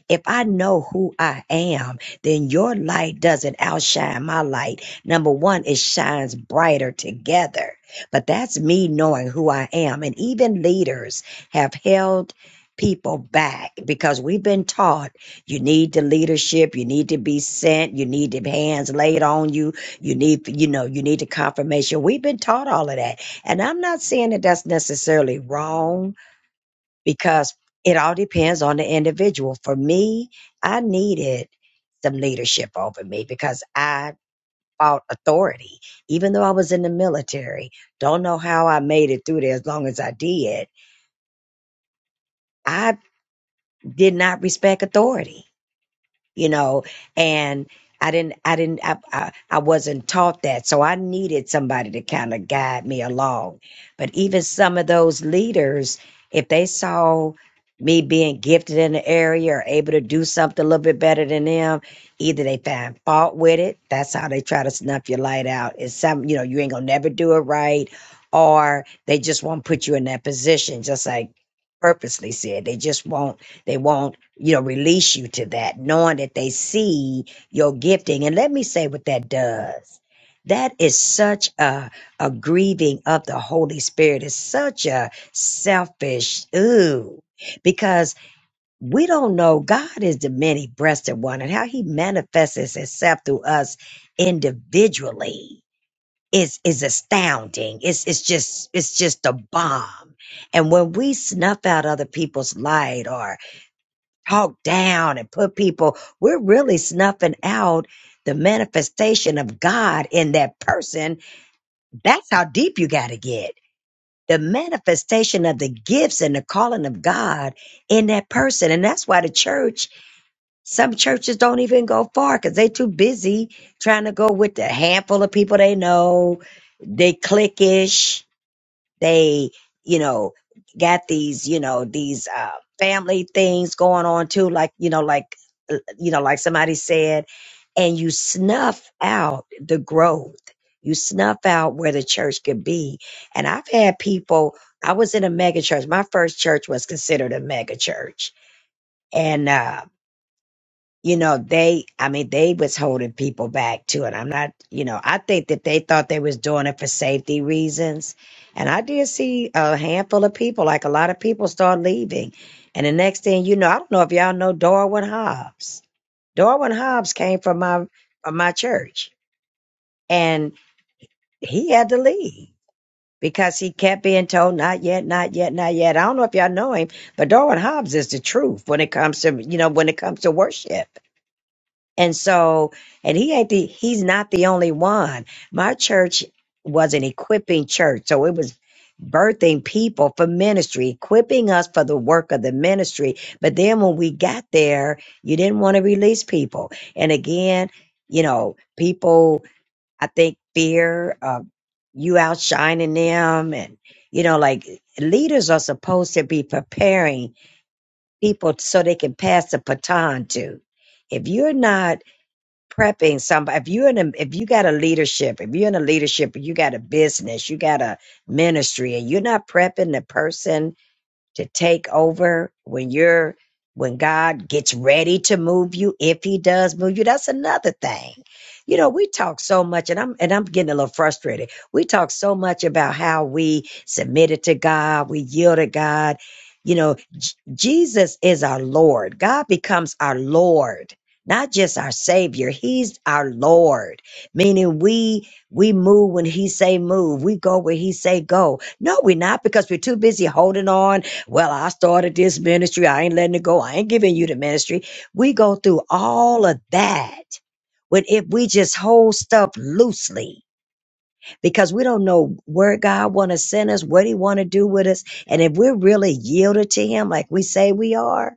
If I know who I am, then your light doesn't outshine my light. Number one, it shines brighter together. But that's me knowing who I am. And even leaders have held people back because we've been taught you need the leadership, you need to be sent, you need the hands laid on you, you need, you know, you need the confirmation. We've been taught all of that. And I'm not saying that that's necessarily wrong because it all depends on the individual. For me, I needed some leadership over me because I fought authority, even though I was in the military. Don't know how I made it through there as long as I did. I did not respect authority. you know and i didn't i didn't i i, I wasn't taught that so i needed somebody to kind of guide me along but even some of those leaders if they saw me being gifted in the area or able to do something a little bit better than them either they find fault with it that's how they try to snuff your light out it's some you know you ain't gonna never do it right or they just won't put you in that position just like purposely said they just won't they won't you know, release you to that, knowing that they see your gifting. And let me say what that does. That is such a, a grieving of the Holy Spirit. It's such a selfish, ooh, because we don't know God is the many breasted one and how he manifests himself through us individually is, is astounding. It's, it's just, it's just a bomb. And when we snuff out other people's light or talk down and put people, we're really snuffing out the manifestation of God in that person. That's how deep you got to get. The manifestation of the gifts and the calling of God in that person. And that's why the church, some churches don't even go far because they too busy trying to go with the handful of people they know, they cliquish they, you know, got these, you know, these uh, family things going on too, like, you know, like, uh, you know, like somebody said, and you snuff out the growth. You snuff out where the church could be. And I've had people, I was in a mega church. My first church was considered a mega church. And, uh, you know they i mean they was holding people back too and i'm not you know i think that they thought they was doing it for safety reasons and i did see a handful of people like a lot of people start leaving and the next thing you know i don't know if y'all know darwin hobbs darwin hobbs came from my from my church and he had to leave because he kept being told not yet not yet not yet i don't know if y'all know him but darwin hobbs is the truth when it comes to you know when it comes to worship and so, and he ain't the, he's not the only one. My church was an equipping church. So it was birthing people for ministry, equipping us for the work of the ministry. But then when we got there, you didn't want to release people. And again, you know, people, I think fear of you outshining them and, you know, like leaders are supposed to be preparing people so they can pass the baton to. If you're not prepping somebody if you in a if you got a leadership if you're in a leadership you got a business you got a ministry and you're not prepping the person to take over when you're when God gets ready to move you, if he does move you, that's another thing. You know, we talk so much and I'm and I'm getting a little frustrated. We talk so much about how we submitted to God, we yielded God. You know, J- Jesus is our Lord. God becomes our Lord, not just our savior. He's our Lord, meaning we we move when he say move. We go where he say go. No, we're not because we're too busy holding on well, I started this ministry. I ain't letting it go. I ain't giving you the ministry. We go through all of that. But if we just hold stuff loosely, because we don't know where God want to send us, what He want to do with us, and if we're really yielded to Him, like we say we are,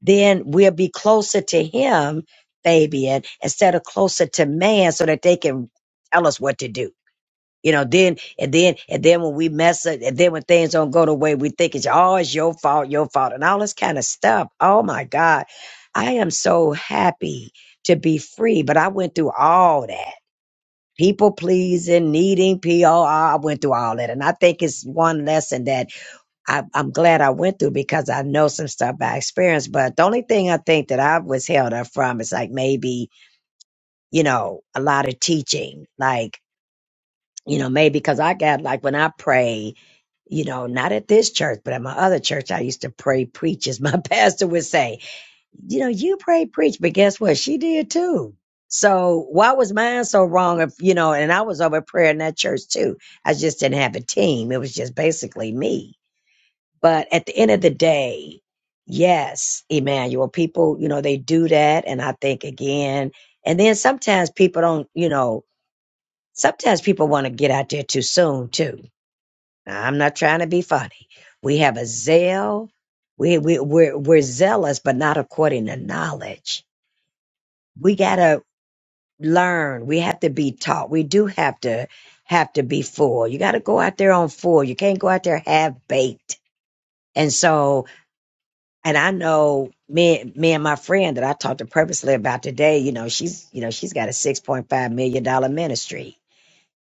then we'll be closer to Him, Fabian, instead of closer to man, so that they can tell us what to do. You know, then and then and then when we mess up, and then when things don't go the way we think it's all it's your fault, your fault, and all this kind of stuff. Oh my God, I am so happy to be free, but I went through all that. People pleasing, needing POR, I went through all that. And I think it's one lesson that I, I'm glad I went through because I know some stuff I experienced. But the only thing I think that I was held up from is like maybe, you know, a lot of teaching. Like you know, maybe because I got like when I pray, you know, not at this church, but at my other church, I used to pray, preach, as my pastor would say. You know, you pray, preach, but guess what? She did too. So why was mine so wrong? If you know, and I was over prayer in that church too. I just didn't have a team. It was just basically me. But at the end of the day, yes, Emmanuel, people, you know, they do that, and I think again, and then sometimes people don't, you know Sometimes people want to get out there too soon too. Now, I'm not trying to be funny. We have a zeal. We we we're, we're zealous, but not according to knowledge. We gotta learn. We have to be taught. We do have to have to be full. You got to go out there on full. You can't go out there half baked. And so, and I know me me and my friend that I talked to purposely about today. You know, she's you know she's got a six point five million dollar ministry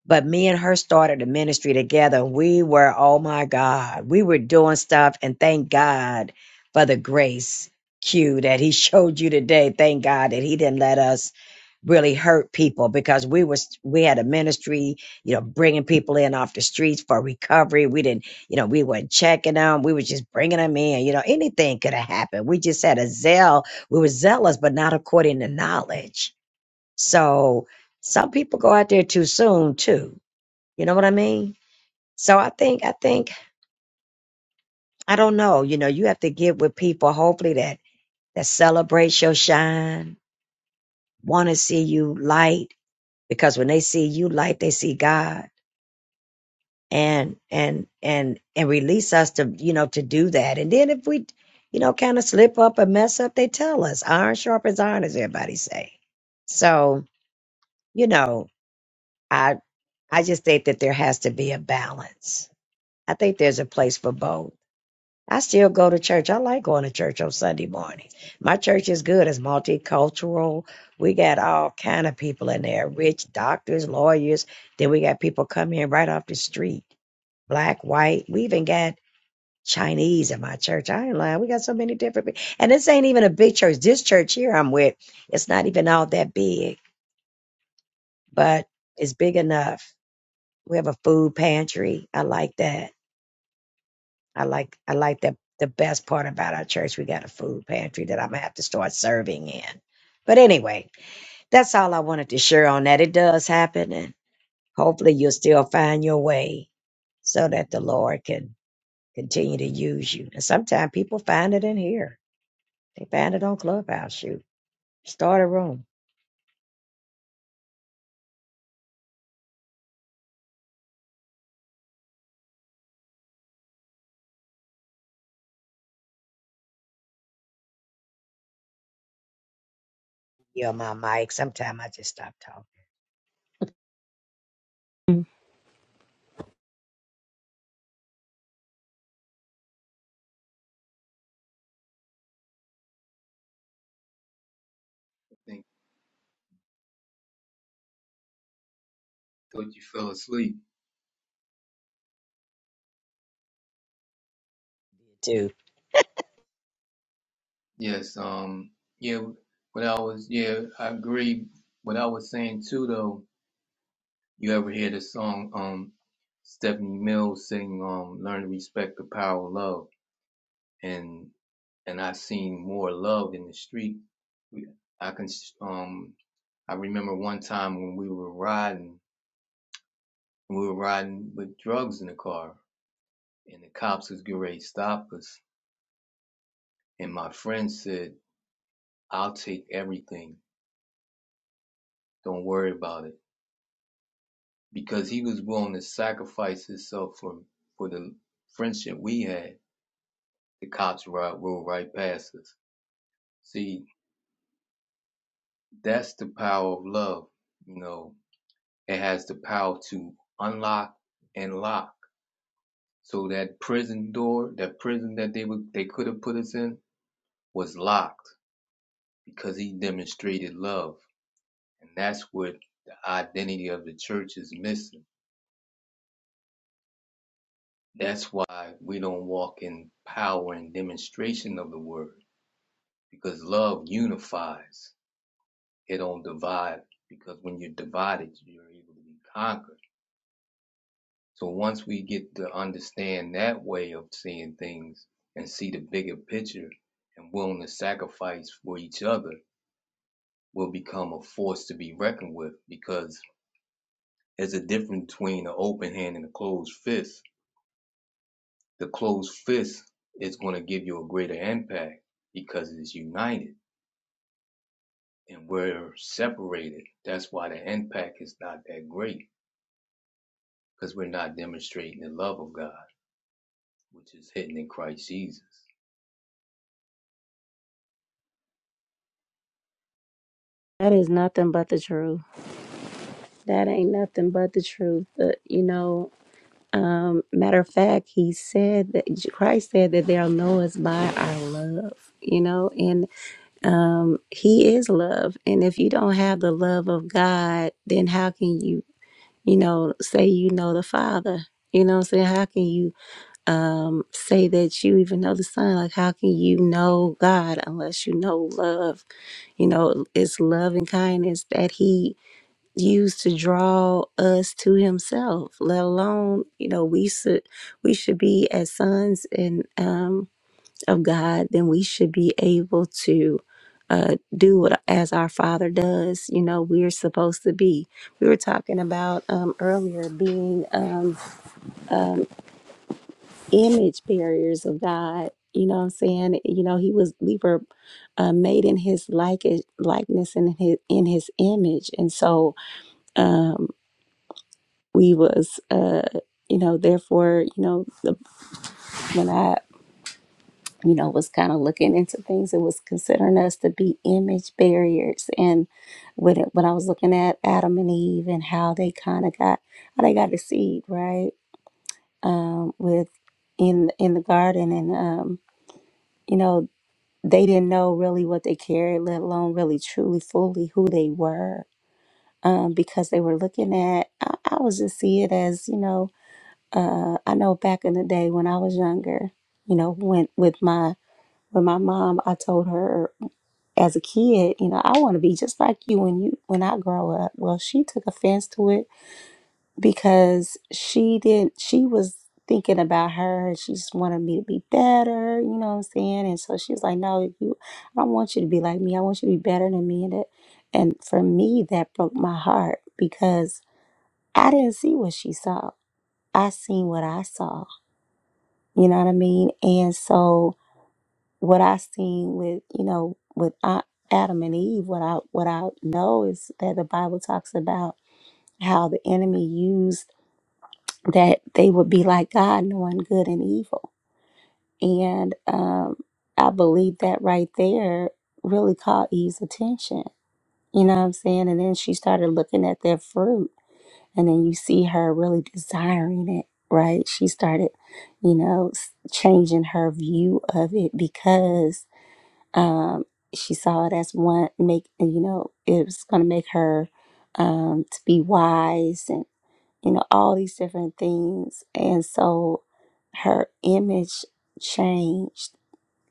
But me and her started a ministry together. We were, oh my God, we were doing stuff. And thank God for the grace cue that he showed you today. Thank God that he didn't let us really hurt people because we was we had a ministry, you know, bringing people in off the streets for recovery. We didn't, you know, we weren't checking them. We were just bringing them in. You know, anything could have happened. We just had a zeal. We were zealous, but not according to knowledge. So some people go out there too soon too you know what I mean? So I think I think I don't know. You know, you have to get with people hopefully that that celebrate your shine, want to see you light because when they see you light, they see God. And and and and release us to you know to do that. And then if we you know kind of slip up and mess up, they tell us iron sharpens iron, as everybody say. So you know, I I just think that there has to be a balance. I think there's a place for both I still go to church. I like going to church on Sunday morning. My church is good. It's multicultural. We got all kind of people in there, rich doctors, lawyers. Then we got people come in right off the street, black, white. We even got Chinese in my church. I ain't lying. We got so many different people. And this ain't even a big church. This church here I'm with, it's not even all that big, but it's big enough. We have a food pantry. I like that I like I like that the best part about our church, we got a food pantry that I'm gonna have to start serving in. But anyway, that's all I wanted to share on that. It does happen and hopefully you'll still find your way so that the Lord can continue to use you. And sometimes people find it in here. They find it on Clubhouse shoot. Start a room. Yeah, my mic. Sometimes I just stop talking thing. Thought you fell asleep. too. Your Yes. Um. Yeah. What I was. Yeah. I agree. What I was saying too, though. You ever hear the song? Um. Stephanie Mills sing. Um. Learn to respect the power of love. And and I seen more love in the street. We- I can. s- Um. I remember one time when we were riding. We were riding with drugs in the car, and the cops was getting ready to stop us. And my friend said, "I'll take everything. Don't worry about it." because he was willing to sacrifice himself for for the friendship we had, the cops ride rolled right past us. See, that's the power of love. You know, it has the power to unlock and lock. So that prison door, that prison that they would they could have put us in, was locked because he demonstrated love, and that's what the identity of the church is missing. That's why we don't walk in power and demonstration of the word because love unifies. It don't divide because when you're divided, you're able to be conquered. So once we get to understand that way of seeing things and see the bigger picture and willing to sacrifice for each other, we'll become a force to be reckoned with because there's a difference between an open hand and a closed fist. The closed fist is going to give you a greater impact because it's united and we're separated. That's why the impact is not that great because we're not demonstrating the love of God, which is hidden in Christ Jesus. That is nothing but the truth. That ain't nothing but the truth. But, you know, um, matter of fact, he said that Christ said that they'll know us by our love, you know, and um, he is love. And if you don't have the love of God, then how can you, you know, say you know the Father? You know what I'm saying? How can you um, say that you even know the Son? Like, how can you know God unless you know love? You know, it's love and kindness that He used to draw us to himself let alone you know we should we should be as sons and um of god then we should be able to uh do what as our father does you know we're supposed to be we were talking about um earlier being um image barriers of god you know what i'm saying you know he was we were uh, made in his like eh, likeness and in his in his image and so um we was uh you know therefore you know the, when i you know was kind of looking into things it was considering us to be image barriers and when it, when i was looking at adam and eve and how they kind of got how they got deceived right um with in in the garden and um you know they didn't know really what they carried let alone really truly fully who they were um because they were looking at i, I was just see it as you know uh, I know back in the day when I was younger, you know, when with my with my mom, I told her as a kid, you know, I want to be just like you when you when I grow up. Well, she took offense to it because she didn't. She was thinking about her. She just wanted me to be better. You know what I'm saying? And so she was like, "No, you. I don't want you to be like me. I want you to be better than me." And that, and for me, that broke my heart because I didn't see what she saw. I seen what I saw You know what I mean? And so what I seen with, you know, with A- Adam and Eve, what I what I know is that the Bible talks about how the enemy used that they would be like God, knowing good and evil. And um, I believe that right there really caught Eve's attention. You know what I'm saying? And then she started looking at their fruit And then you see her really desiring it, right? She started, you know, changing her view of it because um, she saw it as one make, you know, it was going to make her um, to be wise and you know, all these different things. And so her image changed.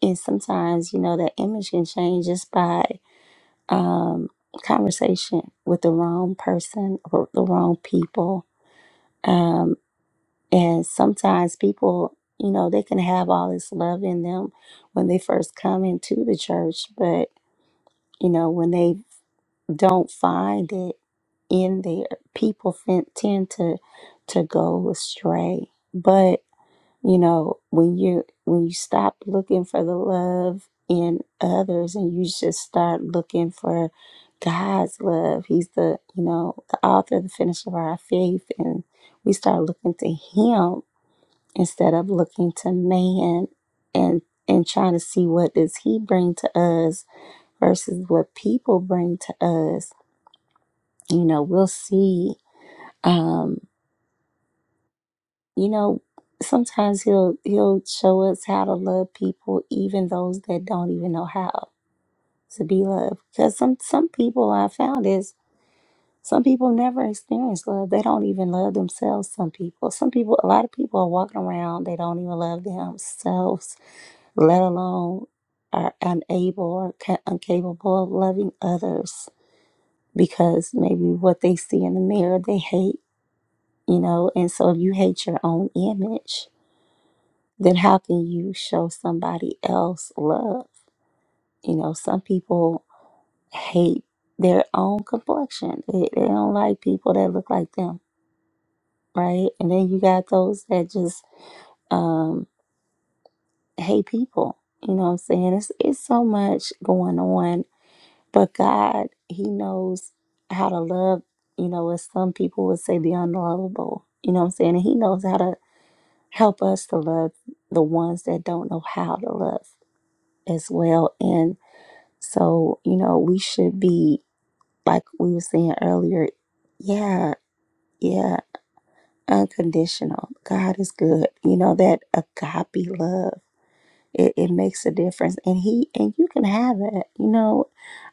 And sometimes, you know, that image can change just by um, conversation with the wrong person or the wrong people um, and sometimes people, you know, they can have all this love in them when they first come into the church, but, you know, when they don't find it in there, people fin- tend to to go astray. But, you know, when you when you stop looking for the love in others and you just start looking for God's love, He's the, you know, the author, the finisher of our faith, and we start looking to Him instead of looking to man and and trying to see what does he bring to us versus what people bring to us you know we'll see um you know sometimes he'll he'll show us how to love people even those that don't even know how to be loved because some some people i found is some people never experience love they don't even love themselves some people some people a lot of people are walking around they don't even love themselves let alone are unable or ca- incapable of loving others because maybe what they see in the mirror they hate, you know. And so if you hate your own image, then how can you show somebody else love? You know, some people hate their own complexion, they, they don't like people that look like them, right? And then you got those that just um, hate people. You know what I'm saying? It's, it's so much going on But God, He knows how to love, you know, as some people would say, the unlovable. You know what I'm saying? And He knows how to help us to love the ones that don't know how to love as well. And so, you know, we should be, like we were saying earlier, yeah, yeah, unconditional. God is good. You know, that agape love, it, it makes a difference. And He, and you can have it, you know.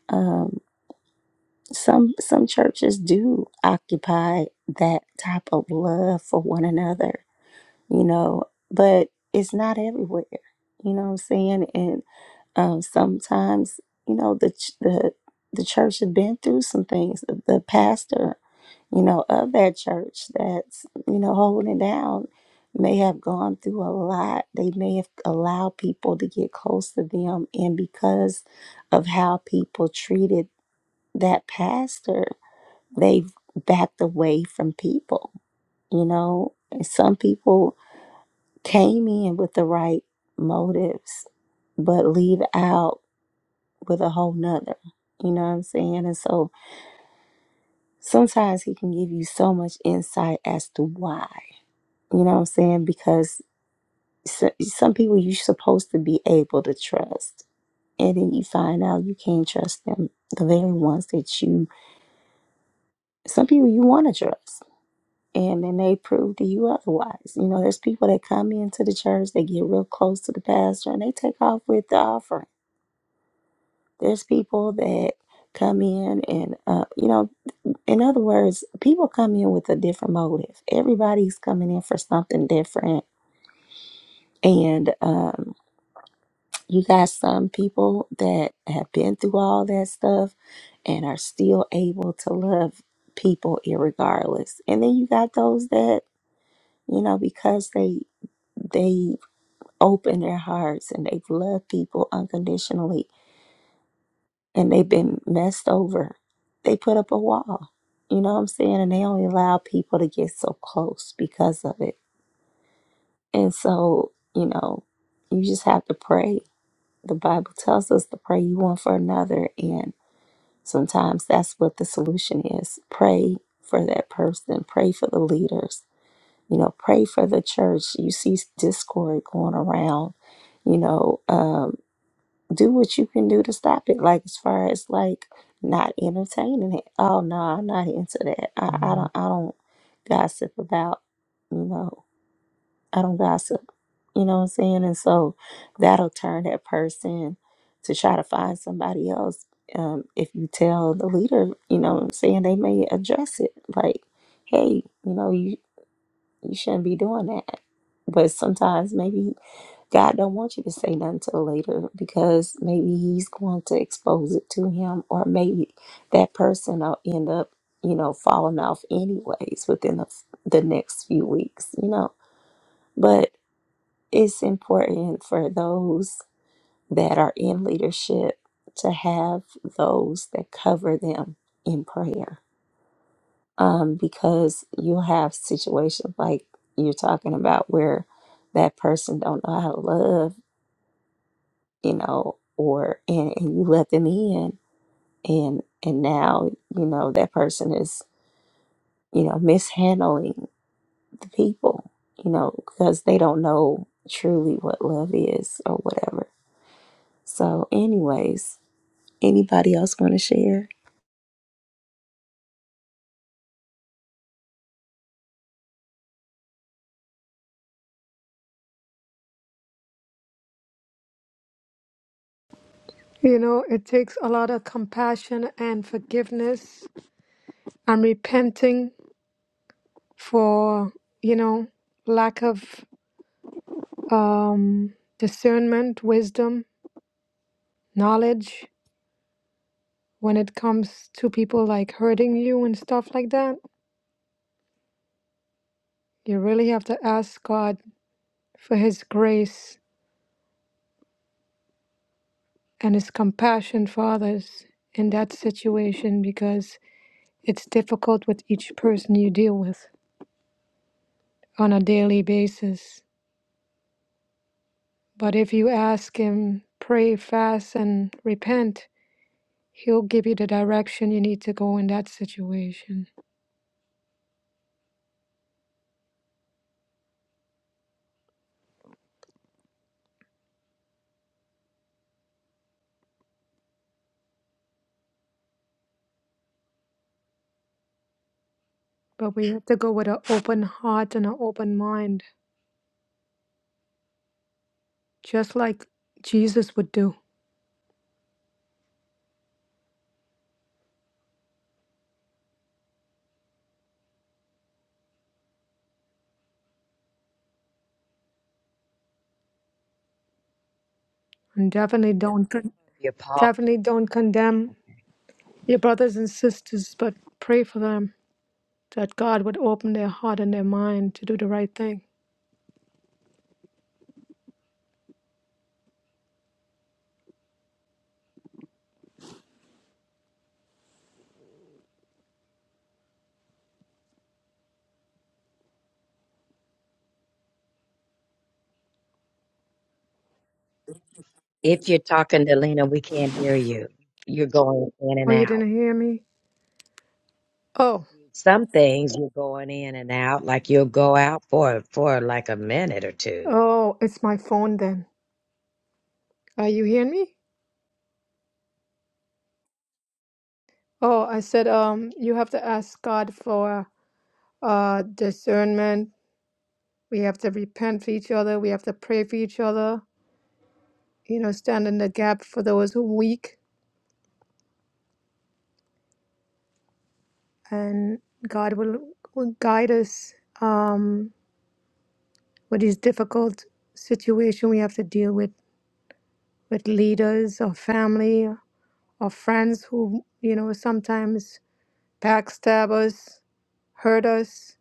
Um, Some some churches do occupy that type of love for one another, you know, but it's not everywhere. You know what I'm saying? And um, sometimes, you know, the ch- the the church has been through some things. The, the pastor, you know, of that church that's you know holding down may have gone through a lot. They may have allowed people to get close to them, and because of how people treated that pastor they've backed away from people. You know, And some people came in with the right motives, but leave out with a whole nother. You know what I'm saying? And so sometimes he can give you so much insight as to why. You know what I'm saying? Because so, some people you're supposed to be able to trust. And then you find out you can't trust them, the very ones that you, some people you want to trust and then they prove to you otherwise. You know, there's people that come into the church, they get real close to the pastor, and they take off with the offering. There's people that come in and, uh, you know, in other words, people come in with a different motive. Everybody's coming in for something different. And um, you got some people that have been through all that stuff and are still able to love people irregardless. And then you got those that, you know, because they, they opened their hearts and they've loved people unconditionally and they've been messed over, they put up a wall. You know what I'm saying? And they only allow people to get so close because of it. And so, you know, you just have to pray. The Bible tells us to pray you one for another. And sometimes that's what the solution is pray for that person, pray for the leaders, you know, pray for the church. You see discord going around, you know. um, do what you can do to stop it. Like as far as like not entertaining it. Oh no, I'm not into that. I, I don't I don't gossip about you know, I don't gossip. You know what I'm saying? And so that'll turn that person to try to find somebody else. Um, if you tell the leader, you know what I'm saying, they may address it like, hey, you know, you you shouldn't be doing that. But sometimes maybe God don't want you to say nothing till later because maybe he's going to expose it to him or maybe that person will end up, you know, falling off anyways within the, the next few weeks, you know. But it's important for those that are in leadership to have those that cover them in prayer um, because you have situations like you're talking about where that person don't know how to love, you know, or and, and you let them in, and and now you know that person is you know mishandling the people, you know, because they don't know truly what love is or whatever. So, anyways, anybody else want to share? You know, it takes a lot of compassion and forgiveness and repenting for, you know, lack of um, discernment, wisdom, knowledge when it comes to people like hurting you and stuff like that. You really have to ask God for His grace and His compassion for others in that situation because it's difficult with each person you deal with on a daily basis. But if you ask Him, pray, fast, and repent, He'll give you the direction you need to go in that situation. But we have to go with an open heart and an open mind, just like Jesus would do. And definitely don't con- Paul, definitely don't condemn your brothers and sisters, but pray for them that God would open their heart and their mind to do the right thing. if you're talking to Lena, we can't hear you. You're going in Oh, and you out. didn't hear me? Oh, Some things you're going in and out, like you'll go out for for like a minute or two. oh, it's my phone then. Are you hearing me? Oh, I said, um, you have to ask God for uh discernment. We have to repent for each other. We have to pray for each other. You know, stand in the gap for those who are weak, and God will will guide us um with these difficult situation we have to deal with with leaders or family or friends who you know sometimes backstab us, hurt us.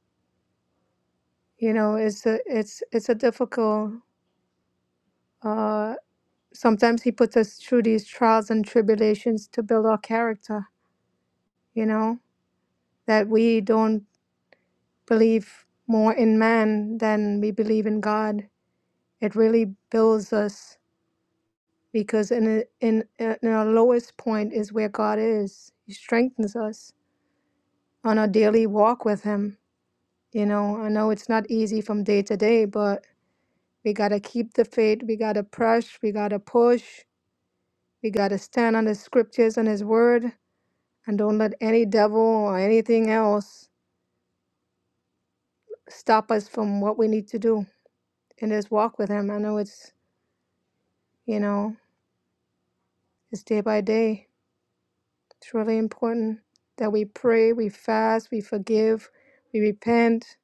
You know, it's a it's it's a difficult. uh, sometimes he puts us through these trials and tribulations to build our character, you know, that we don't believe more in man than we believe in God. It really builds us because in a, in, in our lowest point is where God is. He strengthens us on our daily walk with him. You know, I know it's not easy from day to day, but we got to keep the faith. We got to press. We got to push. We got to stand on the scriptures and his word And don't let any devil or anything else stop us from what we need to do in this walk with Him. I know it's, you know, it's day by day. It's really important that we pray, we fast, we forgive, we repent,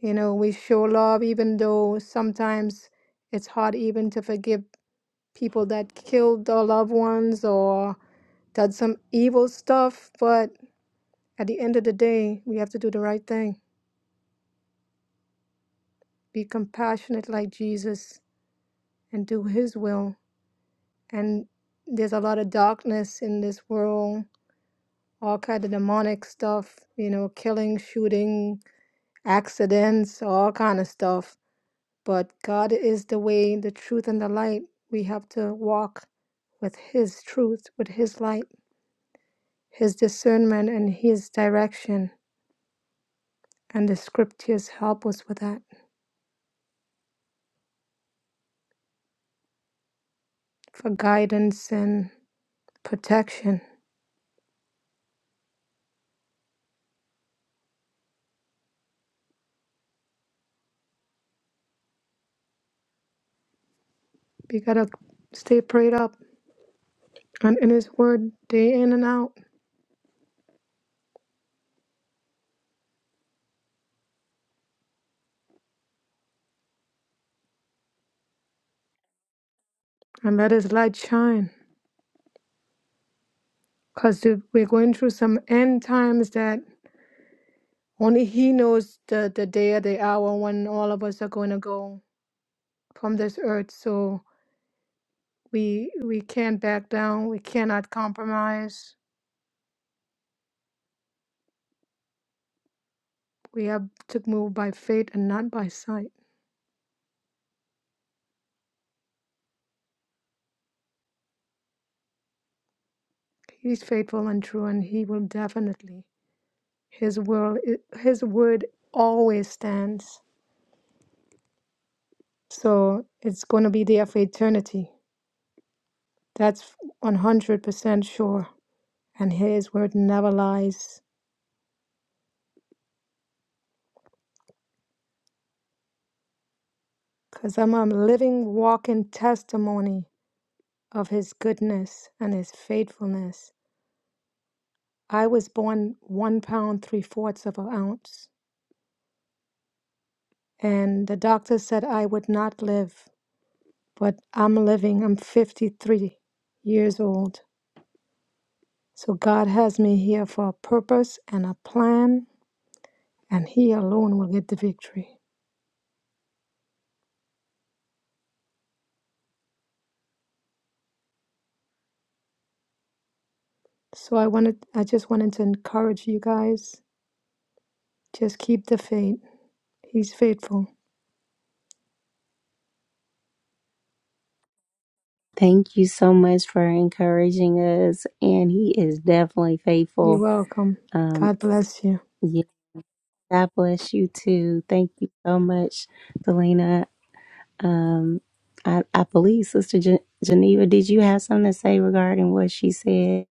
you know, we show love, even though sometimes it's hard even to forgive people that killed our loved ones or done some evil stuff. But at the end of the day, we have to do the right thing. Be compassionate like Jesus and do his will. And there's a lot of darkness in this world, all kind of demonic stuff, you know, killing, shooting, accidents, all kind of stuff. But God is the way, the truth, and the light. We have to walk with his truth, with his light, his discernment and his direction. And the scriptures help us with that for guidance and protection. We gotta stay prayed up and in his word day in and out. and let his light shine because we're going through some end times that only he knows the, the day or the hour when all of us are going to go from this earth so we we can't back down we cannot compromise we have to move by faith and not by sight he's faithful and true and he will definitely his world his word always stands so it's going to be there for eternity that's 100% sure and his word never lies because I'm a living, walking testimony of his goodness and his faithfulness. I was born one pound, three fourths of an ounce, and the doctor said I would not live, but I'm living. I'm 53 years old. So God has me here for a purpose and a plan, and He alone will get the victory. So I wanted, I just wanted to encourage you guys. Just keep the faith. He's faithful. Thank you so much for encouraging us, and he is definitely You're faithful. welcome. Um, God bless you. yes, God bless you too. Thank you so much, Delina. Um, I, I believe Sister Gen- Geneva, did you have something to say regarding what she said?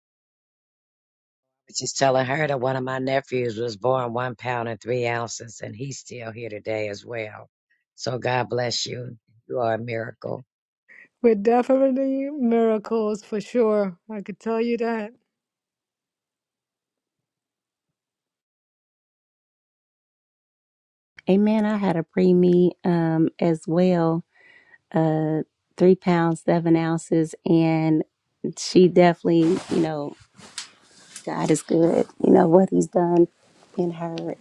She's telling her that one of my nephews was born one pound and three ounces, and he's still here today as well. So God bless you. You are a miracle. We're definitely miracles for sure. I could tell you that. Amen. I had a preemie um, as well, three pounds, seven ounces, and she definitely, you know, God is good, you know, what He's done in her.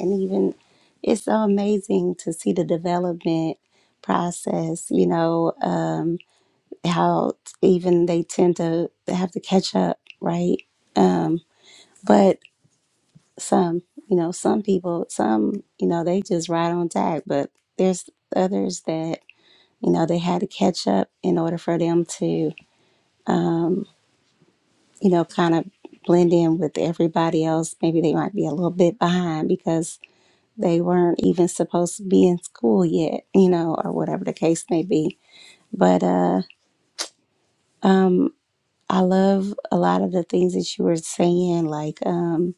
And even it's so amazing to see the development process, you know. Um, how even they tend to have to catch up, right? Um, but some, you know, some people, some, you know, they just ride on tag, but there's others that, you know, they had to catch up in order for them to, you know, kind of blend in with everybody else. Maybe they might be a little bit behind because they weren't even supposed to be in school yet, you know, or whatever the case may be. But uh, um, I love a lot of the things that you were saying, like, um,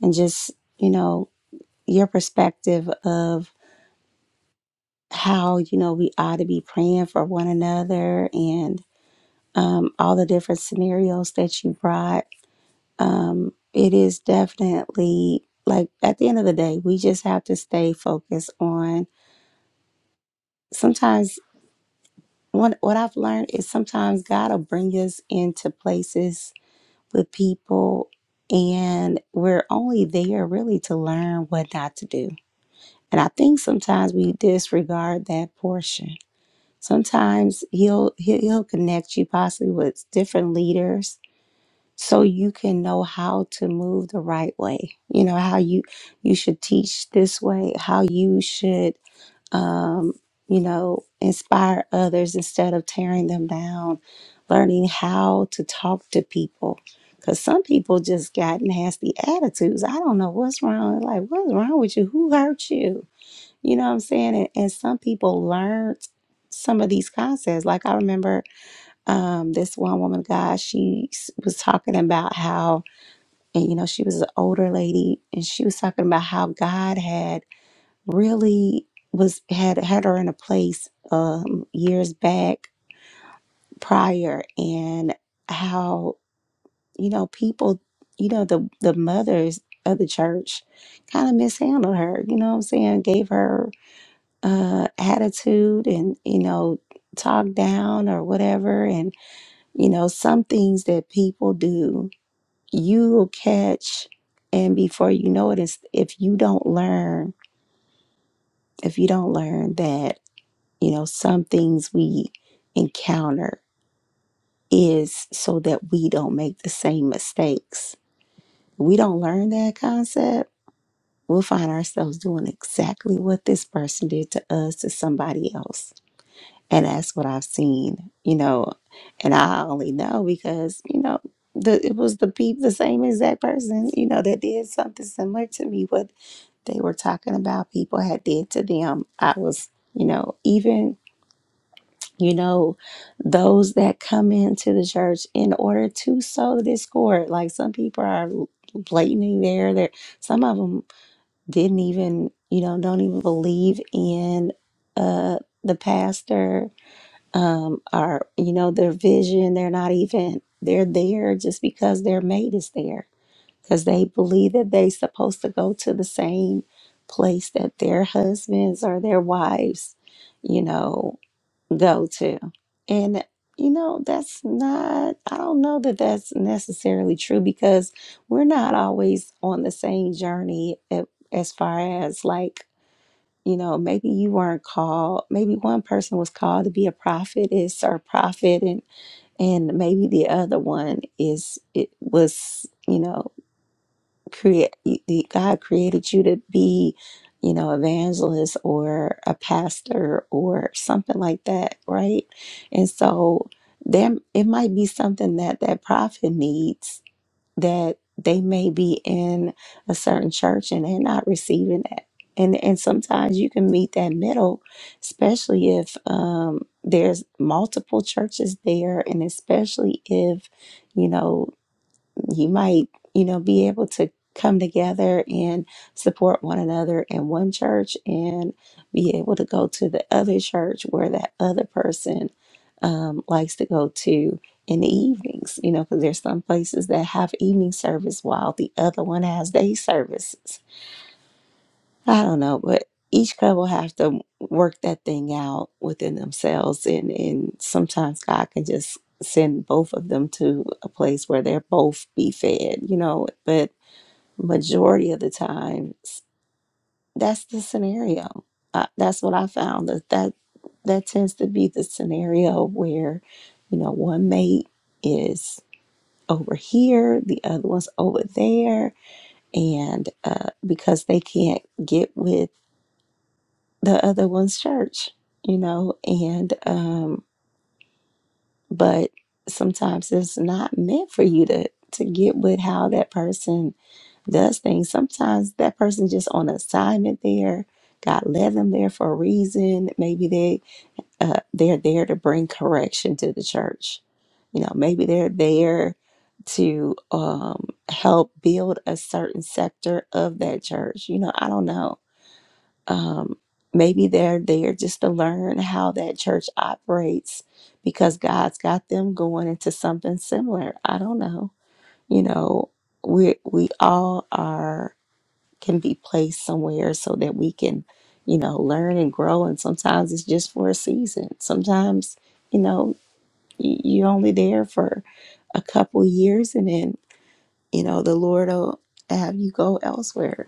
and just, you know, your perspective of how, you know, we ought to be praying for one another and um, all the different scenarios that you brought. Um, it is definitely like at the end of the day, we just have to stay focused on sometimes. What, what I've learned is sometimes God will bring us into places with people and we're only there really to learn what not to do. And I think sometimes we disregard that portion. Sometimes he'll he'll, he'll connect you possibly with different leaders so you can know how to move the right way. You know how you you should teach this way, how you should um, you know, inspire others instead of tearing them down, learning how to talk to people. Because some people just got nasty attitudes. I don't know what's wrong. Like, what's wrong with you? Who hurt you? You know what I'm saying? And, and some people learned some of these concepts. Like, I remember um, this one woman, God, she s- was talking about how, and you know, she was an older lady, and she was talking about how God had really was had had her in a place um years back prior and how you know people you know the the mothers of the church kind of mishandled her you know what i'm saying gave her uh attitude and you know talk down or whatever and you know some things that people do you'll catch and before you know it is if you don't learn if you don't learn that You know, some things we encounter is so that we don't make the same mistakes. We don't learn that concept. We'll find ourselves doing exactly what this person did to us to somebody else. And that's what I've seen, you know. And I only know because, you know, the, it was the peep, the same exact person, you know, that did something similar to me, what they were talking about people had did to them. I was, you know, even you know, those that come into the church in order to sow discord. Like some people are blatantly there. There, some of them didn't even, you know, don't even believe in uh, the pastor um, or you know their vision. They're not even they're there just because their mate is there because they believe that they're supposed to go to the same place that their husbands or their wives, you know go to. And, you know, that's not, I don't know that that's necessarily true because we're not always on the same journey a- as far as like, you know, maybe you weren't called, maybe one person was called to be a prophet is a prophet and and maybe the other one is it was, you know, create God created you to be, you know, evangelist or a pastor or something like that, right? And so there it might be something that that prophet needs that they may be in a certain church and they're not receiving that. And and sometimes you can meet that middle, especially if um there's multiple churches there and especially if, you know, you might, you know, be able to come together and support one another in one church and be able to go to the other church where that other person um, likes to go to in the evenings, you know, because there's some places that have evening service while the other one has day services I don't know, but each couple have to work that thing out within themselves, and and sometimes God can just send both of them to a place where they're both be fed, you know. But majority of the time, s- that's the scenario. Uh, that's what I found that that that tends to be the scenario where, you know, one mate is over here, the other one's over there, and uh, because they can't get with the other one's church, you know, and um but sometimes it's not meant for you to to get with how that person does things. Sometimes that person just on assignment there. God led them there for a reason. Maybe they uh, they're there to bring correction to the church. You know, maybe they're there to um, help build a certain sector of that church. You know, I don't know um, maybe they're there just to learn how that church operates because God's got them going into something similar. I don't know. You know, we we all are can be placed somewhere so that we can, you know, learn and grow. And sometimes it's just for a season. Sometimes, you know, y- you're only there for a couple years, and then you know the Lord will have you go elsewhere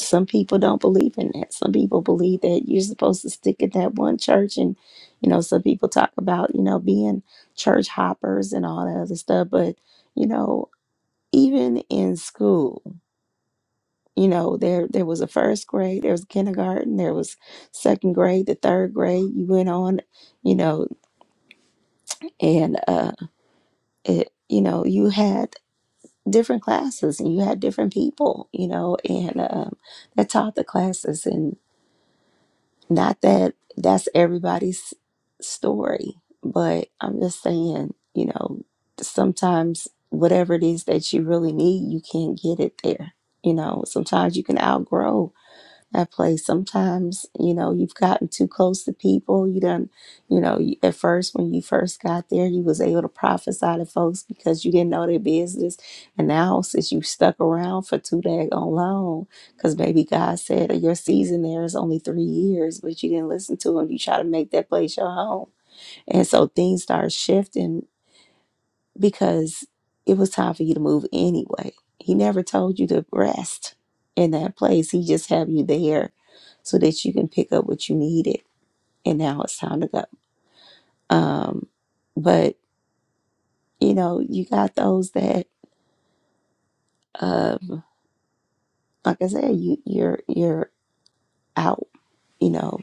some people don't believe in that. Some people believe that you're supposed to stick at that one church, and you know, some people talk about you know being church hoppers and all that other stuff. But you know, even in school, you know, there there was a first grade, there was kindergarten, there was second grade, the third grade. You went on, you know, and uh, it you know you had different classes and you had different people, you know, and um, that taught the classes Not that that's everybody's story, but I'm just saying, you know, sometimes whatever it is that you really need, you can't get it there. You know, sometimes you can outgrow that place. Sometimes, you know, you've gotten too close to people. You done, you know, you- at first when you first got there, you was able to prophesy to folks because you didn't know their business. And now since you stuck around for too daggone long, because maybe God said that your season there is only three years, but you didn't listen to him. You try to make that place your home. And so things start shifting because it was time for you to move anyway. He never told you to rest in that place. He just have you there so that you can pick up what you needed. And now it's time to go. Um, but you know, you got those that, um, like I said, you you're you're out. You know,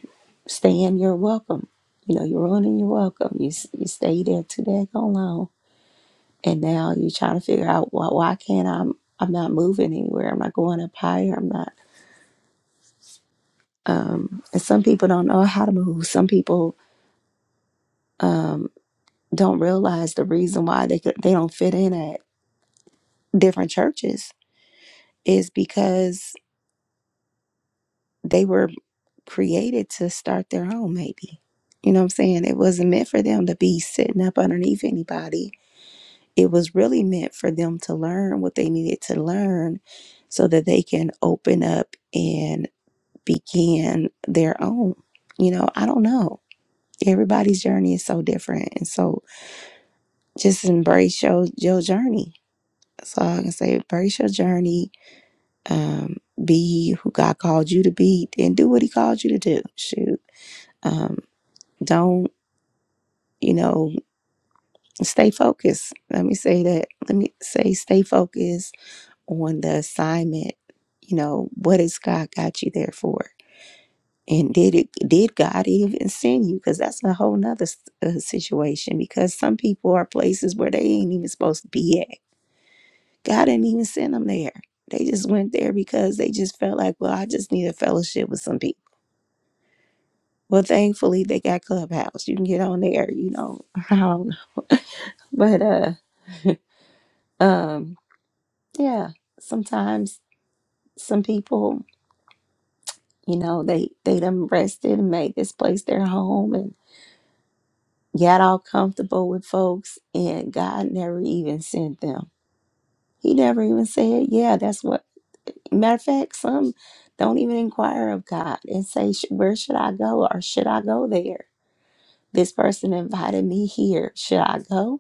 staying. You're welcome. You know, you're on and you're welcome. You s- you stay there too daggone long, and now you're trying to figure out why why can't I? I'm I'm not moving anywhere. I'm not going up higher. I'm not. Um, and some people don't know how to move. Some people um, don't realize the reason why they could- they don't fit in at different churches is because they were created to start their own. Maybe you know what I'm saying. It wasn't meant for them to be sitting up underneath anybody. It was really meant for them to learn what they needed to learn, so that they can open up and begin their own. You know, I don't know. Everybody's journey is so different, and so just embrace your your journey. That's all I can say. Embrace your journey. Um, be who God called you to be, and do what He called you to do. Shoot, um, don't you know? Stay focused. Let me say that. Let me say, stay focused on the assignment. You know, what has God got you there for? And did it? Did God even send you? Because that's a whole nother s- uh, situation. Because some people are places where they ain't even supposed to be at God didn't even send them there. They just went there because they just felt like, well, I just need a fellowship with some people. Well, thankfully they got Clubhouse. You can get on there, you know. I don't know. But uh um yeah, sometimes some people, you know, they they done rested and made this place their home and got all comfortable with folks and God never even sent them. He never even said, Yeah, that's what Matter of fact, some don't even inquire of God and say, "Sh- Where should I go? Or should I go there? This person invited me here. Should I go?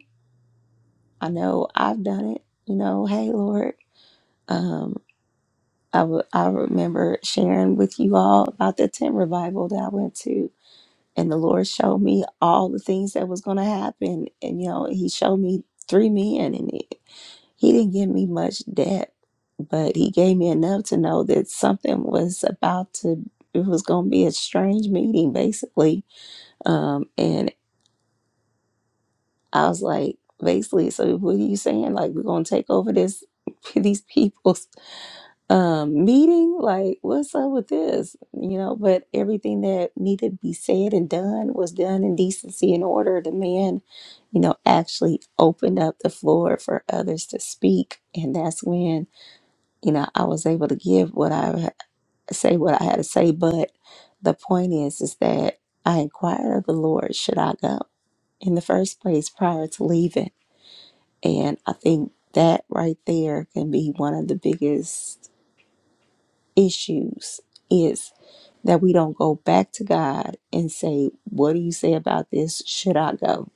I know I've done it. You know, hey, Lord. Um, I w- I remember sharing with you all about the tent revival that I went to, and the Lord showed me all the things that was going to happen. And, you know, He showed me three men, He didn't give me much depth, but he gave me enough to know that something was about to, it was going to be a strange meeting, basically. Um, and I was like, basically, so what are you saying? Like, we're going to take over this, these people's um, meeting? Like, what's up with this? You know, but everything that needed to be said and done was done in decency and order. The man, you know, actually opened up the floor for others to speak. And that's when you know, I was able to give what I ha- say what I had to say, but the point is is that I inquired of the Lord, should I go in the first place prior to leaving? And I think that right there can be one of the biggest issues is that we don't go back to God and say, What do you say about this? Should I go?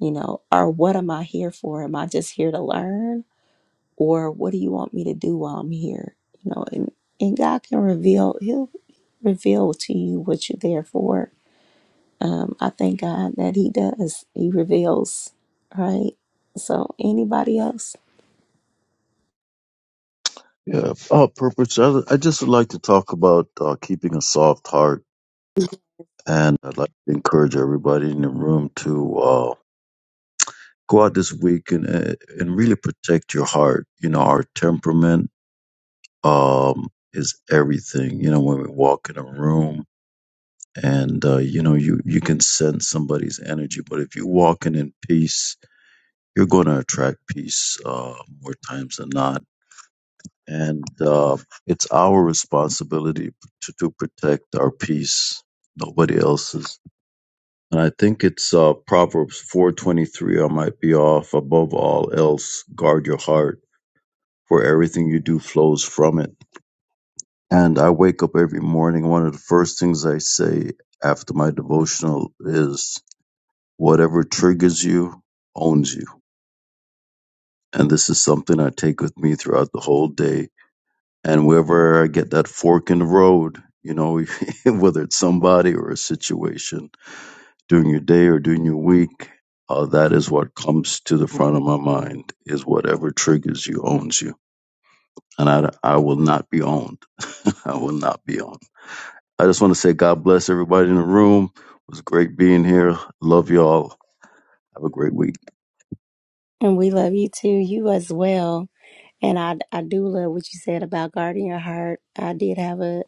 You know, or what am I here for? Am I just here to learn? or what do you want me to do while I'm here? You know, and, and God can reveal, He'll reveal to you what you're there for. Um, I thank God that He does. He reveals, right? So, anybody else? Yeah, uh, purpose. I, I just would like to talk about uh, keeping a soft heart, and I'd like to encourage everybody in the room to uh, go out this week and uh, and really protect your heart. You know, our temperament um, is everything. You know, when we walk in a room, and uh, you know, you you can sense somebody's energy, but if you walk in in peace you're going to attract peace uh, more times than not. And uh, it's our responsibility to, to protect our peace, nobody else's. And I think it's uh, Proverbs 4:23. I might be off. Above all else, guard your heart, for everything you do flows from it. And I wake up every morning. One of the first things I say after my devotional is, "Whatever triggers you owns you." And this is something I take with me throughout the whole day and wherever I get that fork in the road, you know, whether it's somebody or a situation during your day or during your week, uh, that is what comes to the front of my mind is whatever triggers you owns you. And I, I will not be owned. I will not be owned. I just want to say God bless everybody in the room. It was great being here. Love y'all. Have a great week. And we love you too, you as well. And I, I do love what you said about guarding your heart. I did have a,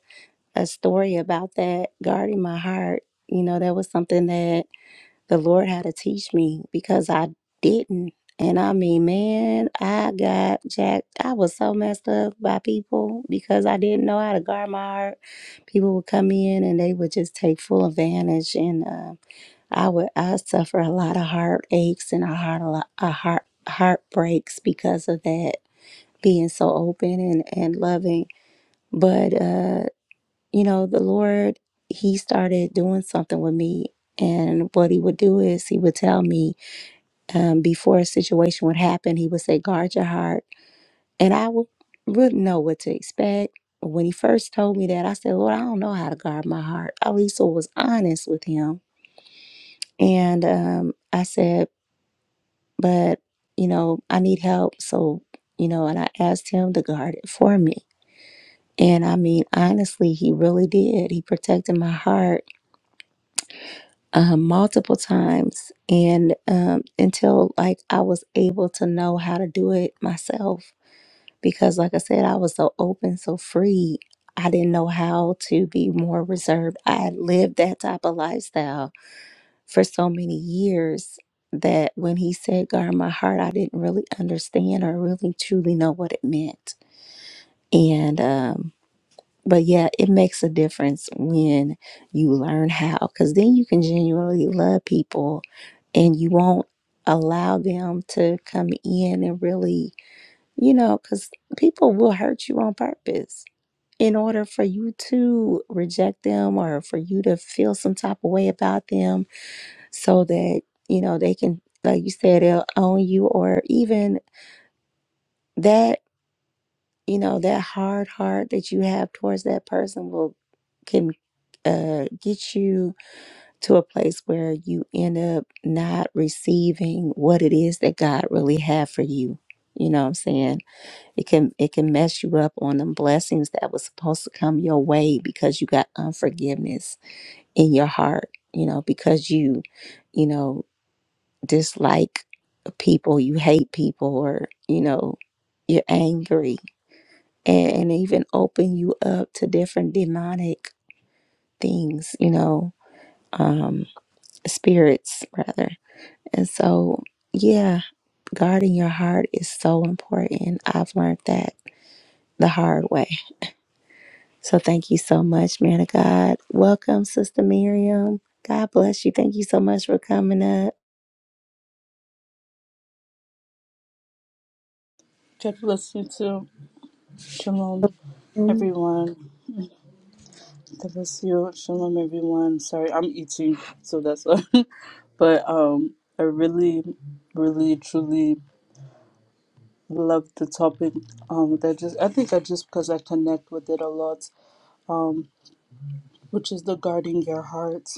a story about that, guarding my heart. You know, that was something that the Lord had to teach me because I didn't. And I mean, man, I got jacked. I was so messed up by people because I didn't know how to guard my heart. People would come in and they would just take full advantage, and uh, I would I suffer a lot of heartaches and a heart a lot a heart heartbreaks because of that being so open and and loving. But uh you know, the Lord, He started doing something with me. And what He would do is He would tell me um, before a situation would happen, He would say, guard your heart. And I would, wouldn't know what to expect. When He first told me that, I said, Lord, I don't know how to guard my heart. I also was honest with Him. And um, I said, but, you know, I need help. So, you know, and I asked Him to guard it for me. And I mean, honestly, He really did. He protected my heart uh, multiple times and um, until like i was able to know how to do it myself because like i said i was so open so free i didn't know how to be more reserved i had lived that type of lifestyle for so many years that when he said guard my heart i didn't really understand or really truly know what it meant and um, but yeah, it makes a difference when you learn how, because then you can genuinely love people and you won't allow them to come in and really, you know, because people will hurt you on purpose in order for you to reject them or for you to feel some type of way about them so that, you know, they can, like you said, they'll own you or even that. you know that hard heart that you have towards that person will can uh, get you to a place where you end up not receiving what it is that God really had for you. You know what I'm saying? It can it can mess you up on the blessings that was supposed to come your way because you got unforgiveness in your heart, you know, because you, you know, dislike people, you hate people or, you know, you're angry and, and even open you up to different demonic things, you know, um, spirits rather. And so, yeah, guarding your heart is so important. I've learned that the hard way. So, thank you so much, man of God. Welcome, Sister Miriam. God bless you. Thank you so much for coming up. God bless you too. Shalom, everyone. God bless you. Shalom, everyone. Sorry, I'm eating, so that's why. but um, I really, really, truly love the topic. Um, that just I think I just because I connect with it a lot, which is the guarding your heart.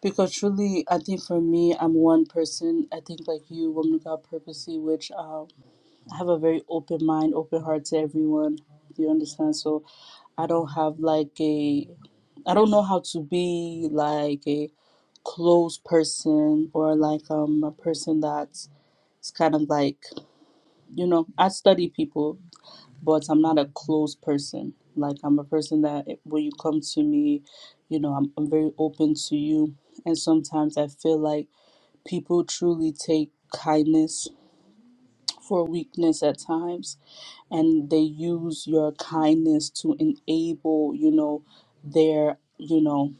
Because truly, I think for me, I'm one person. I think like you, woman of God, purposely, which um. have a very open mind, open heart to everyone. Do you understand? So I don't have like a I don't know how to be like a closed person or like um a person that's it's kind of like you know I study people but I'm not a closed person like I'm a person that eh, when you come to me you know I'm, I'm very open to you and sometimes I feel like people truly take kindness for weakness at times and they use your kindness to enable you know their you know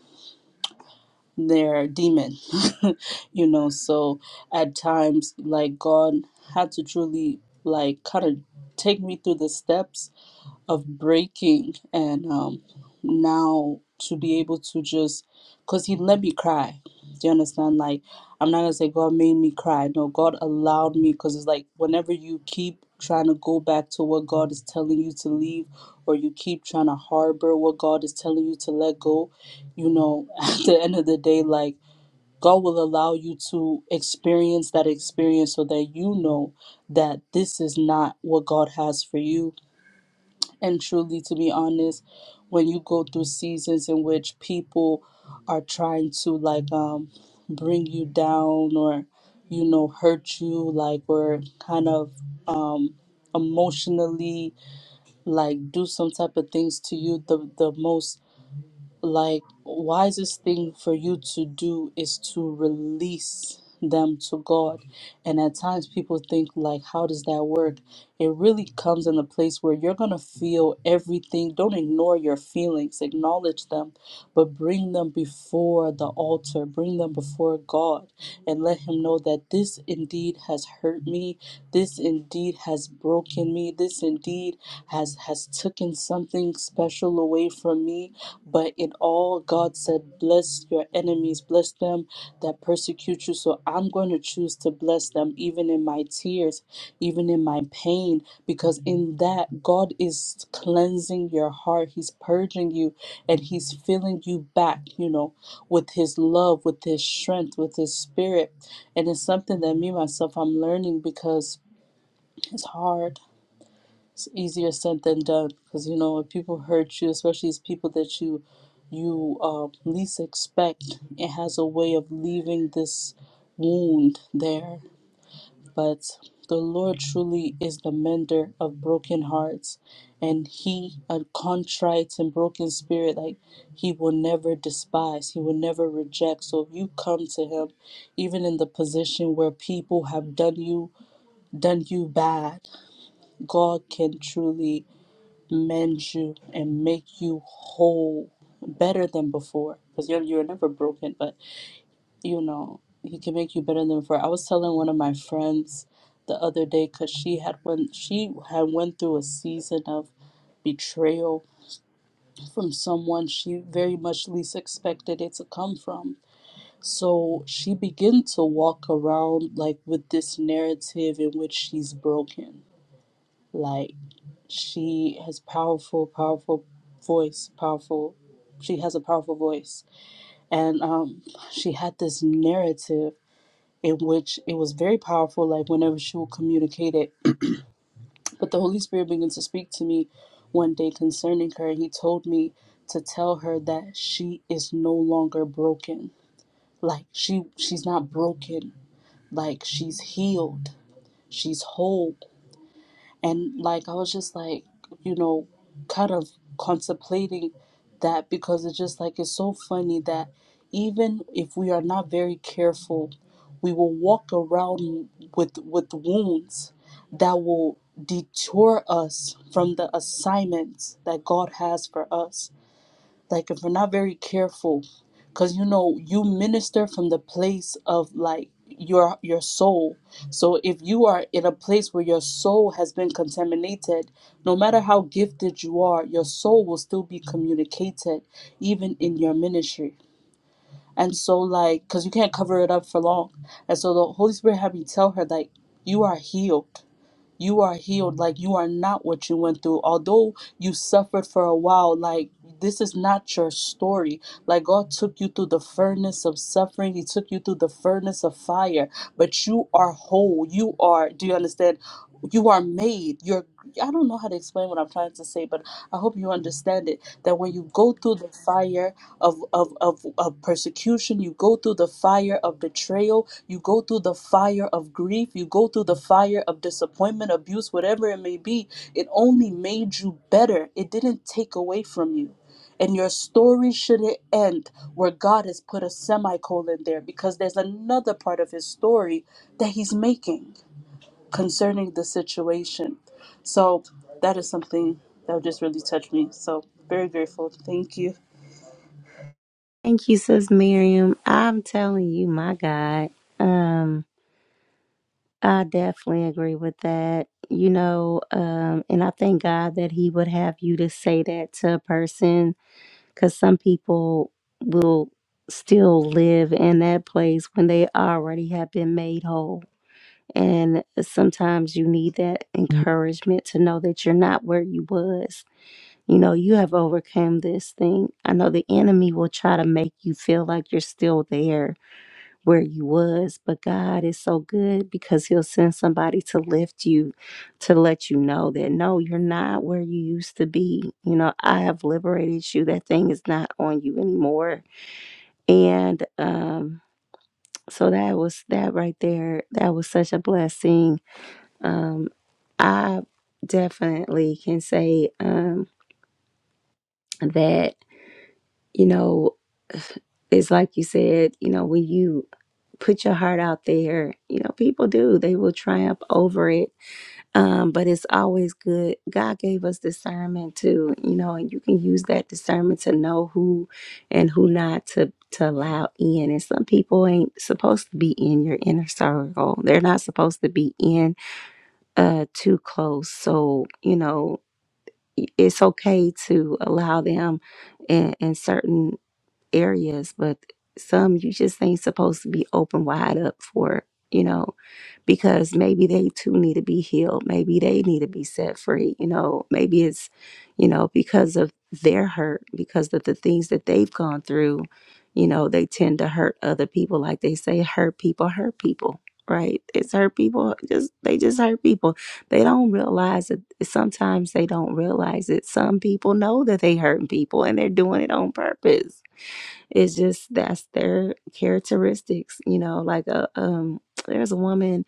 their demon you know so at times like god had to truly like kind of take me through the steps of breaking and um now to be able to just because he let me cry do you understand like i'm not gonna say god made me cry no god allowed me because it's like whenever you keep trying to go back to what god is telling you to leave or you keep trying to harbor what god is telling you to let go you know at the end of the day like god will allow you to experience that experience so that you know that this is not what god has for you and truly, to be honest, when you go through seasons in which people are trying to like um bring you down or you know hurt you like or kind of um emotionally like do some type of things to you the the most like wisest thing for you to do is to release them to God. And at times people think like how does that work? It really comes in a place where you're going to feel everything. Don't ignore your feelings, acknowledge them, but bring them before the altar, bring them before God and let him know that this indeed has hurt me. This indeed has broken me. This indeed has has taken something special away from me but in all, God said, Bless your enemies, bless them that persecute you. So I'm going to choose to bless them, even in my tears, even in my pain, because in that, God is cleansing your heart. He's purging you and He's filling you back, you know, with His love, with His strength, with His spirit. And it's something that me, myself, I'm learning because it's hard it's easier said than done because you know when people hurt you especially these people that you you um, least expect it has a way of leaving this wound there but the lord truly is the mender of broken hearts and he a contrite and broken spirit like he will never despise he will never reject so if you come to him even in the position where people have done you done you bad god can truly mend you and make you whole better than before because you're, you're never broken but you know he can make you better than before i was telling one of my friends the other day because she had went she had went through a season of betrayal from someone she very much least expected it to come from so she began to walk around like with this narrative in which she's broken like she has powerful, powerful voice, powerful she has a powerful voice. And um she had this narrative in which it was very powerful, like whenever she would communicate it. But the Holy Spirit began to speak to me one day concerning her and he told me to tell her that she is no longer broken. Like she she's not broken. Like she's healed. She's whole And like I was just like, you know, kind of contemplating that because it's just like it's so funny that even if we are not very careful, we will walk around with with wounds that will detour us from the assignments that God has for us like if we're not very careful because you know you minister from the place of like your your soul so if you are in a place where your soul has been contaminated no matter how gifted you are your soul will still be communicated even in your ministry and so like because you can't cover it up for long and so the holy spirit had me tell her like you are healed you are healed. Like you are not what you went through. Although you suffered for a while, like this is not your story. Like God took you through the furnace of suffering, He took you through the furnace of fire, but you are whole. You are, do you understand? You are made. You're, I don't know how to explain what I'm trying to say, but I hope you understand it. That when you go through the fire, of, of, of, of persecution. You go through the fire of betrayal. You go through the fire of grief. You go through the fire of disappointment, abuse, whatever it may be. It only made you better, it didn't take away from you. And your story shouldn't end where God has put a semicolon there because there's another part of his story that he's making concerning the situation. So that is something that just really touched me. So very grateful. Thank you. Thank you, Sis Miriam. I'm telling you, my God. Um. I definitely agree with that. You know, um, and I thank God that He would have you to say that to a person because some people will still live in that place when they already have been made whole. And sometimes you need that encouragement to know that you're not where you was. You know, you have overcome this thing. I know the enemy will try to make you feel like you're still there where you was but god is so good because he'll send somebody to lift you to let you know that no you're not where you used to be you know i have liberated you that thing is not on you anymore and um so that was that right there that was such a blessing um i definitely can say um that you know, it's like you said, you know, when you put your heart out there, you know, people do, they will triumph over it. Um, but it's always good. God gave us discernment too, you know, and you can use that discernment to know who and who not to to allow in. And some people ain't supposed to be in your inner circle. They're not supposed to be in uh too close. So, you know, it's okay to allow them in, in certain areas, but some you just ain't supposed to be open wide up for, you know, because maybe they too need to be healed. Maybe they need to be set free, you know. Maybe it's, you know, because of their hurt, because of the things that they've gone through, you know, they tend to hurt other people. Like they say, hurt people, hurt people. Right, it's hurt people. Just they just hurt people. They don't realize it. Sometimes they don't realize it. Some people know that they hurting people, and they're doing it on purpose it's just that's their characteristics you know like a um there's a woman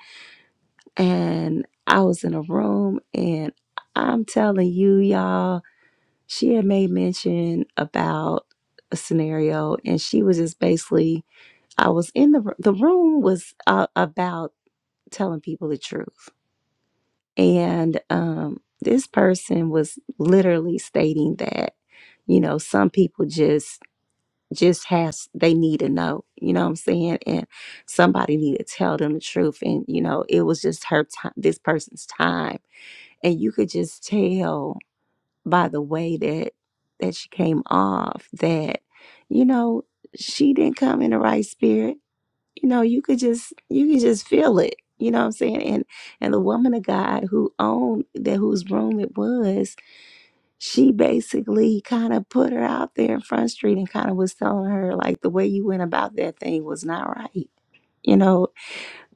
and i was in a room and i'm telling you y'all she had made mention about a scenario and she was just basically i was in the r- the room was uh, about telling people the truth and um this person was literally stating that you know some people just just has they need to know you know what i'm saying and somebody need to tell them the truth and you know it was just her time this person's time and you could just tell by the way that that she came off that you know she didn't come in the right spirit you know you could just you could just feel it you know what i'm saying and and the woman of god who owned that whose room it was she basically kind of put her out there in front street and kind of was telling her like the way you went about that thing was not right you know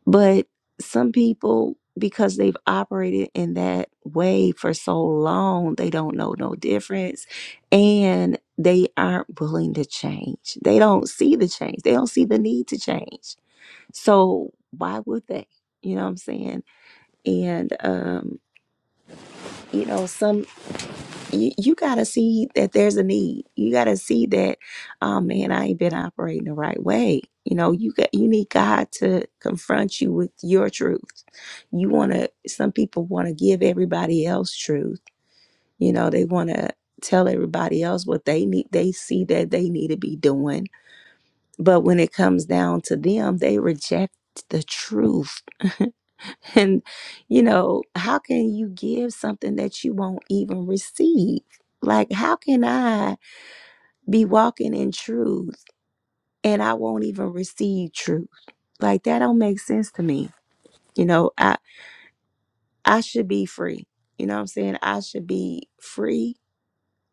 but some people because they've operated in that way for so long they don't know no difference and they aren't willing to change they don't see the change they don't see the need to change so why would they you know what i'm saying and um you know some you, you gotta see that there's a need. You gotta see that, oh man, I ain't been operating the right way. You know, you got you need God to confront you with your truth. You wanna some people wanna give everybody else truth. You know, they wanna tell everybody else what they need they see that they need to be doing. But when it comes down to them, they reject the truth. And, you know, how can you give something that you won't even receive? Like, how can I be walking in truth and I won't even receive truth? Like, that don't make sense to me. You know, I I should be free. You know what I'm saying? I should be free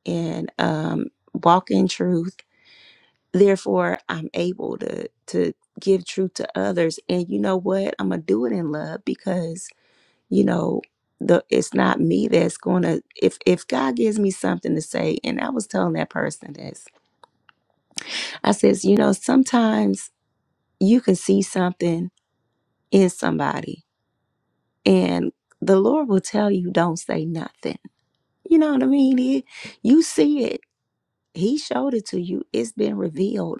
and um walk in truth. Therefore, I'm able to to give truth to others. And you know what? I'm gonna do it in love because you know the it's not me that's gonna if if god gives me something to say and i was telling that person this i says you know sometimes you can see something in somebody and the lord will tell you don't say nothing you know what i mean He- you see it he showed it to you it's been revealed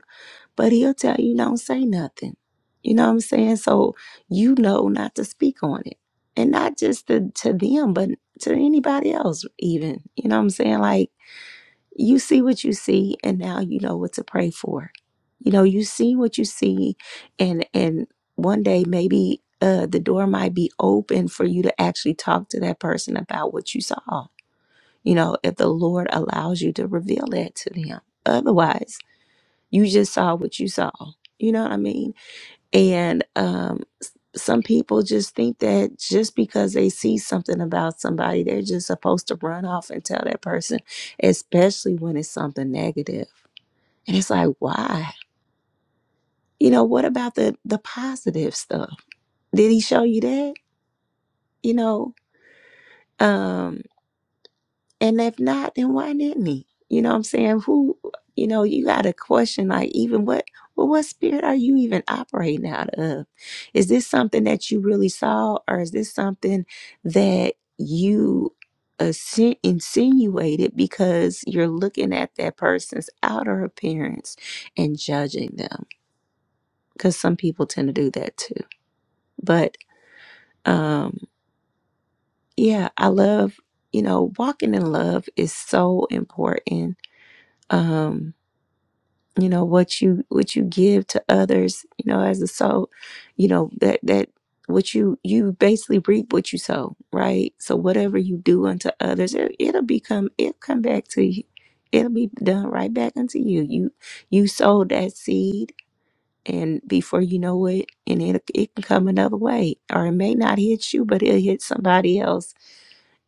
but he'll tell you don't say nothing. You know what I'm saying? So you know not to speak on it. And not just to, to them, but to anybody else even. You know what I'm saying? Like you see what you see and now you know what to pray for. You know, you see what you see and and one day maybe uh the door might be open for you to actually talk to that person about what you saw. You know, if the Lord allows you to reveal that to them. Otherwise, you just saw what you saw. You know what I mean? And um, some people just think that just because they see something about somebody, they're just supposed to run off and tell that person, especially when it's something negative. And it's like, why? You know, what about the the positive stuff? Did he show you that? You know, um, And if not, then why didn't he? You know what I'm saying? Who, you know, you got to question like even what, well, what spirit are you even operating out of? Is this something that you really saw or is this something that you assi- insinuated because you're looking at that person's outer appearance and judging them? Because some people tend to do that too. But um, yeah, I love, you know, walking in love is so important. Um, you know what you what you give to others you know as a soul you know that that what you you basically reap what you sow right so whatever you do unto others it, it'll become it'll come back to you it'll be done right back unto you you you sowed that seed and before you know it and it, it can come another way or it may not hit you but it'll hit somebody else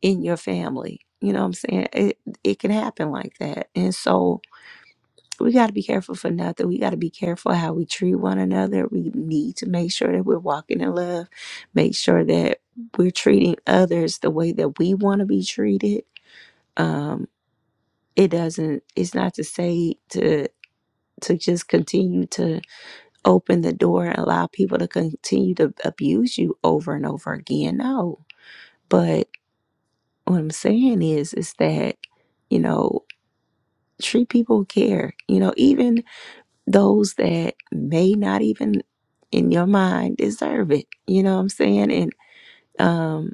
in your family you know what i'm saying it, it can happen like that and so we got to be careful for nothing. We got to be careful how we treat one another. We need to make sure that we're walking in love, make sure that we're treating others the way that we want to be treated. Um, it doesn't, it's not to say to, to just continue to open the door and allow people to continue to abuse you over and over again. No. But what I'm saying is, is that, you know, treat people with care. You know, even those that may not even in your mind deserve it. You know what I'm saying? And um,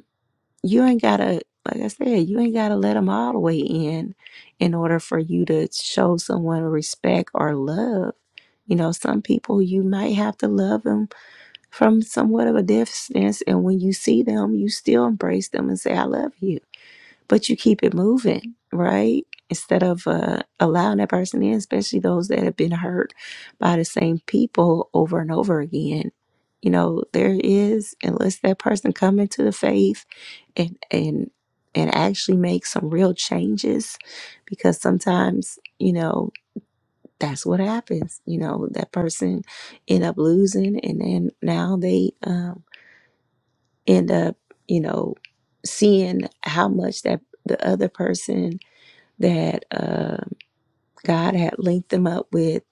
you ain't gotta, like I said, you ain't gotta let them all the way in in order for you to show someone respect or love. You know, some people you might have to love them from somewhat of a distance, and when you see them, you still embrace them and say, "I love you." but you keep it moving, right? Instead of uh, allowing that person in, especially those that have been hurt by the same people over and over again. You know, there is unless that person come into the faith and and and actually make some real changes, because sometimes you know that's what happens. You know, that person end up losing, and then now they um, end up you know seeing how much that the other person that uh, God had linked them up with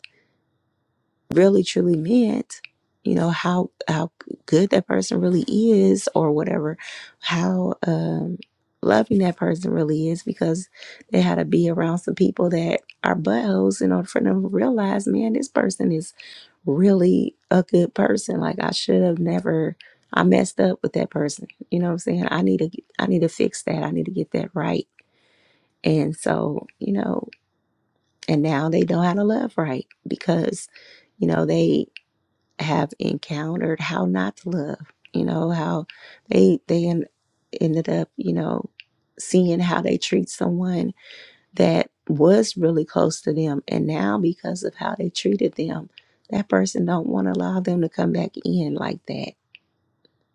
really truly meant, you know, how how good that person really is or whatever, how um, loving that person really is because they had to be around some people that are buttholes in order for them to realize, man, this person is really a good person. Like I should have never I messed up with that person. You know what I'm saying? I need to I need to fix that. I need to get that right. And so, you know, And now they know how to love right because, you know, they have encountered how not to love, you know, how they they en- ended up, you know, seeing how they treat someone that was really close to them and now because of how they treated them, that person don't want to allow them to come back in like that.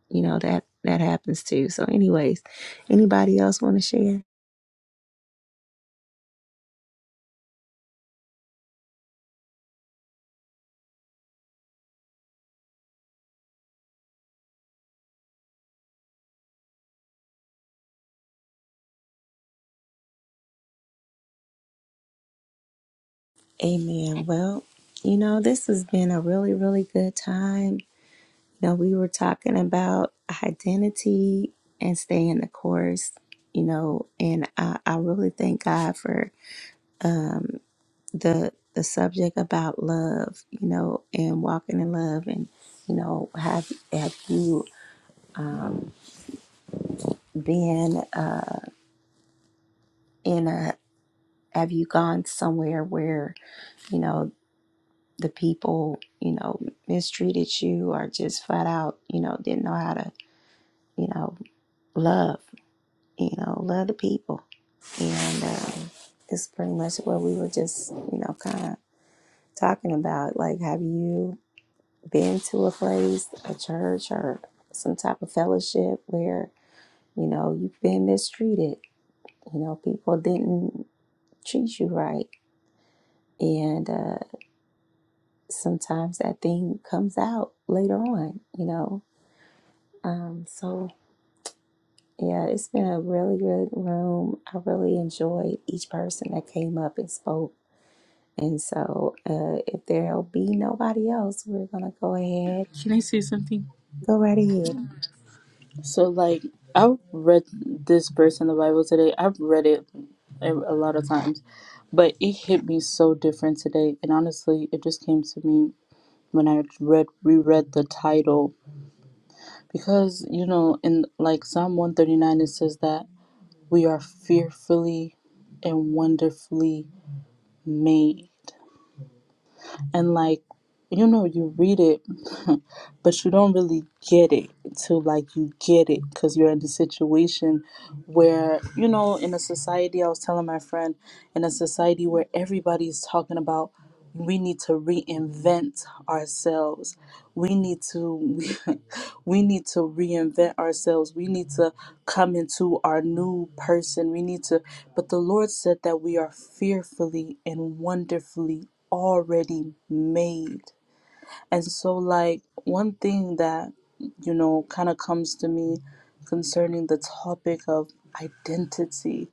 You know, that that happens too. So anyways, anybody else want to share? Amen. Well, you know, this has been a really, really good time You know, we were talking about identity and staying the course, you know, and I, I really thank God for um, the the subject about love, you know, and walking in love and, you know, have have you um, been uh, in a have you gone somewhere where, you know, the people, you know, mistreated you or just flat out, you know, didn't know how to, you know, love you know, love the people. And um, it's pretty much what we were just, you know, kind of talking about. Like, have you been to a place, a church, or some type of fellowship where, you know, you've been mistreated? You know, people didn't treat you right. And uh, sometimes that thing comes out later on, you know. Um, so, yeah, it's been a really good room. I really enjoyed each person that came up and spoke And so, uh, if there'll be nobody else, we're gonna go ahead. Can I say something? Go right ahead. So like I've read this verse in the Bible today. I've read it a a lot of times, but it hit me so different today. And honestly, it just came to me when I read reread the title because you know in like Psalm 139 it says that we are fearfully and wonderfully made. And like you know you read it but you don't really get it till like you get it because you're in the situation where you know in a society i was telling my friend in a society where everybody's talking about we need to reinvent ourselves we need to we need to reinvent ourselves we need to come into our new person we need to but the lord said that we are fearfully and wonderfully already made and so, like, one thing that, you know, kind of comes to me concerning the topic of identity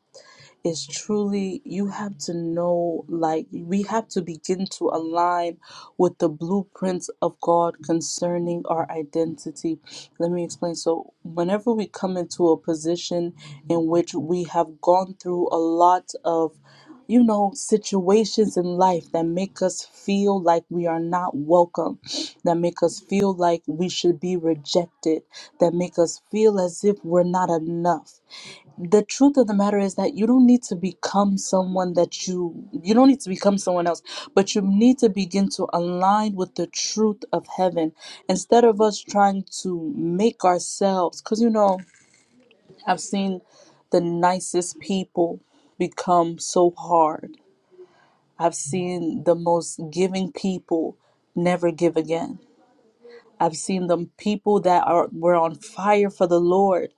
is truly you have to know like we have to begin to align with the blueprints of God concerning our identity. Let me explain. So whenever we come into a position in which we have gone through a lot of you know situations in life that make us feel like we are not welcome that make us feel like we should be rejected that make us feel as if we're not enough the truth of the matter is that you don't need to become someone that you you don't need to become someone else but you need to begin to align with the truth of heaven instead of us trying to make ourselves cuz you know I've seen the nicest people become so hard I've seen the most giving people never give again I've seen them people that are were on fire for the Lord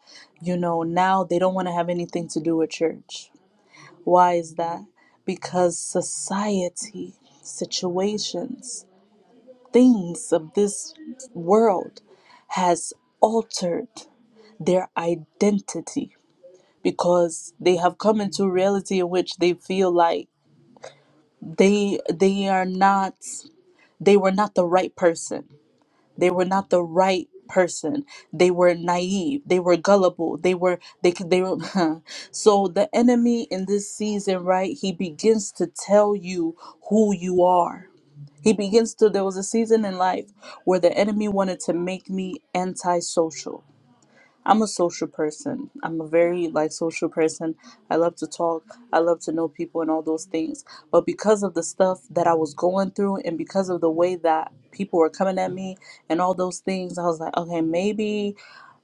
you know now they don't want to have anything to do with church why is that? Because society, situations, things of this world has altered their identity because they have come into a reality in which they feel like they they are not they were not the right person They were not the right person. They were naive. They were gullible. They were they could they were so the enemy in this season, right? He begins to tell you who you are. He begins to there was a season in life where the enemy wanted to make me antisocial I'm a social person. I'm a very like social person. I love to talk. I love to know people and all those things. But because of the stuff that I was going through and because of the way that people were coming at me and all those things, I was like, okay, maybe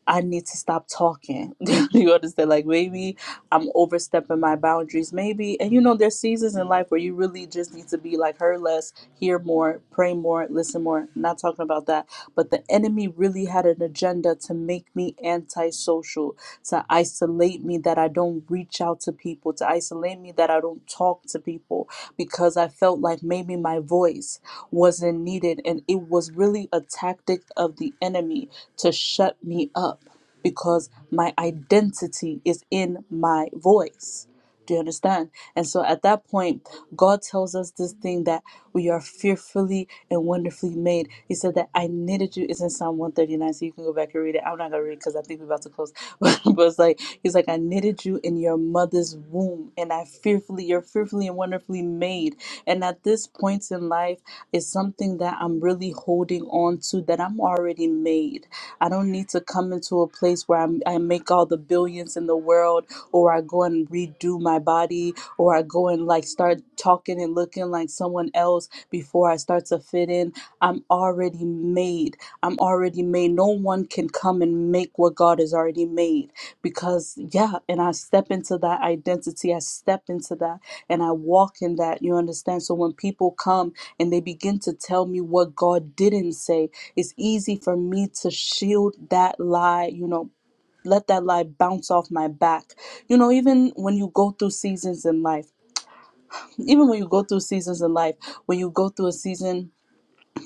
I need to stop talking. you understand? Like maybe I'm overstepping my boundaries. Maybe, and you know, there's seasons in life where you really just need to be like her less, hear more, pray more, listen more. Not talking about that. But the enemy really had an agenda to make me antisocial, to isolate me that I don't reach out to people, to isolate me that I don't talk to people because I felt like maybe my voice wasn't needed. And it was really a tactic of the enemy to shut me up because my identity is in my voice. Do you understand? And so at that point, God tells us this thing that we are fearfully and wonderfully made. He said that I knitted you. It's in Psalm 139, so you can go back and read it. I'm not going to read it because I think we're about to close. but it's like, He's like, I knitted you in your mother's womb, and I fearfully, you're fearfully and wonderfully made. And at this point in life, it's something that I'm really holding on to that I'm already made. I don't need to come into a place where I'm, I make all the billions in the world or I go and redo my body, or I go and like start talking and looking like someone else before I start to fit in. I'm already made. I'm already made. No one can come and make what God has already made because, yeah, and I step into that identity. I step into that and I walk in that. You understand? So when people come and they begin to tell me what God didn't say, it's easy for me to shield that lie, you know, let that light bounce off my back. You know, even when you go through seasons in life, even when you go through seasons in life, when you go through a season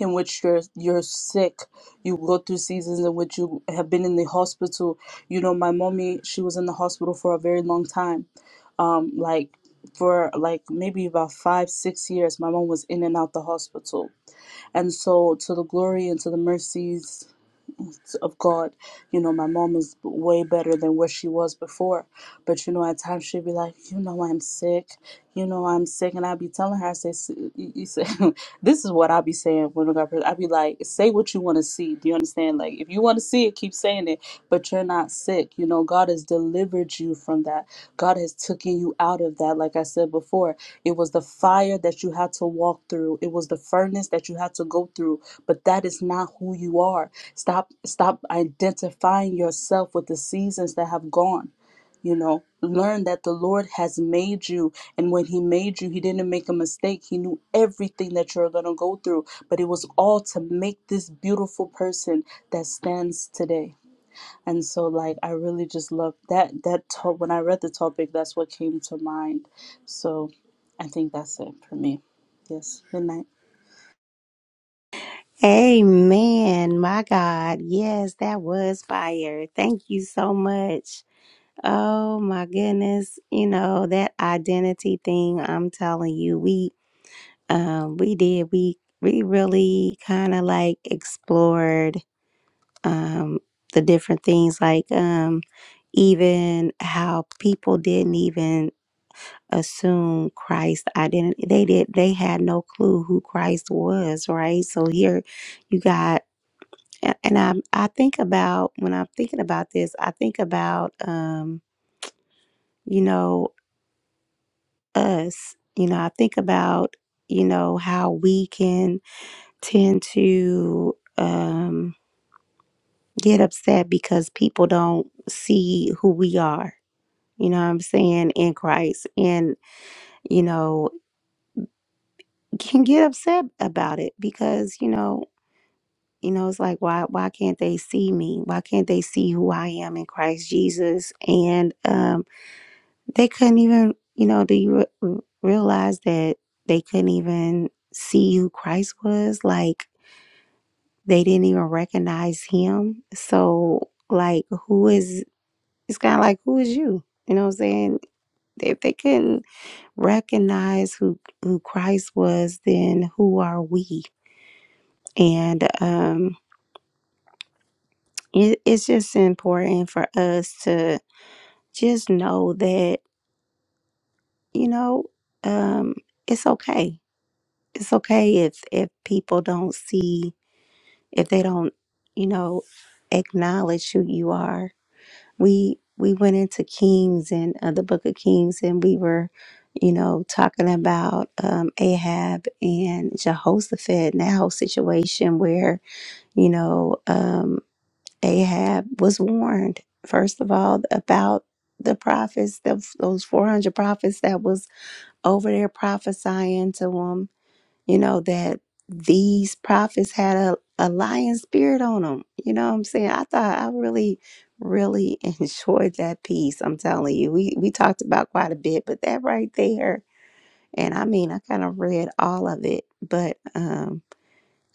in which you're you're sick, you go through seasons in which you have been in the hospital. You know, my mommy, she was in the hospital for a very long time. Um, like for like maybe about five, six years, my mom was in and out the hospital. And so to the glory and to the mercies of God. You know, my mom is way better than where she was before. But, you know, at times she'd be like, you know, I'm sick. You know, I'm sick. And I'd be telling her, I say, "S- you say, this is what I'd be saying when I got pregnant. I'd be like, say what you want to see. Do you understand? Like, if you want to see it, keep saying it. But you're not sick. You know, God has delivered you from that. God has taken you out of that. Like I said before, it was the fire that you had to walk through. It was the furnace that you had to go through. But that is not who you are. Stop stop identifying yourself with the seasons that have gone. You know, learn that the Lord has made you and when he made you, he didn't make a mistake. He knew everything that you're going to go through, but it was all to make this beautiful person that stands today. And so like I really just love that that to- when I read the topic, that's what came to mind. So I think that's it for me. Yes. Good night. Amen. My God. Yes, that was fire. Thank you so much. Oh my goodness. You know, that identity thing, I'm telling you, we um we did we we really kind of like explored um the different things like um even how people didn't even assume Christ identity. They did. They had no clue who Christ was, right? So here, you got, a- and I I think about when I'm thinking about this, I think about um, you know, us. You know, I think about you know how we can tend to um get upset because people don't see who we are. You know what I'm saying in Christ, and you know can get upset about it because you know You know, it's like why why can't they see me? Why can't they see who I am in Christ Jesus? And um, they couldn't even, you know, do you re- realize that they couldn't even see who Christ was? Like they didn't even recognize him. So like, who is? It's kind of like who is you? You know what I'm saying? If they couldn't recognize who who Christ was, then who are we? And um, it, it's just important for us to just know that you know um, it's okay. It's okay if if people don't see if they don't you know acknowledge who you are. We we went into Kings and uh, the Book of Kings, and we were you know talking about um, Ahab and Jehoshaphat and that whole situation where you know um, Ahab was warned first of all about the prophets, the, those four hundred prophets that was over there prophesying to them, you know, that these prophets had a, a lion spirit on them. You know what I'm saying? I thought I really, really enjoyed that piece. I'm telling you, we, we talked about quite a bit, but that right there, and I mean, I kind of read all of it, but um,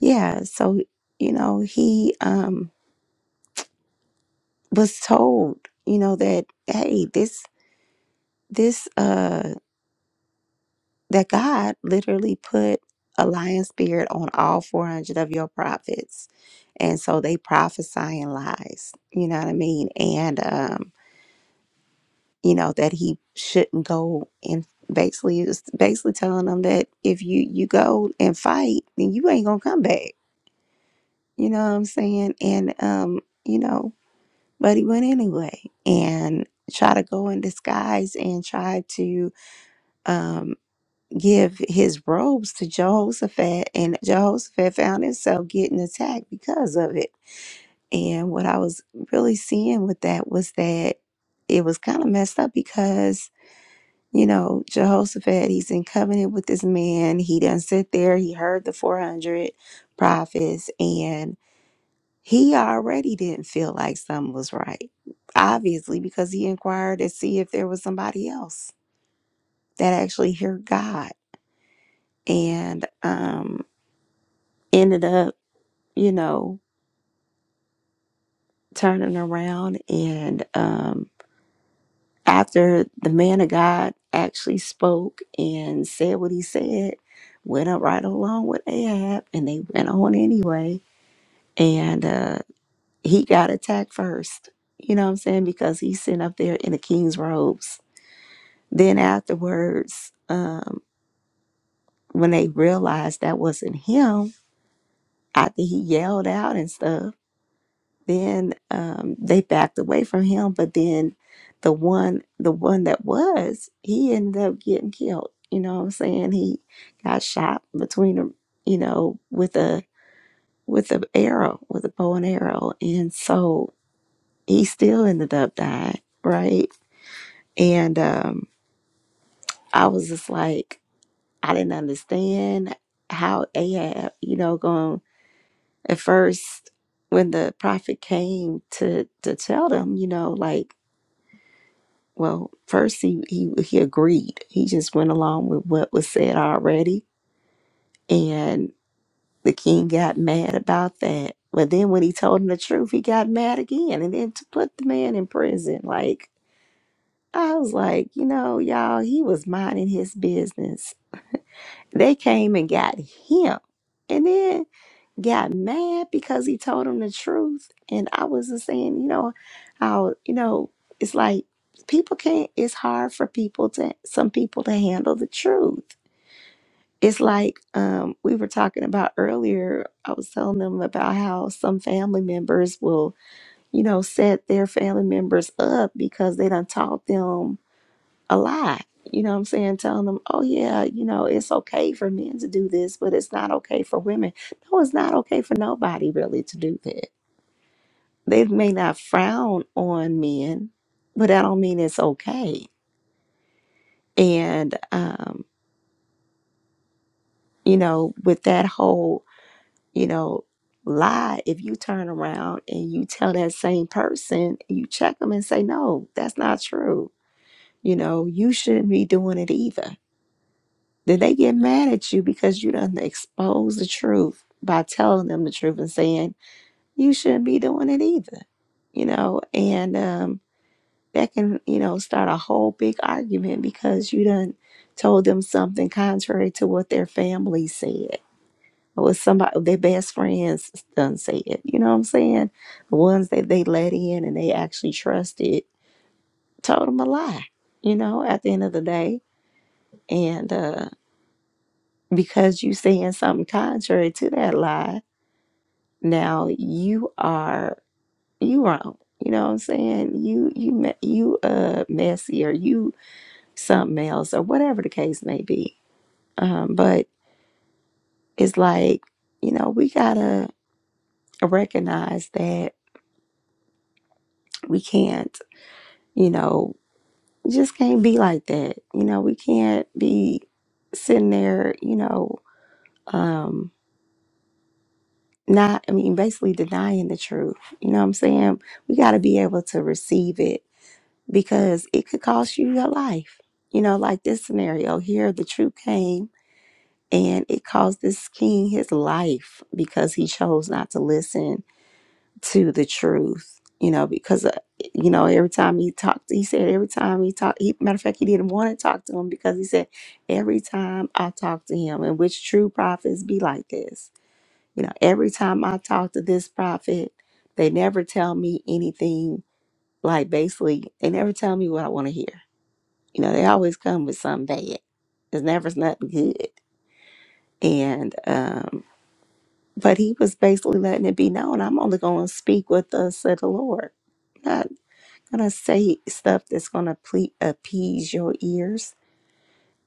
yeah, so, you know, he um, was told, you know, that, hey, this, this, uh, that God literally put a lion spirit on all 400 of your prophets. And so they prophesying lies, you know what I mean? And, um, you know, that he shouldn't go and basically it was basically telling them that if you, you go and fight, then you ain't going to come back. You know what I'm saying? And, um, you know, but he went anyway and try to go in disguise and try to, um, give his robes to Jehoshaphat, and Jehoshaphat found himself getting attacked because of it. And what I was really seeing with that was that it was kind of messed up because, you know, Jehoshaphat, he's in covenant with this man. He doesn't sit there. He heard the 400 prophets, and he already didn't feel like something was right, obviously, because he inquired to see if there was somebody else that actually heard God. And um, ended up, you know, turning around. And um, after the man of God actually spoke and said what he said, went up right along with Ahab, and they went on anyway. And uh, he got attacked first, you know what I'm saying? Because he's sitting up there in the king's robes. Then afterwards, um, when they realized that wasn't him, after he yelled out and stuff, then um, they backed away from him but then the one the one that was he ended up getting killed you know what i'm saying he got shot between them you know with a with a arrow with a bow and arrow and so he still ended up dying right and um i was just like i didn't understand how ahab you know going at first when the prophet came to to tell them you know like Well, first he, he he agreed. He just went along with what was said already, and the king got mad about that. But then when he told him the truth, he got mad again, and then to put the man in prison. Like I was like, you know, y'all, he was minding his business. They came and got him, and then got mad because he told him the truth. And I was just saying, you know, how, you know, it's like people can't, it's hard for people to, some people to handle the truth. It's like um, we were talking about earlier. I was telling them about how some family members will, you know, set their family members up because they done taught them a lie, You know what I'm saying? Telling them, oh, yeah, you know, it's okay for men to do this, but it's not okay for women. No, it's not okay for nobody really to do that. They may not frown on men, but that don't mean it's okay. And, um, you know, with that whole, you know, lie, if you turn around and you tell that same person, you check them and say, no, that's not true. You know, you shouldn't be doing it either Did they get mad at you because you done exposed the truth by telling them the truth and saying you shouldn't be doing it either? You know, and um, that can, you know, start a whole big argument because you done told them something contrary to what their family said or what somebody their best friends done said. You know what I'm saying? The ones that they let in and they actually trusted told them a lie, you know, at the end of the day. And uh because you saying something contrary to that lie now you are you wrong you know what i'm saying you you me- you uh messy or you something else or whatever the case may be um but it's like you know we gotta recognize that we can't you know we just can't be like that you know we can't be sitting there you know um, not i mean basically denying the truth you know what i'm saying we got to be able to receive it because it could cost you your life you know like this scenario here the truth came and it cost this king his life because he chose not to listen to the truth you know because uh, you know every time he talked he said every time he talked he, matter of fact he didn't want to talk to him because he said every time i talk to him and which true prophets be like this you know, every time I talk to this prophet, they never tell me anything like basically, they never tell me what I want to hear. You know, they always come with something bad. There's never nothing good. And, um, but he was basically letting it be known I'm only going to speak with thus said the Lord. not going to say stuff that's going to ple- appease your ears.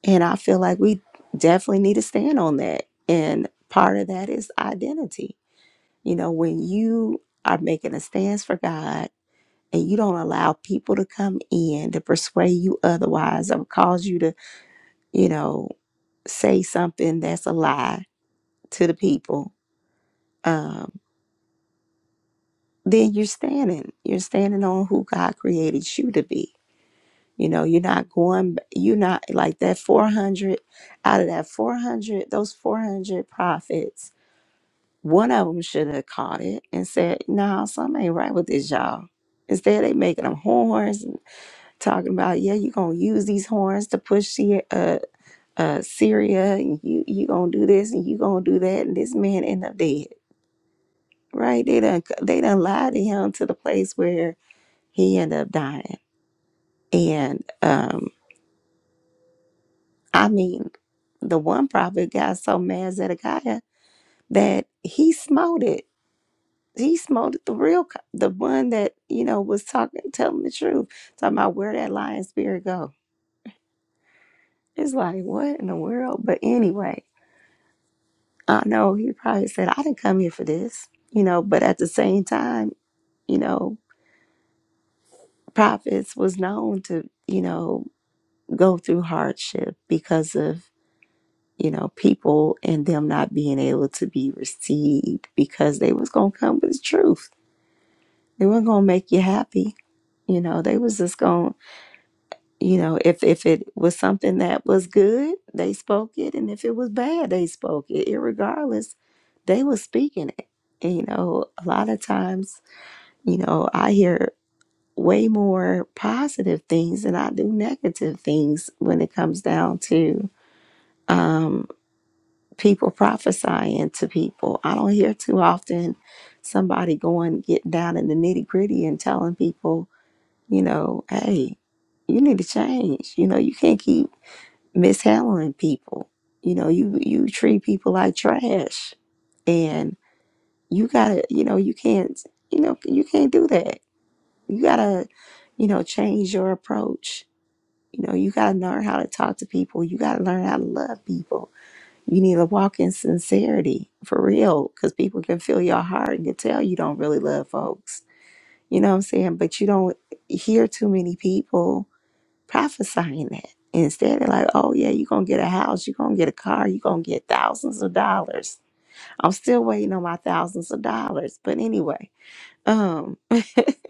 And I feel like we definitely need to stand on that. And part of that is identity You know, when you are making a stance for God and you don't allow people to come in to persuade you otherwise or cause you to, you know, say something that's a lie to the people, um, then you're standing. You're standing on who God created you to be. You know, you're not going, you're not like that 400 out of that 400, those 400 prophets One of them should have caught it and said, "No, something ain't right with this, y'all." Instead, they making them horns and talking about, "Yeah, you gonna use these horns to push Syria, uh, uh, Syria, and you you gonna do this and you gonna do that," and this man end up dead. Right? They done they done lied to him to the place where he ended up dying. And um, I mean, the one prophet got so mad Zedekiah that he smote it he smote the real, co- the one that you know was talking, telling the truth, talking about where that lying spirit go. It's like what in the world? But anyway, I know he probably said I didn't come here for this, you know. But at the same time, you know, prophets was known to you know go through hardship because of you know people and them not being able to be received because they was gonna come with the truth. They weren't gonna make you happy. You know, they was just gonna you know if if it was something that was good they spoke it and if it was bad they spoke it irregardless they were speaking it and, you know a lot of times you know i hear way more positive things than i do negative things when it comes down to um people prophesying to people i don't hear too often somebody going getting down in the nitty gritty and telling people you know hey you need to change you know you can't keep mishandling people. You know, you you treat people like trash, and you gotta, you know, you can't, you know, you can't do that. You gotta, you know, change your approach. You know, you gotta learn how to talk to people. You gotta learn how to love people. You need to walk in sincerity for real, because people can feel your heart and can tell you don't really love folks. You know what I'm saying? But you don't hear too many people prophesying that. Instead, they're like, oh, yeah, you're going to get a house, you're going to get a car, you're going to get thousands of dollars. I'm still waiting on my thousands of dollars. But anyway, um,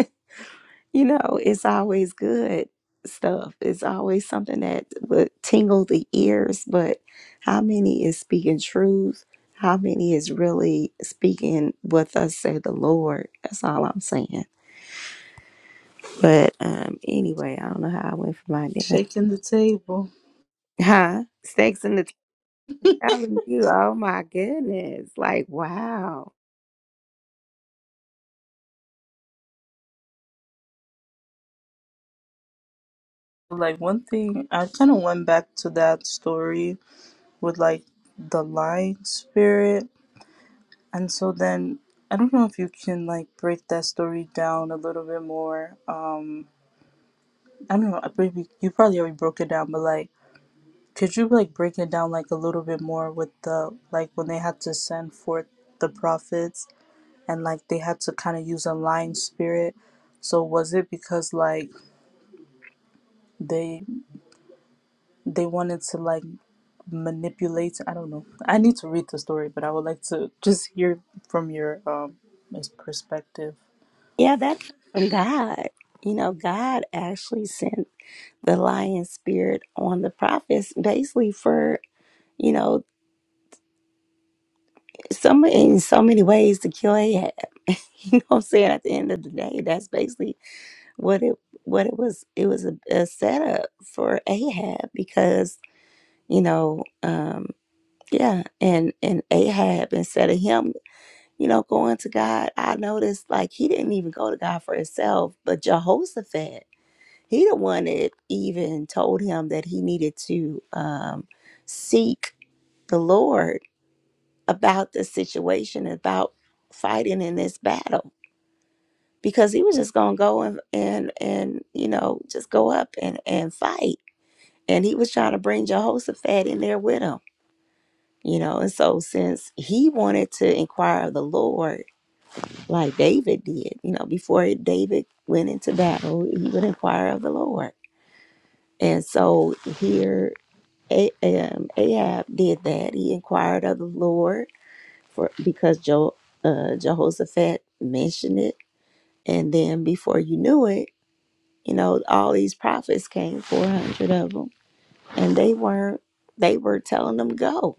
you know, it's always good stuff. It's always something that would tingle the ears. But how many is speaking truth? How many is really speaking what thus say the Lord? That's all I'm saying. But um, anyway, I don't know how I went from my identity. Shaking the table. Huh? Snakes in the telling you, oh my goodness, like wow. Like one thing, I kind of went back to that story with like the lying spirit, and so then I don't know if you can like break that story down a little bit more. Um, I don't know, I maybe you probably already broke it down, but like, could you like break it down like a little bit more with the like when they had to send forth the prophets and like they had to kind of use a lying spirit? So was it because like they they wanted to like manipulate i don't know i need to read the story but i would like to just hear from your um perspective Yeah, that came from God. You know, God actually sent the lion spirit on the prophets basically for, you know, some in so many ways to kill Ahab. you know what I'm saying? At the end of the day, that's basically what it what it was it was a, a setup for Ahab because, you know, um yeah, and and Ahab instead of him you know, going to God, I noticed like he didn't even go to God for himself, but Jehoshaphat, he the one that even told him that he needed to um, seek the Lord about the situation, about fighting in this battle, because he was just gonna go and and and you know just go up and and fight, and he was trying to bring Jehoshaphat in there with him, you know, and so since he wanted to inquire of the Lord like David did. You know, before David went into battle, he would inquire of the Lord. And so here, A- um, Ahab did that. He inquired of the Lord for because jo- uh, Jehoshaphat mentioned it. And then before you knew it, you know, all these prophets came, 400 of them, and they weren't, they were telling them, go,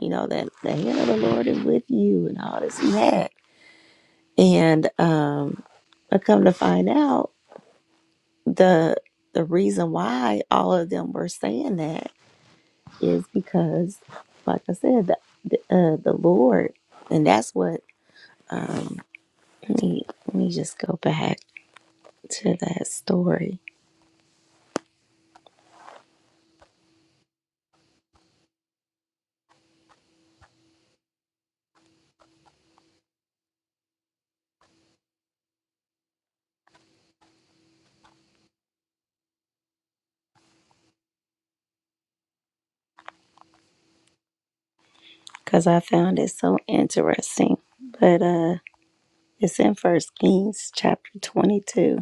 you know, that the hand of the Lord is with you and all this and that. And um, I come to find out the the reason why all of them were saying that is because, like I said, the the, uh, the Lord, and that's what. Um, let me let me just go back to that story because I found it so interesting. But uh, it's in First Kings chapter twenty two.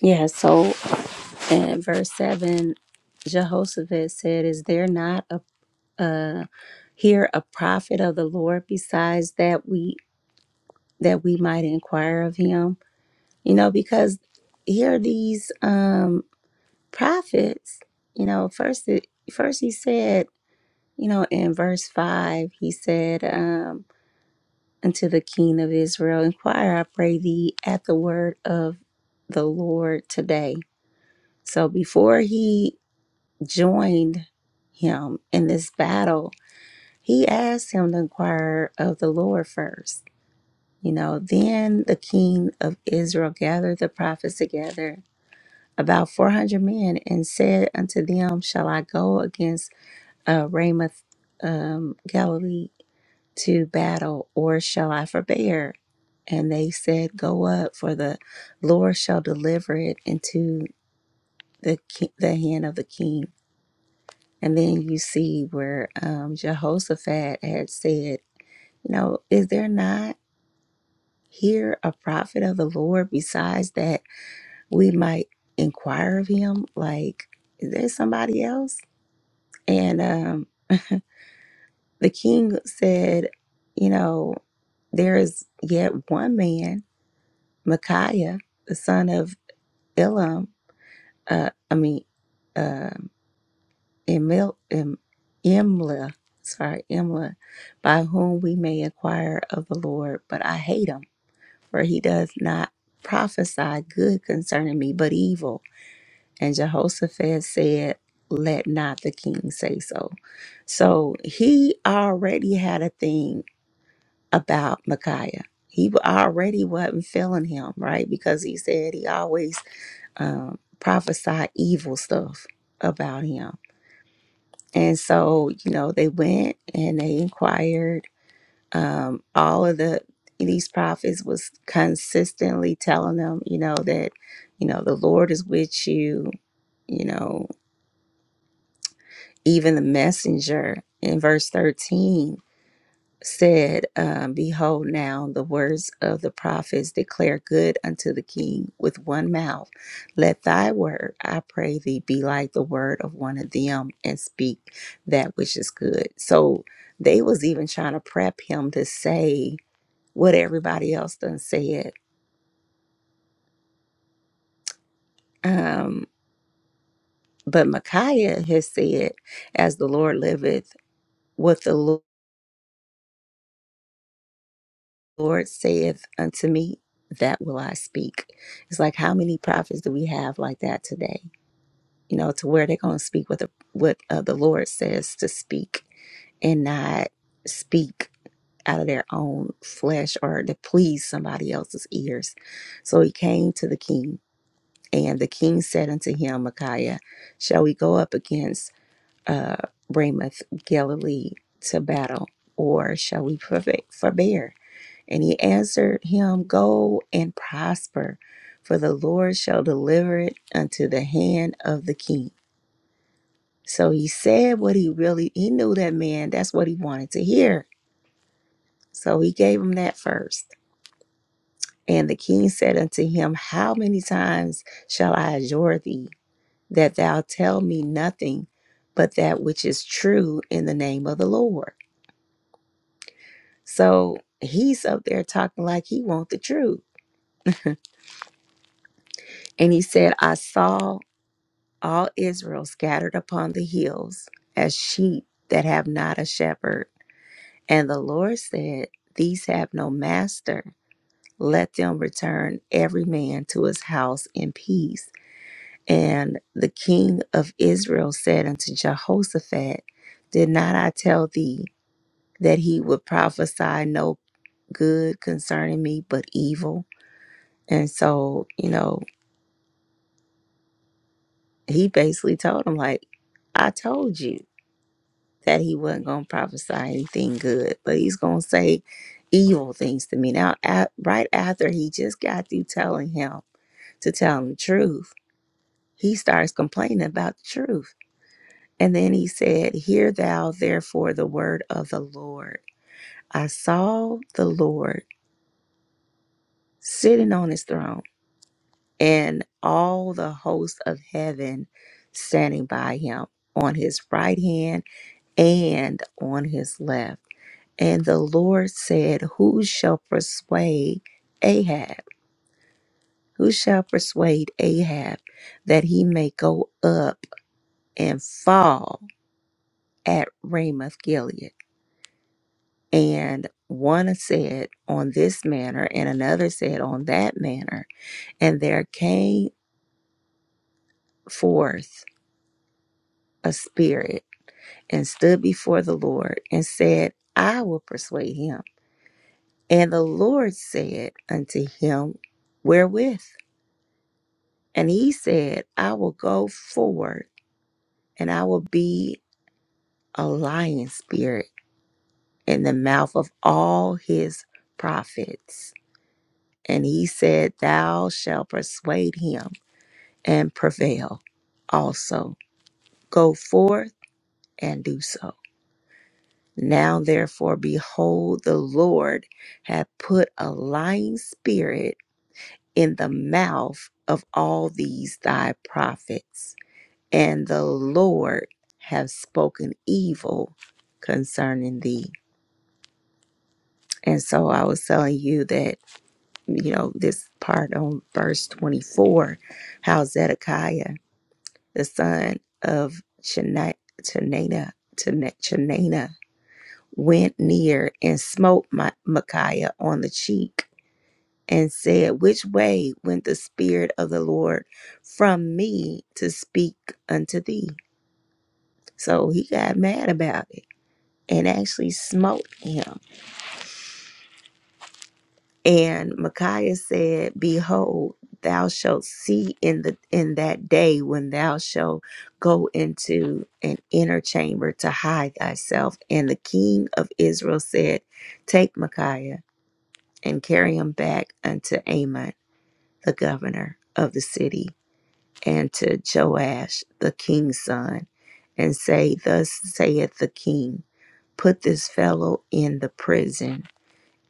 Yeah. So in verse seven, Jehoshaphat said, "Is there not a uh, here a prophet of the Lord besides that we?" that we might inquire of him you know because here are these um prophets you know first it, first he said you know in verse 5 he said um unto the king of israel inquire i pray thee at the word of the lord today so before he joined him in this battle he asked him to inquire of the lord first You know, then the king of Israel gathered the prophets together, about 400 men, and said unto them, Shall I go against uh, Ramoth um, Galilee to battle, or shall I forbear? And they said, Go up, for the Lord shall deliver it into the, ki- the hand of the king. And then you see where um, Jehoshaphat had said, You know, is there not here a prophet of the Lord besides that? we might inquire of him, like, is there somebody else? And um, the king said, you know, there is yet one man, Micaiah, the son of Elam, uh, I mean, um Emil, em, Imla, sorry, Imla, by whom we may inquire of the Lord, but I hate him, for he does not prophesy good concerning me, but evil. And Jehoshaphat said, Let not the king say so. So he already had a thing about Micaiah. He already wasn't feeling him, right? Because he said he always um, prophesied evil stuff about him. And so, you know, they went and they inquired. Um, all of the these prophets was consistently telling them, you know, that, you know, the Lord is with you, you know, even the messenger in verse 13 said, um, Behold, now the words of the prophets declare good unto the king with one mouth. Let thy word, I pray thee, be like the word of one of them and speak that which is good. So they was even trying to prep him to say what everybody else done said. Um, but Micaiah has said, As the Lord liveth, what the Lord. Lord saith unto me, that will I speak. It's like how many prophets do we have like that today? You know, to where they're going to speak what the what uh, the Lord says to speak, and not speak out of their own flesh or to please somebody else's ears. So he came to the king, and the king said unto him, Micaiah, shall we go up against uh, Ramoth Galilee to battle, or shall we forbe- forbear? And he answered him, Go and prosper, for the Lord shall deliver it unto the hand of the king. So he said what he really he knew that man, that's what he wanted to hear. So he gave him that first. And the king said unto him, How many times shall I adjure thee that thou tell me nothing but that which is true in the name of the Lord? So he's up there talking like he wants the truth. And he said, I saw all Israel scattered upon the hills as sheep that have not a shepherd. And the Lord said, These have no master. Let them return every man to his house in peace. And the king of Israel said unto Jehoshaphat, Did not I tell thee that he would prophesy no good concerning me, but evil? And so, you know, he basically told him, like, I told you. that he wasn't going to prophesy anything good, but he's going to say evil things to me. Now, at, right after he just got through telling him to tell him the truth, he starts complaining about the truth. And then he said, Hear thou therefore the word of the Lord. I saw the Lord sitting on his throne and all the hosts of heaven standing by him on his right hand and on his left. And the Lord said, Who shall persuade Ahab? Who shall persuade Ahab that he may go up and fall at Ramoth Gilead? And one said on this manner, and another said on that manner. And there came forth a spirit and stood before the Lord and said, I will persuade him. And the Lord said unto him, Wherewith? And he said, I will go forward, and I will be a lion spirit in the mouth of all his prophets. And he said, Thou shalt persuade him and prevail also. Go forth and do so. Now therefore, behold, the Lord hath put a lying spirit in the mouth of all these thy prophets, and the Lord have spoken evil concerning thee. And so I was telling you that, you know, this part on verse 24, how Zedekiah, the son of Chena- went near and smote my, Micaiah on the cheek and said, Which way went the Spirit of the Lord from me to speak unto thee? So he got mad about it and actually smote him. And Micaiah said, Behold, thou shalt see in the in that day when thou shalt go into an inner chamber to hide thyself. And the king of Israel said, Take Micaiah and carry him back unto Amon, the governor of the city and to Joash the king's son, and say, Thus saith the king, put this fellow in the prison,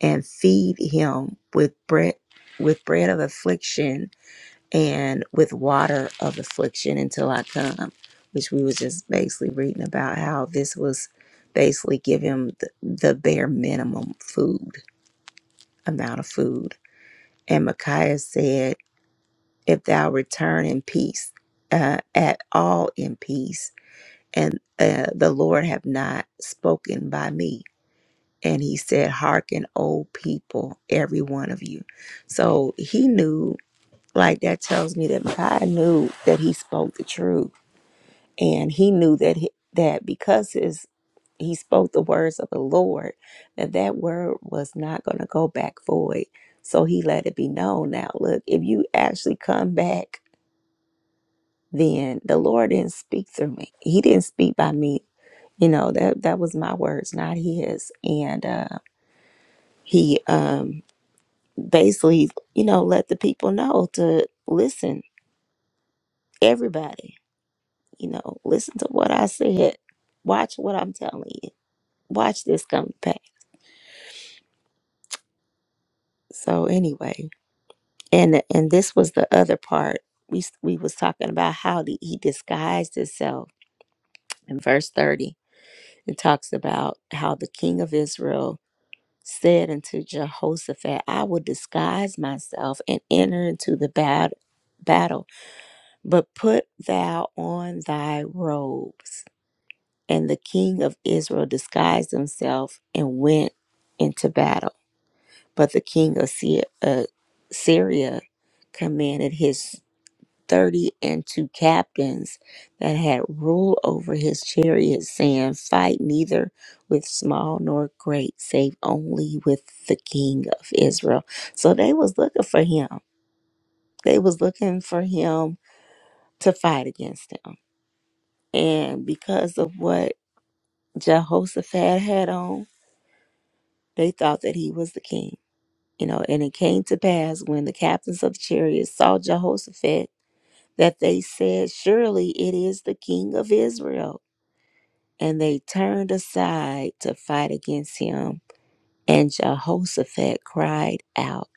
and feed him with bread with bread of affliction and with water of affliction until I come. Which we was just basically reading about how this was basically give him the, the bare minimum food amount of food. And Micaiah said, If thou return in peace, uh, at all in peace, and uh, the Lord have not spoken by me. And he said, Hearken, O people, every one of you. So he knew, like that tells me that Micaiah knew that he spoke the truth. And he knew that he, that because his he spoke the words of the Lord, that that word was not going to go back void. So he let it be known. Now, look, if you actually come back, then the Lord didn't speak through me. He didn't speak by me you know that that was my words not his and uh he um basically you know let the people know to listen everybody you know listen to what i said watch what i'm telling you watch this come to pass so anyway and and this was the other part we we was talking about how the, he disguised himself in verse 30 it talks about how the king of israel said unto Jehoshaphat, I will disguise myself and enter into the bat- battle, but put thou on thy robes. And the king of Israel disguised himself and went into battle. But the king of Sy- uh, Syria commanded his thirty and two captains that had rule over his chariots, saying, Fight neither with small nor great, save only with the king of Israel. So they was looking for him. They was looking for him to fight against him. And because of what Jehoshaphat had on, they thought that he was the king. You know, and it came to pass when the captains of the chariots saw Jehoshaphat that they said, Surely it is the king of Israel. and they turned aside to fight against him. And Jehoshaphat cried out.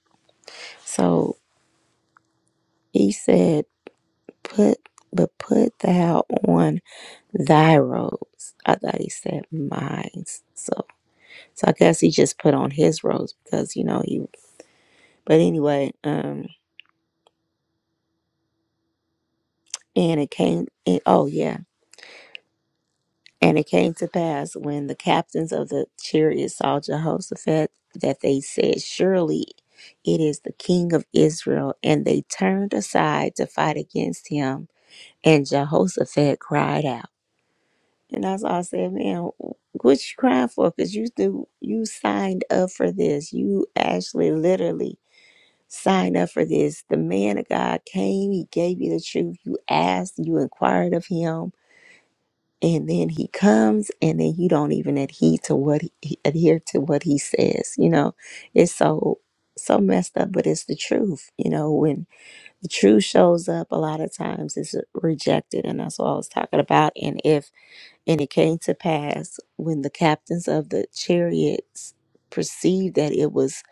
So he said, Put but put thou on thy robes. I thought he said mine. So so I guess he just put on his robes because you know he but anyway, um and it came and oh yeah. And it came to pass when the captains of the chariots saw Jehoshaphat that they said, Surely it is the king of Israel. And they turned aside to fight against him. And Jehoshaphat cried out. And that's all I said, man, what you crying for? Because you do, you signed up for this. You actually literally signed up for this. The man of God came, he gave you the truth. You asked, you inquired of him and then he comes and then you don't even adhere to what he, he- adhere to what he says you know it's so so messed up but it's the truth you know when the truth shows up a lot of times it's rejected and that's what i was talking about and if and it came to pass when the captains of the chariots perceived that it was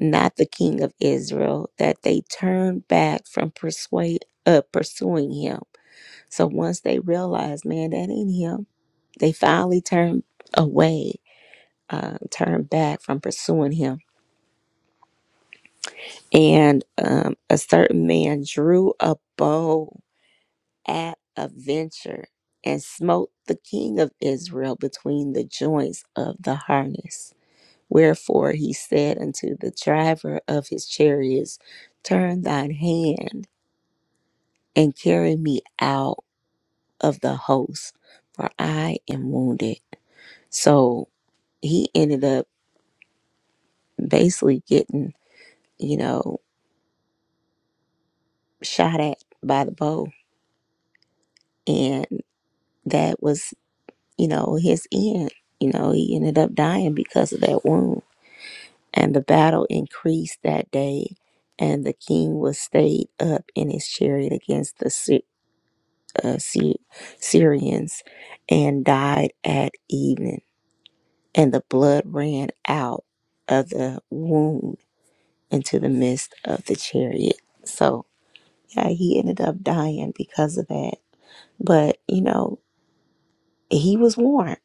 not the king of israel that they turned back from persuade uh, pursuing him so once they realized man that ain't him they finally turned away, uh, turned back from pursuing him. And um, a certain man drew a bow at a venture and smote the king of Israel between the joints of the harness. Wherefore he said unto the driver of his chariots, Turn thine hand and carry me out of the host, for I am wounded. So he ended up basically getting you know, shot at by the bow. And that was, you know, his end. You know, he ended up dying because of that wound. And the battle increased that day, and the king was stayed up in his chariot against the Sy- uh, Sy- Syrians and died at evening. And the blood ran out of the wound into the midst of the chariot. So, yeah, he ended up dying because of that. But, you know, he was warned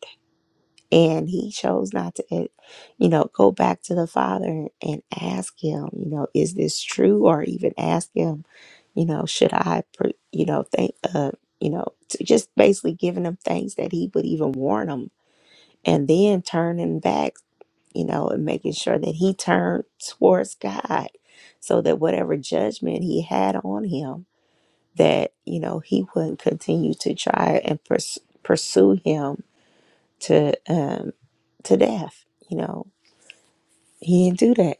and he chose not to eh, you know go back to the father and ask him you know is this true or even ask him you know should i pr- you know think uh you know to just basically giving him things that he would even warn him and then turning back you know and making sure that he turned towards god so that whatever judgment he had on him that you know he wouldn't continue to try and pers- pursue him to um to death. You know, he didn't do that.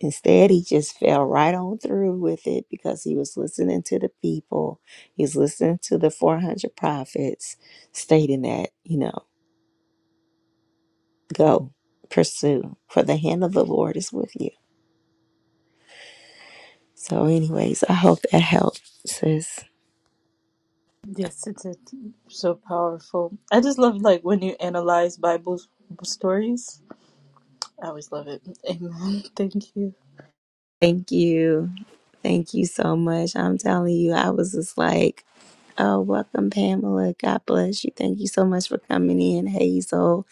Instead, he just fell right on through with it because he was listening to the people. He was listening to the 400 prophets stating that, you know, go, pursue, for the hand of the Lord is with you. So, anyways, I hope that helped, sis. yes it's, it's so powerful i just love like when you analyze bible stories i always love it amen thank you Thank you. Thank you so much. I'm telling you, I was just like, oh, welcome, Pamela. God bless you. Thank you so much for coming in, Hazel.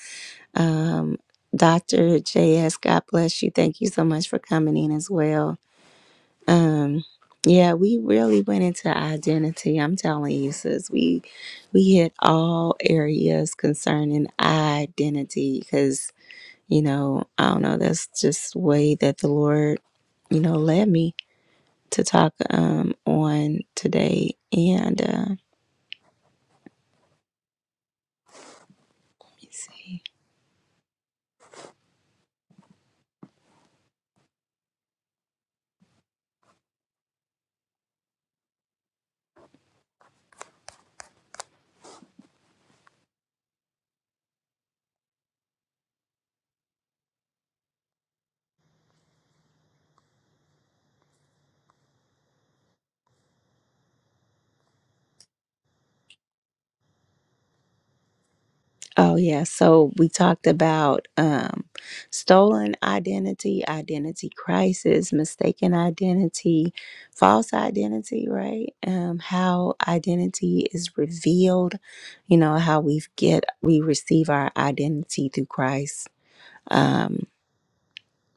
Um, Dr. JS, God bless you. Thank you so much for coming in as well. Um, yeah, we really went into identity. I'm telling you, sis, we we hit all areas concerning identity because you know I don't know. That's just the way that the Lord, you know, led me to talk um on today. And uh, let me see. Oh, yeah. So we talked about um, stolen identity, identity crisis, mistaken identity, false identity, right? Um, how identity is revealed, you know, how we get, we receive our identity through Christ. Um,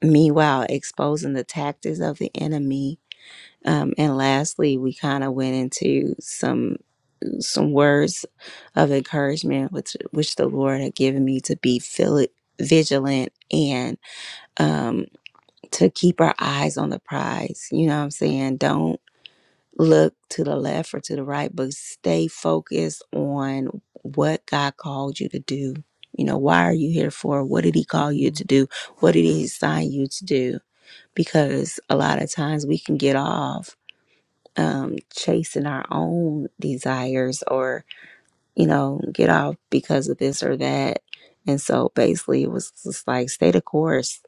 meanwhile, exposing the tactics of the enemy. Um, and lastly, we kind of went into some some words of encouragement which which the Lord had given me to be fili- vigilant and um to keep our eyes on the prize. You know what I'm saying? Don't look to the left or to the right, but stay focused on what God called you to do. You know, why are you here for? What did he call you to do? What did he assign you to do? Because a lot of times we can get off um chasing our own desires or you know, get off because of this or that. And so basically it was just like stay the course.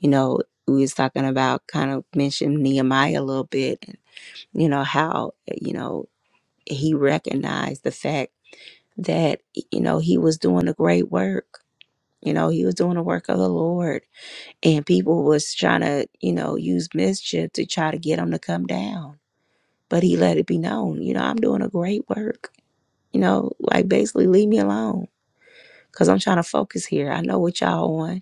You know, we was talking about kind of mentioned Nehemiah a little bit, and, you know, how, you know, he recognized the fact that, you know, he was doing a great work. You know, he was doing the work of the Lord. And people was trying to, you know, use mischief to try to get him to come down. But he let it be known, you know, I'm doing a great work. You know, like basically leave me alone Cause I'm trying to focus here. I know what y'all on.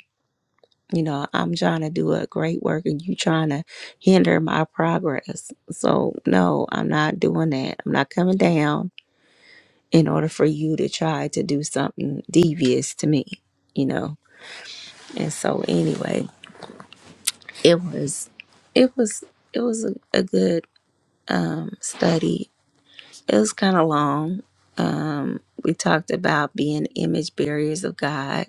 You know, I'm trying to do a great work and you trying to hinder my progress. So no, I'm not doing that. I'm not coming down in order for you to try to do something devious to me, you know. And so anyway, it was it was it was a, a good um study. It was kind of long. Um we talked about being image barriers of God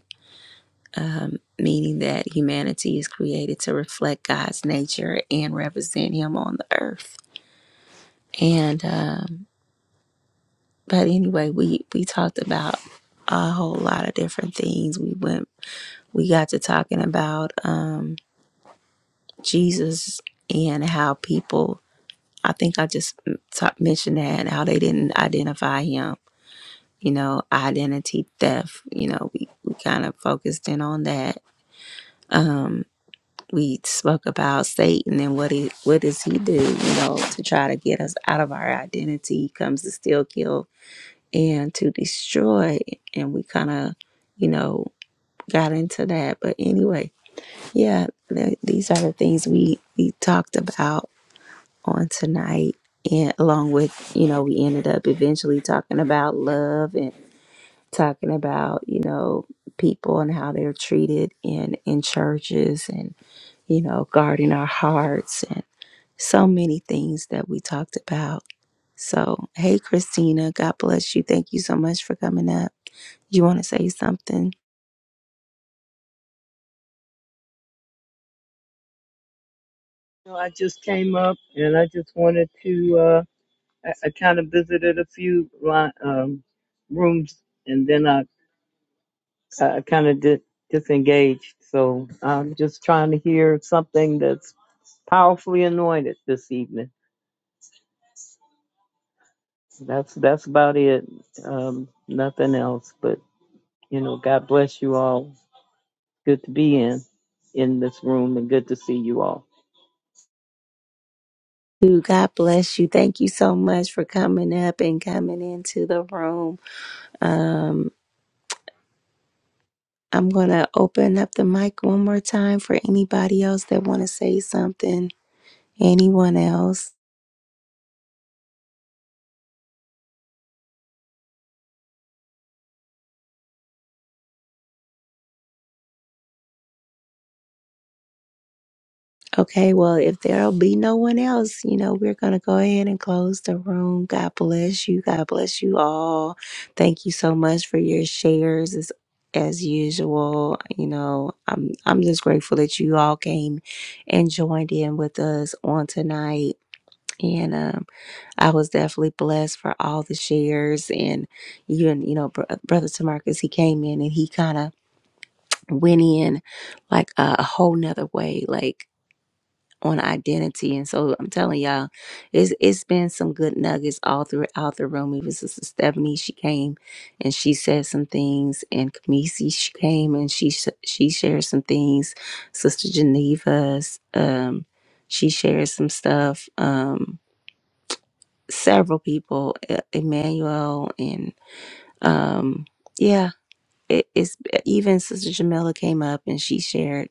meaning that humanity is created to reflect God's nature and represent Him on the earth. And um, but anyway, we we talked about a whole lot of different things. We went we got to talking about um, Jesus and how people. I think I just mm, ta- mentioned that and how they didn't identify Him. You know, identity theft. You know, we, we kind of focused in on that. Um, we spoke about Satan and what he what does he do, you know, to try to get us out of our identity. He comes to steal, kill, and to destroy. And we kind of, you know, got into that. But anyway, yeah, th- these are the things we we talked about on tonight. And along with, you know, we ended up eventually talking about love and talking about you know people and how they're treated in in churches and you know guarding our hearts and so many things that we talked about so hey christina god bless you thank you so much for coming up you want to say something No, I just came up and I just wanted to, uh, I, I kind of visited a few li- um, rooms and then I, I kind of did disengaged. So I'm just trying to hear something that's powerfully anointed this evening. That's, that's about it. Um, nothing else, but you know, God bless you all. Good to be in, in this room and good to see you all. Ooh, God bless you. Thank you so much for coming up and coming into the room. Um, I'm going to open up the mic one more time for anybody else that want to say something. Anyone else? Okay, well, if there'll be no one else, you know, we're going to go ahead and close the room. God bless you. God bless you all. Thank you so much for your shares as as usual. You know, I'm I'm just grateful that you all came and joined in with us on tonight. And um, I was definitely blessed for all the shares and even, you know, br- Brother Tamarcus, he came in and he kind of went in like a, a whole nother way. Like, on identity. And so I'm telling y'all, it's it's been some good nuggets all throughout the room. Even Sister Stephanie, she came and she said some things, and Kamisi, she came and she sh- she shared some things. Sister Geneva, um, she shared some stuff. Um, several people, E- Emmanuel, and um, yeah. It, it's even Sister Jamila came up and she shared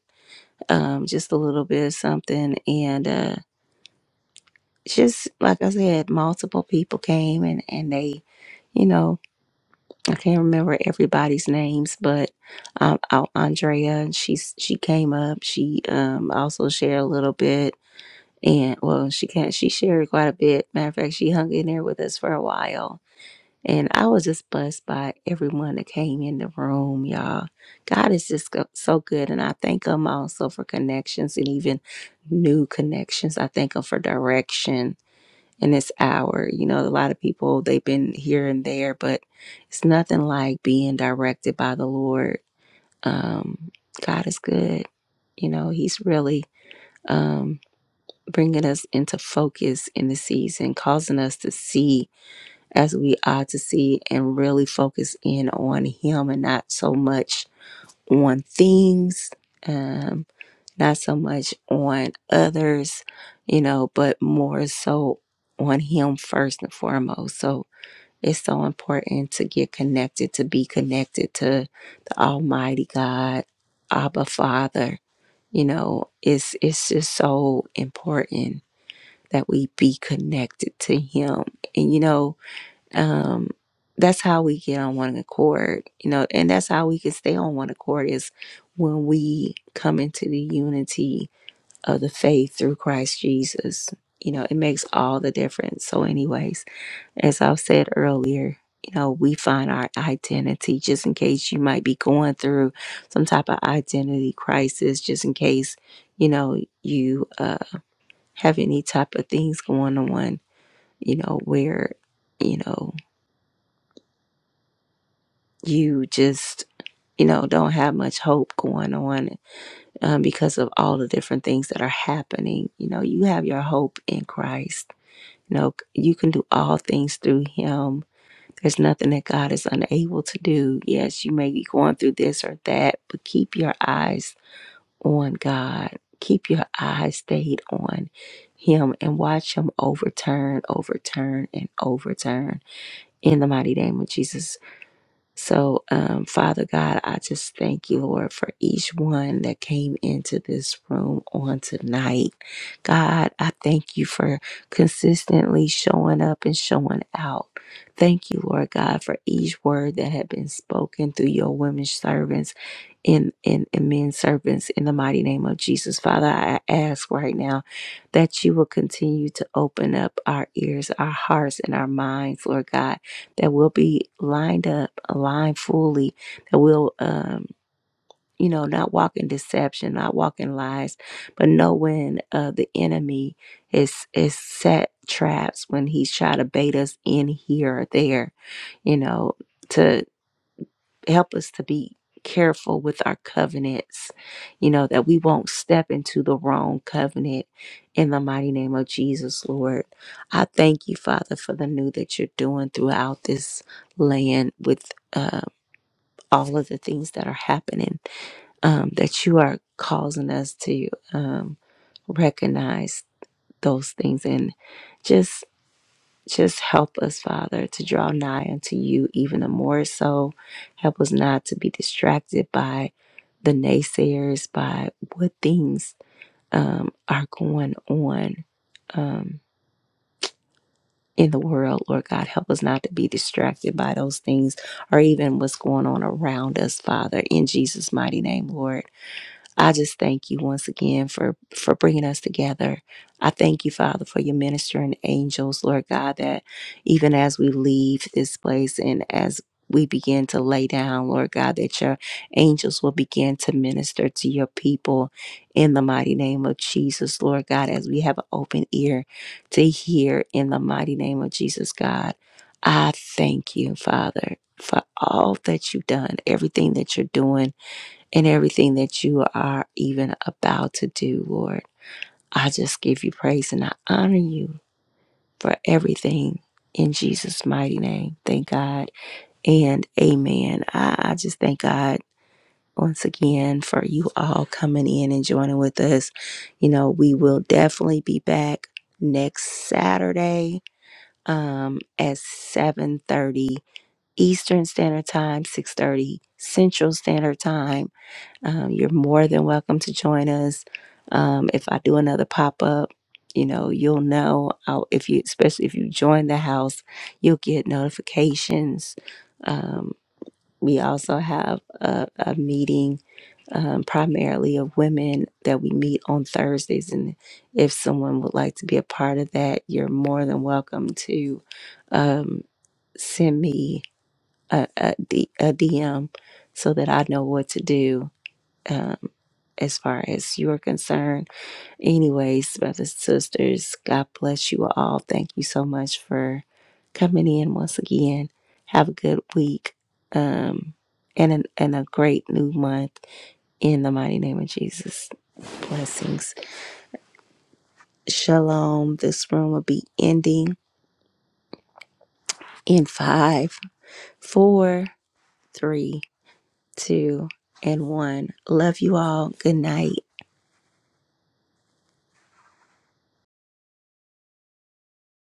um, just a little bit of something, and uh, just like I said, multiple people came and and they, you know, I can't remember everybody's names, but um, Al- Andrea and she's she came up. She um also shared a little bit, and well, she can't she shared quite a bit. Matter of fact, she hung in there with us for a while, and I was just blessed by everyone that came in the room, y'all. God is just go- so good, and I thank Him also for connections and even new connections. I thank Him for direction in this hour. You know, a lot of people, they've been here and there, but it's nothing like being directed by the Lord. Um, God is good. You know, He's really um, bringing us into focus in the season, causing us to see as we ought to see and really focus in on Him and not so much on things. Um, not so much on others, you know, but more so on Him first and foremost. So it's so important to get connected, to be connected to the Almighty God, Abba Father. You know, it's it's just so important that we be connected to Him, and you know, um, that's how we get on one accord. You know, and that's how we can stay on one accord is when we come into the unity of the faith through Christ Jesus. You know, it makes all the difference. So, anyways, as I've said earlier, you know, we find our identity just in case you might be going through some type of identity crisis, just in case, you know, you uh, have any type of things going on, you know, where, you know, you just, you know, don't have much hope going on um, because of all the different things that are happening. You know, you have your hope in Christ You know, you can do all things through him. There's nothing that God is unable to do. Yes, you may be going through this or that, but keep your eyes on God. Keep your eyes stayed on him and watch him overturn, overturn, and overturn in the mighty name of Jesus. So, um, Father God, I just thank you, Lord, for each one that came into this room on tonight. God, I thank you for consistently showing up and showing out. Thank you, Lord God, for each word that had been spoken through your women servants and, and, and men servants in the mighty name of Jesus. Father, I ask right now that you will continue to open up our ears, our hearts, and our minds, Lord God that we'll be lined up, aligned fully, that we'll, um, you know, not walk in deception, not walk in lies, but know when uh, the enemy is is set traps when he's trying to bait us in here or there, you know, to help us to be careful with our covenants, you know, that we won't step into the wrong covenant in the mighty name of Jesus, Lord. I thank you, Father, for the new that you're doing throughout this land with uh, all of the things that are happening, um, that you are causing us to um, recognize those things and just just help us, Father, to draw nigh unto you even the more so. Help us not to be distracted by the naysayers, by what things um, are going on um, in the world, Lord God. Help us not to be distracted by those things or even what's going on around us, Father, in Jesus' mighty name, Lord. I just thank you once again for for bringing us together. I thank you, Father, for your ministering angels, Lord God, that even as we leave this place and as we begin to lay down, Lord God, that your angels will begin to minister to your people in the mighty name of Jesus, Lord God, as we have an open ear to hear in the mighty name of Jesus, God. I thank you, Father, for all that you've done, everything that you're doing and everything that you are even about to do, Lord. I just give you praise and I honor you for everything in Jesus' mighty name. Thank God and amen. I, I just thank God once again for you all coming in and joining with us. You know, we will definitely be back next Saturday um at 7:30 Eastern Standard Time, 6:30 Central Standard Time. Um, you're more than welcome to join us. Um, if I do another pop up, you know, you'll know I'll, if you, especially if you join the house, you'll get notifications. Um, we also have a, a meeting um, primarily of women that we meet on Thursdays. And if someone would like to be a part of that, you're more than welcome to um, send me a, a, D, a DM so that I know what to do um, as far as you're concerned. Anyways, brothers and sisters, God bless you all. Thank you so much for coming in once again. Have a good week um, and, an, and a great new month in the mighty name of Jesus. Blessings. Shalom. This room will be ending in five, four, three two, and one. Love you all. Good night.